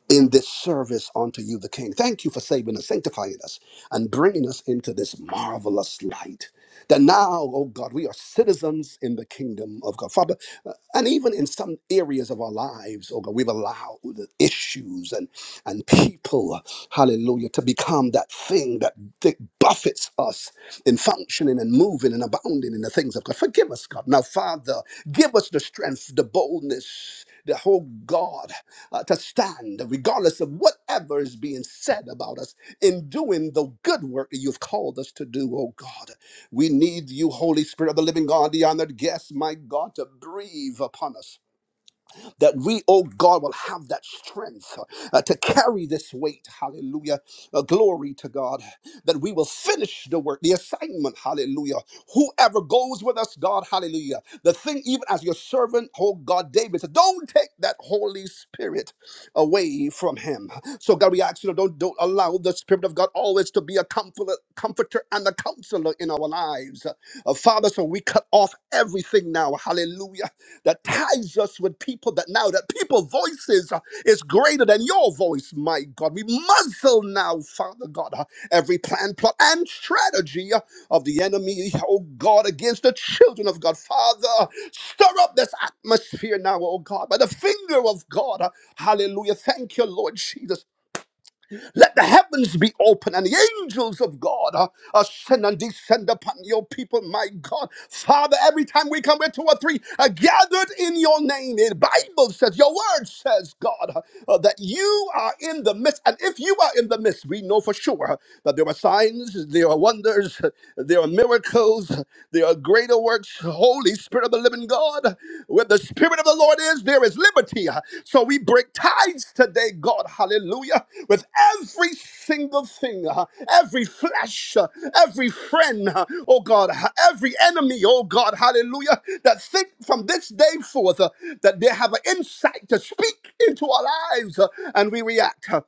K: in this service unto you, the King. Thank you for saving us, sanctifying us, and bringing us into this marvelous light. That now, oh God, we are citizens in the kingdom of God. Father, uh, and even in some areas of our lives, oh God, we've allowed the issues and, and people, hallelujah, to become that thing that, that buffets us in functioning and moving and abounding in the things of God. Forgive us, God. Now, Father, give us the strength, the boldness, the whole God uh, to stand, regardless of whatever is being said about us, in doing the good work that you've called us to do, oh God. We need you, Holy Spirit of the living God, the honored guest, my God, to breathe upon us that we, oh God, will have that strength uh, to carry this weight. Hallelujah. Uh, glory to God. That we will finish the work, the assignment. Hallelujah. Whoever goes with us, God, hallelujah. The thing, even as your servant, oh God, David said, don't take that Holy Spirit away from him. So God, we ask you, don't, don't allow the Spirit of God always to be a comforter, comforter and a counselor in our lives. Uh, Father, so we cut off everything now. Hallelujah that ties us with people that now that people's voices uh, is greater than your voice, my God. We muzzle now, Father God, uh, every plan, plot, and strategy uh, of the enemy, oh God, against the children of God. Father, uh, stir up this atmosphere now, oh God, by the finger of God. uh, Hallelujah. Thank you, Lord Jesus. Let the heavens be open and the angels of God uh, ascend and descend upon your people, my God. Father, every time we come with two or three are gathered in your name, the Bible says, your word says, God, uh, uh, that you are in the midst. And if you are in the midst, we know for sure uh, that there are signs, there are wonders, uh, there are miracles, uh, there are greater works. Holy Spirit of the living God, where the Spirit of the Lord is, there is liberty. So we break ties today, God, hallelujah, with every single thing, uh, every flesh, uh, every friend, uh, oh God, uh, every enemy, oh God, hallelujah, that think from this day forth uh, that they have an insight to speak into our lives uh, and we react.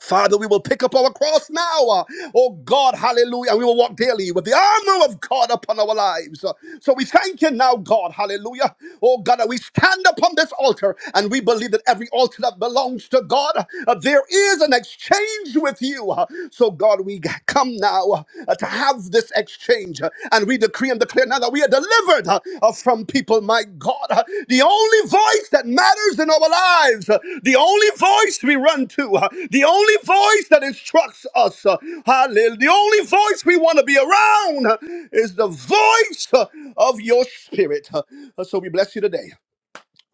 K: Father, we will pick up our cross now. uh, Oh God, hallelujah. We will walk daily with the armor of God upon our lives. Uh, So we thank you now, God, hallelujah. Oh God, that we stand upon this altar and we believe that every altar that belongs to God, uh, there is an exchange with you. Uh, So God, we come now uh, to have this exchange exchange. uh, And we decree and declare now that we are delivered uh, uh, from people, my God. uh, The only voice that matters in our lives, uh, the only voice we run to, uh, the only voice that instructs us, uh, hallelujah, the only voice we want to be around uh, is the voice uh, of your spirit. Uh, So we bless you today.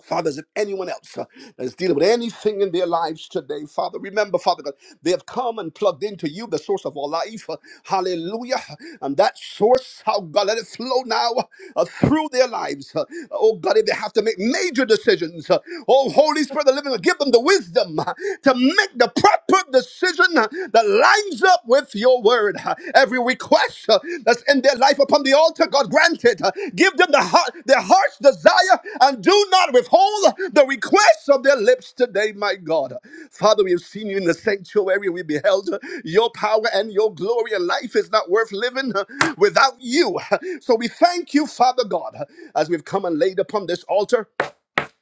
K: Father, is it anyone else uh, that's dealing with anything in their lives today? Father, remember, Father God, they have come and plugged into you, the source of all life. Uh, hallelujah. And that source, how God, let it flow now uh, through their lives. Uh, oh God, if they have to make major decisions, uh, oh Holy Spirit, the living, God, give them the wisdom uh, to make the proper decision uh, that lines up with your your word. uh, Every request uh, that's in their life upon the altar, God grant it. Uh, Give them the heart, their heart's desire and do not withhold the requests of their lips today, my God. Father, we have seen you in the sanctuary. We beheld uh, your power and your glory, and life is not worth living uh, without you. (laughs) So we thank you, Father God, uh, as we've come and laid upon this altar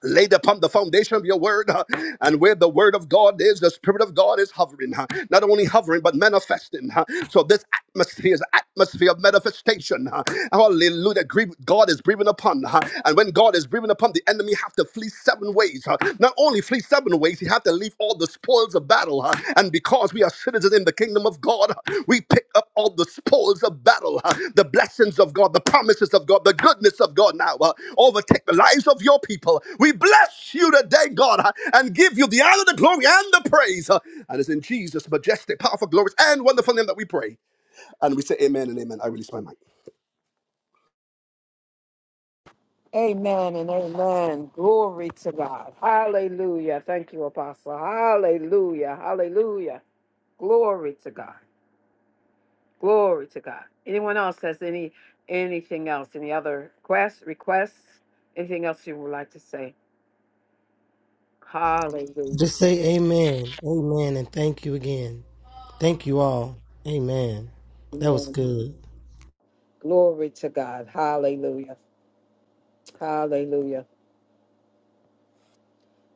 K: laid upon the foundation of your word uh, and where the word of god is the spirit of god is hovering uh, not only hovering but manifesting uh. so this atmosphere is an atmosphere of manifestation uh. hallelujah Grieve- god is breathing upon uh, and when god is breathing upon the enemy have to flee seven ways uh. not only flee seven ways he have to leave all the spoil of battle, uh, and because we are citizens in the kingdom of God, uh, we pick up all the spoils of battle, uh, the blessings of God, the promises of God, the goodness of God now uh, overtake the lives of your people. We bless you today, God, uh, and give you the honor, the glory, and the praise. uh, And it's in Jesus' majestic, powerful, glorious, and wonderful name that we pray. And we say amen and amen. I release my mind.
G: Amen and amen. Glory to God. Hallelujah. Thank you, Apostle. Hallelujah. Hallelujah. Glory to God. Glory to God. Anyone else has any anything else? Any other requests? Requests? Anything else you would like to say? Hallelujah.
L: Just say amen. Amen and thank you again. Thank you all. Amen. That was
G: Amen.
L: good.
G: Glory to God. Hallelujah. Hallelujah.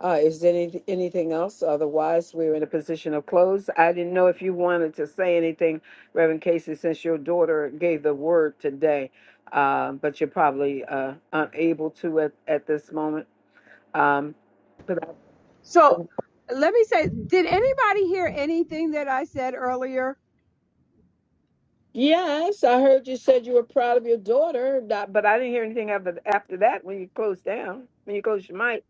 G: Uh, is there any, anything else? Otherwise, we're in a position of close. I didn't know if you wanted to say anything, Reverend Casey, since your daughter gave the word today, uh, but you're probably uh, unable to at, at this moment. Um, but I-
B: So let me say, did anybody hear anything that I said earlier?
G: yes, I heard you said you were proud of your daughter, not- but I didn't hear anything after, after that when you closed down, when you closed your mic.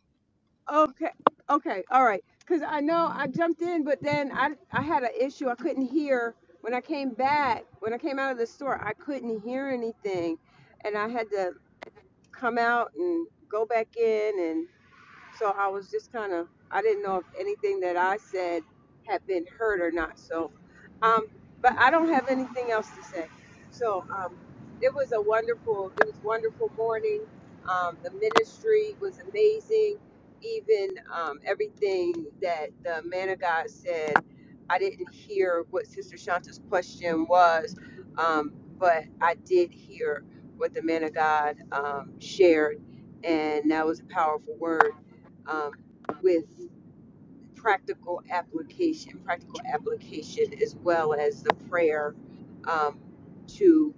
B: Okay, okay, all right. Because I know I jumped in, but then I, I had an issue. I couldn't hear. When I came back, when I came out of the store, I couldn't hear anything. And I had to come out and go back in. and. So I was just kind of, I didn't know if anything that I said had been heard or not. So, um, but I don't have anything else to say. So um, it was a wonderful, it was wonderful morning. Um, the ministry was amazing. Even um, everything that the man of God said, I didn't hear what Sister Shanta's question was, um, but I did hear what the man of God um, shared, and that was a powerful word um, with practical application, practical application as well as the prayer um, to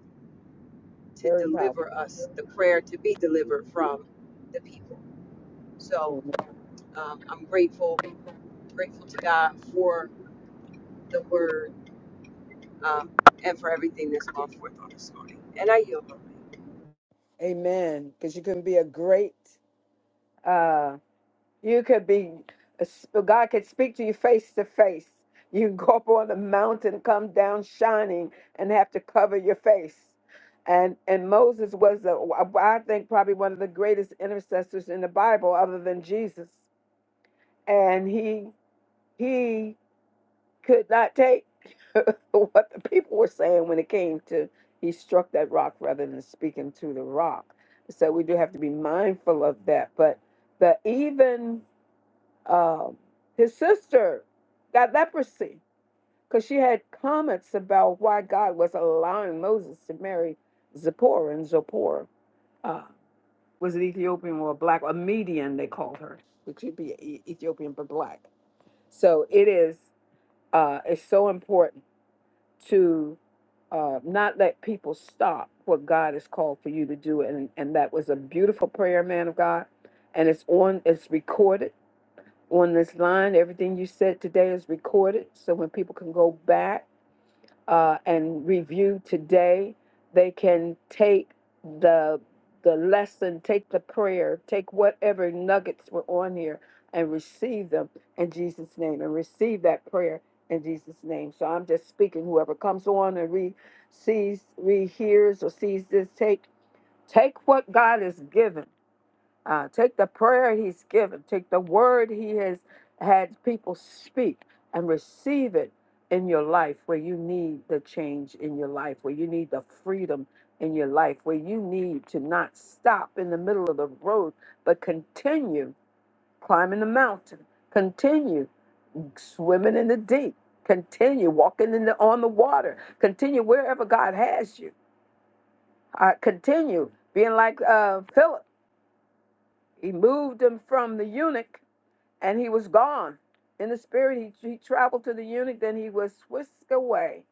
B: to
G: Very powerful.
B: deliver us, the prayer to be delivered from the people. So um, I'm grateful, grateful to God for the word um, and for everything that's gone forth on this morning. And I yield.
G: Amen. Because you can be a great, uh, you could be, a sp- God could speak to you face to face. You can go up on the mountain, come down shining, and have to cover your face. And and Moses was, a, I think, probably one of the greatest intercessors in the Bible, other than Jesus. And he he could not take (laughs) what the people were saying when it came to he struck that rock rather than speaking to the rock. So we do have to be mindful of that. But the even um his sister got leprosy because she had comments about why God was allowing Moses to marry Zipporah and Zipporah uh, was an Ethiopian or a black, a Median they called her, which would be E- Ethiopian but black. So it is uh, it's so important to. uh, not let people stop what God has called for you to do. And, and that was a beautiful prayer, man of God. And it's on, it's recorded on this line. Everything you said today is recorded. So when people can go back uh, and review today. They can take the the lesson, take the prayer, take whatever nuggets were on here, and receive them in Jesus' name, and receive that prayer in Jesus' name. So I'm just speaking. Whoever comes on and re sees, re hears, or sees this, take take what God has given uh, take the prayer he's given, take the word he has had people speak and receive it in your life where you need the change in your life, where you need the freedom in your life, where you need to not stop in the middle of the road, but continue climbing the mountain, continue swimming in the deep, continue walking in the, on the water, continue wherever God has you. Uh, continue being like uh, Philip. He moved him from the eunuch and he was gone. In the spirit, he, he traveled to the eunuch, then he was whisked away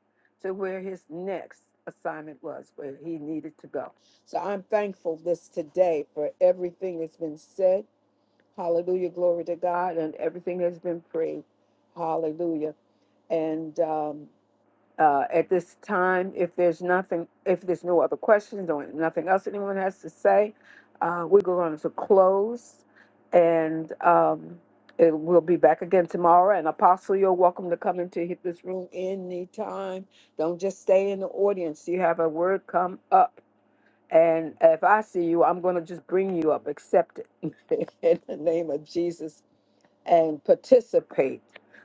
G: to where his next assignment was, where he needed to go. So I'm thankful this today for everything that's been said. Hallelujah, glory to God, and everything that's been prayed. Hallelujah. And um, uh, At this time, if there's nothing, if there's no other questions or nothing else anyone has to say, uh, we're going to close. And um, it- we'll be back again tomorrow. And Apostle, you're welcome to come into hit this room anytime. Don't just stay in the audience. You have a word come up. And if I see you, I'm going to just bring you up. Accept it (laughs) in the name of Jesus and participate.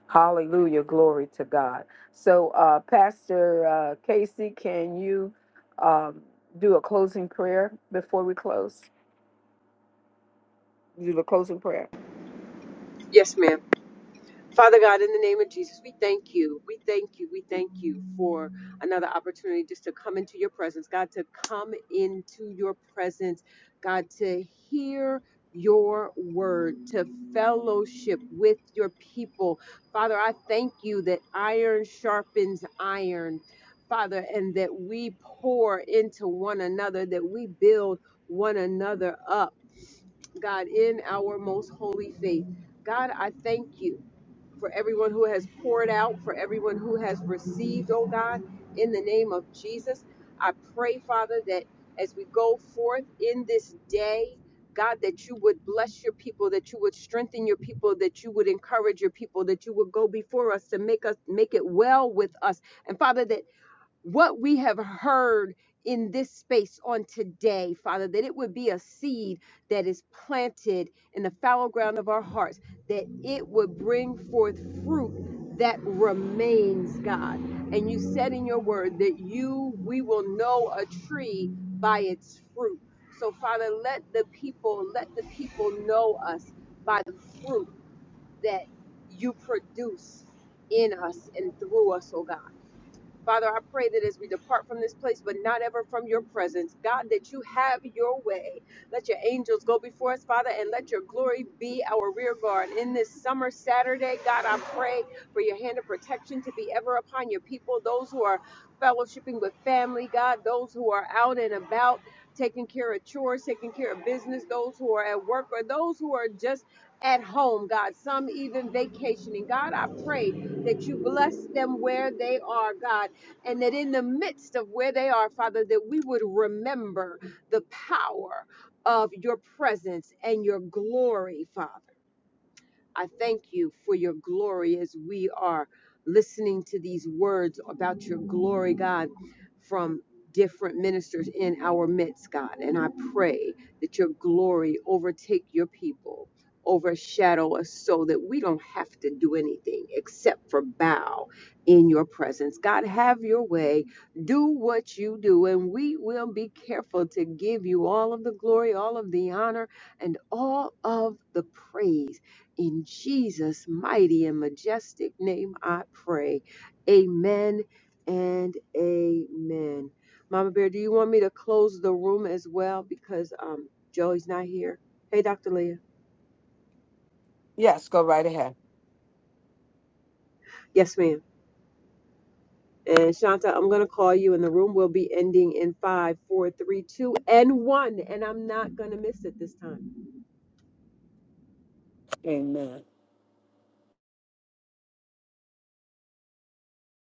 G: Hallelujah. Glory to God. So, uh, Pastor uh, Casey, can you um, do a closing prayer before we close? Do the closing prayer?
B: Yes, ma'am. Father God, in the name of Jesus, we thank you. We thank you. We thank you for another opportunity just to come into your presence. God, to come into your presence. God, to hear your word, to fellowship with your people. Father, I thank you that iron sharpens iron, Father, and that we pour into one another, that we build one another up, God, in our most holy faith. God, I thank you for everyone who has poured out, for everyone who has received, oh God, in the name of Jesus. I pray, Father, that as we go forth in this day, God, that you would bless your people, that you would strengthen your people, that you would encourage your people, that you would go before us to make us make it well with us. And Father, that what we have heard in this space on today, Father, that it would be a seed that is planted in the fallow ground of our hearts, that it would bring forth fruit that remains, God. And you said in your word that you, we will know a tree by its fruit. So, Father, let the people, let the people know us by the fruit that you produce in us and through us, oh God. Father, I pray that as we depart from this place, but not ever from your presence, God, that you have your way. Let your angels go before us, Father, and let your glory be our rear guard. In this summer Saturday, God, I pray for your hand of protection to be ever upon your people, those who are fellowshipping with family, God, those who are out and about taking care of chores, taking care of business, those who are at work, or those who are just at home, God, some even vacationing. God, I pray that you bless them where they are, God and that in the midst of where they are, Father, that we would remember the power of your presence and your glory, Father. I thank you for your glory as we are listening to these words about your glory, God, from different ministers in our midst, God. And I pray that your glory overtake your people, overshadow us so that we don't have to do anything except for bow in your presence. God, have your way. Do what you do, and we will be careful to give you all of the glory, all of the honor, and all of the praise in Jesus' mighty and majestic name, I pray. Amen and amen. Mama Bear, do you want me to close the room as well because um, Joey's not here? Hey, Dr. Leah.
G: Yes, go right ahead.
B: Yes, ma'am. And Shanta, I'm going to call you, and the room will be ending in five, four, three, two, and one. And I'm not going to miss it this time.
G: Amen.